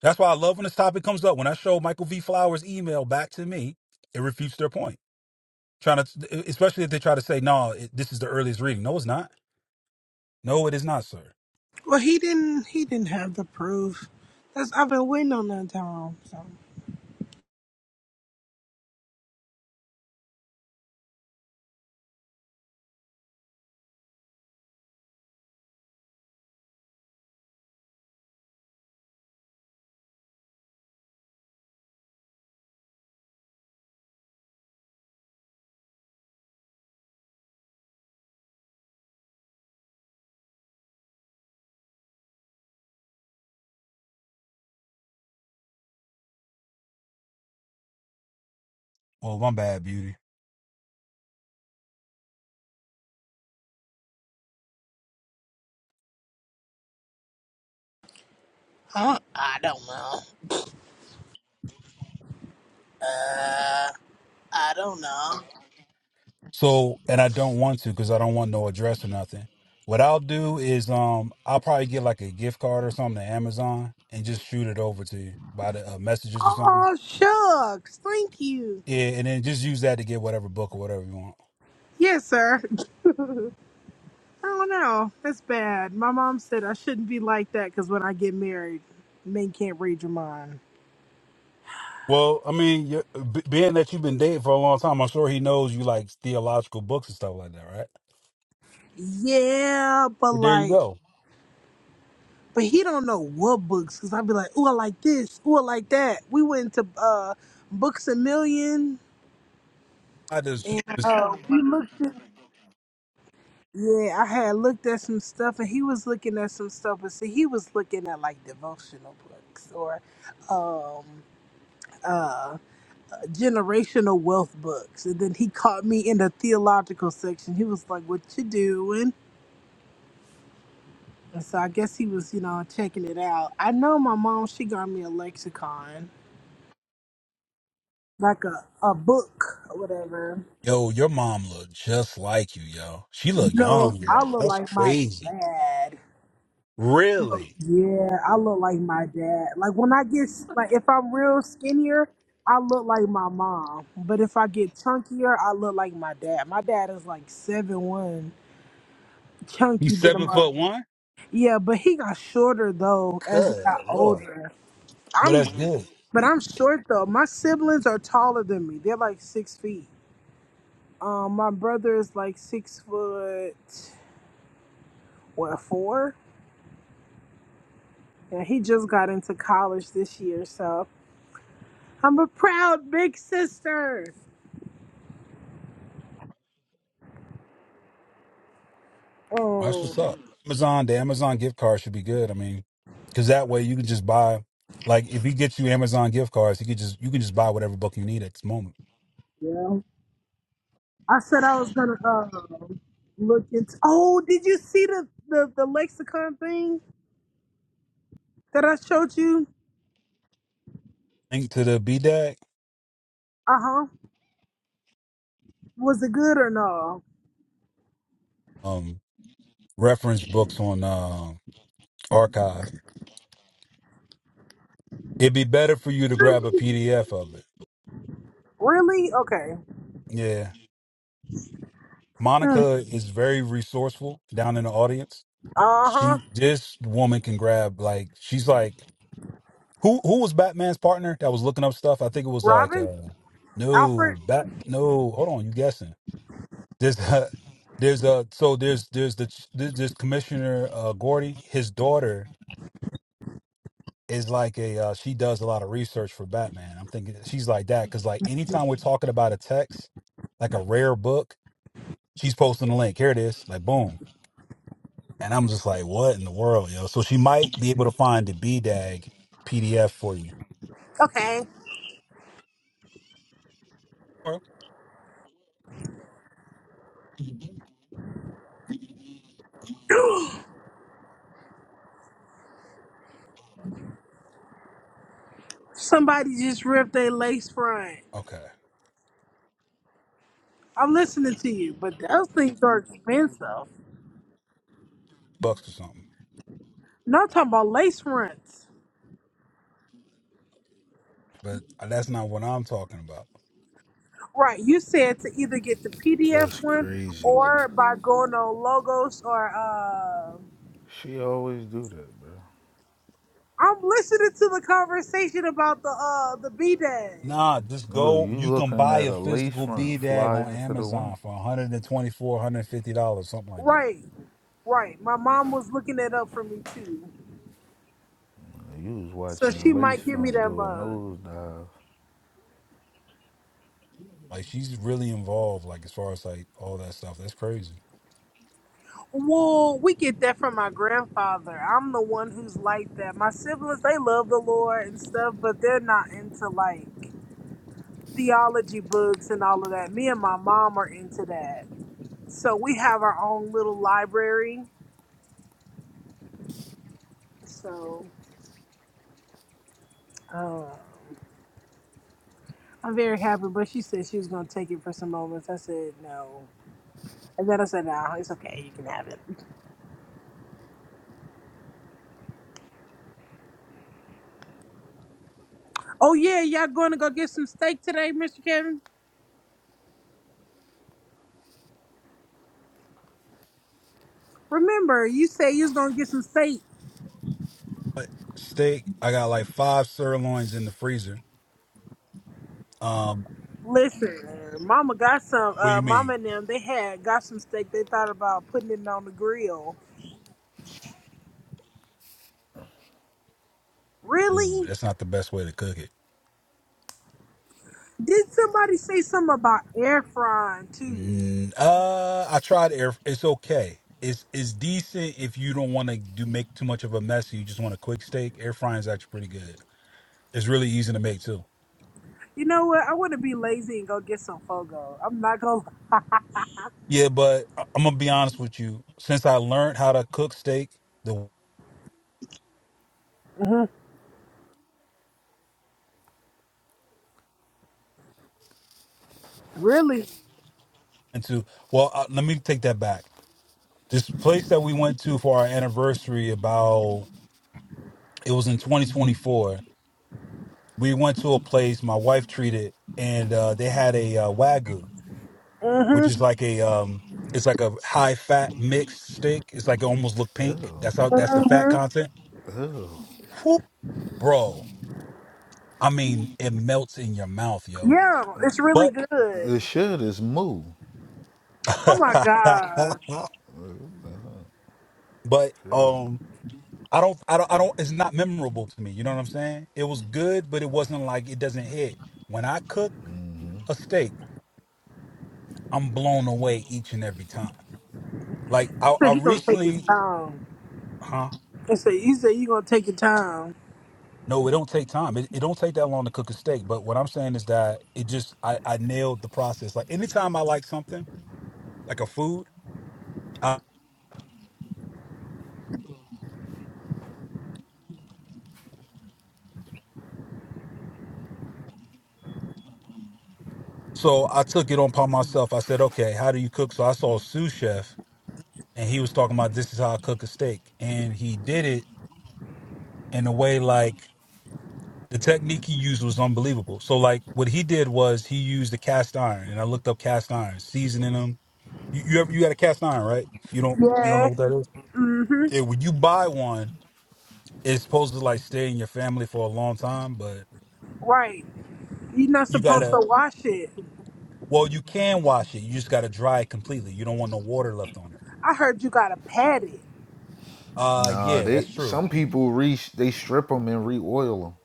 That's why I love when this topic comes up. When I show Michael V. Flowers' email back to me, it refutes their point. Trying to, especially if they try to say, no, it, this is the earliest reading. No, it's not. No, it is not, sir. Well, he didn't. He didn't have the proof. That's I've been waiting on that time. So. Well, my bad, beauty. Huh? I don't know. Uh, I don't know. So, and I don't want to because I don't want no address or nothing. What I'll do is, um, I'll probably get like a gift card or something to Amazon and just shoot it over to you by the uh, messages or something. Oh shucks! Thank you. Yeah, and then just use that to get whatever book or whatever you want. Yes, sir. Oh no, that's bad. My mom said I shouldn't be like that because when I get married, men can't read your mind. Well, I mean, you b- being that you've been dating for a long time, I'm sure he knows you like theological books and stuff like that, right? Yeah, but But there you like, go. but he don't know what books because I'd be like, ooh, I like this, ooh, I like that. We went to uh, Books a Million, I just, and just uh, we looked. Yeah, I had looked at some stuff, and he was looking at some stuff, but see, he was looking at like devotional books or, um, uh, generational wealth books. And then he caught me in the theological section. He was like, What you doing? And so I guess he was, you know, checking it out. I know my mom, she got me a lexicon, like a, a book or whatever. yo, your mom look just like you, yo. She You look know, young, I yo. look That's like my crazy. dad. Really? Yeah, I look like my dad. Like when I get, like if I'm real skinnier, I look like my mom. But if I get chunkier, I look like my dad. My dad is like seven one, chunky He's than a seven mug. foot one. Yeah, but he got shorter though as he Good got Lord. older. Well, I'm, that's good. but I'm short though. My siblings are taller than me. They're like six feet. Um, my brother is like six foot, what four? And he just got into college this year, so I'm a proud big sister. That's Oh, what's up. Amazon, the Amazon gift card should be good. I mean, because that way you can just buy, like, if he gets you Amazon gift cards, you could just you can just buy whatever book you need at this moment. yeah. I said I was gonna uh, look into. Oh, did you see the the, the lexicon thing that I showed you? Link to the B BDAC, Uh huh. Was it good or no? um, reference books on uh, archive. It'd be better for you to grab a PDF of it. Really? Okay. Yeah, Hmm. Monica is very resourceful down in the audience. Uh huh. She, this woman can grab like she's like Who who was Batman's partner that was looking up stuff? I think it was like Robin? uh no Alfred? bat no hold on you guessing there's uh, there's uh so there's there's the ch- there's there's Commissioner uh, Gordy his daughter is like a uh, she does a lot of research for Batman. I'm thinking she's like that because like anytime we're talking about a text like a rare book she's posting a link here it is like boom and I'm just like what in the world yo so she might be able to find the B PDF for you. Okay. Or- Somebody just ripped a lace front. Okay, I'm listening to you, but those things are expensive. bucks or something. No, I'm talking about lace fronts. but that's not what I'm talking about. Right. You said to either get the PDF That's one crazy work. or by going on logos or uh She always do that, bro. I'm listening to the conversation about the uh the B day. Nah, just Look, go. you You can looking buy at a a lace physical B front dag fly on into the wind. Amazon for 124 $150, something like that. Right, right. My mom was looking that up for me too. You was So watching a she lace might give me front that do a mug. nosedive. Like she's really involved, like as far as like all that stuff. That's crazy. Well, we get that from my grandfather. I'm the one who's like that. My siblings, they love the Lord and stuff, but they're not into like theology books and all of that. Me and my mom are into that. So we have our own little library. So um, I'm very happy, but she said she was going to take it for some moments. I said no. And then I said, no, it's okay. You can have it. Oh, yeah, y'all going to go get some steak today, Mr. Kevin? Remember, you said you was going to get some steak. Steak, I got like five sirloins in the freezer. Um, Listen, Mama got some. what do you Uh, Mama mean? and them they had got some steak. They thought about putting it on the grill. Ooh, Really? that's not the best way to cook it. Did somebody say something about air frying too? Mm, uh, I tried air. It's okay. It's it's decent if you don't want to do make too much of a mess. You just want a quick steak. Air frying is actually pretty good. It's really easy to make too. You know what? I want to be lazy and go get some fogo. I'm not gonna lie. Yeah, but I- I'm gonna be honest with you. Since I learned how to cook steak, the Mhm. Really? into well, uh, let me take that back. This place that we went to for our anniversary about it was in 2024. We went to a place my wife treated, and uh, they had a uh, wagyu, which Mm-hmm. is like a um, it's like a high fat mixed steak. It's like it almost look pink. Ew, That's how that's the fat Mm-hmm. content. ew. Whew, bro, I mean, it melts in your mouth, yo. Yeah, it's really But good. It should is moo. It's Oh my gosh. but crazy. um I don't I don't I don't it's not memorable to me. You know what I'm saying? It was good, but it wasn't like it doesn't hit. When I cook a steak, I'm blown away each and every time. Like I He said I he gonna take his recently time. huh? He said he said you gonna take your time. No, it don't take time. It, it don't take that long to cook a steak. But what I'm saying is that it just I, I nailed the process. Like anytime I like something, like a food, I, so I took it on upon myself. I said, okay, how do you cook? So I saw a sous chef and he was talking about this is how I cook a steak. And he did it in a way like the technique he used was unbelievable. So like what he did was he used the cast iron, and I looked up cast iron seasoning them. You you, ever, you got a cast iron, right? You don't you don't know Yeah. what that is. Mm-hmm. Yeah, when you buy one, it's supposed to like stay in your family for a long time, but Right. You're not you supposed gotta to wash it. well you can wash it. You just gotta dry it completely. You don't want no water left on it. I heard you gotta pat it. Uh Nah, yeah, that's they true. some people re they strip them and re-oil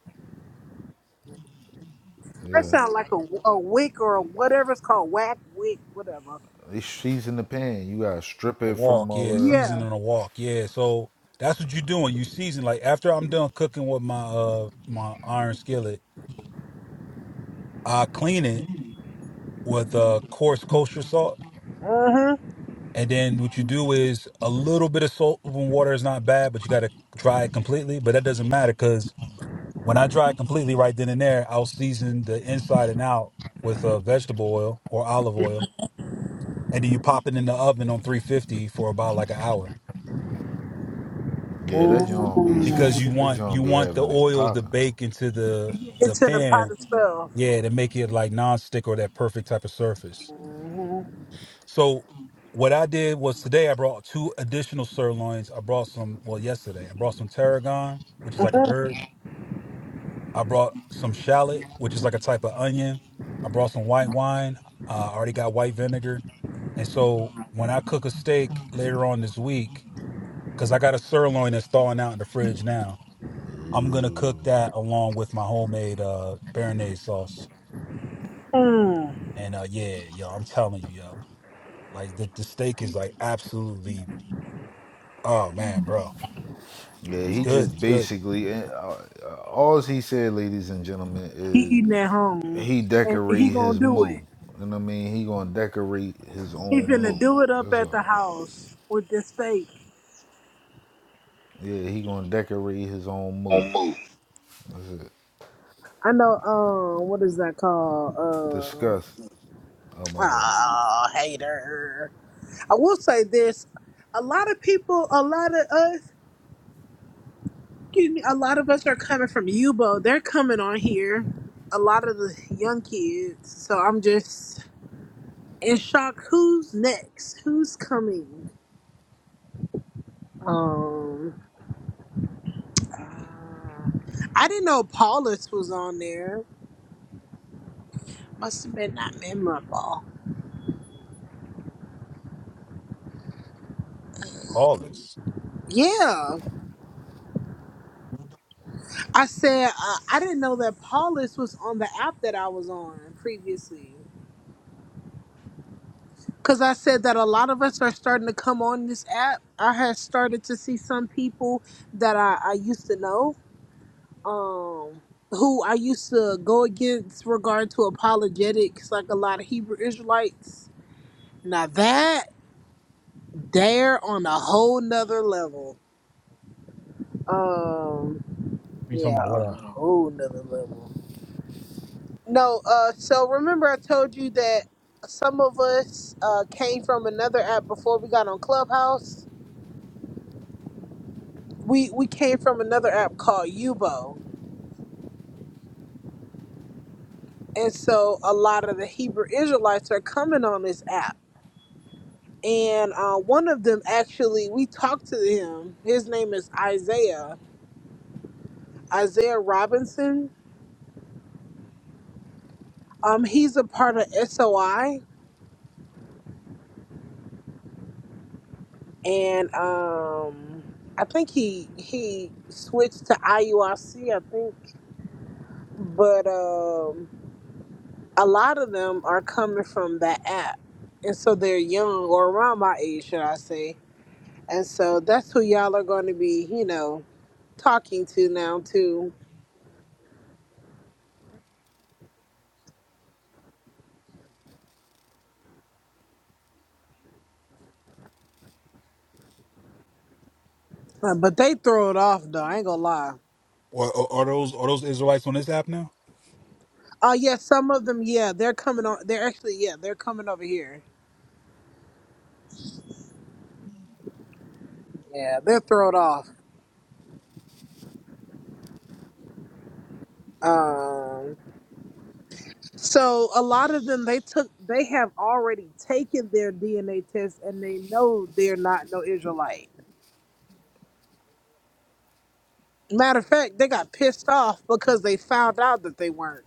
them. That Yeah, sounds like a, a wick or a whatever it's called, whack wick, whatever. they season the pan. You gotta strip A it from walk, all yeah, of Yeah. seasoning a walk, yeah. So that's what you're doing. You season like after I'm done cooking with my uh my iron skillet, I clean it with a coarse kosher salt. Uh huh. And then what you do is a little bit of salt and water is not bad, but you got to dry it completely. But that doesn't matter because when I dry it completely right then and there, I'll season the inside and out with uh, vegetable oil or olive oil, and then you pop it in the oven on 350 for about like an hour that. Yeah, that John be because you that want John you be want the having it oil to popping. huh? bake into the the Into the pot pan, of stuff. yeah, to make it like nonstick or that perfect type of surface. So what I did was today I brought two additional sirloins. I brought some well yesterday. I brought some tarragon, which is like a herb. I brought some shallot, which is like a type of onion. I brought some white wine. Uh, I already got white vinegar. And so when I cook a steak later on this week, because I got a sirloin that's thawing out in the fridge now, I'm gonna cook that along with my homemade uh béarnaise sauce. Mhm. And uh yeah, yo, I'm telling you, yo, like the, the steak is like absolutely oh man, bro. Yeah, It's he good. just It's good. basically uh, uh, all he said, ladies and gentlemen, He is eating at home, he and he decorate gonna his do move, it. You know what I mean? He gonna decorate his He own finna move. do it up That's at the all. house with the steak. Yeah, he gonna decorate his own move. On move. That's it. I know. Um, what is that called? Disgust. Oh Uh, my bad. ah, hater. I will say this: a lot of people, a lot of us. Excuse me, a lot of us are coming from Yubo. They're coming on here. A lot of the young kids. So I'm just in shock. Who's next? Who's coming? Um, uh, I didn't know Paulus was on there. Must have been not memorable. Paul is. Yeah, I said uh, I didn't know that Paulus was on the app that I was on previously. Because I said that a lot of us are starting to come on this app. I had started to see some people that I, I used to know, um, who I used to go against regard to apologetics, like a lot of Hebrew Israelites. Now that they're on a whole nother level. Um, You yeah, talking about what? a app? whole nother level. No, uh, so remember I told you that some of us uh, came from another app before we got on Clubhouse we we came from another app called Yubo, and so a lot of the Hebrew Israelites are coming on this app. And uh, one of them actually, we talked to him. His name is Isaiah Isaiah Robinson. Um, he's a part of SOI, and um, I think he he switched to IUIC, I C, I think. But um, a lot of them are coming from that app, and so they're young or around my age, should I say? And so that's who y'all are going to be, you know, talking to now too. Uh, but they throw it off though. I ain't gonna lie. Or, or are those are those Israelites on this app now? Oh yeah, some of them. Yeah, they're coming on. They're actually yeah, they're coming over here. Yeah, they're thrown off. Um, so a lot of them they took they have already taken their DNA test and they know they're not no Israelite. Matter of fact, they got pissed off because they found out that they weren't.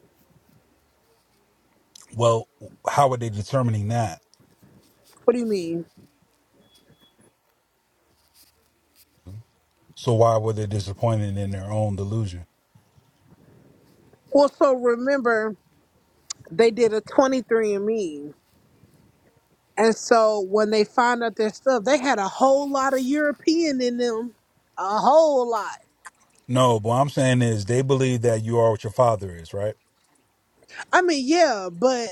Well, how are they determining that? What do you mean? So why were they disappointed in their own delusion? Well, so remember they did a 23 and Me. And so when they found out their stuff, they had a whole lot of European in them, a whole lot. No, but what I'm saying is they believe that you are what your father is, right? I mean, yeah, but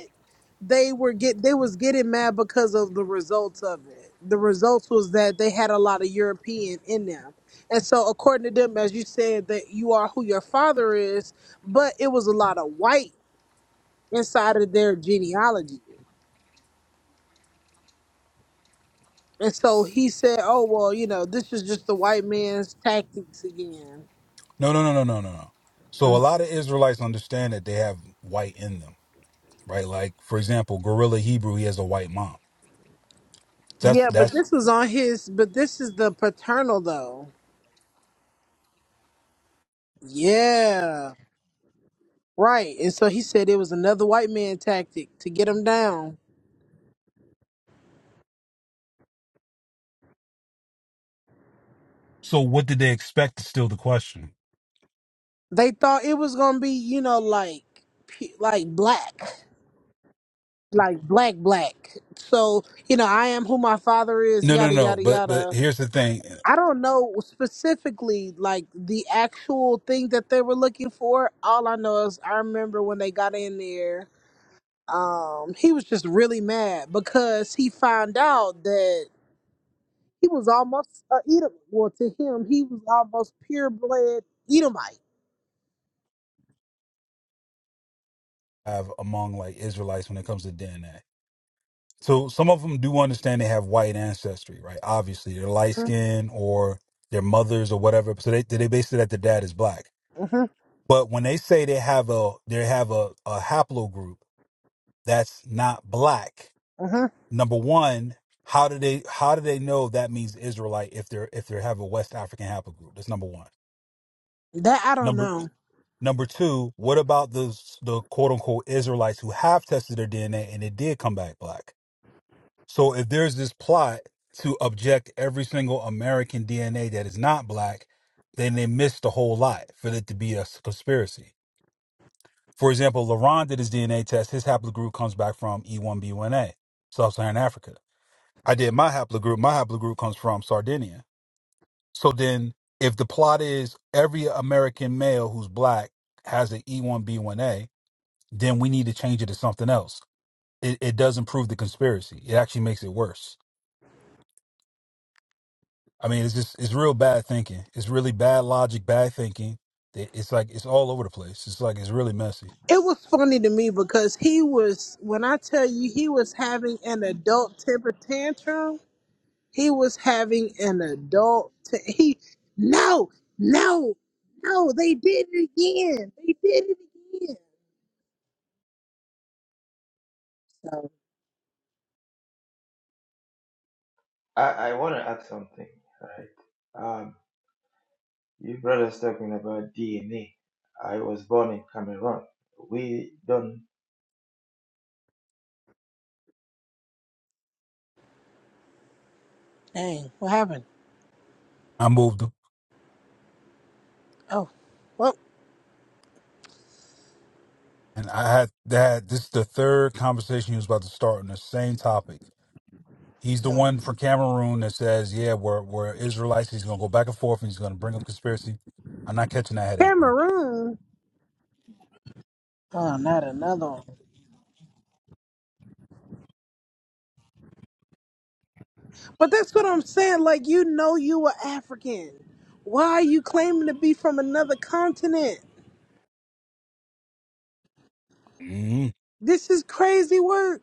they were get they was getting mad because of the results of it. The results was that they had a lot of European in them. And so according to them, as you said, that you are who your father is, but it was a lot of white inside of their genealogy. And so he said, Oh well, you know, this is just the white man's tactics again. No, no, no, no, no, no, no. So a lot of Israelites understand that they have white in them, right? Like for example, Gorilla Hebrew, he has a white mom. That's Yeah, but that's. this was on his, but this is the paternal though. Yeah, right. And so he said it was another white man tactic to get him down. So what did they expect? Is still the question. They thought it was gonna be, you know, like, p- like black, like black, black. So you know, I am who my father is. No, no, Yada no. yada But but yada. here's the thing. I don't know specifically like the actual thing that they were looking for. All I know is I remember when they got in there. Um, he was just really mad because he found out that he was almost a Edom. Well, to him, he was almost pure blood Edomite. have among like Israelites when it comes to DNA. So some of them do understand they have white ancestry, right? Obviously, they're light skinned or their mothers or whatever. So they they base it that their dad is black. Mm-hmm, But when they say they have a they have a, a haplogroup that's not black, hmm number one, how do they how do they know that means Israelite if they're if they have a West African haplogroup? That's number one. That I don't Number know. Number two, what about the the quote unquote Israelites who have tested their DNA and it did come back black? So if there's this plot to object every single American DNA that is not black, then they missed the whole lot for it to be a s- conspiracy. For example, LaRon did his DNA test. His haplogroup comes back from E1B1A, Sub-Saharan Africa. I did my haplogroup. My haplogroup comes from Sardinia. So then if the plot is every American male who's black has an E1B1A, then we need to change it to something else. It, it doesn't prove the conspiracy. It actually makes it worse. I mean, it's just it's real bad thinking. It's really bad logic, bad thinking. It- It's like it's all over the place. It's like it's really messy. It was funny to me because he was, when I tell you, he was having an adult temper tantrum. He was having an adult. T- he no, no, no. They did it again. They did it again. So I, I want to add something, right? Um, you brothers talking about DNA. I was born in Cameroon. We don't dang, what happened? I moved him, Oh, well, and I had that. This is the third conversation he was about to start on the same topic. He's the no. one from Cameroon that says, "Yeah, we're we're Israelites." He's gonna go back and forth, and he's gonna bring up conspiracy. I'm not catching that headache, bro. Cameroon. Oh, not another one. But that's what I'm saying. Like, you know, you are African. Why are you claiming to be from another continent? Mm, This is crazy work.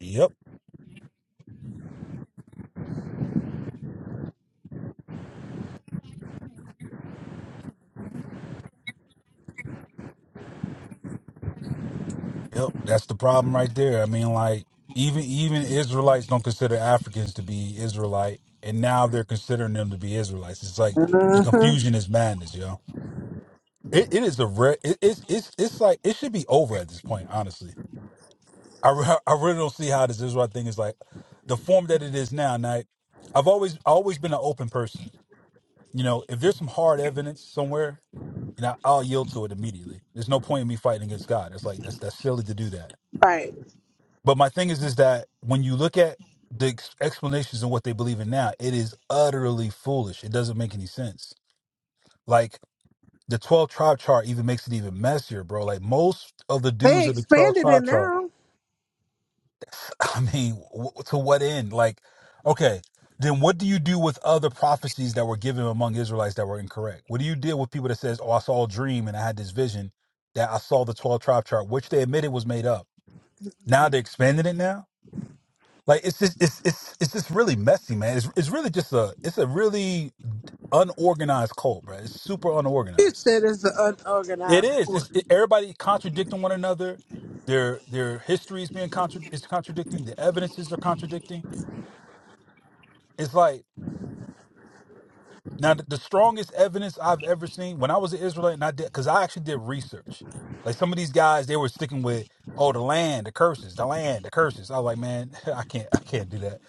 yep. Yep, that's the problem right there. I mean, like even even Israelites don't consider Africans to be Israelite, and now they're considering them to be Israelites. It's like the hmm confusion is madness, yo. It it is a re- it, it's it's it's like it should be over at this point, honestly. I re- I really don't see how this Israelite thing is like the form that it is now. Now, I've always always been an open person. You know, if there's some hard evidence somewhere, you know, I'll yield to it immediately. There's no point in me fighting against God. It's like that's that's silly to do that Right. But my thing is, is that when you look at the ex- explanations and what they believe in now, it is utterly foolish. It doesn't make any sense. Like the 12 tribe chart even makes it even messier, bro. Like most of the They dudes of the 12 expanded it tribe chart, now. I mean, w- to what end? Like, okay, then what do you do with other prophecies that were given among Israelites that were incorrect? What do you deal with people that says, oh, I saw a dream and I had this vision that I saw the 12 tribe chart, which they admitted was made up. Now they're expanding it now? Like it's just it's it's it's just really messy, man. It's it's really just a it's a really unorganized cult, bro. It's super You unorganized. said it's an It unorganized is. sport. It's it, everybody contradicting one another. Their their history is being contra- is contradicting. The evidences are contradicting. It's like Now, th- the strongest evidence I've ever seen when I was an Israelite, and I did because I actually did research. Like some of these guys, they were sticking with oh the land, the curses, the land, the curses. I was like, man, I can't, I can't do that.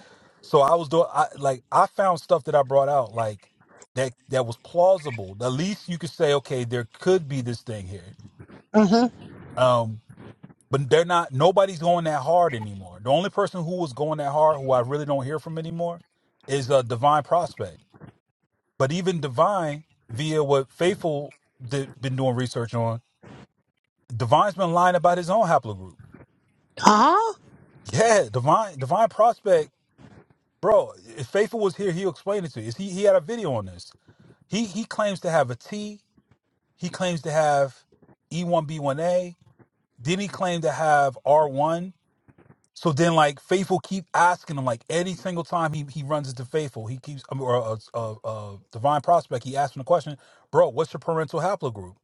So I was doing, I like, I found stuff that I brought out like that that was plausible. At least you could say, okay, there could be this thing here. hmm Um, but they're not. Nobody's going that hard anymore. The only person who was going that hard, who I really don't hear from anymore, is uh, Divine Prospect but even Divine, via what Faithful did, been doing research on, Divine's been lying about his own haplogroup. Huh? Yeah, Divine, Divine Prospect, bro. If Faithful was here, he'll explain it to you. Is He he had a video on this. He he claims to have a T. He claims to have E1B1A. Then he claimed to have R1. So then, like Faithful keep asking him, like any single time he, he runs into Faithful, he keeps I mean, or a, uh uh uh, Divine Prospect, he asks him the question, "Bro, what's your parental haplogroup?"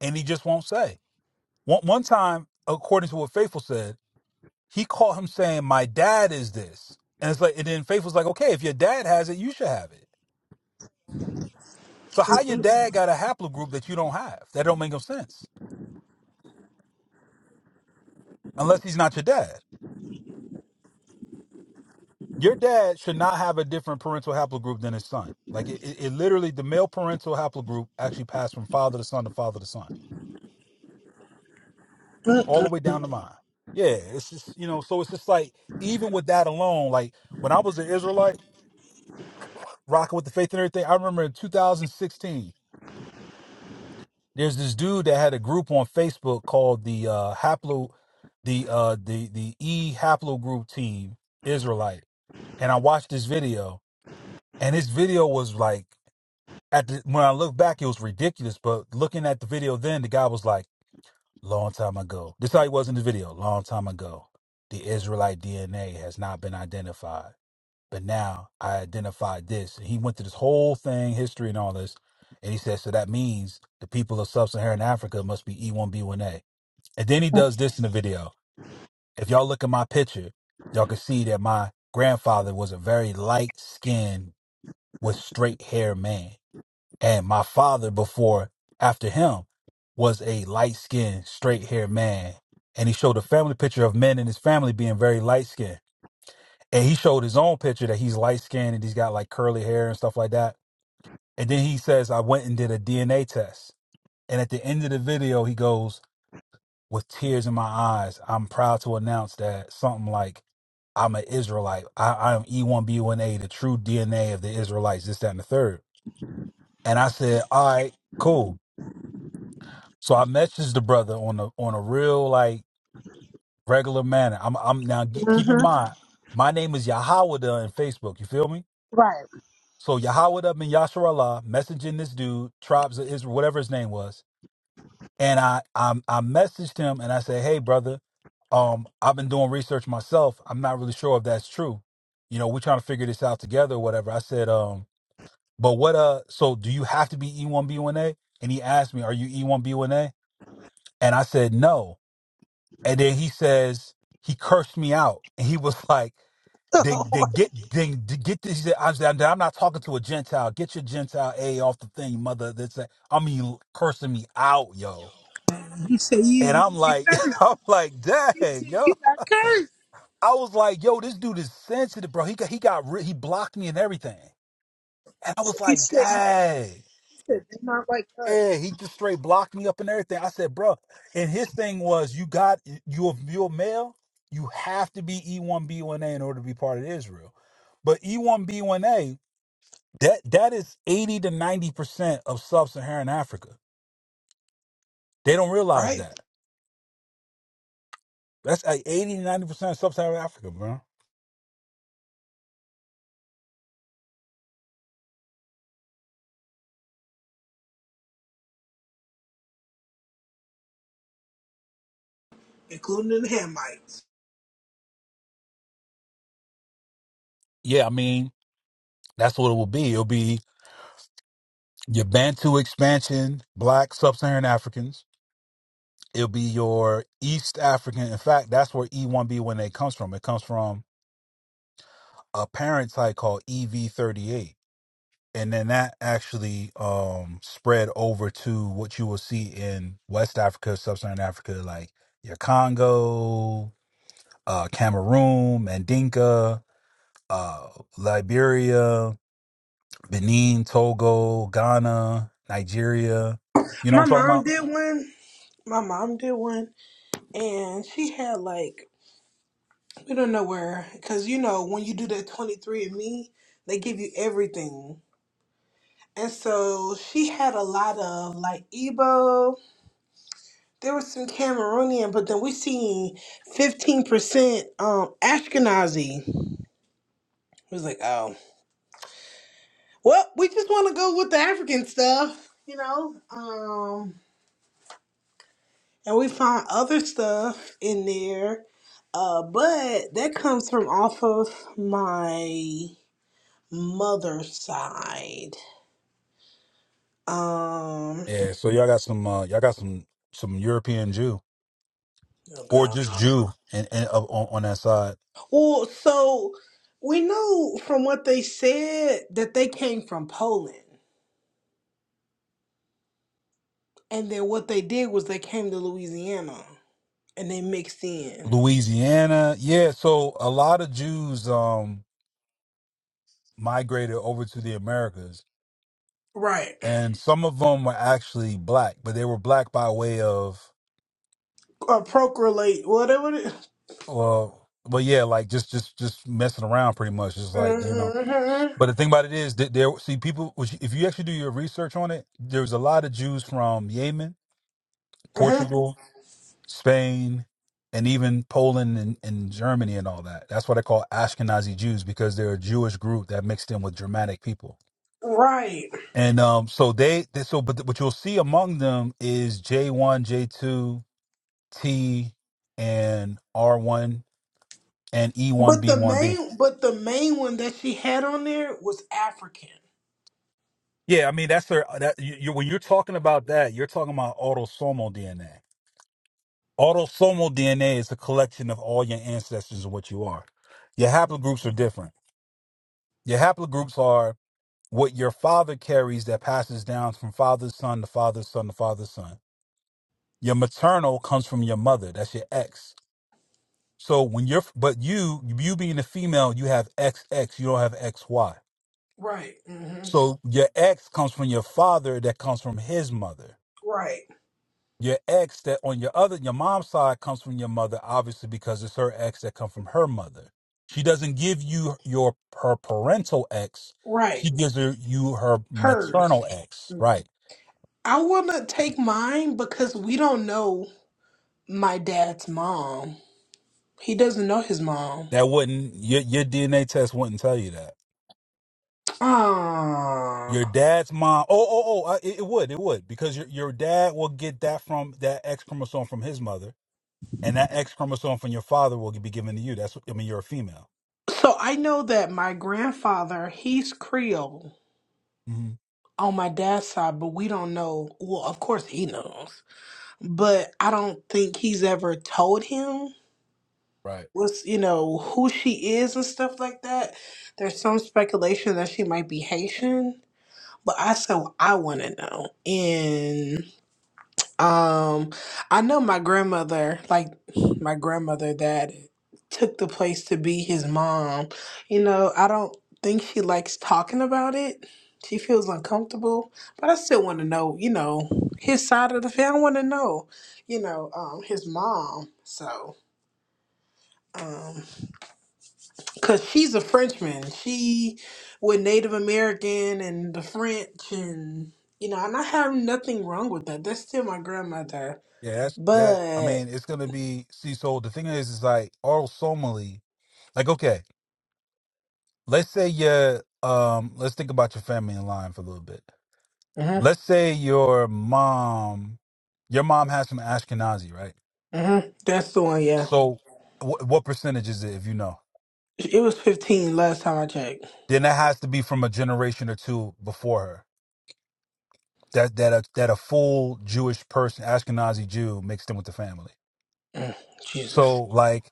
And he just won't say. One one time, according to what Faithful said, he caught him saying, "My dad is this," and it's like, and then Faithful's like, "Okay, if your dad has it, you should have it." So how your dad got a haplogroup that you don't have? That don't make no sense unless he's not your dad. your dad should not have a different parental haplogroup than his son. Like it, it, it literally, the male parental haplogroup actually passed from father to son to father to son, all the way down to mine. Yeah, it's just you know, so it's just like even with that alone, like when I was an Israelite rocking with the faith and everything, I remember in 2016, there's this dude that had a group on Facebook called the uh haplo, the uh the the E haplogroup team Israelite, and I watched this video, and this video was like. at the, when I look back, it was ridiculous. But looking at the video then, the guy was like, long time ago. This is how he was in the video, long time ago. The Israelite DNA has not been identified. But now I identified this. And he went through this whole thing, history and all this. And he said, so that means the people of sub Saharan Africa must be E1B1A. And then he does this in the video. If y'all look at my picture, y'all can see that my grandfather was a very light skinned with straight hair man and my father before, after him, was a light skinned, straight haired man. And he showed a family picture of men in his family being very light skinned. And he showed his own picture that he's light skinned and he's got like curly hair and stuff like that. And then he says, I went and did a DNA test. And at the end of the video, he goes, with tears in my eyes, I'm proud to announce that something like, I'm an Israelite. I, I'm E1B1A, the true DNA of the Israelites, this, that, and the third. And I said, all right, cool So I messaged the brother on a on a real like regular manner. I'm I'm now ge- keep hmm in mind my name is Yahawada in Facebook. You feel me? Right. So Yahawada bin Yasser Allah messaging this dude tribes of Israel whatever his name was, and I I I messaged him and I said, hey brother, um I've been doing research myself. I'm not really sure if that's true. You know, we're trying to figure this out together or whatever. I said, um, but what uh, so do you have to be E1B1A? And he asked me, are you E1B1A? And I said, no. And then he says he cursed me out, and he was like, "They, they get, they, they get this." He said, I'm, I'm not talking to a Gentile. Get your Gentile a off the thing, mother." That's that. I mean, cursing me out, yo. he said And you, you I'm ain't like, cursed. I'm like, He dang, said yo. you not cursed. I was like, yo, this dude is sensitive, bro. He got, he got, re- he blocked me and everything. And I was He like, said you dang. said they not like us. Yeah, he just straight blocked me up and everything. I said, bro, and his thing was, you got you're you're male, you have to be E1B1A in order to be part of Israel. But E1B1A, that that is 80 to 90 percent of sub-Saharan Africa. They don't realize Right? that. That's like 80 to 90 percent of sub-Saharan Africa, bro. Including the Hamites. Yeah, I mean, that's what it will be. It'll be your Bantu expansion, black sub-Saharan Africans. It'll be your East African. In fact, that's where E1B1A comes from. It comes from a parent site called EV38, and then that actually um spread over to what you will see in West Africa, Sub-Saharan Africa, like your Congo, uh, Cameroon, Mandinka, uh, Liberia, Benin, Togo, Ghana, Nigeria. You know what My I'm talking mom about? did one. My mom did one, and she had like we don't know where, because you know when you do that twenty three and Me, they give you everything, and so she had a lot of like Igbo. There was some Cameroonian, but then we seen fifteen percent um Ashkenazi. It was like, oh, well, we just want to go with the African stuff, you know. Um, and we found other stuff in there. Uh, but that comes from off of my mother's side. Um, Yeah. So y'all got some, uh, y'all got some, some European Jew oh or god. just Jew, and, and uh, on, on that side. Well, so we know from what they said that they came from Poland, and then what they did was they came to Louisiana and they mixed in. Louisiana. Yeah, so a lot of Jews um migrated over to the Americas Right. and some of them were actually black, but they were black by way of Or procreate, whatever. It, is. well but yeah, like just just just messing around pretty much. Just like, you know. mm-hmm. Mm-hmm. But the thing about it is that there see people which if you actually do your research on it, there's a lot of Jews from Yemen, mm-hmm. Portugal, Spain, and even Poland and, and Germany and all that. That's why they call Ashkenazi Jews because they're a Jewish group that mixed in with Germanic people. Right. And um, so they, they so but what you'll see among them is J one, J two, T, and R one and E one But B the one B. main, but the main one that she had on there was African. Yeah, I mean that's their that you, you, when you're talking about that, you're talking about autosomal DNA. Autosomal DNA is a collection of all your ancestors and what you are. Your haplogroups are different. Your haplogroups are what your father carries that passes down from father's son to father's son to father's son. Your maternal comes from your mother. That's your X So when you're, but you, you being a female, you have X X. you don't have XY. Right. hmm So your X comes from your father, that comes from his mother. Right. Your X that on your other, your mom's side comes from your mother, obviously because it's her X that come from her mother. She doesn't give you your her parental X. Right. She gives her you her Hers. maternal X. Right. I wouldn't take mine because we don't know my dad's mom. He doesn't know his mom. That wouldn't your your DNA test wouldn't tell you that. Ah. Your dad's mom. Oh, oh, oh. Uh, it, it would. It would because your your dad will get that from that X chromosome from his mother, and that X chromosome from your father will be given to you. That's. what- I mean, you're a female. So I know that my grandfather, he's Creole hmm on my dad's side, but we don't know. Well, of course he knows, but I don't think he's ever told him. Right. what's you know who she is and stuff like that. There's some speculation that she might be Haitian, but I said well, I want to know. And um, I know my grandmother, like my grandmother that took the place to be his mom. You know, I don't think she likes talking about it. She feels uncomfortable, but I still want to know. You know, his side of the family. I want to know. You know, um, his mom. So. um. Cause she's a Frenchman. She with Native American and the French and you know, and I have nothing wrong with that. That's still my grandmother. Yeah, that's that. I But mean, it's gonna be. See, so the thing is, is like autosomally. Like, okay, let's say your um, let's think about your family in line for a little bit. hmm Let's say your mom, your mom has some Ashkenazi, right? hmm that's the one, yeah. So, wh- what percentage is it if you know? It was fifteen last time I checked. then that has to be from a generation or two before her. That that a, that a full Jewish person, Ashkenazi Jew, mixed in with the family. Mm, So Jesus. like,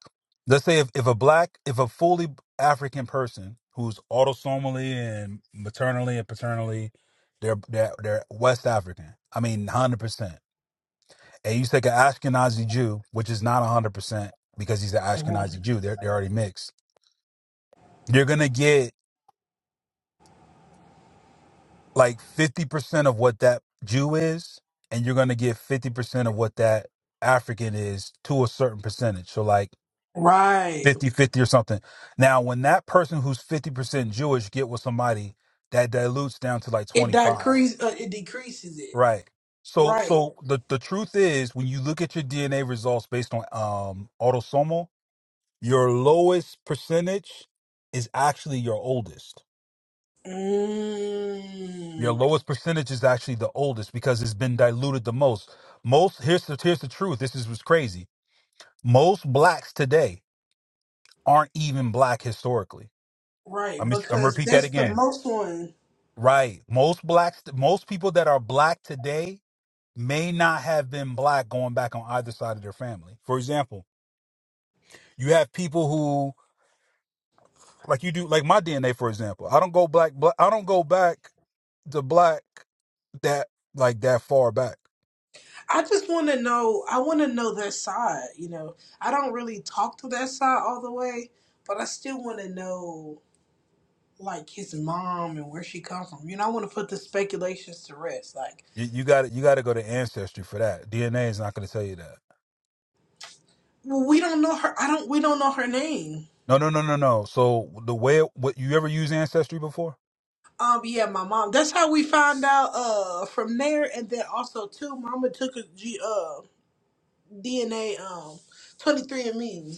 let's say if, if a black, if a fully African person who's autosomally and maternally and paternally, they're they're, they're West African. I mean, hundred percent. And you take an Ashkenazi Jew, which is not hundred percent because he's an Mhm. Ashkenazi Jew. They're they're already mixed. You're gonna get like 50% of what that Jew is, and you're going to get 50% of what that African is to a certain percentage. So like Right. fifty-fifty or something. Now, when that person who's 50% Jewish get with somebody, that dilutes down to like It 25. decrease uh, it decreases it. Right. So Right. so the the truth is when you look at your DNA results based on um autosomal, your lowest percentage is actually your oldest. Your Mm, lowest percentage is actually the oldest because it's been diluted the most. Most here's the here's the truth. This is what's crazy. Most blacks today aren't even black historically. right, I'm I'm gonna because repeat that that's the again. most one. Right. Most blacks most people that are black today may not have been black going back on either side of their family. For example, you have people who like you do like my DNA for example. I don't go black, black I don't go back to black that like that far back. I just want to know. I want to know their side. You know, I don't really talk to their side all the way, but I still want to know like his mom and where she comes from. You know, I want to put the speculations to rest. Like, You you got you got to go to ancestry for that. DNA is not going to tell you that. well, we don't know her. I don't. We don't know her name. No, no, no, no, no. So the way it- what you ever use ancestry before? Um, yeah, my mom. That's how we found out. Uh, from there, and then also too, Mama took a G, uh DNA um twenty three and me.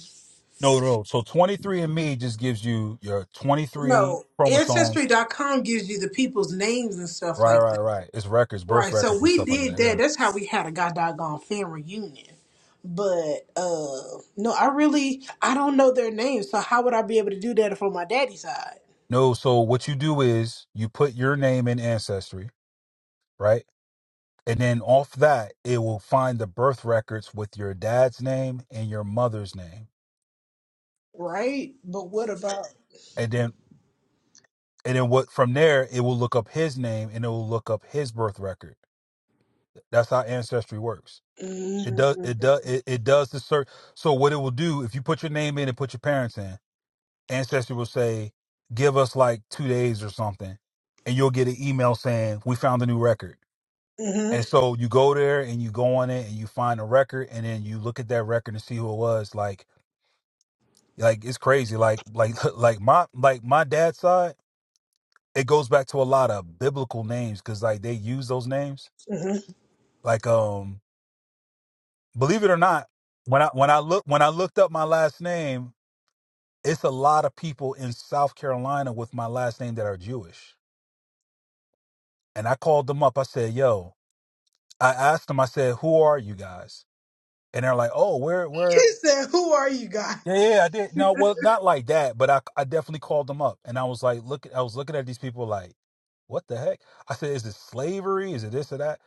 No, no. So 23 and Me just gives you your 23 No, chromosomes. ancestry. dot com gives you the people's names and stuff Right, like right, right. It's records, birth Right, so records and we stuff like did that. that. Yeah. That's how we had a god doggone fan reunion. But uh no, I really I don't know their names, so how would I be able to do that for my daddy's side? No, so what you do is you put your name in ancestry, right? And then off that, it will find the birth records with your dad's name and your mother's name. Right? But what about And then and then what from there, it will look up his name and it will look up his birth record That's how ancestry works. It does mm-hmm, it does it, it does the search. So what it will do if you put your name in and put your parents in, ancestry will say, "Give us like two days or something," and you'll get an email saying, "We found a new record." And mm-hmm. so you go there and you go on it and you find a record and then you look at that record and see who it was. Like like it's crazy. Like like like my like my dad's side, it goes back to a lot of biblical names because like they use those names. Like um believe it or not, when I when I look when I looked up my last name, it's a lot of people in South Carolina with my last name that are Jewish. And I called them up. I said, "Yo," I asked them. I said, "Who are you guys?" And they're like, "Oh, we're we're He said, Who are you guys? yeah yeah I did no well not like that, but I I definitely called them up and I was like look I was looking at these people like." What the heck? I said, is it slavery? Is it this or that?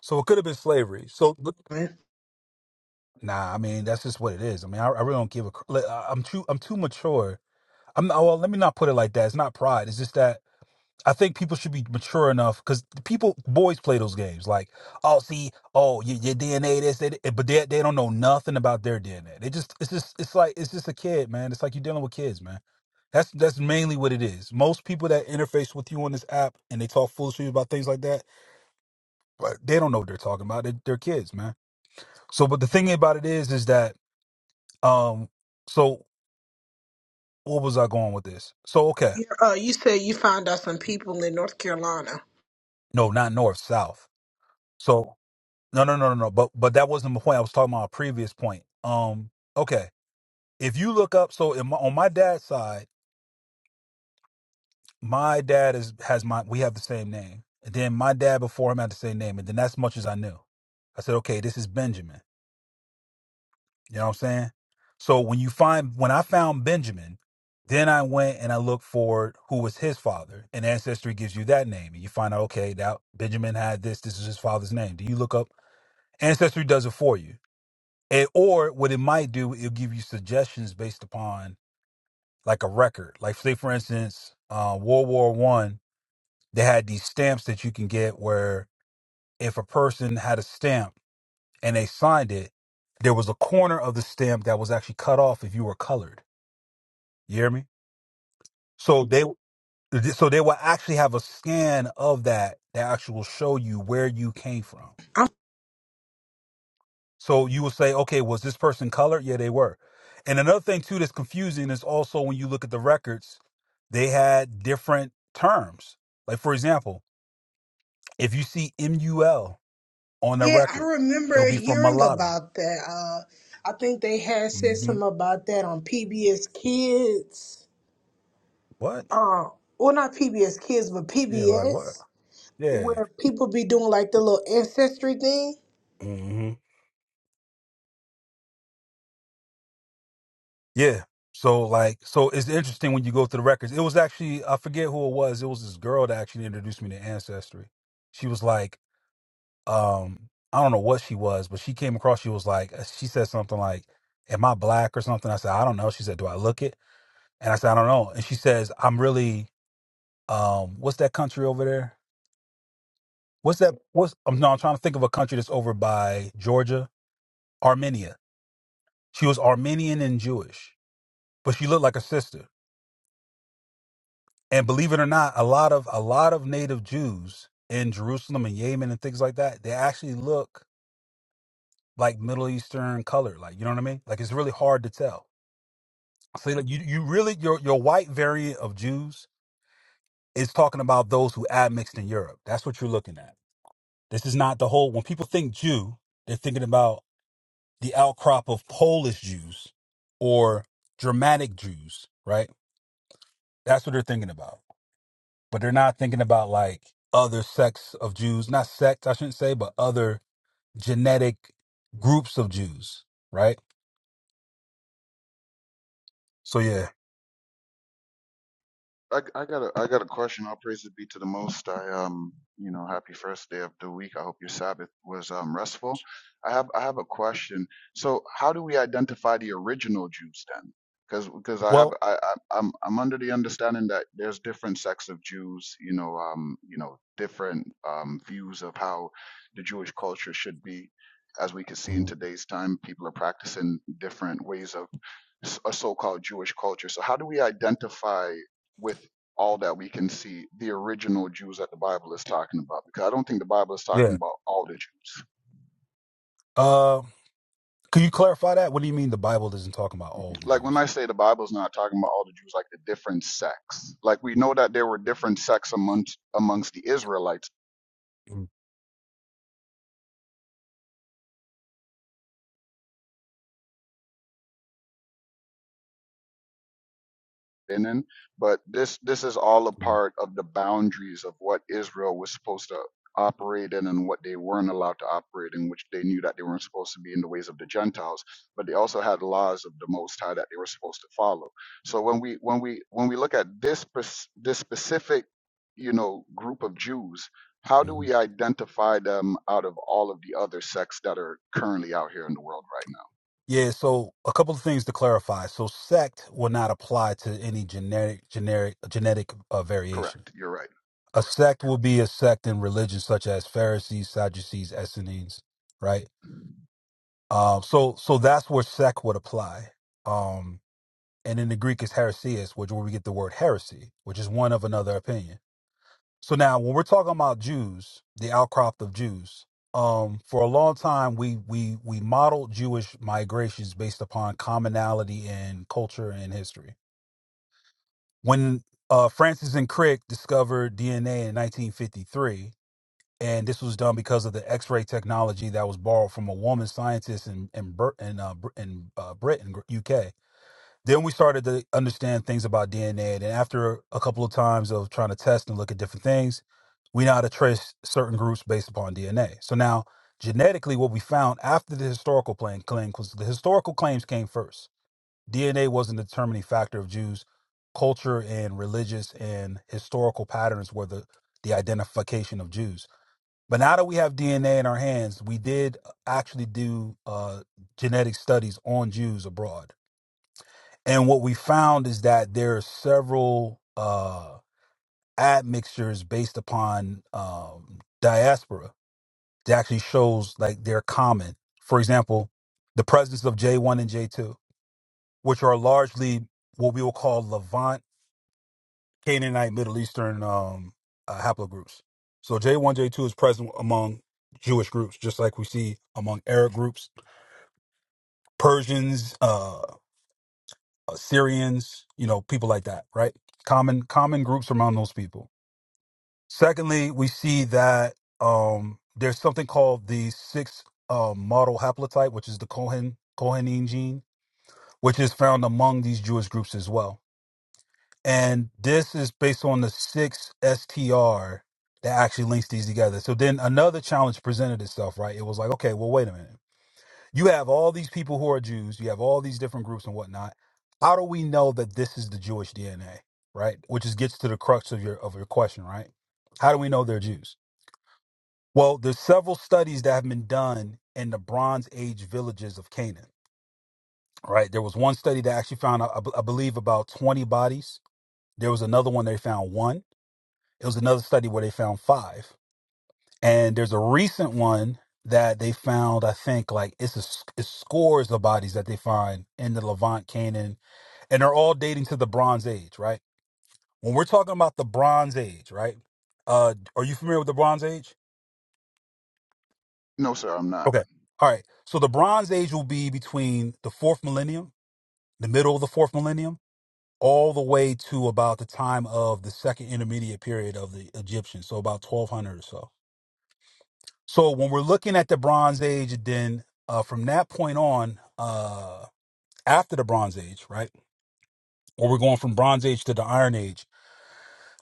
So it could have been slavery. So, but- Man. nah, I mean, that's just what it is. I mean, I, I really don't give a. cr- like, I- I'm too, I'm too mature I'm not, well. Let me not put it like that. It's not pride. It's just that I think people should be mature enough because people, boys, play those games. Like, oh, see, oh, your, your DNA, this, that, but they they don't know nothing about their DNA. They just, it's just, it's like, it's just a kid, man. It's like you're dealing with kids, man. That's that's mainly what it is. Most people that interface with you on this app and they talk foolishly about things like that, but they don't know what they're talking about. They're, they're kids, man. So, but the thing about it is, is that, um, so what was I going with this? So okay, You're, uh, you said you found out some people in North Carolina. no, not north, south. So. No, no, no, no, no. But but that wasn't the point. I was talking about a previous point. Um, okay. If you look up, so in my, on my dad's side, my dad is has my we have the same name. And then my dad before him had the same name, and then that's much as I knew. I said, okay, this is Benjamin. You know what I'm saying? So when you find when I found Benjamin, then I went and I looked for who was his father, and ancestry gives you that name, and you find out okay that Benjamin had this. This is his father's name. Do you look up? Ancestry does it for you. And or what it might do, it'll give you suggestions based upon like a record. Like say for instance, uh, World War One, they had these stamps that you can get where if a person had a stamp and they signed it, there was a corner of the stamp that was actually cut off if you were colored. You hear me? So they so they will actually have a scan of that that actually will show you where you came from. i So you will say, okay, was this person colored? Yeah, they were. And another thing too that's confusing is also when you look at the records, they had different terms. Like for example, if you see MUL on the yeah, I record, it'll remember be for hearing mulatto. about that. Uh, I think they had said hmm something about that on PBS Kids. What? uh, well, not PBS Kids, but Yeah, like what? PBS, Yeah. where people be doing like the little ancestry thing. hmm Yeah. So like, so it's interesting when you go through the records. It was actually I forget who it was. It was this girl that actually introduced me to Ancestry. She was like, um I don't know what she was, but she came across. She was like, uh, she said something like, "Am I black or something?" I said, "I don't know." She said, "Do I look it?" And I said, "I don't know." And she says, "I'm really, um, what's that country over there? What's that? What's? I'm no, I'm trying to think of a country that's over by Georgia, Armenia. She was Armenian and Jewish, but she looked like a sister. And believe it or not, a lot of a lot of native Jews in Jerusalem and Yemen and things like that, they actually look like Middle Eastern color. Like you know what I mean? Like it's really hard to tell." So you, you really your your white variant of Jews is talking about those who admixed in Europe. That's what you're looking at. This is not the whole. When people think Jew, they're thinking about the outcrop of Polish Jews or Germanic Jews, right? That's what they're thinking about. But they're not thinking about like other sects of Jews, not sects, I shouldn't say, but other genetic groups of Jews, right? So yeah. I, I got a I got a question. All praises be to the Most. I um you know happy first day of the week. I hope your Sabbath was um restful. I have I have a question. So how do we identify the original Jews then? Because because I have Well, I, I I'm I'm under the understanding that there's different sects of Jews. You know um you know different um views of how the Jewish culture should be. As we can see in Mhm. today's time, people are practicing different ways of s- a so-called Jewish culture. So how do we identify? with all that we can see the original Jews that the Bible is talking about. Because I don't think the Bible is talking yeah. about all the Jews. Uh, can you clarify that? What do you mean the Bible isn't talking about all the Like when Jews? I say the Bible is not talking about all the Jews, like the different sects. Like we know that there were different sects amongst amongst the Israelites Mm, been in. But this this is all a mm, part of the boundaries of what Israel was supposed to operate in and what they weren't allowed to operate in, which they knew that they weren't supposed to be in the ways of the Gentiles. But they also had laws of the Most High that they were supposed to follow. So when we when we when we look at this pers- this specific you know group of Jews. How do mm. we identify them out of all of the other sects that are currently out here in the world right now? Yeah, so a couple of things to clarify. So sect will not apply to any generic generic genetic uh, variation. Correct. You're right. A sect will be a sect in religion such as Pharisees, Sadducees, Essenes, right? Um so so that's where sect would apply. Um and in the Greek is heresias, which where we get the word heresy, which is one of another opinion. So now, when we're talking about Jews, the outcrop of Jews, um, for a long time we we we modeled Jewish migrations based upon commonality in culture and history. When uh, Francis and Crick discovered DNA in 1953, and this was done because of the X-ray technology that was borrowed from a woman scientist in in, Bur- in, uh, Br- in uh, Britain, UK then we started to understand things about DNA. And after a couple of times of trying to test and look at different things, we know how to trace certain groups based upon DNA. So now, genetically, what we found after the historical claim, claim was the historical claims came first. DNA wasn't a determining factor of Jews. Culture and religious and historical patterns were the, the identification of Jews. But now that we have DNA in our hands, we did uh, actually do uh, genetic studies on Jews abroad and what we found is that there are several uh, admixtures based upon um, diaspora that actually shows like they're common. For example, the presence of J1 and J2, which are largely what we will call Levant, Canaanite, Middle Eastern um, uh, haplogroups. So J1, J2 is present among Jewish groups, just like we see among Arab groups, Persians, uh, Syrians, you know, people like that, right? Common common groups among those people Secondly, we see that um, there's something called the sixth uh, model haplotype, which is the Cohen Cohenine gene, which is found among these Jewish groups as well. And this is based on the six STR that actually links these together. So then another challenge presented itself, right? It was like, okay, well, wait a minute. You have all these people who are Jews. You have all these different groups and whatnot. How do we know that this is the Jewish DNA, right? Which is gets to the crux of your of your question, right? How do we know they're Jews? Well, there's several studies that have been done in the Bronze Age villages of Canaan. Right, there was one study that actually found, I, I believe, about 20 bodies. There was another one they found one. It was another study where they found five, and there's a recent one that they found. I think like it's a, s- it's scores of bodies that they find in the Levant, Canaan, and they're all dating to the Bronze Age. Right, when we're talking about the Bronze Age, right? Uh, are you familiar with the Bronze Age? No, sir, I'm not. Okay. All right. So the Bronze Age will be between the fourth millennium, the middle of the fourth millennium, all the way to about the time of the second intermediate period of the Egyptians. So about 1200 or so. So when we're looking at the Bronze Age, then uh, from that point on, uh, after the Bronze Age, right? Or we're going from Bronze Age to the Iron Age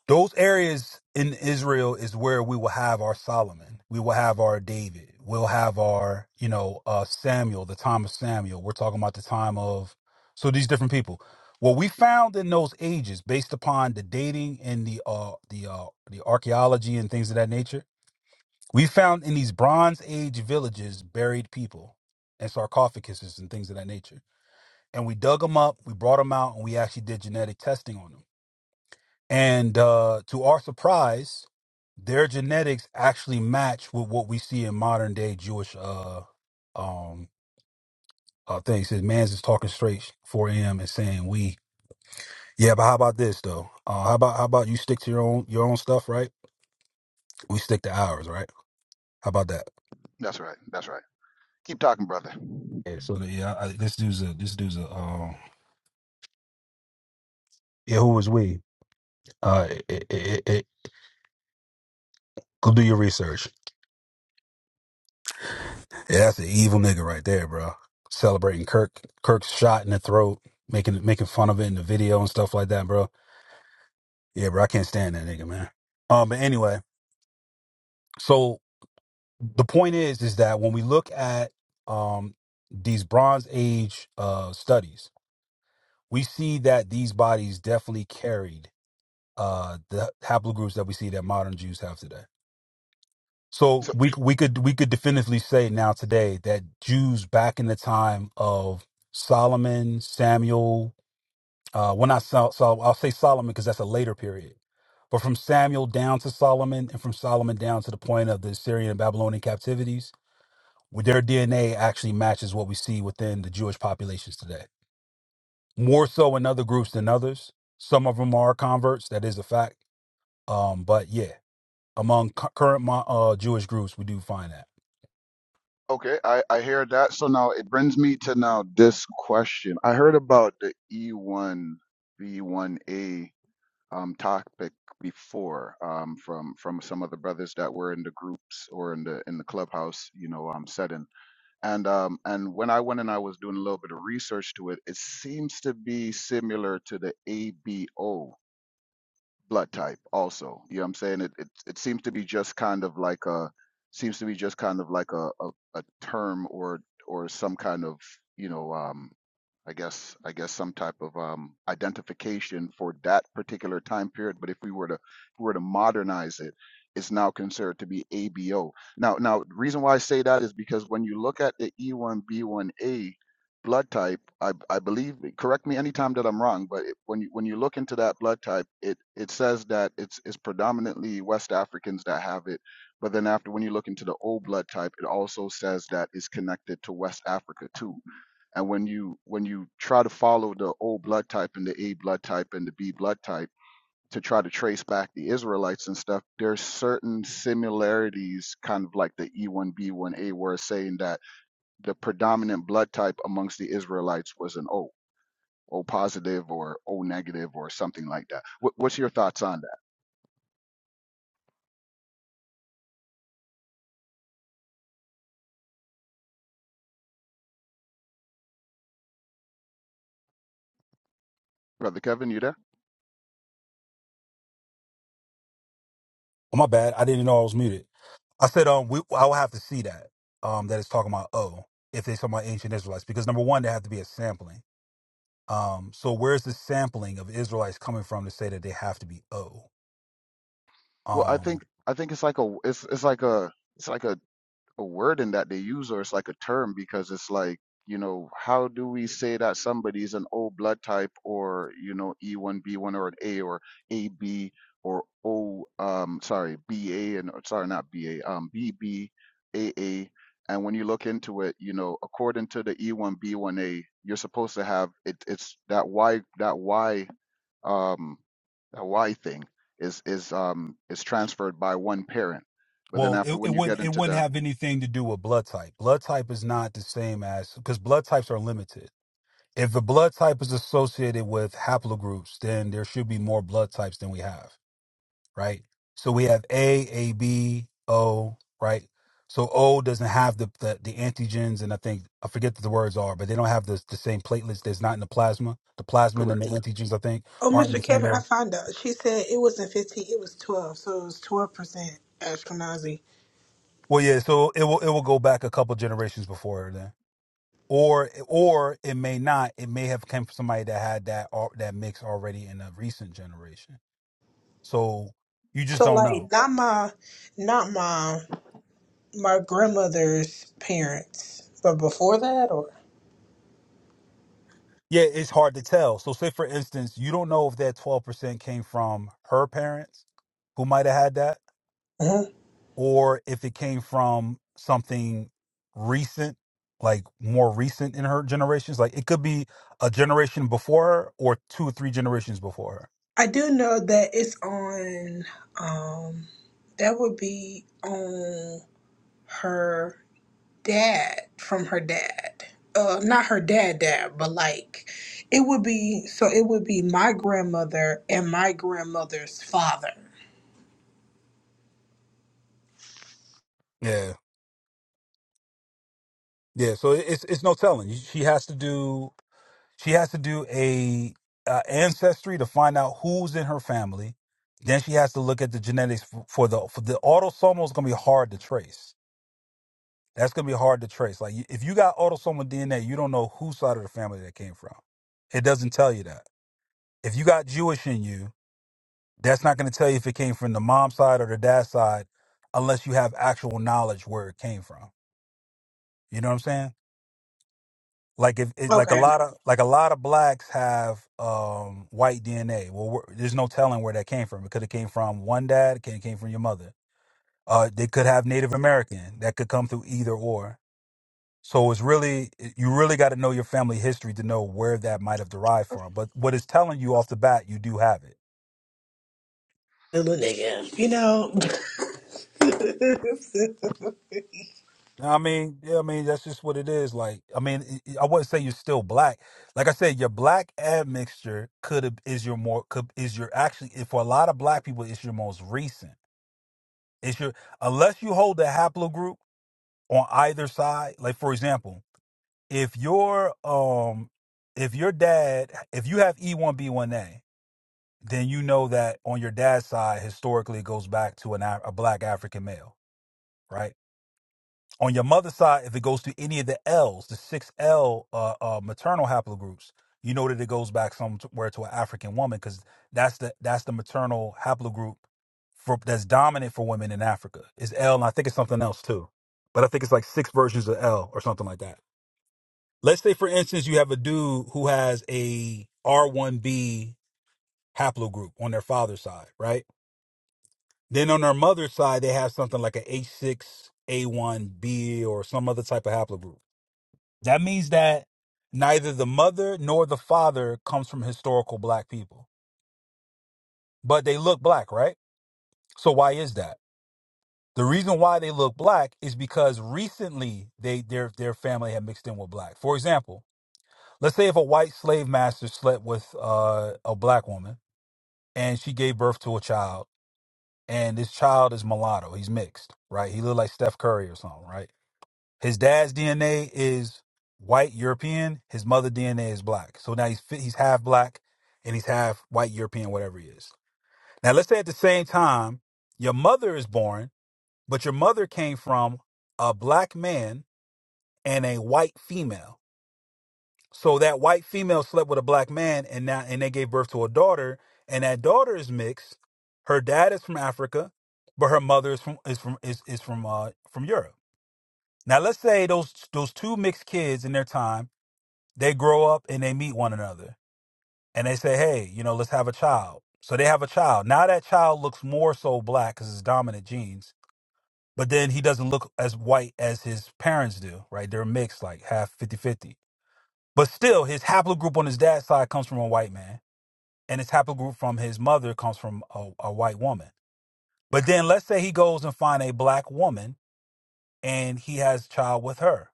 Those areas in Israel is where we will have our Solomon. We will have our David. We'll have our, you know, uh, Samuel, the time of Samuel. We're talking about the time of, so these different people. What we found in those ages, based upon the dating and the uh, the uh, the archaeology and things of that nature, we found in these Bronze Age villages buried people and sarcophaguses and things of that nature. And we dug them up, we brought them out, and we actually did genetic testing on them and uh, to our surprise, their genetics actually match with what we see in modern day Jewish uh, um, uh, things. His man's is talking straight for him and saying we. Yeah, but how about this though? Uh, how about how about you stick to your own your own stuff, right? We stick to ours, right? How about that? That's right. That's right. Keep talking, brother. Yeah. So the, yeah, I, this dude's a this dude's a um, yeah. Who was we? Uh, it, it, it, it, go do your research. Yeah, that's an evil nigga right there, bro. Celebrating Kirk, Kirk's shot in the throat, making making fun of it in the video and stuff like that, bro. Yeah, bro, I can't stand that nigga, man. Um, but anyway, so the point is, is that when we look at um these Bronze Age uh studies, we see that these bodies definitely carried uh the haplogroups that we see that modern Jews have today. So So, we we could we could definitively say now today that Jews back in the time of Solomon, Samuel, uh, well not Sol, Sol I'll say Solomon because that's a later period, but from Samuel down to Solomon and from Solomon down to the point of the Assyrian and Babylonian captivities, their DNA actually matches what we see within the Jewish populations today. More so in other groups than others. Some of them are converts, that is a fact. Um, but yeah, among cu- current mo- uh, Jewish groups, we do find that. okay, I, I hear that. So now it brings me to now this question. I heard about the E1 V1A um, topic before um, from from some of the brothers that were in the groups or in the in the clubhouse, you know, um, setting. And um, and when I went and I was doing a little bit of research to it, it seems to be similar to the ABO blood type also you know what i'm saying it, it it seems to be just kind of like a seems to be just kind of like a a, a term or or some kind of you know um I guess I guess some type of um, identification for that particular time period. But if we were to if we were to modernize it, it's now considered to be ABO. Now now the reason why I say that is because when you look at the E1B1A blood type, I, I believe correct me anytime that I'm wrong, but it, when you when you look into that blood type, it it says that it's it's predominantly West Africans that have it. But then after when you look into the O blood type, it also says that it's connected to West Africa too. And when you when you try to follow the O blood type and the A blood type and the B blood type to try to trace back the Israelites and stuff, there's certain similarities, kind of like the E1B1A, where it's saying that the predominant blood type amongst the Israelites was an O, O positive or O negative or something like that. What, what's your thoughts on that, brother Kevin? You there? Oh, my bad. I didn't know I was muted. I said, um, we, I will have to see that, um, that it's talking about O, if they talking about ancient Israelites, because number one, there have to be a sampling. Um, so where's the sampling of Israelites coming from to say that they have to be O? Well, I Um, think I think it's like a it's it's like a it's like a a word in that they use or it's like a term because it's like you know how do we say that somebody's an o blood type or you know e1b1 or an a or ab or o um sorry ba and or sorry not ba um bb aa and when you look into it you know according to the e1b1a you're supposed to have it it's that y that y um that y thing is is um is transferred by one parent but then well, after it, it when you get wouldn't, it into wouldn't the have anything to do with blood type. Blood type is not the same as, because blood types are limited. If the blood type is associated with haplogroups, then there should be more blood types than we have. right? So we have A, A, B, O, right? So O doesn't have the, the the antigens, and I think I forget what the words are, but they don't have the the same platelets that's not in the plasma. The plasmin correct and the antigens, I think, Oh, aren't in Mr. the same Yeah. Kevin, I area. found out. She said it wasn't 15, it was 12. So it was 12% Ashkenazi. Well, yeah. So it will it will go back a couple generations before then, or or it may not. It may have come from somebody that had that al- that mix already in a recent generation. So you just So, don't know. like, not my, not my, my grandmother's parents, but before that, or? Yeah, it's hard to tell. So, say for instance, you don't know if that 12% came from her parents who might have had that, Mhm. or if it came from something recent, like more recent in her generations. Like it could be a generation before her or two or three generations before her. I do know that it's on, um, that would be on her dad from her dad. Uh, not her dad, dad, but like it would be so it would be my grandmother and my grandmother's father. Yeah. Yeah. So it- it's it's no telling. She has to do she has to do a uh, ancestry to find out who's in her family. Then she has to look at the genetics f- for the for the autosomal is going to be hard to trace That's gonna be hard to trace. Like if you got autosomal DNA, you don't know whose side of the family that came from. It doesn't tell you that. If you got Jewish in you, that's not gonna tell you if it came from the mom's side or the dad's side, unless you have actual knowledge where it came from. You know what I'm saying? Like if it, like a Okay. lot of like a lot of blacks have um, white DNA. Well, we're- there's no telling where that came from. It could have came from one dad. It could have came from your mother. Uh, they could have Native American. That could come through either or. So it's really you really got to know your family history to know where that might have derived from. But what it's telling you off the bat, you do have it. Little nigga, you know. I mean, yeah, I mean that's just what it is. Like, I mean, it- it- I wouldn't say you're still black. Like I said, your black admixture could have is your more could, is your actually for a lot of black people it's your most recent. It's your unless you hold the haplogroup on either side. Like for example, if your um if your dad if you have E1B1A then you know that on your dad's side, historically, it goes back to an Af- a black African male, right? On your mother's side, if it goes to any of the L's, the six L uh, uh, maternal haplogroups, you know that it goes back somewhere to an African woman because that's the that's the maternal haplogroup for that's dominant for women in Africa is L, and I think it's something else too, but I think it's like six versions of L or something like that. Let's say, for instance, you have a dude who has a R1B haplogroup on their father's side, right? Then on their mother's side, they have something like an H six a H6, A1B, or some other type of haplogroup. That means that neither the mother nor the father comes from historical black people, but they look black, right? So why is that? The reason why they look black is because recently they their their family had mixed in with black. For example, let's say if a white slave master slept with uh, a black woman and she gave birth to a child, and this child is mulatto, he's mixed, right? He looked like Steph Curry or something, right? His dad's DNA is white European. His mother DNA is black. So now he's fi- he's half black and he's half white European, whatever he is. Now let's say at the same time your mother is born, but your mother came from a black man and a white female. So that white female slept with a black man and now and they gave birth to a daughter, and that daughter is mixed. Her dad is from Africa, but her mother is from is from is, is from uh from Europe. Now let's say those those two mixed kids in their time They grow up and they meet one another and they say, hey, you know, let's have a child. So they have a child. Now that child looks more so black because it's dominant genes, but then he doesn't look as white as his parents do, right? They're mixed, like half fifty-fifty. But still, his haplogroup on his dad's side comes from a white man, and his haplogroup from his mother comes from a, a white woman. But then let's say he goes and find a black woman and he has a child with her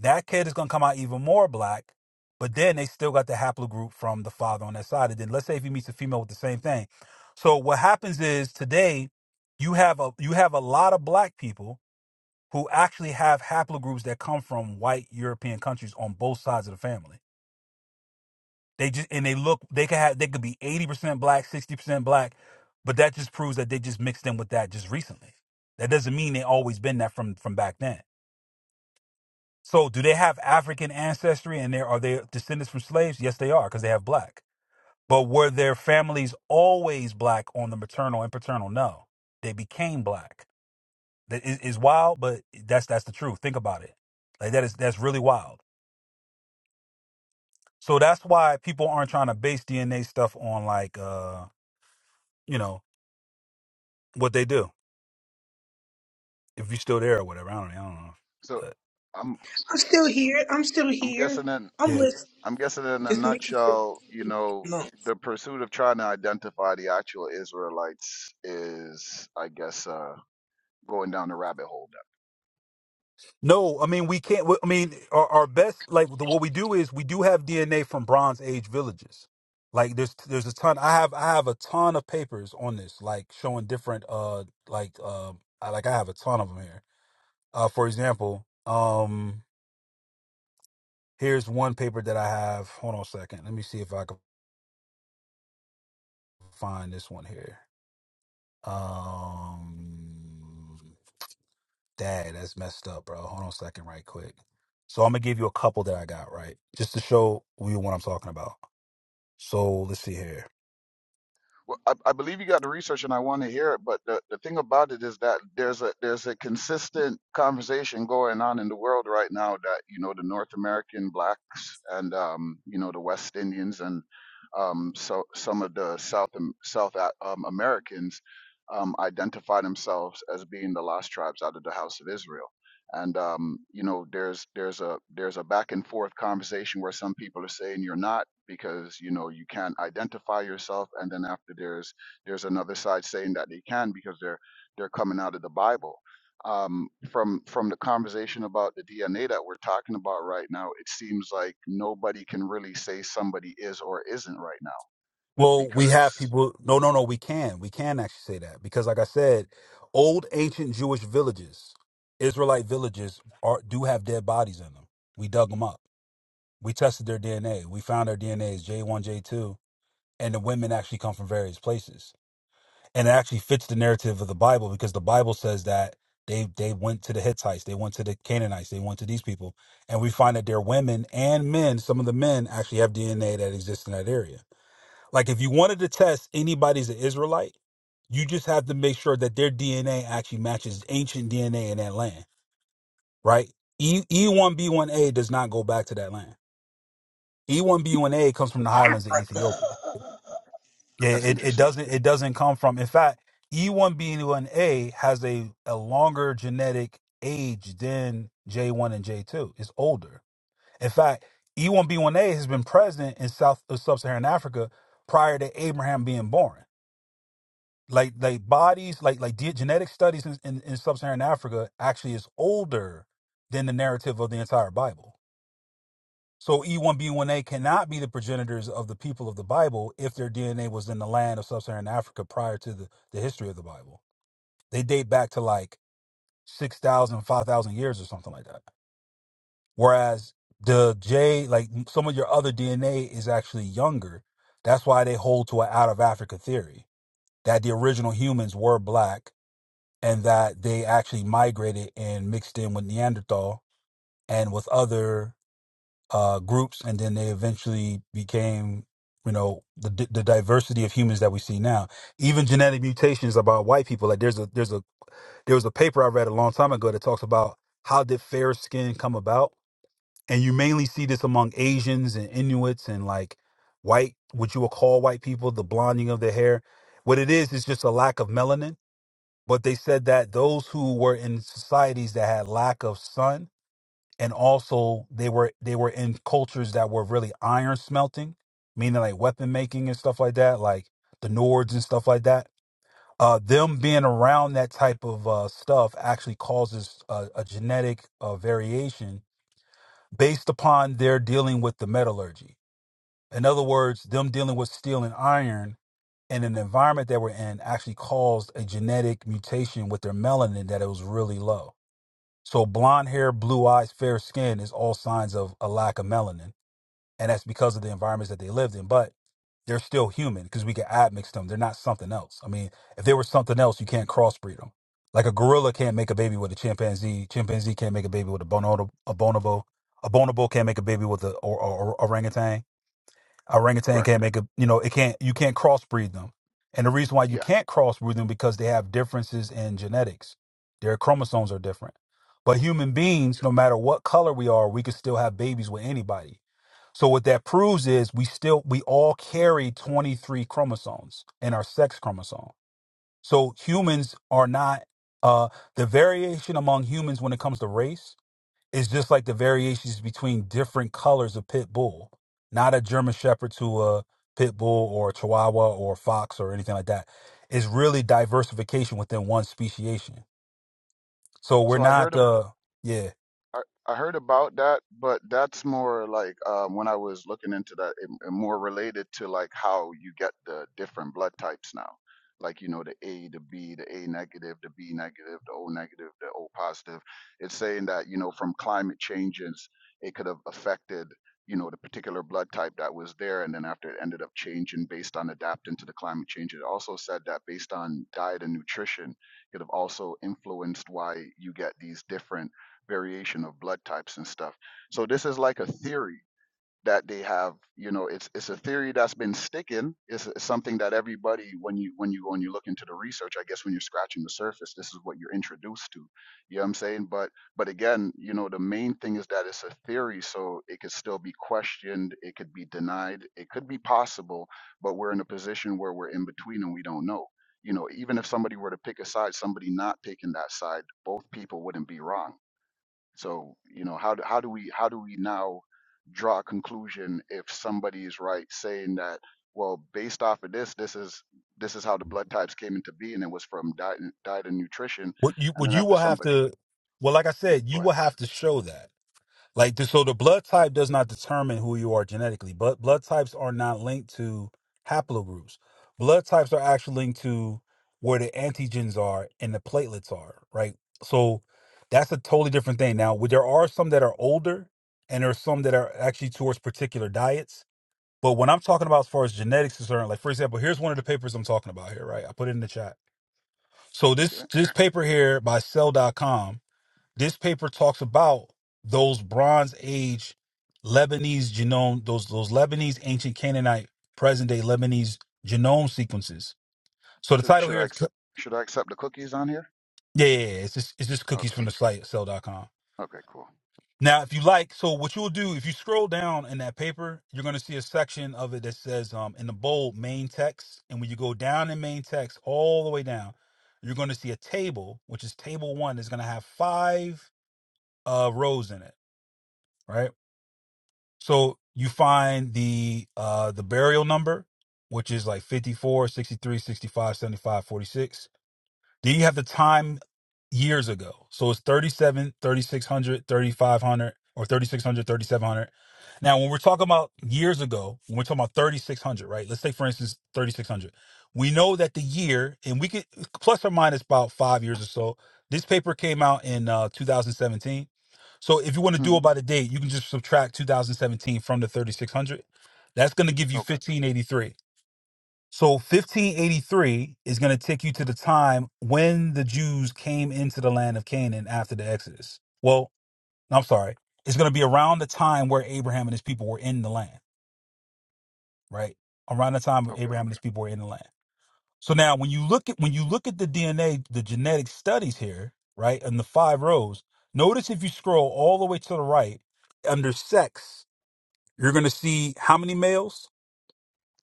that kid is going to come out even more black. But then they still got the haplogroup from the father on that side. And then let's say if he meets a female with the same thing. So what happens is today you have a you have a lot of black people who actually have haplogroups that come from white European countries on both sides of the family. They just and they look they could have they could be eighty percent black, sixty percent black, but that just proves that they just mixed in with that just recently. That doesn't mean they always been that from from back then. So, do they have African ancestry and there are they descendants from slaves? Yes, they are because they have black. But were their families always black on the maternal and paternal? No, they became black. That is, is wild, but that's that's the truth. Think about it. Like that is that's really wild. So that's why people aren't trying to base DNA stuff on like uh you know what they do. If you're still there or whatever, I don't, I don't know. So But I'm I'm still here. I'm still I'm here. guessing in I'm yeah. listening. I'm guessing in a Just making sure. nutshell, you know, No, the pursuit of trying to identify the actual Israelites is, I guess, uh, going down the rabbit hole No, I mean we can't. I mean our, our best like the, what we do is we do have DNA from Bronze Age villages. Like there's there's a ton. I have I have a ton of papers on this, like showing different uh like uh I, like I have a ton of them here. Uh, for example, um here's one paper that I have. Hold on a second. Let me see if I can find this one here. Um, dad, that's messed up, bro. Hold on a second, right quick. So I'm gonna give you a couple that I got right, just to show you what I'm talking about. So let's see here. Well, I, I believe you got the research, and I want to hear it. But the, the thing about it is that there's a there's a consistent conversation going on in the world right now that you know the North American blacks and um, you know the West Indians and um, so some of the South Am- South A- um, Americans um, identify themselves as being the lost tribes out of the House of Israel and um, you know there's there's a there's a back and forth conversation where some people are saying you're not because you know you can't identify yourself and then after there's there's another side saying that they can because they're they're coming out of the bible um, from from the conversation about the dna that we're talking about right now it seems like nobody can really say somebody is or isn't right now Well, we have because people. No, no, no. We can. We can actually say that because, like I said, old ancient Jewish villages, Israelite villages, are do have dead bodies in them. We dug them up. We tested their DNA. We found their DNA is J one, J two, and the women actually come from various places. And it actually fits the narrative of the Bible because the Bible says that they they went to the Hittites, they went to the Canaanites, they went to these people, and we find that their women and men, some of the men actually have DNA that exists in that area. Like if you wanted to test anybody's an Israelite, you just have to make sure that their DNA actually matches ancient DNA in that land, right? E E one B one A does not go back to that land. E one B one A comes from the highlands of Africa. Ethiopia. Yeah, that's it, it interesting doesn't it doesn't come from. In fact, E one B one A has a a longer genetic age than J one and J two. It's older. In fact, E one B one A has been present in South of Sub-Saharan Africa prior to Abraham being born. like like bodies like like ge- genetic studies in, in, in sub-saharan africa actually is older than the narrative of the entire bible so e1b1a cannot be the progenitors of the people of the bible if their dna was in the land of sub-saharan africa prior to the, the history of the bible they date back to like 6000 5000 years or something like that whereas the j like some of your other dna is actually younger that's why they hold to an out of africa theory that the original humans were black and that they actually migrated and mixed in with Neanderthal and with other uh, groups, and then they eventually became, you know, the di- the diversity of humans that we see now. Even genetic mutations about white people. Like there's a there's a there was a paper I read a long time ago that talks about how did fair skin come about, and you mainly see this among Asians and Inuits and like white, what you would call white people, the blonding of their hair. What it is is just a lack of melanin but they said that those who were in societies that had lack of sun and also they were they were in cultures that were really iron smelting meaning like weapon making and stuff like that like the nords and stuff like that uh them being around that type of uh stuff actually causes a, a genetic uh, variation based upon their dealing with the metallurgy in other words them dealing with steel and iron and an environment that we're in actually caused a genetic mutation with their melanin that it was really low. So blonde hair, blue eyes, fair skin is all signs of a lack of melanin. And that's because of the environments that they lived in. But they're still human because we can admix them. They're not something else. I mean, if they were something else, you can't crossbreed them. Like a gorilla can't make a baby with a chimpanzee. Chimpanzee can't make a baby with a bonobo. A bonobo, a bonobo can't make a baby with a or, or, or orangutan orangutan can't correct make a you know it can't you can't crossbreed them and the reason why you yeah can't crossbreed them because they have differences in genetics their chromosomes are different but human beings no matter what color we are we can still have babies with anybody so what that proves is we still we all carry 23 chromosomes in our sex chromosome so humans are not uh the variation among humans when it comes to race it's just like the variations between different colors of pit bull, not a German Shepherd to a pit bull or a Chihuahua or a fox or anything like that. It's really diversification within one speciation. So we're so i not, heard uh, yeah. I, I heard about that, but that's more like um, when I was looking into that, it, it more related to like how you get the different blood types now. Like, you know, the A, the B, the A negative, the B negative, the O negative, the O positive. It's saying that, you know, from climate changes, it could have affected, you know, the particular blood type that was there. And then after it ended up changing based on adapting to the climate change, it also said that based on diet and nutrition, could have also influenced why you get these different variation of blood types and stuff. So this is like a theory that they have. You know, it's it's a theory that's been sticking. It's, it's something that everybody, when you when you when you look into the research, I guess when you're scratching the surface, this is what you're introduced to. You know what I'm saying? But but again, you know, the main thing is that it's a theory, so it could still be questioned, it could be denied, it could be possible, but we're in a position where we're in between and we don't know. You know, even if somebody were to pick a side, somebody not picking that side, both people wouldn't be wrong so, you know, how do, how do we how do we now draw a conclusion if somebody is right saying that well, based off of this, this is this is how the blood types came into being. It was from diet and, diet and nutrition, What you and what then you after will have somebody, to, well, like I yeah, said, go you ahead. will have to show that Like th- so, the blood type does not determine who you are genetically. But blood types are not linked to haplogroups. Blood types are actually linked to where the antigens are and the platelets are. Right. So that's a totally different thing. Now, w- there are some that are older, and there are some that are actually towards particular diets. But when I'm talking about as far as genetics is concerned, like for example, here's one of the papers I'm talking about here. Right. I put it in the chat. So Okay, this this paper here by Cell.com this paper talks about those Bronze Age Lebanese genome, those those Lebanese ancient Canaanite, present day Lebanese genome sequences. So the should title should here I is accept should I accept the cookies on here? yeah, yeah, yeah, it's just it's just cookies Okay, from the site cell dot com. okay, cool. Now, if you like, so what you'll do if you scroll down in that paper, you're going to see a section of it that says um, in the bold main text, and when you go down in main text all the way down, you're going to see a table, which is table one, is going to have five uh, rows in it, right? So you find the uh the burial number, which is like 54, 63, 65, 75, 46. Then you have the time years ago. So it's thirty-seven, thirty-six hundred, thirty-five hundred, or thirty-six hundred, thirty-seven hundred. Now, when we're talking about years ago, when we're talking about 3600, right? Let's say, for instance, 3600. We know that the year, and we could plus or minus about five years or so, this paper came out in uh, 2017. So if you want to do hmm it by the date, you can just subtract 2017 from the 3600. That's going to give you Okay, 1583. So 1583 is going to take you to the time when the Jews came into the land of Canaan after the Exodus. Well, I'm sorry. It's going to be around the time where Abraham and his people were in the land, right? Around the time where okay. Abraham and his people were in the land. So now when you look at when you look at the DNA, the genetic studies here, right, and the five rows, notice if you scroll all the way to the right under sex, you're going to see how many males,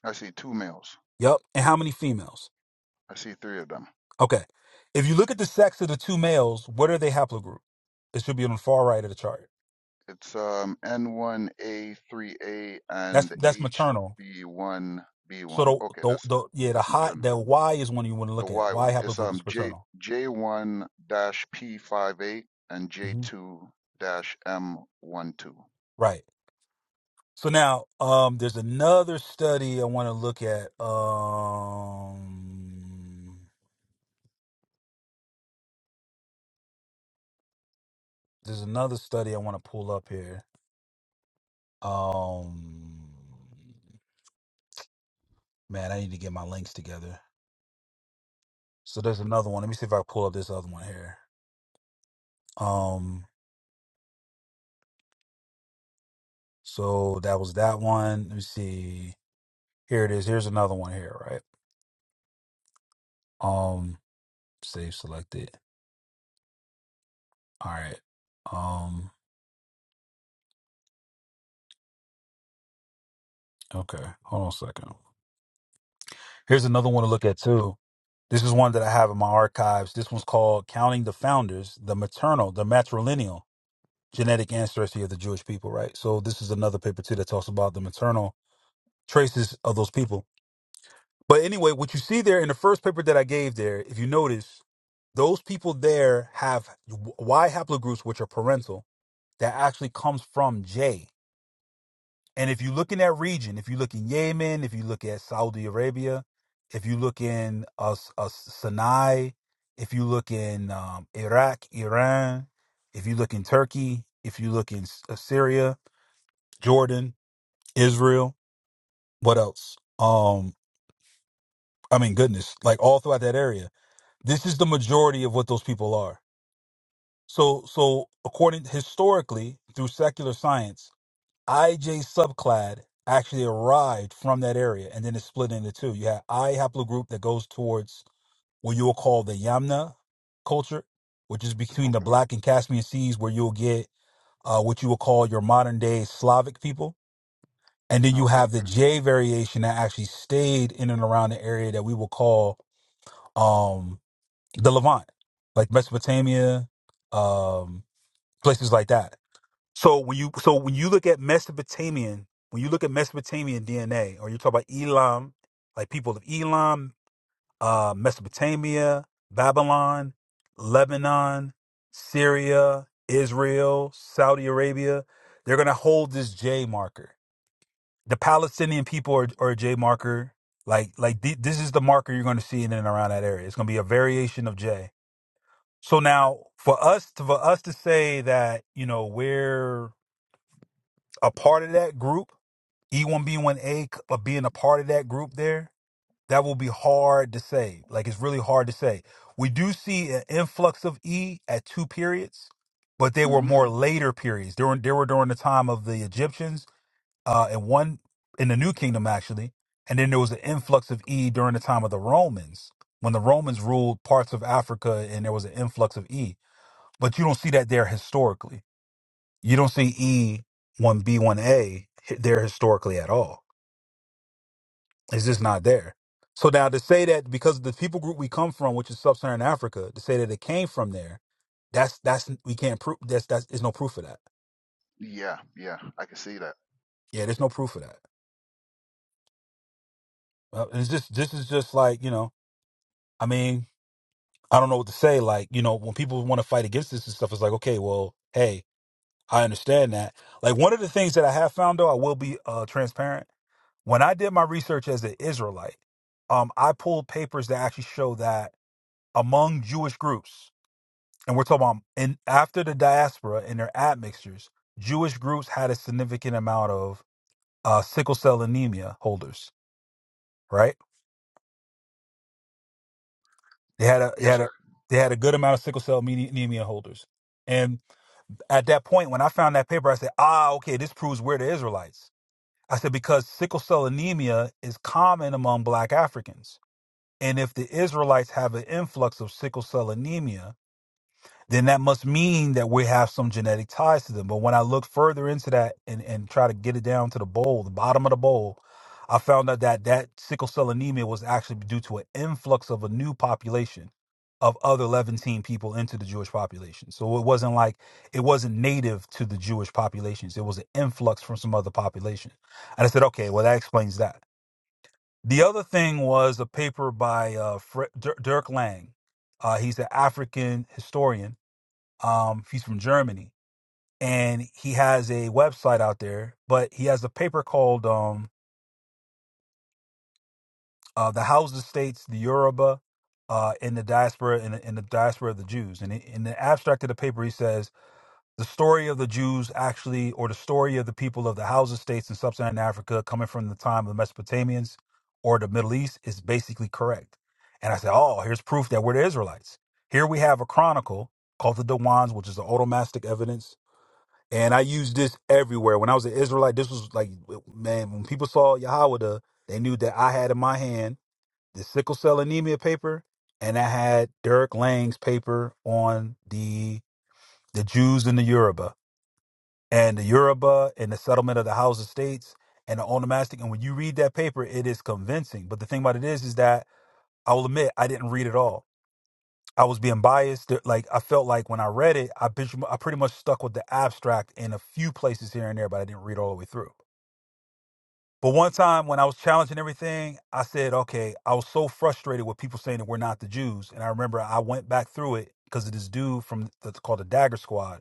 I see two males. yep, and how many females. I see three of them. Okay. If you look at the sex of the two males, what are they haplogroup? It should be on the far right of the chart. It's um N1A3A That's and that's maternal. So HB1B1. the Okay, the, that's the yeah the that's high maternal. the Y is one you want to The look at. Y Y one. It's haplogroup is um J paternal. J one dash P five eight and J hmm two dash M one two. Right. So now um there's another study I want to look at. Um there's another study I want to pull up here. Um man, I need to get my links together. So there's another one. Let me see if I pull up this other one here. Um, So that was that one. Let me see. Here it is. Here's another one here, right? Um, save selected. All right. Um, okay. Hold on a second. Here's another one to look at too. This is one that I have in my archives. This one's called Counting the Founders, the Maternal, the Matrilineal Genetic Ancestry of the Jewish People, right? So this is another paper too that talks about the maternal traces of those people But anyway, what you see there in the first paper that I gave there, if you notice, those people there have Y haplogroups, which are parental, that actually comes from J. And if you look in that region, if you look in Yemen, if you look at Saudi Arabia, if you look in uh, S- uh, Sinai, if you look in um, Iraq, Iran, if you look in Turkey, if you look in S- uh, Syria, Jordan, Israel, what else? Um, I mean, goodness, like all throughout that area This is the majority of what those people are. So, so according historically through secular science, IJ subclad actually arrived from that area and then it's split into two. You have I haplogroup that goes towards what you will call the Yamna culture, which is between the Okay. Black and Caspian Seas, where you'll get uh, what you will call your modern day Slavic people. And then you Okay. have the J variation that actually stayed in and around the area that we will call um, the Levant, like Mesopotamia, um, places like that. So when you so when you look at Mesopotamian, when you look at Mesopotamian DNA, or you talk about Elam, like people of Elam, uh, Mesopotamia, Babylon, Lebanon, Syria, Israel, Saudi Arabia, they're gonna hold this J marker. The Palestinian people are, are a J marker. Like like th- this is the marker you're gonna see in and around that area. It's gonna be a variation of J so now for us to, for us to say that, you know, we're a part of that group, E1B1A c- uh, being a part of that group there, that will be hard to say. Like it's really hard to say. We do see an influx of E at two periods, but they were Mm-hmm. more later periods. They were, they were during the time of the Egyptians uh, and one in the New Kingdom actually, and then there was an influx of E during the time of the Romans when the Romans ruled parts of Africa, and there was an influx of E but you don't see that there historically. You don't see E one B one A there historically at all. It's just not there. So now to say that because the people group we come from, which is sub-Saharan Africa, to say that it came from there, that's that's we can't prove that's that's there's no proof of that. Yeah. Yeah. I can see that. Yeah, there's no proof of that. Uh, It's just this is just like you know. I mean, I don't know what to say. Like you know, when people want to fight against this and stuff, it's like okay, well, hey, I understand that. Like one of the things that I have found though, I will be uh, transparent When I did my research as an Israelite, um, I pulled papers that actually show that among Jewish groups, and we're talking about in after the diaspora and their admixtures, Jewish groups had a significant amount of uh, sickle cell anemia holders. Right? They had a they Yes, had a sir. they had a good amount of sickle cell ame- anemia holders. And at that point, when I found that paper, I said, "Ah, okay, this proves we're the Israelites." I said because sickle cell anemia is common among Black Africans And if the Israelites have an influx of sickle cell anemia, then that must mean that we have some genetic ties to them. But when I look further into that and, and try to get it down to the bowl, the bottom of the bowl, I found out that that sickle cell anemia was actually due to an influx of a new population of other Levantine people into the Jewish population. So it wasn't like it wasn't native to the Jewish populations. It was an influx from some other population. And I said, okay, well, that explains that. The other thing was a paper by uh, Fre- Dir- Dirk Lang. Uh, he's an African historian. Um, he's from Germany, and he has a website out there. But he has a paper called um, uh, "The Hausa States, the Yoruba, uh, and the Diaspora and the, and the Diaspora of the Jews." And in the abstract of the paper, he says the story of the Jews actually, or the story of the people of the Hausa states in sub-Saharan Africa coming from the time of the Mesopotamians or the Middle East is basically correct. And I said, oh, here's proof that we're the Israelites. Here we have a chronicle called the Dawans, which is the automastic evidence. And I used this everywhere. When I was an Israelite, this was like, man, when people saw Yahweh, they knew that I had in my hand the sickle cell anemia paper, and I had Derek Lang's paper on the the Jews in the Yoruba and the Yoruba and the settlement of the House of States and the onomastic. And when you read that paper, it is convincing. But the thing about it is, is that I will admit I didn't read it all. I was being biased. There- Like I felt like when I read it, I bitch- I pretty much stuck with the abstract in a few places here and there, but I didn't read all the way through. But one time when I was challenging everything, I said, okay, I was so frustrated with people saying that we're not the Jews. And I remember I went back through it because of this dude from that's called the Dagger Squad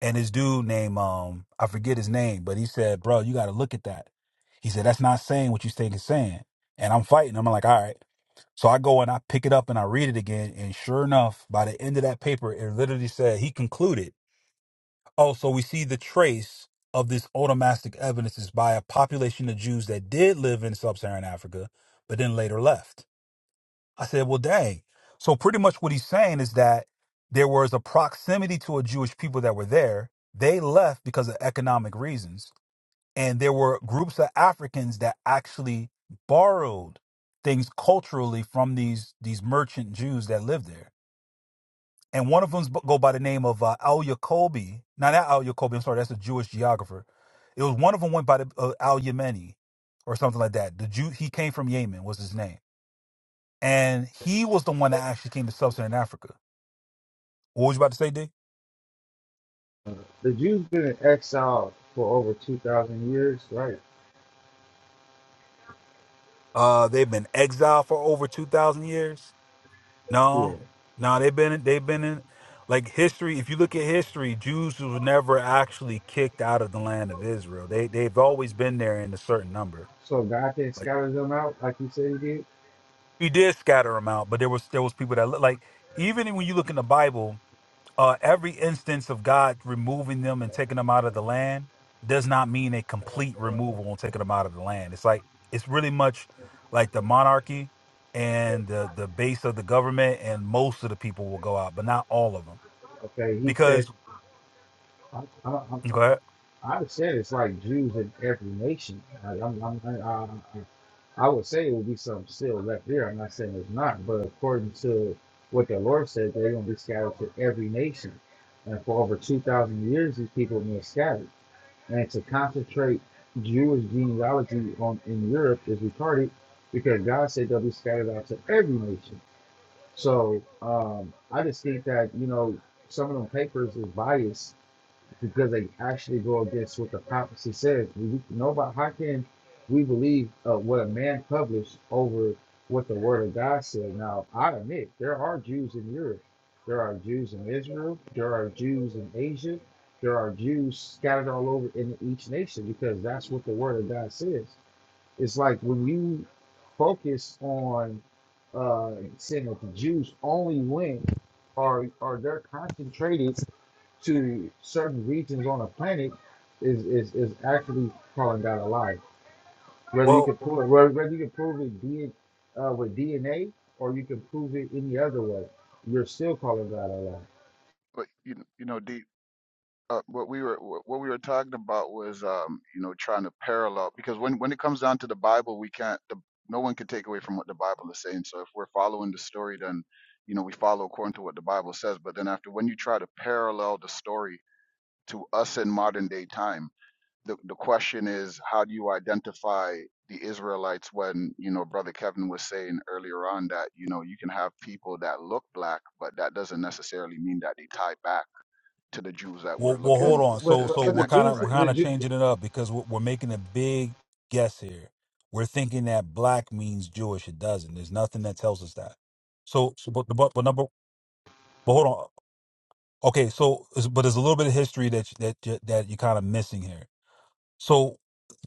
and this dude named um I forget his name, but he said, "Bro, you got to look at that." He said, "That's not saying what you think it's saying." And I'm fighting. I'm like, "All right." So I go and I pick it up and I read it again, and sure enough, by the end of that paper, it literally said he concluded. Oh, so we see the trace of this onomastic evidence is by a population of Jews that did live in sub-Saharan Africa, but then later left. I said, well, dang. So pretty much what he's saying is that there was a proximity to a Jewish people that were there. They left because of economic reasons. And there were groups of Africans that actually borrowed things culturally from these these merchant Jews that lived there. And one of them go by the name of uh, Al Yacobi. Not that Al Yacobi, I'm sorry, that's a Jewish geographer. It was one of them went by the uh, Al Yemeni or something like that. The Jew, he came from Yemen was his name and he was the one that actually came to sub-Saharan Africa. What was you about to say, D? The Jews been in exile for over two thousand years, right? Uh, they've been exiled for over two thousand years. No, Yeah. no, they've been they've been in like history. If you look at history, Jews were never actually kicked out of the land of Israel. They they've always been there in a certain number. So God can Like scatter them out like He said He did. we did scatter them out, but there was there was people that look like even when you look in the Bible. uh, every instance of God removing them and taking them out of the land does not mean a complete removal and taking them out of the land. It's like it's really much like the monarchy and the the base of the government, and most of the people will go out, but not all of them, Okay, He said, because I, I, I, go I ahead. I said it's like Jews in every nation. Like, I'm, I'm, I, I, I would say it would be some still left there. I'm not saying it's not, but according to what the Lord said, they're going to be scattered to every nation. And for over 2,000 years, these people have been scattered. and to concentrate Jewish genealogy on in Europe is retarded because God said they'll be scattered out to every nation. So um, I just think that you know some of them papers is biased because they actually go against what the prophecy says. We, nobody, how can we believe uh, what a man published over what the Word of God said? Now, I admit there are Jews in Europe, there are Jews in Israel, there are Jews in Asia, there are Jews scattered all over in each nation because that's what the Word of God says. It's like when you focus on uh, saying that the Jews only went or or they're concentrated to certain regions on a planet is is, is actually calling God a lie. Whether you well, can prove it, whether whether you can prove it did uh, with DNA or you can prove it any other way, you're still calling God a lie. But you kn- you know the uh, what we were wh- what we were talking about was um you know trying to parallel because when when it comes down to the Bible we can't the, no one can take away from what the Bible is saying. So if we're following the story, then you know we follow according to what the Bible says. But then after when you try to parallel the story to us in modern day time the, the question is how do you identify the Israelites when you know brother Kevin was saying earlier on that you know you can have people that look black but that doesn't necessarily mean that they tie back to the Jews that well, we're well, Yeah, hold looking on. With, So, to with, so with the we're connect kind to of Jews, we're right now the kind of Jew, changing it up because we're, we're making a big guess here. We're thinking that black means Jewish. It doesn't. There's nothing that tells us that. So, so but, but but number but hold on. Okay, so but there's a little bit of history that that that you're kind of missing here. So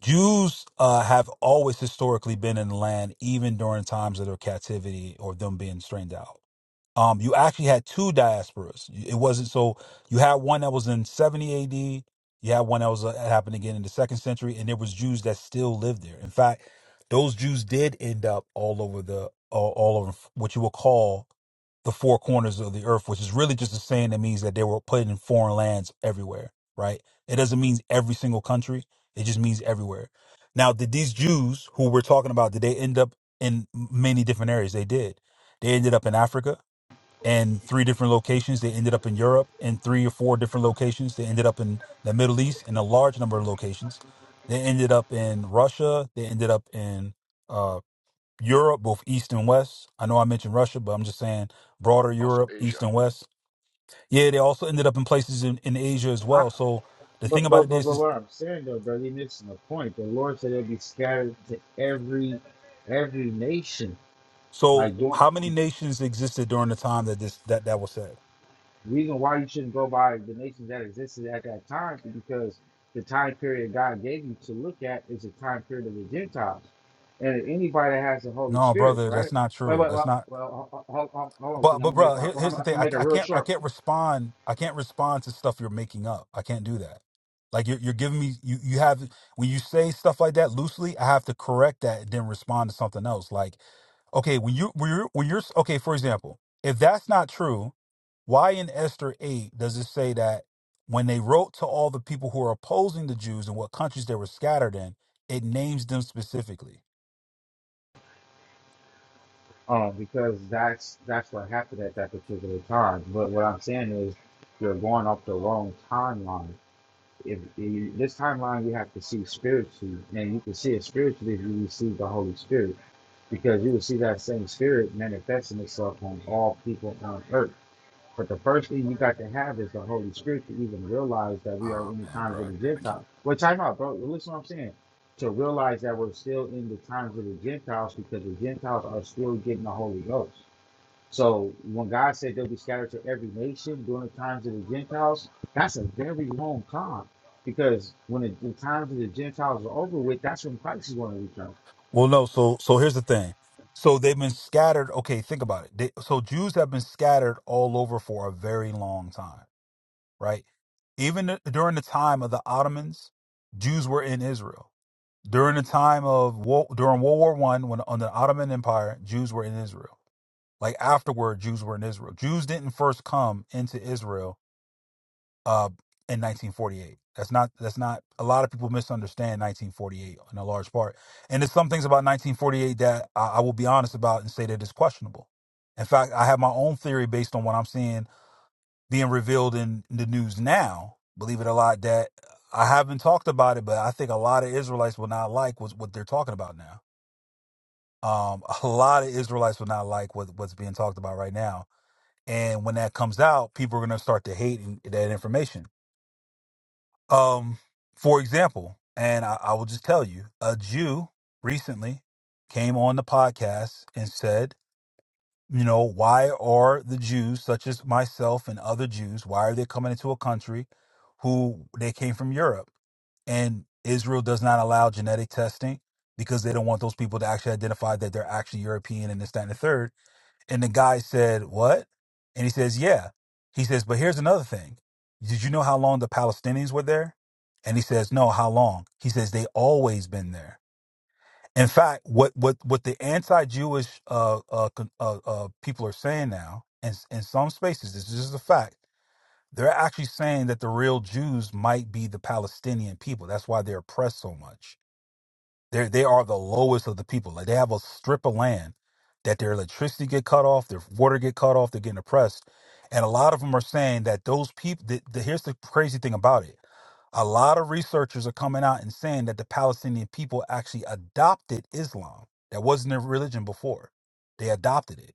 Jews uh, have always historically been in the land, even during times of their captivity or them being strained out. Um, you actually had two diasporas. It wasn't so you had one that was in 70 A.D. You had one that was uh, happened again in the second century, and there was Jews that still lived there. In fact, those Jews did end up all over the all, all over what you would call the four corners of the earth, which is really just a saying that means that they were put in foreign lands everywhere, right? It doesn't mean every single country. It just means everywhere. Now, did these Jews who we're talking about, did they end up in many different areas? They did. They ended up in Africa in three different locations. They ended up in Europe in three or four different locations. They ended up in the Middle East in a large number of locations. They ended up in Russia. They ended up in uh. Europe, both East and West. I know I mentioned Russia, but I'm just saying broader also Europe, East Asia and West. Yeah, they also ended up in places in, in Asia as well. So the thing But about but it but is, but is what I'm saying though, brother, you're missing the point. The Lord said they'll be scattered to every every nation. so Like doing how many nations existed during the time that this that that was said? reason why you shouldn't go by the nations that existed at that time is because the time period God gave you to look at is the time period of the Gentiles. And anybody that has the Holy No, Spirit, brother, that's right? not Wait, true. wait, That's wait. not. well hold, hold, hold hold on, But King. I'm but gonna make bro, my here, I'm here's the gonna thing. I, make it ca- I real can't I short, can't respond. I can't respond to stuff you're making up. I can't do that. Like you're you're giving me you you have when you say stuff like that loosely, I have to correct that and then respond to something else. Like okay, when you when you're when you're okay, for example, if that's not true, why in Esther eight does it say that when they wrote to all the people who are opposing the Jews and what countries they were scattered in, it names them specifically? um, because that's that's what happened at that particular time. But what I'm saying is you're going off the wrong timeline if, if this timeline we have to see spiritually, and you can see it spiritually if you receive the Holy Spirit, because you will see that same spirit manifesting itself on all people on earth. But the first thing you got to have is the Holy Spirit to even realize that we are Oh in the man, times of the bro. Gentiles. Well, time out, bro. Listen to what I'm saying. To realize that we're still in the times of the Gentiles because the Gentiles are still getting the Holy Ghost. So when God said they'll be scattered to every nation during the times of the Gentiles, that's a very long time. Because when the, the times of the Gentiles are over with, that's when Christ is going to return. Well, no. So, so here's the thing. So they've been scattered. Okay, think about it. They, so Jews have been scattered all over for a very long time, right? Even th- during the time of the Ottomans, Jews were in Israel. During the time of wo- during World War One, when on the Ottoman Empire, Jews were in Israel. Like afterward, Jews were in Israel. Jews didn't first come into Israel uh, in 1948. That's not that's not a lot of people misunderstand 1948 in a large part, and there's some things about 1948 that I, I will be honest about and say that is questionable. In fact, I have my own theory based on what I'm seeing being revealed in the news now. Believe it or not, that I haven't talked about it, but I think a lot of Israelites will not like what's, what they're talking about now. Um, a lot of Israelites will not like what, what's being talked about right now, and when that comes out, people are going to start to hate that information Um, for example, and I, I will just tell you, a Jew recently came on the podcast and said, you know, why are the Jews, such as myself and other Jews, why are they coming into a country who they came from Europe? And Israel does not allow genetic testing because they don't want those people to actually identify that they're actually European and this, that, and the third. And the guy said, What? And he says, Yeah. He says, But here's another thing. Did you know how long the Palestinians were there? And he says, No, how long? He says, They always been there. In fact, what what what the anti-Jewish uh, uh, con- uh, uh, people are saying now, and in some spaces, this is just a fact. They're actually saying that the real Jews might be the Palestinian people. That's why they're oppressed so much they they are the lowest of the people. Like they have a strip of land that their electricity get cut off, their water get cut off, they're getting oppressed. And a lot of them are saying that those people. The, the, here's the crazy thing about it. A lot of researchers are coming out and saying that the Palestinian people actually adopted Islam. That wasn't their religion before. They adopted it,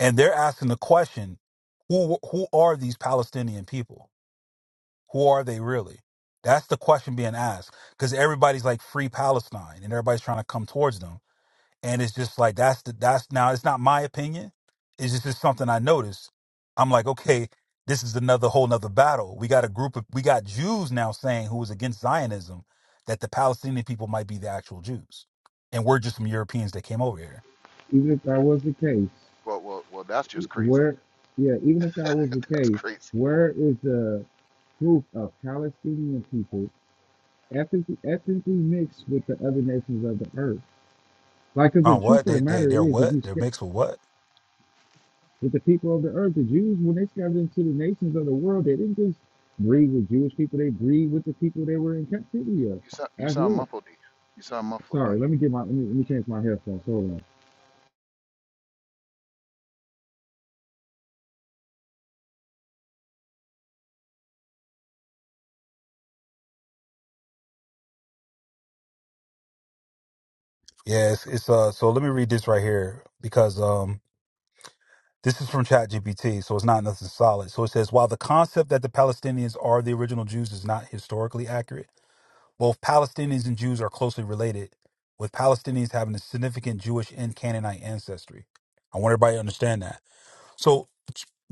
and they're asking the question, who who are these Palestinian people? Who are they really? That's the question being asked because everybody's like free Palestine and everybody's trying to come towards them. And it's just like that's the that's now it's not my opinion. It's just, just something I noticed. I'm like, okay, this is another whole nother battle. We got a group of we got Jews now saying who is against Zionism that the Palestinian people might be the actual Jews. And we're just some Europeans that came over here. Even if that was the case, well well well that's just crazy where, yeah, even if that was the that's case, crazy where is the proof of Palestinian people ethnically, ethnically mixed with the other nations of the earth? Like, because the On what? truth of the They they matter they're is, if what? you They're sca- mixed with what? With the people of the earth, the Jews, when they scattered into the nations of the world, they didn't just breed with Jewish people, they breed with the people they were in you, captivity of you sound you as sound well. muffled D you sound muffled D Sorry, let me get my let me, let me change my headphones. Hold on. Yes, it's uh so let me read this right here because um This is from ChatGPT, so it's not nothing solid. So it says while the concept that the Palestinians are the original Jews is not historically accurate, both Palestinians and Jews are closely related, with Palestinians having a significant Jewish and Canaanite ancestry. I want everybody to understand that. So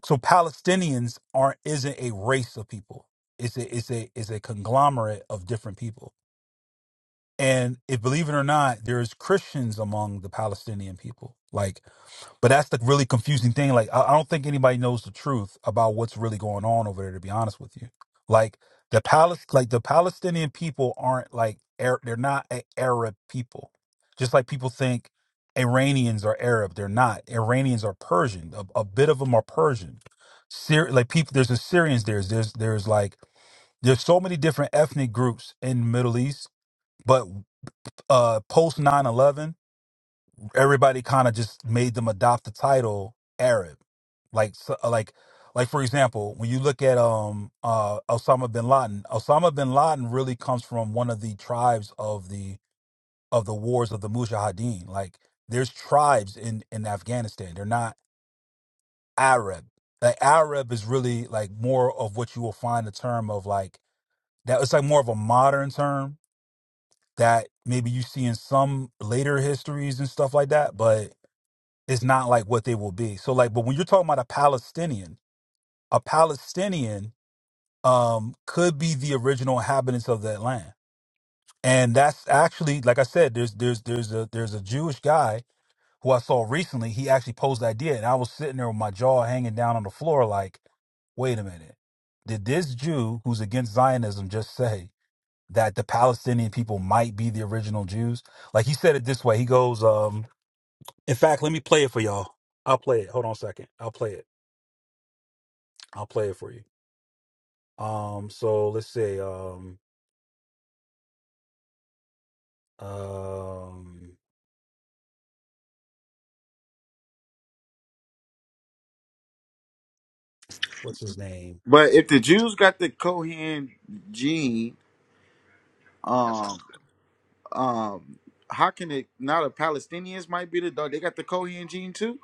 so Palestinians aren't isn't a race of people. It's a it's a it's a conglomerate of different people. And if believe it or not, there's Christians among the Palestinian people. Like but that's the really confusing thing. Like, I, I don't think anybody knows the truth about what's really going on over there. To be honest with you, like the Palis, like the Palestinian people aren't like Ar- they're not a Arab people. Just like people think Iranians are Arab, they're not. Iranians are Persian. A, a bit of them are Persian. Syri like people, there's Assyrians. There's there's there's like there's so many different ethnic groups in the Middle East. But uh, post nine eleven everybody kind of just made them adopt the title Arab. Like so, uh, like like for example, when you look at um uh Osama bin Laden, Osama bin Laden really comes from one of the tribes of the of the wars of the Mujahideen. Like there's tribes in in Afghanistan. They're not Arab. Like Arab is really like more of what you will find the term of like that it's like more of a modern term that maybe you see in some later histories and stuff like that, but Is not like what they will be. So like, but when you're talking about a Palestinian, a Palestinian um could be the original inhabitants of that land. And that's actually, like I said, there's there's there's a there's a Jewish guy who I saw recently. He actually posed the idea, and I was sitting there with my jaw hanging down on the floor, like, wait a minute. Did this Jew who's against Zionism just say that the Palestinian people might be the original Jews? Like he said it this way. He goes, um, in fact, let me play it for y'all. I'll play it. Hold on a second. I'll play it. I'll play it for you. Um, so let's say, um, um, what's his name? But if the Jews got the Kohen gene, that um, sounds good um, how can it now the Palestinians might be the dog? They got the Kohen gene too.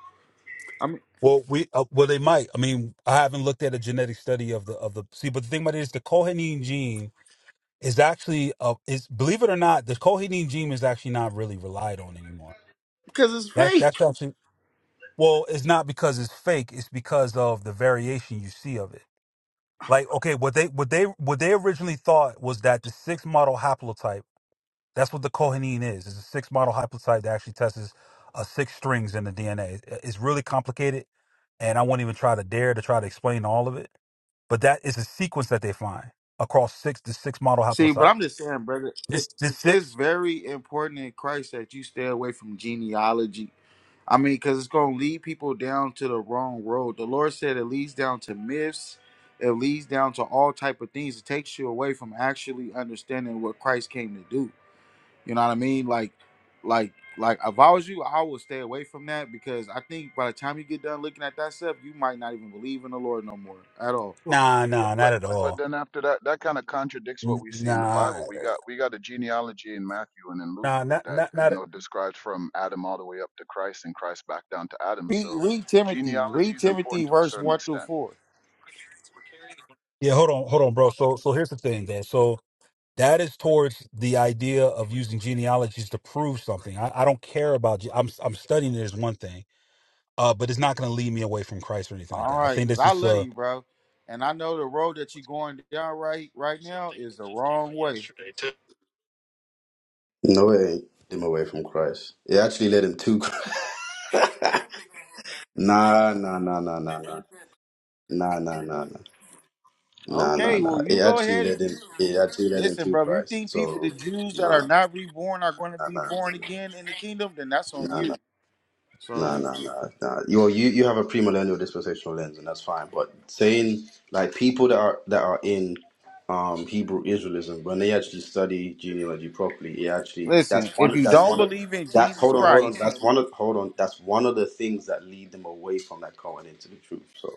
I mean, Well, we uh, well they might. I mean, I haven't looked at a genetic study of the of the. See, but the thing about it is the cohenine gene is actually uh is believe it or not, the cohenine gene is actually not really relied on anymore. because it's That's fake. that's actually well, it's not because it's fake. It's because of the variation you see of it. Like okay, what they what they what they originally thought was that the sixth model haplotype That's what the Kohanine is. It's a six model haplotype that actually tests uh, six strings in the DNA. It's it's really complicated, and I won't even try to dare to try to explain all of it. But that is a sequence that they find across six the six model See, but haplotype. I'm just saying, brother, it, This this it's six? very important in Christ that you stay away from genealogy. I mean, because it's going to lead people down to the wrong road. The Lord said it leads down to myths. It leads down to all type of things. It takes you away from actually understanding what Christ came to do. You know what I mean? Like, like, like. If I was you, I would stay away from that because I think by the time you get done looking at that stuff, you might not even believe in the Lord no more at all. Nah, nah, not but at but all. then after that that kind of contradicts what N- we see in the Nah, bible we got we got a genealogy in matthew and in luke nah, not that not you not. know describes from adam all the way up to christ and christ back down to adam Read, so read Timothy. genealogy Read is Timothy, important to a verse certain one through extent four. Yeah, hold on, hold on, bro. So so here's the thing, then. So that is towards the idea of using genealogies to prove something. I, I don't care about. ge- I'm I'm studying it is one thing. uh, but it's not going to lead me away from Christ or anything like All that. I right, think because this I correct is love uh, you, bro. And I know the road that you're going down right right now is the wrong way. No way him away from Christ. It actually led him to Christ. nah, nah, nah, nah, nah, nah. Nah, nah, nah, nah. Nah, nah, Okay, nah. well, It you go actually ahead and led him keep... it actually led him listen, to bro. If you Christ. think people, So the Jews that nah, are not reborn, are going to nah, nah, be nah. born again in the nah. kingdom, then that's on Nah, you. Nah, So, nah, nah, nah. You you you have a premillennial dispensational lens, and that's fine. But saying like people that are that are in um Hebrew Israelism, when they actually study genealogy properly, it actually listen, that's if one you that's don't one of believe in that. Jesus Hold on, hold on. Christ, That's one of hold on. That's one of the things that lead them away from that Cohen into the truth. So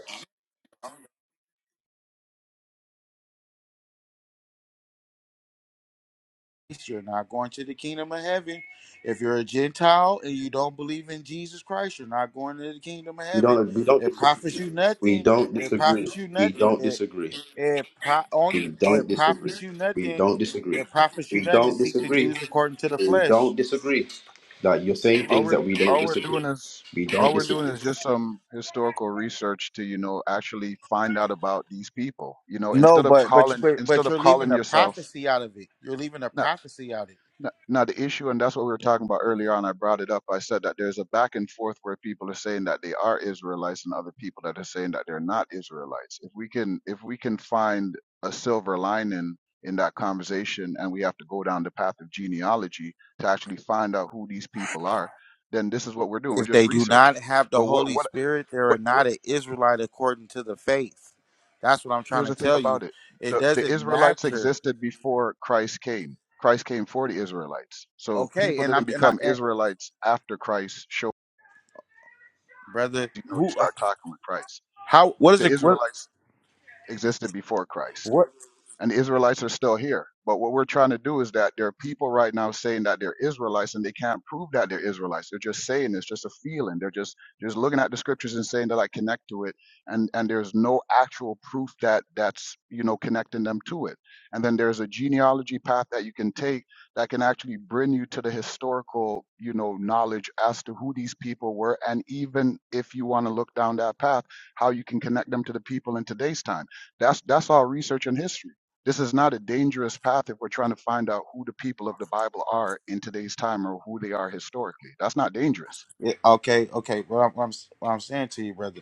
you're not going to the kingdom of heaven. If you're a Gentile and you don't believe in Jesus Christ, you're not going to the kingdom of we heaven. don't we don't It disagree. profits you We nothing. don't It disagree. profits you We nothing. don't disagree. It pro- only We or don't it disagree. profits you We nothing. don't disagree. It profits you We nothing to don't seek the disagree. Jews according to the We don't flesh. disagree. Like you're saying all things we're that we don't all we're doing disagree. is We don't all we're doing disagree. is just some historical research to you know actually find out about these people you know No, instead of but but you- calling but instead but of you're leaving calling a yourself prophecy out of it. You're leaving a prophecy out of it. Now, now the issue, and that's what we were talking about earlier on, I brought it up. I said that there's a back and forth where people are saying that they are Israelites and other people that are saying that they're not Israelites. If we can if we can find a silver lining in that conversation and we have to go down the path of genealogy to actually find out who these people are, then this is what we're doing. We're If they just do not researching. have the But what Holy what Spirit, they are what what not an Israelite according to the faith. That's what I'm trying Here's to the thing tell you. about it. It The, the doesn't Israelites matter. existed before Christ came. Christ came for the Israelites. So Okay, people and I'm didn't and I become and, Israelites after Christ showed brother, you know you who uh, start talking with Christ. how what is The it what Israelites existed before Christ. what and the Israelites are still here. But what we're trying to do is that there are people right now saying that they're Israelites and they can't prove that they're Israelites. They're just saying it's just a feeling. They're just just looking at the scriptures and saying that I connect to it, and and there's no actual proof that that's you know connecting them to it. And then there's a genealogy path that you can take that can actually bring you to the historical you know knowledge as to who these people were, and even if you want to look down that path, how you can connect them to the people in today's time. That's that's all research and history this is not a dangerous path if we're trying to find out who the people of the Bible are in today's time or who they are historically. That's not dangerous. yeah, okay, okay. What I'm, what I'm what I'm saying to you, brother.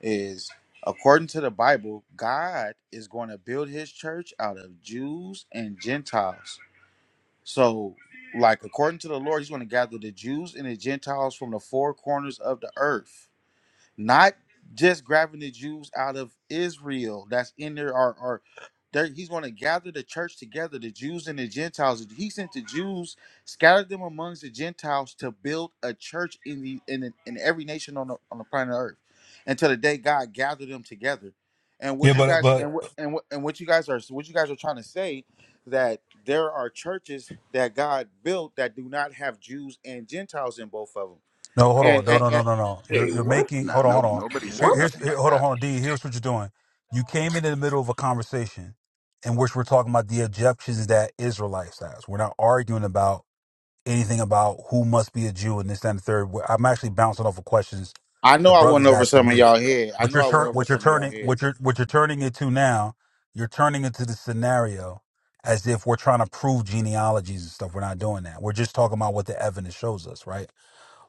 is according to the Bible, God is going to build his church out of Jews and Gentiles. So, like according to the Lord, he's going to gather the Jews and the Gentiles from the four corners of the earth not just grabbing the Jews out of Israel that's in there or or there, he's going to gather the church together, the Jews and the Gentiles. He sent the Jews, scattered them amongst the Gentiles to build a church in the in, in every nation on the on the planet Earth, until the day God gathered them together. And Yeah, what you but guys but and what and what and what you guys are what you guys are trying to say that there are churches that God built that do not have Jews and Gentiles in both of no, hold on, no, no, them no, no, no. You're you're Wait, what? making Nah, hold on, no, hold on. nobody Here, said What? here's nothing here, like hold on, that. hold on, D. Here's what you're doing. You came in, in the middle of a conversation in which we're talking about the objections that Israelites has. We're not arguing about anything about who must be a Jew and this, that, and the third. Where- I'm actually bouncing off of questions I know the I went brother's over asking some of me. y'all head. I What know you're I turn, went over what you're some of y'all turning, head. If what you're what you're turning it to now, you're turning it to the scenario as if we're trying to prove genealogies and stuff. We're not doing that. We're just talking about what the evidence shows us, right?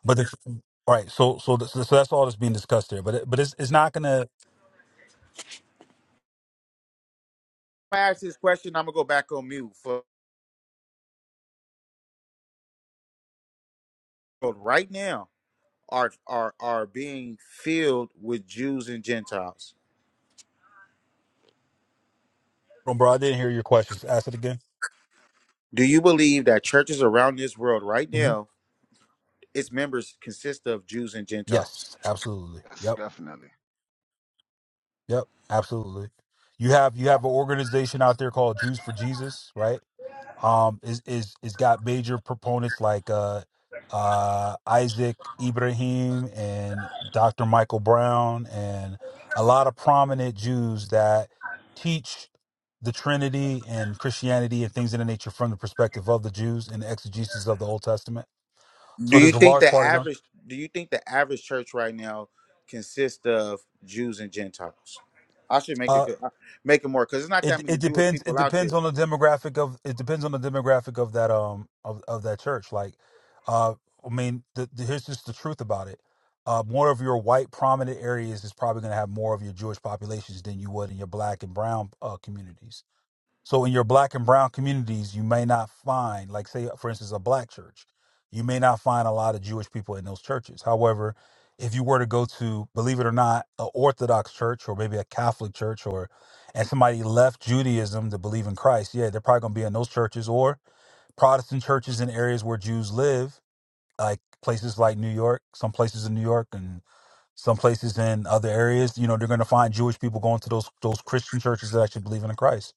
But the, right, so so th- so so that's all that's being discussed there. But it, but it's it's not gonna. I ask this question, I'm gonna go back on mute. For for right now, are are are being filled with Jews and Gentiles. Bro, I didn't hear your questions. Ask it again. Do you believe that churches around this world right hmm now, its members consist of Jews and Gentiles? Yes, absolutely. Yes, Yep. definitely. Yep, absolutely. You have you have an organization out there called Jews for Jesus, right? Um, is is is got major proponents like uh, uh, Isaac Ibrahim and Dr. Michael Brown and a lot of prominent Jews that teach the Trinity and Christianity and things of the nature from the perspective of the Jews and the exegesis of the Old Testament. Do So you there's a think large the part of them. average do you think the average church right now consists of Jews and Gentiles? I should make Uh, it good- uh, make it more because there's not that It many it Jewish depends. It people out depends there. on the demographic of. It depends on the demographic of that um of of that church. Like, uh, I mean, the, the, here's just the truth about it. Uh, more of your white prominent areas is probably going to have more of your Jewish populations than you would in your black and brown uh, communities. So in your black and brown communities, you may not find, like say for instance, a black church, you may not find a lot of Jewish people in those churches. However, if you were to go to, believe it or not, an Orthodox church or maybe a Catholic church or and somebody left Judaism to believe in Christ, yeah, they're probably gonna be in those churches or Protestant churches in areas where Jews live, like places like New York, some places in New York and some places in other areas, you know, they're gonna find Jewish people going to those those Christian churches that actually believe in Christ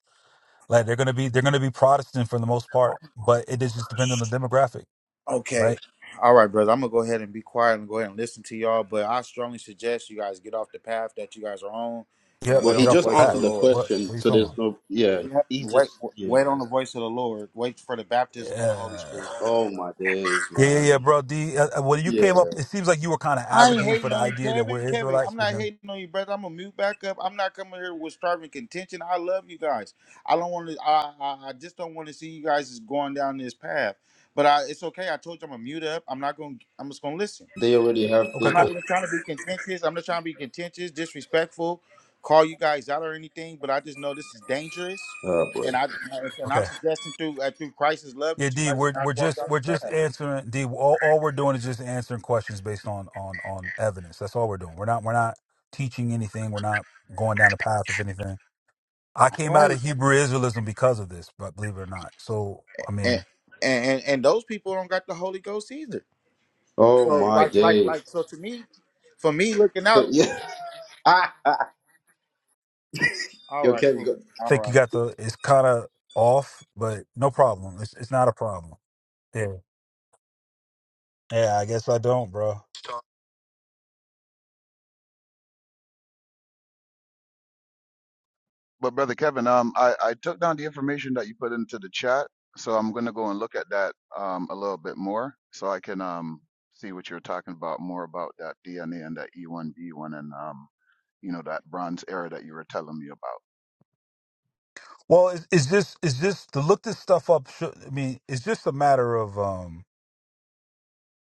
like they're gonna be they're gonna be Protestant for the most part, but it is just depends on the demographic, Okay. right? All right, brother. I'm gonna go ahead and be quiet and go ahead and listen to y'all. But I strongly suggest you guys get off the path that you guys are on Get and Well, wait up, he get on the off just the voice of the answered the path. Lord. What? question, What are you so talking there's about? no. Yeah, Yeah. he's just. Wait, Yeah. wait on the it's- voice of the Lord. Wait for the baptism of the Holy Yeah, Spirit. Oh my days, yeah, yeah, yeah man. bro. D, uh, uh, when you Yeah, came up, it seems like you were kind of I ain't advocating for hating the on you, idea that Kevin. we're Kevin, Israelites, I'm but not then hating on you, brother. I'm gonna mute back up. I'm not coming here with starving contention. I love you guys. I don't want to. I, I I just don't want to see you guys is going down this path. But I, it's okay. I told you I'm gonna mute up. I'm not gonna. I'm just gonna listen. they already have. okay, I'm They, not what? cool, even trying to be contentious. I'm not trying to be contentious, disrespectful, call you guys out or anything. But I just know this is dangerous, Oh and boy. I and I'm okay, suggesting through uh, through Christ's love yeah, that you D, guys do we're not we're walk just down we're the just path. answering D. All, all we're doing is just answering questions based on on on evidence. That's all we're doing. We're not we're not teaching anything. We're not going down the path of anything. I came out Right. of Hebrew Israelism because of this, but believe it or not. So I mean. And, and and those people don't got the Holy Ghost either. Oh So my like like days. like so to me, for me looking So, out. Yeah. All you right, okay? You cool. got? All think you right. got the it's kind of off, but no problem. It's it's not a problem. Yeah. Yeah, I guess I don't, bro. But brother Kevin, um, I, I took down the information that you put into the chat, so I'm gonna go and look at that um a little bit more, so I can um see what you're talking about more about that DNA and that E1B1 and um you know that Bronze Era that you were telling me about. Well, it's, it's just it's just to look this stuff up. should- I mean, it's just a matter of um,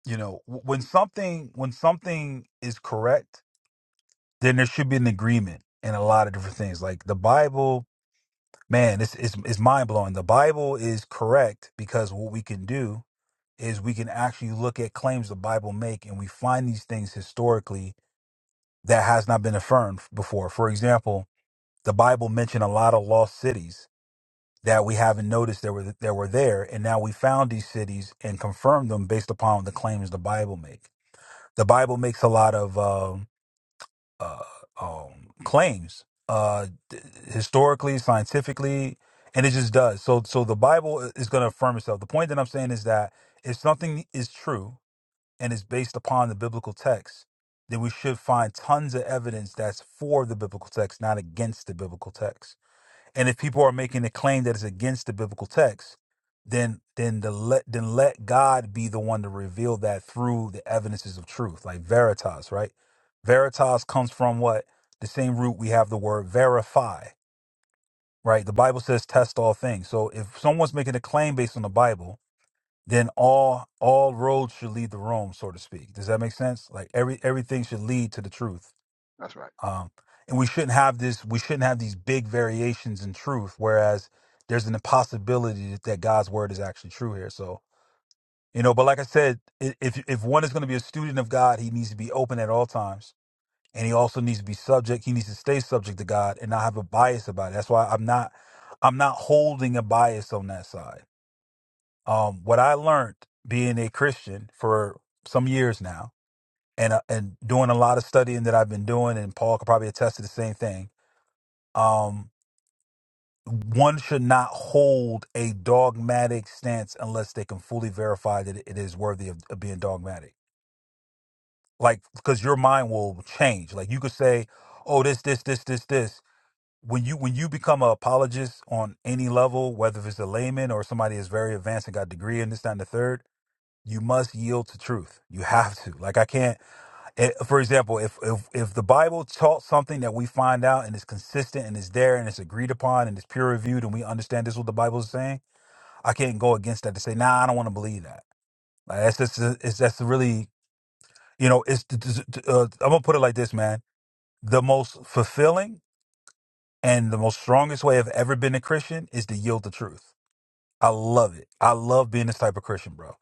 you know, w- when something when something is correct, then there should be an agreement in a lot of different things. Like the Bible, man, it's it's, it's mind blowing. The Bible is correct because what we can do is we can actually look at claims the Bible make, and we find these things historically that has not been affirmed before. For example, the Bible mentioned a lot of lost cities that we haven't noticed that were that were there, and now we found these cities and confirmed them based upon the claims the Bible make. The Bible makes a lot of um uh, um, claims uh, th- historically, scientifically, and it just does. So, so the Bible is going to affirm itself. The point that I'm saying is that if something is true and is based upon the biblical text, then we should find tons of evidence that's for the biblical text, not against the biblical text. And if people are making a claim that is against the biblical text, then then the let then let God be the one to reveal that through the evidences of truth, like veritas, right? Veritas comes from what? The same root we have the word verify, right? The Bible says test all things. So if someone's making a claim based on the Bible, then all all roads should lead to Rome, so to speak. Does that make sense? Like every everything should lead to the truth. That's right. Um, and we shouldn't have this. We shouldn't have these big variations in truth. Whereas there's an impossibility that, that God's word is actually true here. So you know, but like I said, i- if if one is going to be a student of God, he needs to be open at all times, and he also needs to be subject. He needs to stay subject to God and not have a bias about it. That's why I'm not I'm not holding a bias on that side um, what I learned being a Christian for some years now, and uh, and doing a lot of studying that I've been doing, and Paul could probably attest to the same thing. Um, one should not hold a dogmatic stance unless they can fully verify that it is worthy of, of being dogmatic. Like, because your mind will change. Like, you could say, "Oh, this, this, this, this, this." When you when you become an apologist on any level, whether if it's a layman or somebody is very advanced and got a degree in this, that, and the third, you must yield to truth you have to like i can't it, for example if, if if the bible taught something that we find out and it's consistent and it's there and it's agreed upon and it's peer reviewed and we understand this is what the bible is saying i can't go against that to say nah i don't want to believe that like that's just uh, it's that's really you know it's uh, i'm gonna put it like this man the most fulfilling and the most strongest way i've ever been a christian is to yield to truth I love it. I love being this type of Christian, bro.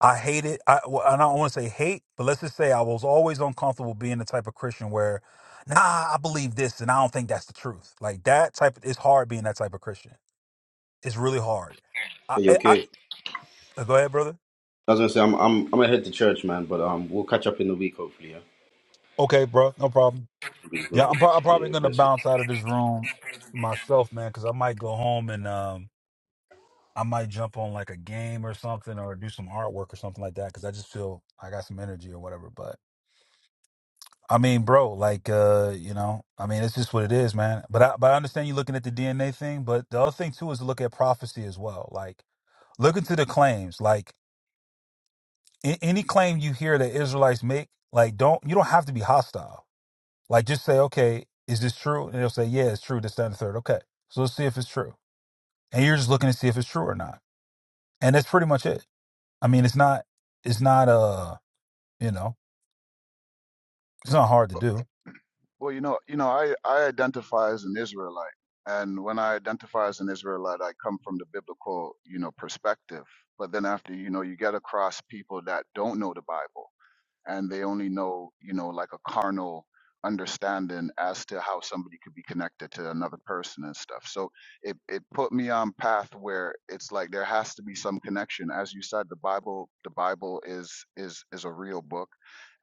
I hate it. I, well, I don't want to say hate, but let's just say I was always uncomfortable being the type of Christian where, nah, I believe this and I don't think that's the truth. Like that type, it's hard being that type of Christian. It's really hard. I, Are you I, I okay? uh, go ahead, brother. That's what I'm saying. I'm. I'm. I'm gonna head to church, man. But um, we'll catch up in the week, hopefully. Yeah. Okay, bro, no problem. Yeah, Mhm. I'm, pro- I'm probably Yeah, gonna bless you. bounce out of this room myself, man, because I might go home and um, I might jump on like a game or something, or do some artwork or something like that, because I just feel I got some energy or whatever. But I mean, bro, like uh, you know, I mean, it's just what it is, man. But I but I understand you looking at the DNA thing, but the other thing too is to look at prophecy as well. Like look into the claims. Like a- any claim you hear that Israelites make, like don't you don't have to be hostile. Like just say, okay, is this true? And they'll say, yeah, it's true. This, that, and the third. Okay, so let's see if it's true. And you're just looking to see if it's true or not. And that's pretty much it. I mean, it's not, it's not uh, you know, it's not hard to do. Well, you know, you know, I, I identify as an Israelite, and when I identify as an Israelite, I come from the biblical, you know, perspective. But then after, you know, you get across people that don't know the Bible and they only know, you know, like a carnal understanding as to how somebody could be connected to another person and stuff. So it it put me on path where it's like there has to be some connection. As you said, the Bible the Bible is is is a real book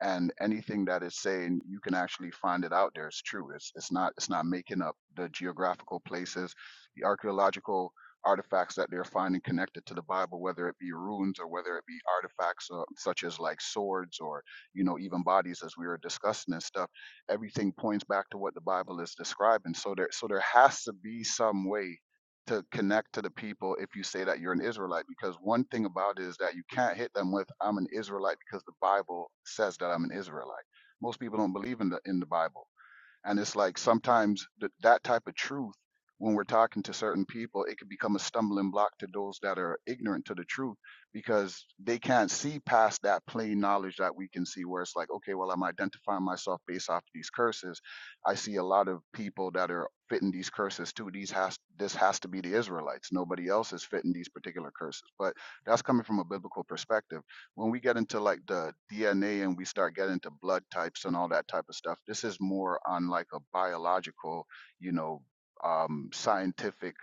and anything that it's saying you can actually find it out there. It's true. It's it's not it's not making up the geographical places, the archaeological artifacts that they're finding connected to the Bible, whether it be ruins or whether it be artifacts uh, such as like swords or you know, even bodies as we were discussing and stuff, everything points back to what the Bible is describing. So there so there has to be some way to connect to the people if you say that you're an Israelite, because one thing about it is that you can't hit them with I'm an Israelite because the Bible says that I'm an Israelite. Most people don't believe in the in the Bible and it's like sometimes th- that type of truth, when we're talking to certain people, it could become a stumbling block to those that are ignorant to the truth because they can't see past that plain knowledge that we can see, where it's like, okay, well, I'm identifying myself based off these curses. I see a lot of people that are fitting these curses too. These has this has to be the Israelites. Nobody else is fitting these particular curses. But that's coming from a biblical perspective when we get into like the DNA and we start getting into blood types and all that type of stuff, this is more on like a biological, you know, um, scientific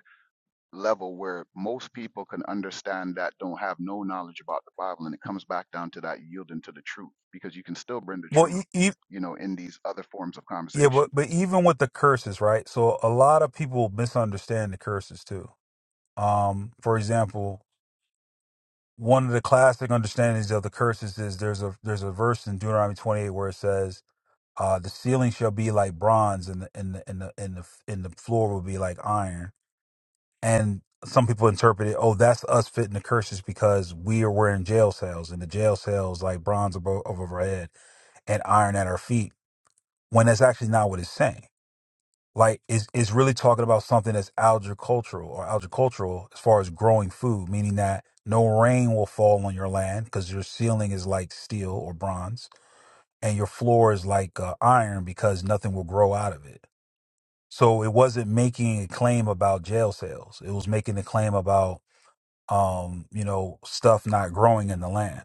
level where most people can understand that don't have no knowledge about the Bible. And it comes back down to that yielding to the truth because you can still bring the Well, truth, e- e- you know, in these other forms of yeah, but conversation. but even with the curses, right? So a lot of people misunderstand the curses too. Um, for example, one of the classic understandings of the curses is there's a there's a verse in Deuteronomy 28 where it says, uh, "The ceiling shall be like bronze, and the and the and the and the, and the floor will be like iron." and some people interpret it, oh, that's us fitting the curses because we are wearing jail cells and the jail cells like bronze above, above our head and iron at our feet, when that's actually not what it's saying. Like it's it's really talking about something that's agricultural or agricultural as far as growing food, meaning that no rain will fall on your land because your ceiling is like steel or bronze and your floor is like uh, iron because nothing will grow out of it. So it wasn't making a claim about jail cells. It was making a claim about um, you know, stuff not growing in the land.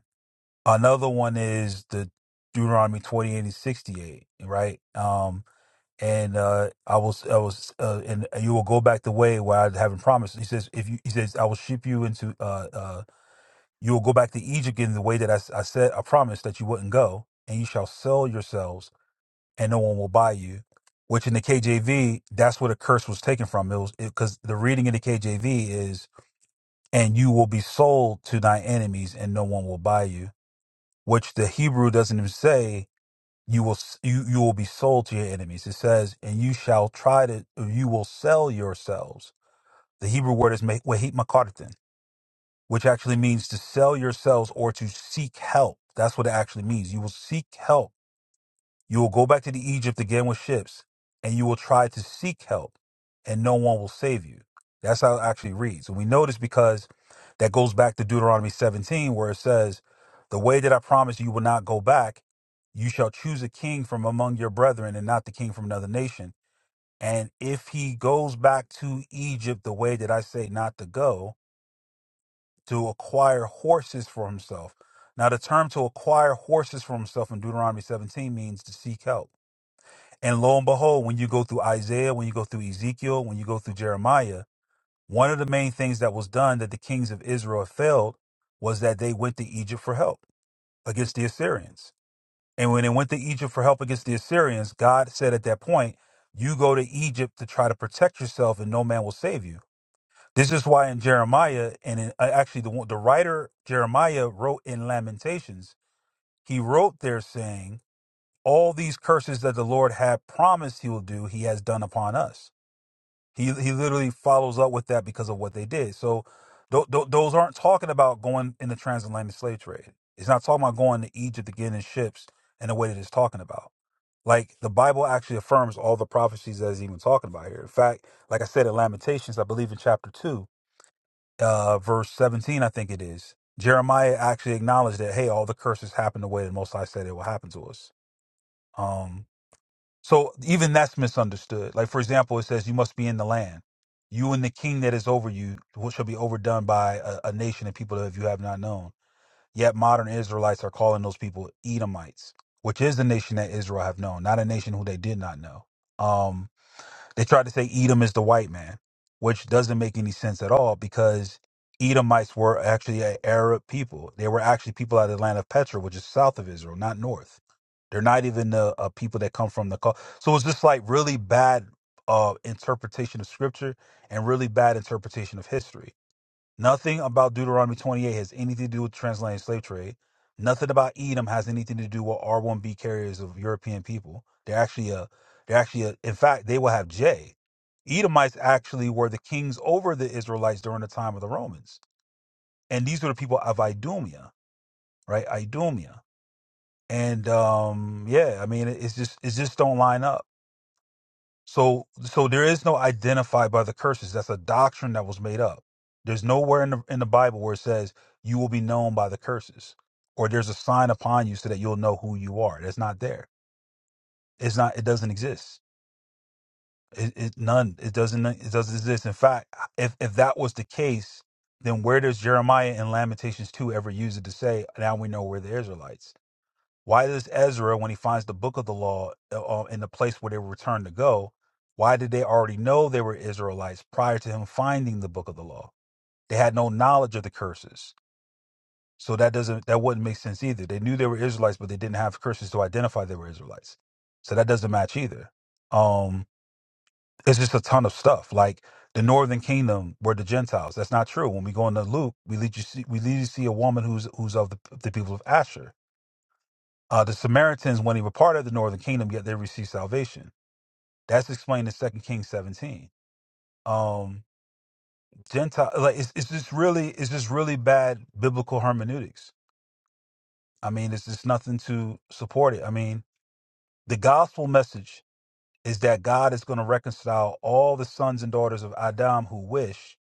Another one is the Deuteronomy 28 and 68, right? Um, and uh, I will, I was, uh, and you will go back the way where I haven't promised. He says, if you, he says, I will ship you into, uh, uh, you will go back to Egypt in the way that I, s- I said, I promised that you wouldn't go, and you shall sell yourselves, and no one will buy you. Which in the KJV, that's where the curse was taken from. It was because the reading in the KJV is and you will be sold to thy enemies and no one will buy you which the hebrew doesn't even say you will s- you, you will be sold to your enemies it says and you shall try to or you will sell yourselves the hebrew word is me- wahit makartin which actually means to sell yourselves or to seek help that's what it actually means you will seek help you will go back to the Egypt again with ships, and you will try to seek help, and no one will save you. That's how it actually reads. And we know this because that goes back to Deuteronomy 17, where it says, The way that I promised you will not go back, you shall choose a king from among your brethren and not the king from another nation. And if he goes back to Egypt the way that I say not to go, to acquire horses for himself. Now, the term to acquire horses for himself in Deuteronomy 17 means to seek help. And lo and behold, when you go through Isaiah, when you go through Ezekiel, when you go through Jeremiah, one of the main things that was done that the kings of Israel failed was that they went to Egypt for help against the Assyrians. And when they went to Egypt for help against the Assyrians, God said at that point, You go to Egypt to try to protect yourself, and no man will save you. This is why in Jeremiah, and in, uh, actually, the, one- the writer Jeremiah wrote in Lamentations, he wrote there saying, all these curses that the Lord had promised he will do, he has done upon us. He he literally follows up with that because of what they did. So th- th- those aren't talking about going in the transatlantic slave trade. It's not talking about going to Egypt again in ships in the way that it's talking about. Like the Bible actually affirms all the prophecies that it's even talking about here. In fact, like I said in Lamentations, I believe in chapter two, uh, verse seventeen, I think it is. Jeremiah actually acknowledged that, hey, all the curses happened the way that Most High said it will happen to us. Um, so even that's misunderstood. Like for example, it says you must be in the land. You and the king that is over you who shall be overdone by a, a nation and people that you have not known. Yet modern Israelites are calling those people Edomites, which is the nation that Israel have known, not a nation who they did not know. Um, they tried to say Edom is the white man, which doesn't make any sense at all because Edomites were actually an Arab people. They were actually people out of the land of Petra, which is south of Israel, not north. They're not even the uh, people that come from the. cul- So it's just like really bad uh, interpretation of scripture and really bad interpretation of history. Nothing about Deuteronomy 28 has anything to do with the transatlantic slave trade. Nothing about Edom has anything to do with R1B carriers of European people. They're actually a, they're actually a, in fact, they will have J. Edomites actually were the kings over the Israelites during the time of the Romans. And these were the people of Idumea, right? Idumea. And um, yeah, I mean, it- it's just, it just don't line up. So so there is no identified by the curses. That's a doctrine that was made up. There's nowhere in the in the Bible where it says you will be known by the curses or there's a sign upon you so that you'll know who you are. That's not there. It's not it doesn't exist. It, it none it doesn't it doesn't exist. In fact, if if that was the case, then where does Jeremiah and Lamentations 2 ever use it to say now we know we're the Israelites? Why does Ezra, when he finds the book of the law uh, uh, in the place where they were returned to go, why did they already know they were Israelites prior to him finding the book of the law? They had no knowledge of the curses. So that doesn't that wouldn't make sense either. They knew they were Israelites, but they didn't have curses to identify they were Israelites. So that doesn't match either. Um, it's just a ton of stuff. Like the northern kingdom were the Gentiles. That's not true. When we go into Luke, we lead you see we lead you see a woman who's who's of the, the people of Asher uh, the Samaritans, when they were part of the northern kingdom, yet they received salvation. That's explained in Second Kings 17. Um, Gentile, like it's, it's just really, it's just really bad biblical hermeneutics. I mean, it's just nothing to support it. I mean, the gospel message is that God is going to reconcile all the sons and daughters of Adam who wish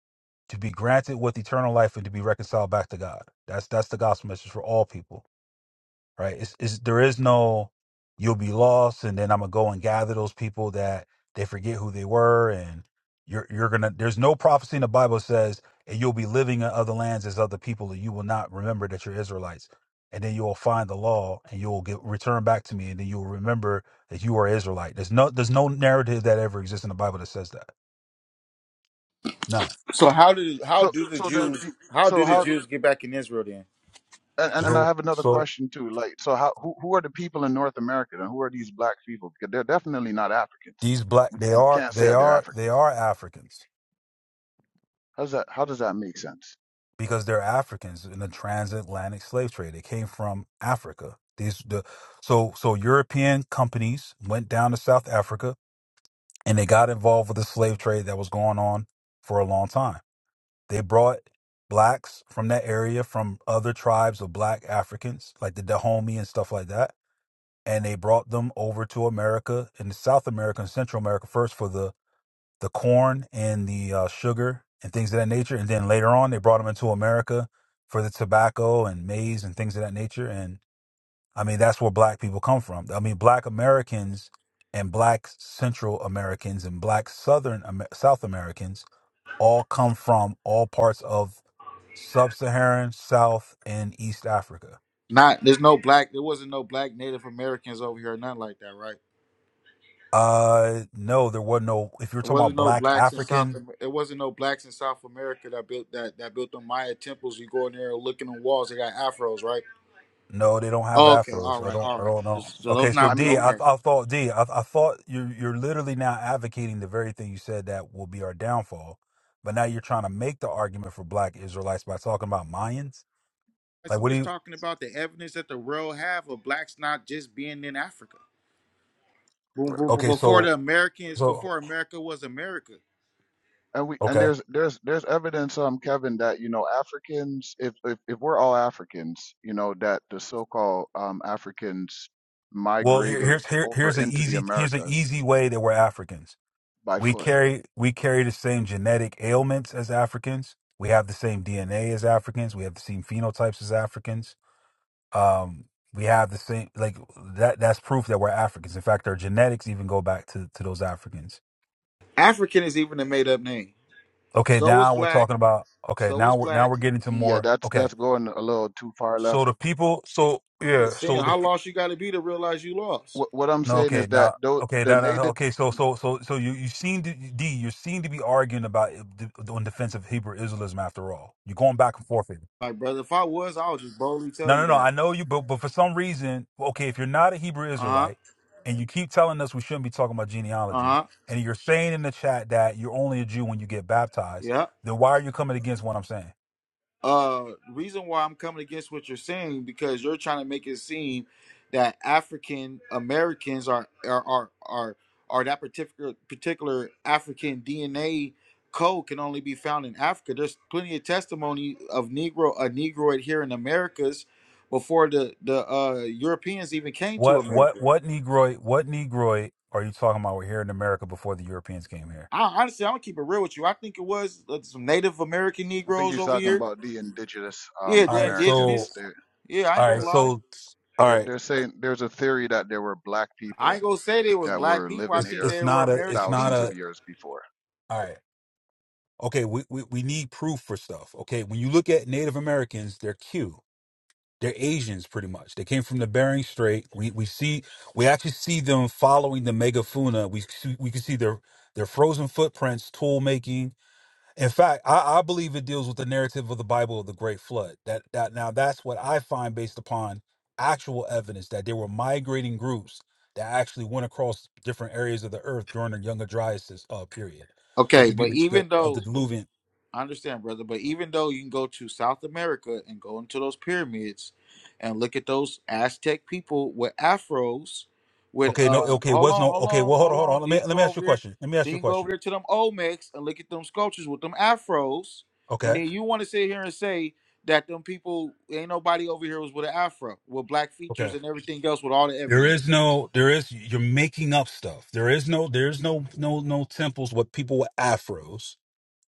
to be granted with eternal life and to be reconciled back to God. That's that's the gospel message for all people right? It's, it's there is no you'll be lost, and then I'm gonna go and gather those people that they forget who they were, and you're you're gonna. There's no prophecy in the Bible that says and you'll be living in other lands as other people, and you will not remember that you're Israelites, and then you will find the law, and you will get return back to me, and then you will remember that you are Israelite. There's no there's no narrative that ever exists in the Bible that says that. None. So how did how So, do the so then, Jews how so do the how, Jews get back in Israel then? and and I So have another so question too. Like, so how, who, who are the people in North America and who are these black people? Because they're definitely not Africans. these black they we are can't say they that they're are they Africans. are Africans How does that how does that make sense? because they're Africans in the transatlantic slave trade. They came from Africa. These the so so European companies went down to South Africa and they got involved with the slave trade that was going on for a long time. They brought blacks from that area from other tribes of black Africans like the Dahomey and stuff like that and they brought them over to America and South America and Central America first for the the corn and the uh, sugar and things of that nature. And then later on, they brought them into America for the tobacco and maize and things of that nature. And I mean, that's where black people come from. I mean, black Americans and black Central Americans and black Southern Amer- South Americans all come from all parts of sub-Saharan, South, and East Africa. Not there's no black there wasn't no black Native Americans over here or nothing like that, right? Uh, no, there was no. If you're It talking about wasn't no black blacks in African, South. Am- It wasn't no blacks in South America that built that that built the Maya temples. You go in there and look in the walls. They got afros, right? No, they don't have Oh, okay, all afros. I right, don't. all I right. don't know. So Okay, those so I not mean D, we I, okay. I thought D, I, I thought you're you're literally now advocating the very thing you said that will be our downfall, but now you're trying to make the argument for Black Israelites by talking about Mayans. Guys, Like, I'm what do just you? talking about the evidence that the world have of blacks not just being in Africa. Boom, boom, correct. boom. Okay, Before so the Americans, so before America was America, And we and okay. there's there's there's evidence, um, Kevin, that you know Africans, if if, if we're all Africans, you know that the so-called um, Africans Well, here, migrated here's here over here's an into the easy here's an Americas easy way that we're Africans. by We foot. carry we carry the same genetic ailments as Africans. We have the same DNA as Africans. We have the same phenotypes as Africans um we have the same like that that's proof that we're africans in fact our genetics even go back to to those africans African is even a made up name. okay So is now we're black. talking about okay So now is we're now black. we're getting to Yeah, more that's okay that's going a little too far left. so the people so I'm yeah just so saying, the how p- lost you got to be to realize you lost? What what I'm no saying okay is that now though okay the now, now native, okay so so so so you you seem to d you seem to be arguing about it- the- on defense of hebrew israelism after all you're going back and forth Like, brother, if I was, I would just boldly tell No, no, you no. I that. know you, but but for some reason, okay, if you're not a Hebrew Uh huh. Israelite and you keep telling us we shouldn't be talking about Uh genealogy, huh. and you're saying in the chat that you're only a Jew when you get baptized, Yeah. then why are you coming against what I'm saying? Uh reason why I'm coming against what you're saying because you're trying to make it seem that African Americans are are are are, are that particular particular African DNA code can only be found in Africa. There's plenty of testimony of Negro a Negroid here in Americas before the the uh, Europeans even came to What what America. what Negroid what Negroid are you talking about? We're here in America before the Europeans came here. I honestly I'm gonna keep it real with you. I think it was uh, some Native American I think Negroes he's over talking here. about the indigenous um Yeah, All they're right, so Americans. indigenous. They Yeah, I ain't all right, gonna the lie. so all they're, right, they're saying there's a theory that there were black I people ain't gonna say they was that black were people. I living it's think here it's they were not a it's American not thousands a of people. years before. all right. Okay, we, we, we need proof for stuff. Okay, when you look at Native Americans, they're cute. They're Asians, pretty much. They came from the Bering Strait. We we see we actually see them following the Megafuna. We see, we can see their their frozen footprints, tool making. In fact, I, I believe it deals with the narrative of the Bible of the Great Flood. That that now that's what I find based upon actual evidence that there were migrating groups that actually went across different areas of the earth during the Younger Dryas uh, period, which Okay, would be but the, the even of though the Diluvian. I understand, brother, but even though you can go to South America and go into those pyramids and look at those Aztec people with afros, with Okay, no, uh, okay, it hold was on, no hold okay. on, Well, hold on, hold hold on. on. Let Then me you can let me go ask you over a there. question. Let me ask Then you a you can go over question. there to them Olmecs and look at them sculptures with them afros, and Okay. then you want to sit here and say that them people ain't nobody over here was with an afro with black Okay. features and everything else with all the There evidence. is no, there is, you're making up stuff. There is no, there's no, no, no temples with people with afros,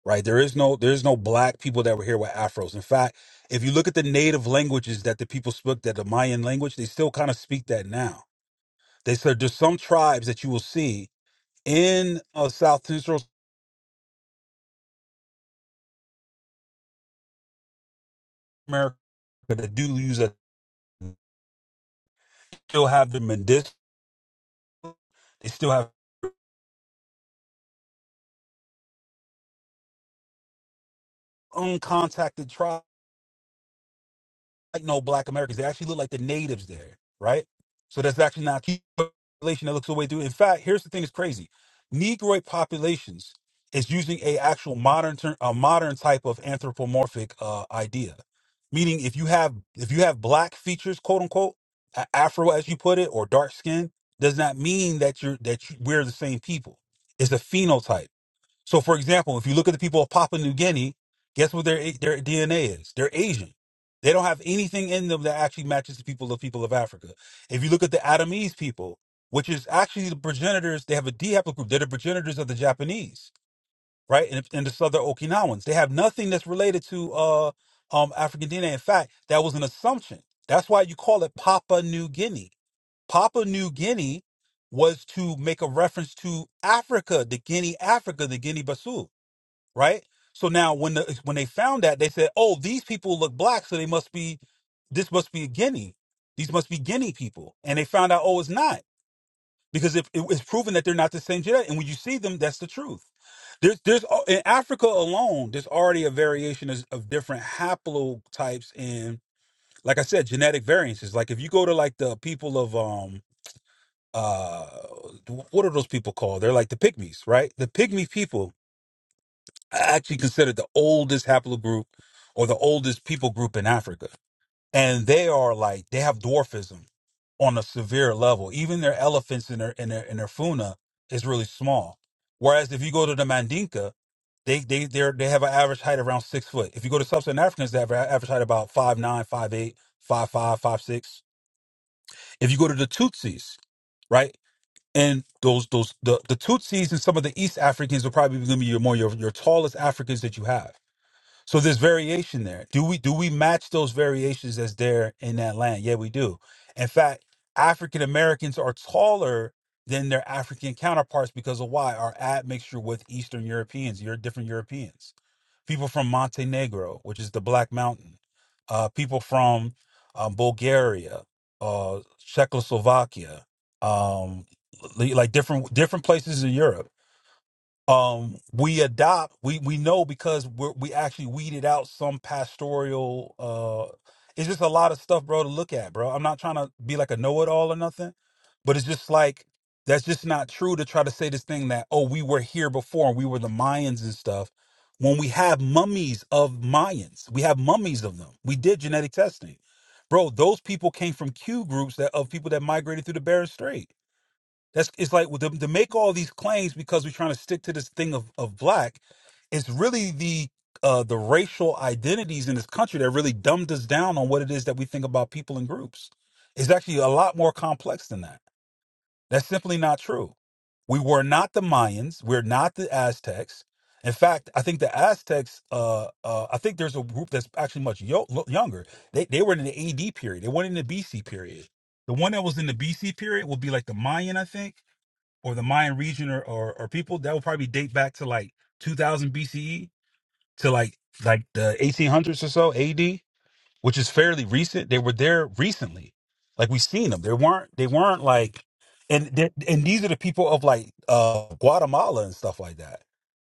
right? There is no, there's no black people that were here with afros. In fact, if you look at the native languages that the people spoke, that the Mayan language, they still kind of speak that now. They said there's some tribes that you will see in uh, South Central America that do use a, still have the medicinal, they still have uncontacted tribes. like no black Americans. They actually look like the natives there, right? So that's actually not a population that looks the way through. In fact, here's the thing that's crazy. Negroid populations is using a actual modern ter- a modern type of anthropomorphic uh, idea. Meaning if you have if you have black features, quote unquote, a- afro as you put it, or dark skin, does not mean that you're that you, we're the same people. It's a phenotype. So, for example, if you look at the people of Papua New Guinea, guess what their their DNA is? They're Asian. They don't have anything in them that actually matches the people of people of Africa. If you look at the Adamese people, which is actually the progenitors, they have a D haplogroup. They're the progenitors of the Japanese, right? And, and the Southern Okinawans. They have nothing that's related to uh, um, African DNA. In fact, that was an assumption. That's why you call it Papua New Guinea. Papua New Guinea was to make a reference to Africa, the Guinea Africa, the Guinea Bissau right? So now when the when they found that, they said, "Oh, these people look black, so they must be this must be a Guinea. These must be Guinea people." And they found out, "Oh, it's not." Because if it was proven that they're not the same genetic, and when you see them, that's the truth. There's, there's al- in Africa alone, there's already a variation of, of different haplotypes and, like I said, genetic variances. Like if you go to like the people of um uh, what are those people called? They're like the pygmies, right? The pygmy people actually considered the oldest haplogroup or the oldest people group in Africa. And they are like they have dwarfism on a severe level. Even their elephants in their in their in their funa is really small. Whereas if you go to the Mandinka, they they they they have an average height around six foot. If you go to sub-Saharan Africans, they have an average height about five nine, five eight, five five, five six. If you go to the Tutsis, right? And those those the, the Tutsis and some of the East Africans are probably going to be your, more your your tallest Africans that you have so there's variation there. Do we do we match those variations as there in that land? Yeah, we do. In fact, African Americans are taller than their African counterparts because of why our admixture with Eastern Europeans. You're different Europeans. People from Montenegro, which is the Black Mountain. Uh, people from um, Bulgaria, uh, Czechoslovakia, um, li- like different different places in Europe um we adopt we we know because we're, we actually weeded out some pastoral uh it's just a lot of stuff bro to look at bro i'm not trying to be like a know-it-all or nothing but it's just like that's just not true to try to say this thing that oh we were here before and we were the mayans and stuff when we have mummies of mayans we have mummies of them we did genetic testing bro those people came from q groups that of people that migrated through the Bering Strait that's it's like well, to, to make all these claims because we're trying to stick to this thing of, of black. It's really the uh, the racial identities in this country that really dumbed us down on what it is that we think about people and groups. It's actually a lot more complex than that. That's simply not true. We were not the Mayans. We're not the Aztecs. In fact, I think the Aztecs. Uh, uh, I think there's a group that's actually much yo- lo- younger. They they were in the AD period. They weren't in the BC period. The one that was in the BC period would be like the Mayan, I think or the Mayan region or, or or people that would probably date back to like 2000 BCE to like like the 1800s or so AD, which is fairly recent. They were there recently, like we seen them. They weren't they weren't like and they're- and these are the people of like uh Guatemala and stuff like that,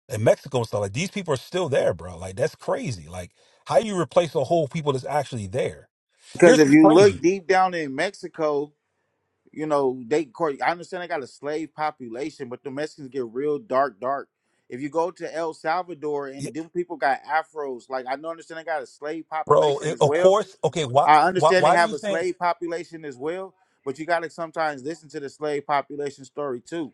and Mexico and stuff like these people are still there, bro. Like that's crazy. Like how you replace a whole people that's actually there? Because Here's if what's you look crazy, deep down in Mexico, you know, they court I understand they got a slave population, but the Mexicans get real dark, dark. If you go to El Salvador Yeah, and them people got afros, like I don't understand they got a slave bro. population It, as of well. course, okay. Why I why understand they why do have you a think? slave population as well, but you gotta sometimes listen to the slave population story too.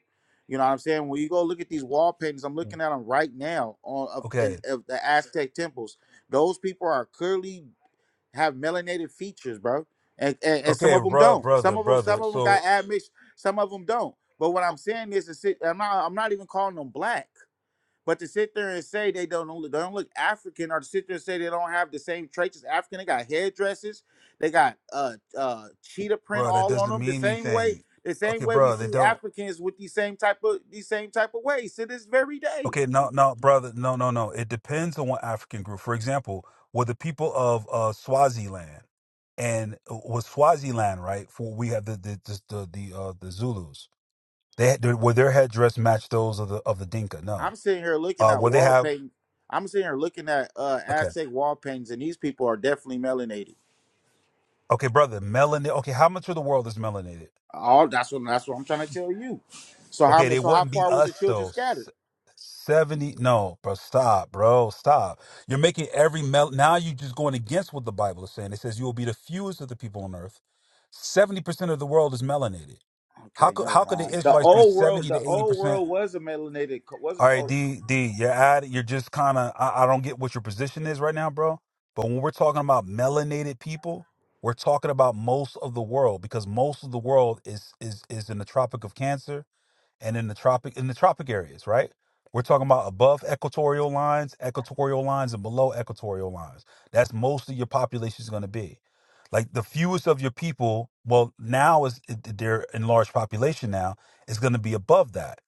You know what I'm saying? When you go look at these wall paintings, I'm looking at them right now on of, Okay. in, of the Aztec temples. Those people are clearly have melanated features, bro. And, and and some Okay, of them bruh, don't. brother, Some of them some brother. of them got So, admixed. Some of them don't. But what I'm saying is, to sit, I'm not I'm not even calling them black. But to sit there and say they don't look, they don't look African, or to sit there and say they don't have the same traits as African, they got hairdresses, they got uh uh cheetah print bruh, that all on doesn't them. The mean same way, anything. the Okay, same way we bruh, they see don't. Africans with these same type of these same type of ways to this very day. Okay, no, no, brother, no, no, no. It depends on what African group. For example, were the people of uh, Swaziland and uh, was Swaziland right? For we have the the the the, the, uh, the Zulus. They had, were their headdress match those of the of the Dinka? No. I'm sitting here looking Uh, at were they wall have? paint. I'm sitting here looking at uh, Okay, Aztec wall paintings, and these people are definitely melanated. okay, brother, melanin. Okay, how much of the world is melanated? All that's what that's what I'm trying to tell you. So how Okay, mu- they so how wouldn't be far was the us children though. scattered? S- Seventy, no, bro, stop, bro, stop. You're making every mel. Now you're just going against what the Bible is saying. It says you will be the fewest of the people on earth. Seventy percent of the world is melanated. How Okay, could never how could the mind. The Israelites be old world, seventy to the eighty old percent? world was a melanated, co- was All right, D D, you're at it. You're just kind of. I, I don't get what your position is right now, bro. But when we're talking about melanated people, we're talking about most of the world because most of the world is is is in the Tropic of Cancer and in the tropic in the tropic areas, right? We're talking about above equatorial lines, equatorial lines, and below equatorial lines. That's most of your population is going to be. Like the fewest of your people, well, now is they're in large population now is going to be above that.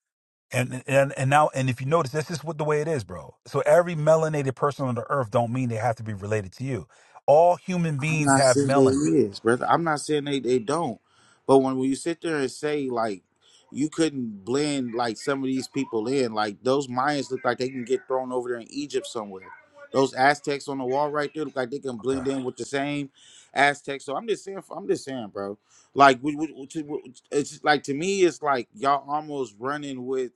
And, and and now and if you notice, this is what the way it is, bro. So every melanated person on the earth don't mean they have to be related to you. All human I'm beings not have saying they melanin. is, brother. I'm not saying they, they don't. But when, when you sit there and say like you couldn't blend like some of these people in, like those Mayans look like they can get thrown over there in Egypt somewhere. Those Aztecs on the wall right there look like they can Okay. blend in with the same Aztecs. So I'm just saying, I'm just saying, bro. Like we, we, we- to- it's just, like to me, it's like y'all almost running with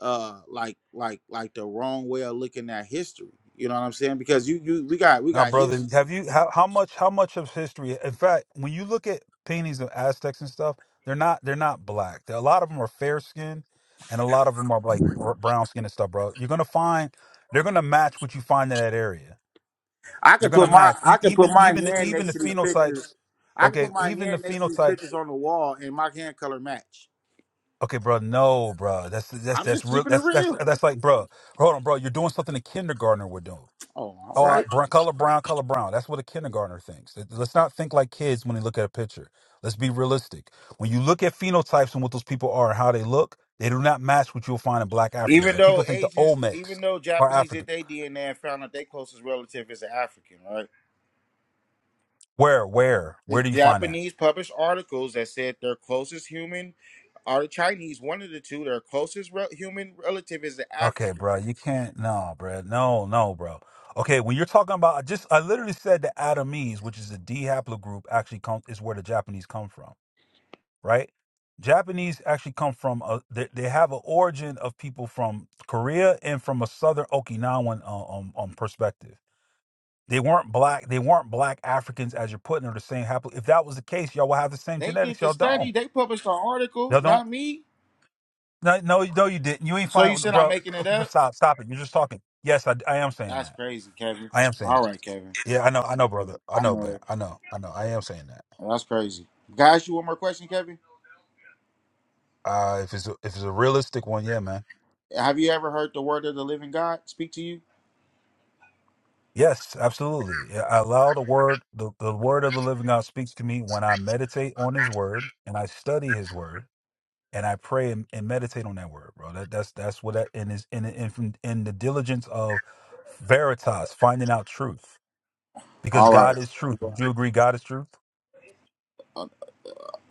uh like like like the wrong way of looking at history. You know what I'm saying? Because you you we got we Now, got brother, history. have you how, how much how much of history? In fact, when you look at paintings of Aztecs and stuff, they're not they're not black. they a lot of them are fair skinned and a lot of them are like r- brown skin and stuff, bro. You're gonna find they're gonna match what you find in that area. I They're can gonna put my match E- I can put even my even the, hand even the next to these pictures. phenotypes. I can Okay, put my even the hand next to these phenotypes. pictures on the wall and my hand color match. Okay, bro. No, bro. That's that's I'm that's just real. keeping it That's that's real. that's like, bro. Hold on, bro. You're doing something a kindergartner would do. Oh, all Oh, uh, right. brown, color brown, color brown. That's what a kindergartner thinks. Let- Let's not think like kids when they look at a picture. Let's be realistic. When you look at phenotypes and what those people are and how they look, they do not match what you'll find in black Africans. Even Like people though think the Asians, Olmecs even though are Japanese did African. their DNA and found out their closest relative is an African, right? Where, where, where The do you find that? Japanese published articles that said their closest human, or the Chinese, one of the two, their closest re- human relative is an Okay, African. bro, you can't. No, bro, no, no, bro. Okay, when you're talking about, I just I literally said the Adamese, which is a D haplogroup, actually come is where the Japanese come from. right? Japanese actually come from a, they, they have an origin of people from Korea and from a southern Okinawan uh, um, um perspective. They weren't black. They weren't black Africans as you're putting or the same happen. If that was the case, y'all would have the same They did genetics. the Y'all study. don't. They published an article, Y'all don't. not me. No, no, no, you didn't. You ain't So you find said I'm bro. making it up? Stop, stop it. You're just talking. Yes, I, I am saying That's that. crazy, Kevin. I am saying. All That. right, Kevin. Yeah, I know, I know, brother. I I know, know man. it. I know, I know. I am saying that. That's crazy. Guys, you one more question, Kevin? Uh, if it's a, if it's a realistic one, yeah, man. Have you ever heard the word of the living God speak to you? Yes, absolutely. Yeah, I allow the word, the, the word of the living God speaks to me when I meditate on his word and I study his word and I pray and, and meditate on that word, bro. That that's that's what that and is in in in the diligence of veritas, finding out truth. Because All right. God is truth. Would you agree God is truth?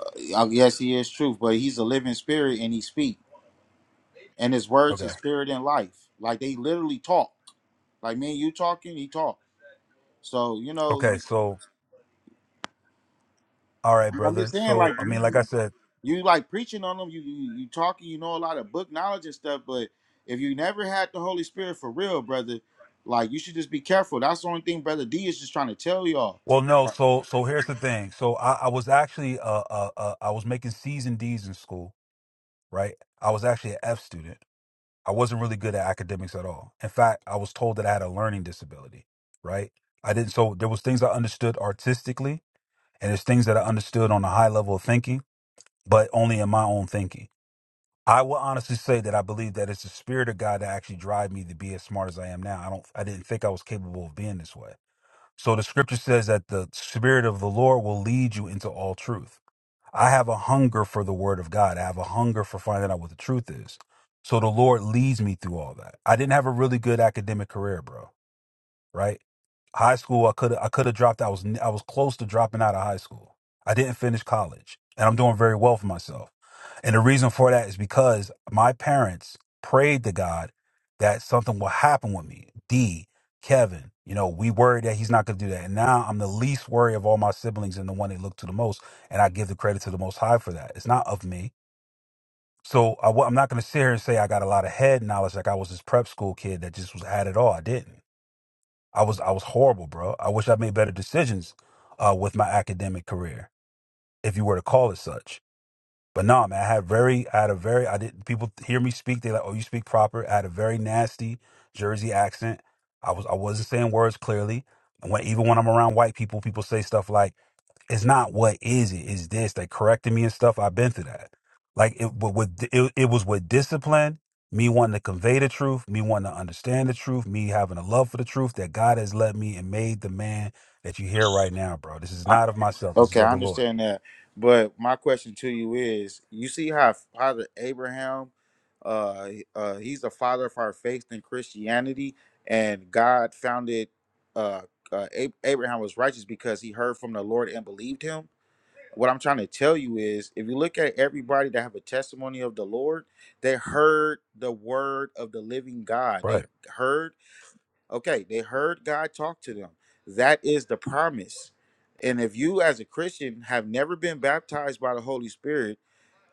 Uh, Yes, he is truth, but he's a living spirit and he speak. And his words, Okay. his spirit and life. Like they literally talk. Like me and you talking, he talk. So, you know, Okay, so all right, I'm brother. just saying, like, So I mean, like you, I said, you like preaching on them. You you, you talking. You know a lot of book knowledge and stuff. But if you never had the Holy Spirit for real, brother, like you should just be careful. That's the only thing, brother D is just trying to tell y'all. well, no. So, so here's the thing. So, I, I was actually, uh, uh, uh, I was making C's and D's in school, right? I was actually an F student. I wasn't really good at academics at all. In fact, I was told that I had a learning disability, right? I didn't so there was things I understood artistically and there's things that I understood on a high level of thinking, but only in my own thinking. I will honestly say that I believe that it's the spirit of God that actually drive me to be as smart as I am now. I don't I didn't think I was capable of being this way. So the scripture says that the spirit of the Lord will lead you into all truth. I have a hunger for the word of God. I have a hunger for finding out what the truth is. So the Lord leads me through all that. I didn't have a really good academic career, bro right? High school, I could I could have dropped. I was n- I was close to dropping out of high school. I didn't finish college, and I'm doing very well for myself. And the reason for that is because my parents prayed to God that something will happen with me. D, Kevin, you know, we worried that he's not going to do that, and now I'm the least worried of all my siblings and the one they look to the most. And I give the credit to the Most High for that. It's not of me. So I, wa- I'm not going to sit here and say I got a lot of head knowledge like I was this prep school kid that just was had it all. I didn't. I was I was horrible, bro. I wish I made better decisions uh, with my academic career, if you were to call it such. But no, man, I had very, I had a very, I did. not People hear me speak, they like, oh, you speak proper. I had a very nasty Jersey accent. I was, I wasn't saying words clearly. And when even when I'm around white people, people say stuff like it's not what is it it's this they corrected me and stuff i've been through that like it but with it, it was with discipline me wanting to convey the truth me wanting to understand the truth me having a love for the truth that god has led me and made the man that you hear right now bro this is Uh, not of myself this is okay, of I the lord understand that. But my question to you is: You see how Father Abraham, uh, he- uh, he's the father of our faith in Christianity, and God founded. Uh, uh, Ab- Abraham was righteous because he heard from the Lord and believed him what I'm trying to tell you is if you look at everybody that have a testimony of the Lord, they heard the word of the living God. They right heard, okay, they heard God talk to them. That is the promise. And if you as a Christian have never been baptized by the Holy Spirit,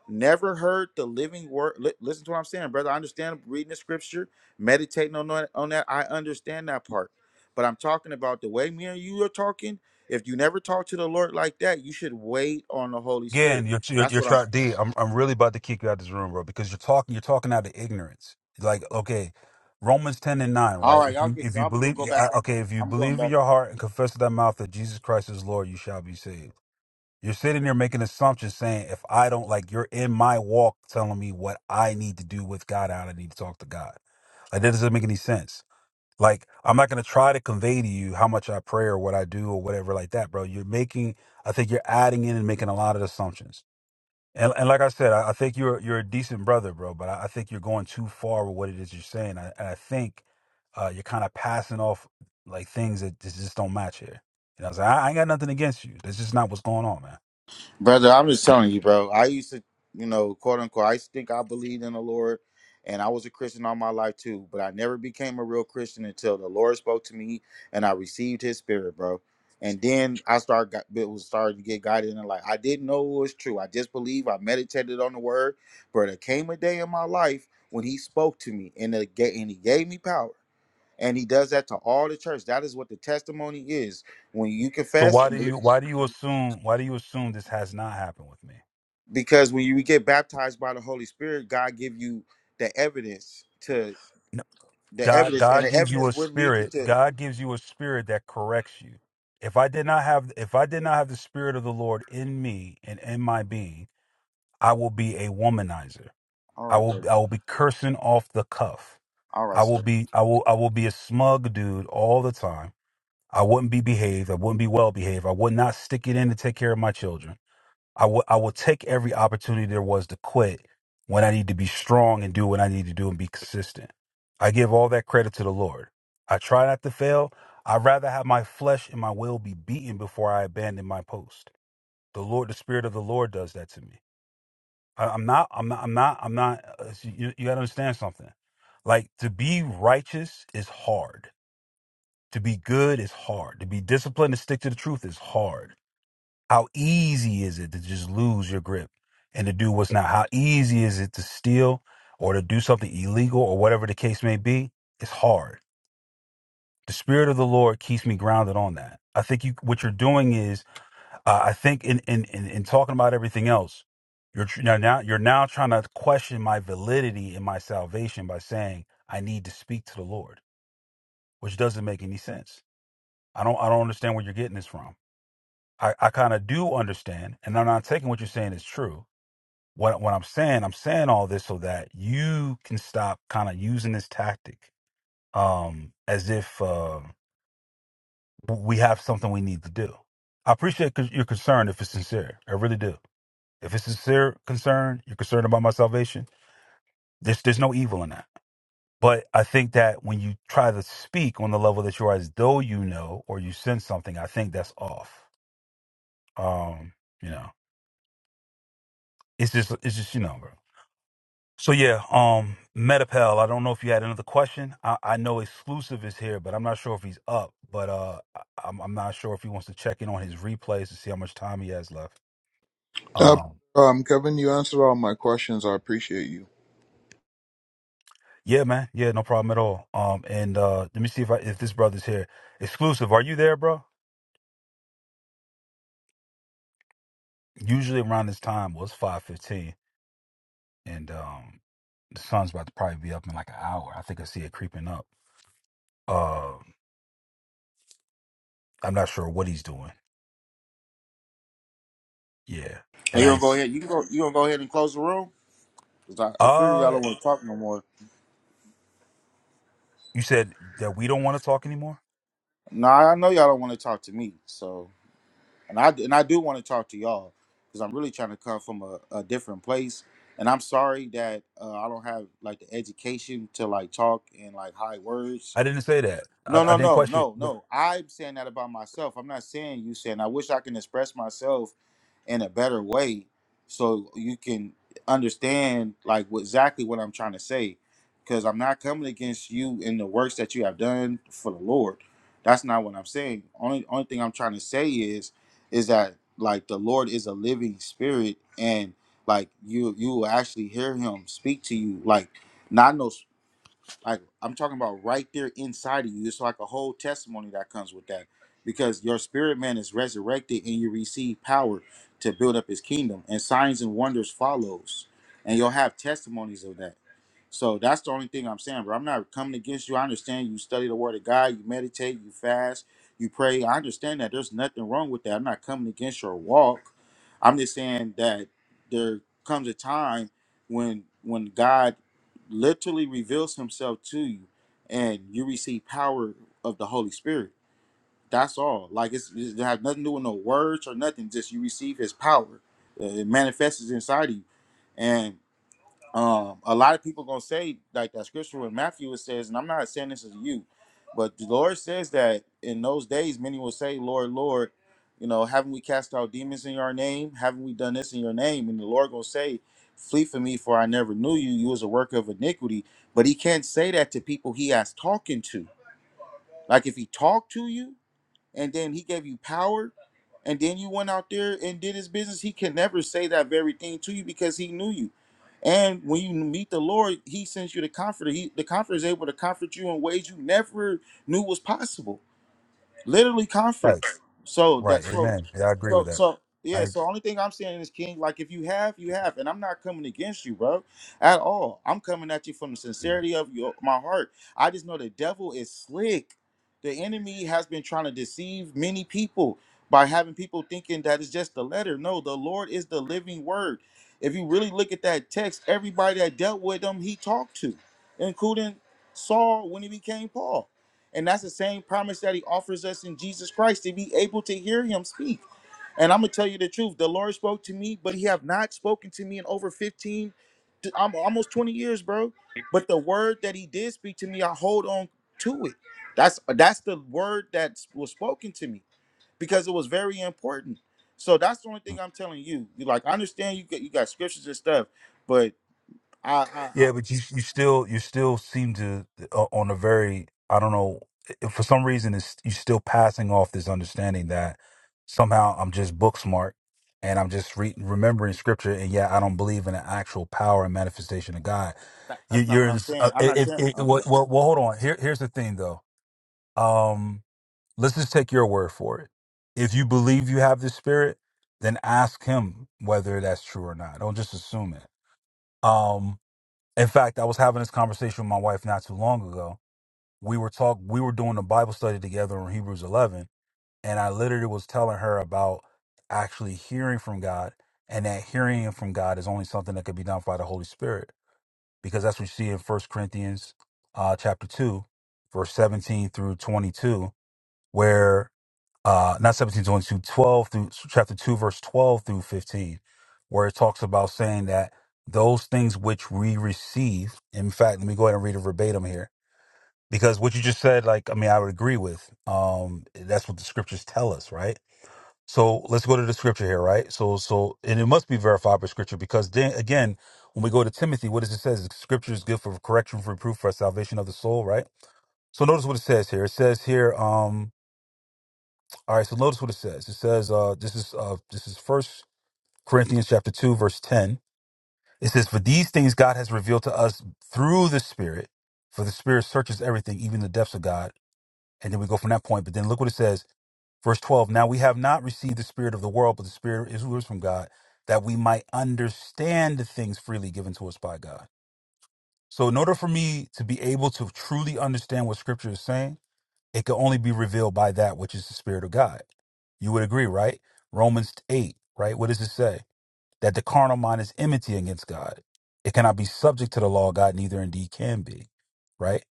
never heard the living word. Li- listen to what I'm saying, brother. I understand reading the scripture, meditating on that, on that. I understand that part. But I'm talking about the way me and you are talking. If you never talk to the Lord like that, you should wait on the Holy again Spirit. you're you're, That's you're what I'm. trying d I'm, I'm really about to kick you out this room bro because you're talking you're talking out of ignorance like okay Romans 10 and 9, All right? right, If y'all you get. if you I'm gonna go believe back I- on. okay, if you I'm going believe in back. your heart and confess with thy mouth that Jesus Christ is Lord, you shall be saved. You're sitting there making assumptions saying, if I don't like, you're in my walk telling me what I need to do with God, how I need to talk to God. Like, that doesn't make any sense. Like, I'm not going to try to convey to you how much I pray or what I do or whatever like that, bro. You're making, I think you're adding in and making a lot of assumptions. And, and like I said, I, I think you're you're a decent brother, bro. But I, I think you're going too far with what it is you're saying. I, and I think uh, you're kind of passing off like things that just, just don't match here. You know, what I'm saying? I, I ain't got nothing against you. That's just not what's going on, man. Brother, I'm just telling you, bro. I used to, you know, quote unquote, I used to think I believed in the Lord and I was a Christian all my life too, but I never became a real Christian until the Lord spoke to me and I received his spirit, bro. And then I started got it was starting to get guided in life. I didn't know it was true. I just believe I meditated on the word, but there came a day in my life when he spoke to me and it ga- and he gave me power. And he does that to all the church. That is what the testimony is. When you So confess why and do believe. you why do you assume why do you assume this has not happened with me? because when you get baptized by the holy spirit god give you the evidence to No, the God evidence and God the gives you evidence a would lead you spirit. to God gives you a spirit that corrects you. If I did not have if I did not have the spirit of the Lord in me and in my being, I will be a womanizer. all I right will baby I will be cursing off the cuff. all I right will sir be I will I will be a smug dude all the time. I wouldn't be behaved. I wouldn't be well behaved. I would not stick it in to take care of my children. I will I will take every opportunity there was to quit when I need to be strong and do what I need to do and be consistent. I give all that credit to the Lord. I try not to fail. I'd rather have my flesh and my will be beaten before I abandon my post. The Lord, the Spirit of the Lord, does that to me. I, I'm not. I'm not. I'm not. I'm not. uh, You, you got to understand something. Like to be righteous is hard. To be good is hard. To be disciplined and stick to the truth is hard how easy is it to just lose your grip and to do what's not? How easy is it to steal or to do something illegal or whatever the case may be? It's hard. The spirit of the Lord keeps me grounded on that. I think you what you're doing is uh, I think in, in in in talking about everything else, you're tr- now now- you're now trying to question my validity in my salvation by saying I need to speak to the Lord, which doesn't make any sense. I don't I don't understand where you're getting this from. I, I kind of do understand, and I'm not taking what you're saying as true what what I'm saying, I'm saying all this so that you can stop kind of using this tactic um as if uh we have something we need to do. I appreciate c- your concern if it's sincere. I really do. If it's sincere concern, you're concerned about my salvation. There's there's no evil in that. But I think that when you try to speak on the level that you are as though you know or you sense something, I think that's off. Um, you know, it's just it's just you know, bro. So yeah, um, Metapel. I don't know if you had another question. I, I know exclusive is here, but I'm not sure if he's up. But uh, I, I'm I'm not sure if he wants to check in on his replays to see how much time he has left. Uh, Um, um, Kevin, you answered all my questions. I appreciate you. yeah, man. Yeah, no problem at all. Um, and uh, let me see if I if this brother's here. Exclusive, are you there, bro? Usually around this time was five fifteen, and um, the sun's about to probably be up in like an hour. I think I see it creeping up. Uh, I'm not sure what he's doing. Yeah, Oh, and you I. gonna go ahead you can go you gonna go ahead and close the room 'Cause I, I figure y'all Uh, don't want to talk no more You said that we don't want to talk anymore. Nah, i know y'all don't want to talk to me so and i and i do want to talk to y'all because i'm really trying to come from a, a different place and i'm sorry that uh, i don't have like the education to like talk in like high words I didn't say that. I, No, I no, didn't no, question it. no, But no. I'm saying that about myself. I'm not saying you saying I wish I can express myself in a better way so you can understand like what, exactly what I'm trying to say. Because I'm not coming against you in the works that you have done for the Lord. That's not what I'm saying. Only only thing I'm trying to say is is that like the Lord is a living spirit and like you you will actually hear him speak to you like not no like I'm talking about right there inside of you. It's like a whole testimony that comes with that. Because your spirit man is resurrected and you receive power to build up his kingdom. And signs and wonders follows. And you'll have testimonies of that. So that's the only thing I'm saying, bro. I'm not coming against you. I understand you study the word of God, you meditate, you fast, you pray. I understand that there's nothing wrong with that. I'm not coming against your walk. I'm just saying that there comes a time when when God literally reveals himself to you and you receive power of the Holy Spirit. That's all. Like it's it has nothing to do with no words or nothing. Just you receive his power. Uh, It manifests inside of you. And um a lot of people gonna say like that scripture in matthew it says and i'm not saying this is you but the lord says that in those days many will say lord lord you know haven't we cast out demons in your name haven't we done this in your name and the lord gonna say flee from me for i never knew you you was a worker of iniquity but he can't say that to people he has talking to like if he talked to you and then he gave you power and then you went out there and did his business he can never say that very thing to you because he knew you and when you meet the lord he sends you the comforter he the comforter is able to comfort you in ways you never knew was possible literally right, comfort. So right. that's what. Amen. Yeah, I agree So with that. so yeah. I. So only thing I'm saying is King, like if you have, you have, and I'm not coming against you, bro, at all. I'm coming at you from the mm-hmm. sincerity of your my heart. I just know the devil is slick. The enemy has been trying to deceive many people by having people thinking that it's just the letter. No, the Lord is the living word. If you really look at that text, everybody that dealt with him, he talked to, including Saul when he became Paul. And that's the same promise that he offers us in Jesus Christ to be able to hear him speak. And I'm gonna tell you the truth. The Lord spoke to me, but he have not spoken to me in over 15, to- I'm almost 20 years, bro. But the word that he did speak to me, I hold on to it. That's that's the word that was spoken to me because it was very important. So that's the only thing I'm telling you. You like I understand you got you got scriptures and stuff, but I I, I Yeah, but you you still you still seem to uh, on a very I don't know if for some reason it's you're still passing off this understanding that somehow I'm just book smart and I'm just re- remembering scripture and yeah I don't believe in the actual power and manifestation of God. that, You, that's not you're what in, I'm s- uh, saying. I'm not if, saying if, if okay. well, well well, hold on here here's the thing though. Um, let's just take your word for it. If you believe you have the spirit, then ask him whether that's true or not. Don't just assume it. Um, in fact, I was having this conversation with my wife not too long ago. We were talk we were doing a Bible study together on Hebrews 11, and I literally was telling her about actually hearing from God, and that hearing from God is only something that could be done by the Holy Spirit, because that's what you see in First Corinthians uh, chapter two, verse seventeen through twenty-two, where uh not 17 22 12 through chapter 2 verse 12 through 15 where it talks about saying that those things which we receive in fact let me go ahead and read it verbatim here because what you just said like i mean i would agree with um that's what the scriptures tell us right so let's go to the scripture here right so so and it must be verified by scripture because then again when we go to timothy what does it says scripture is good for correction for reproof, for salvation of the soul right so notice what it says here it says here um all right, so notice what it says. It says, uh, this is uh this is first Corinthians chapter two, verse ten. It says, For these things God has revealed to us through the Spirit, for the Spirit searches everything, even the depths of God. And then we go from that point. But then look what it says, verse twelve. Now we have not received the spirit of the world, but the spirit is who is from God, that we might understand the things freely given to us by God. So in order for me to be able to truly understand what scripture is saying, it could only be revealed by that which is the Spirit of God. You would agree, right? Romans 8, right? What does it say? That the carnal mind is enmity against God. It cannot be subject to the law of God, neither indeed can be, right?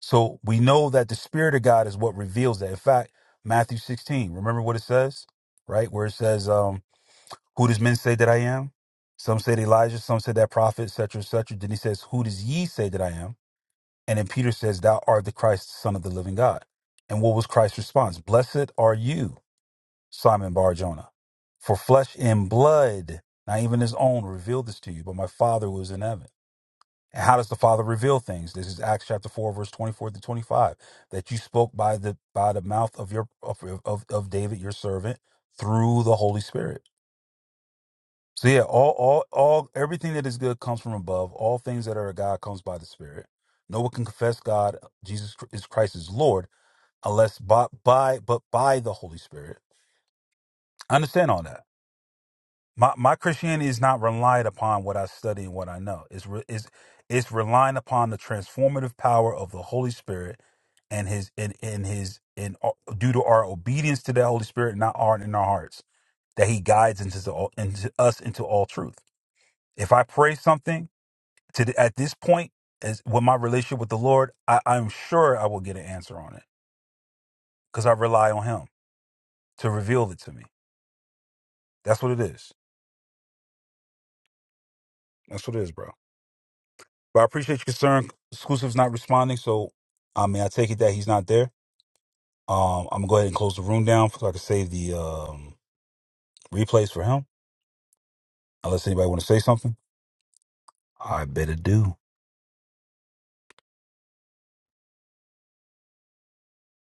So we know that the Spirit of God is what reveals that. In fact, Matthew 16, remember what it says, right? Where it says, um, Who does men say that I am? Some said Elijah, some said that prophet, etc., etc. Then he says, Who does ye say that I am? And then Peter says, Thou art the Christ, Son of the living God. And what was Christ's response? Blessed are you, Simon Bar Jonah, for flesh and blood, not even his own, revealed this to you, but my Father who is in heaven. And how does the Father reveal things? This is Acts chapter 4, verse 24 to 25, that you spoke by the by the mouth of your of, of, of David, your servant, through the Holy Spirit. So yeah, all all all everything that is good comes from above. All things that are of God comes by the Spirit. No one can confess God, Jesus Chr- is Christ is Lord, unless by, by but by the Holy Spirit. I understand all that. My my Christianity is not relied upon what I study and what I know. It's re, it's it's relying upon the transformative power of the Holy Spirit and his and in his in due to our obedience to the Holy Spirit, not our in our hearts, that He guides into the, into us into all truth. If I pray something. to the, at this point as with my relationship with the lord I, i'm sure i will get an answer on it because i rely on him to reveal it to me that's what it is that's what it is bro but i appreciate your concern exclusive's not responding so i mean i take it that he's not there um i'm gonna go ahead and close the room down so i can save the um replays for him unless anybody want to say something i better do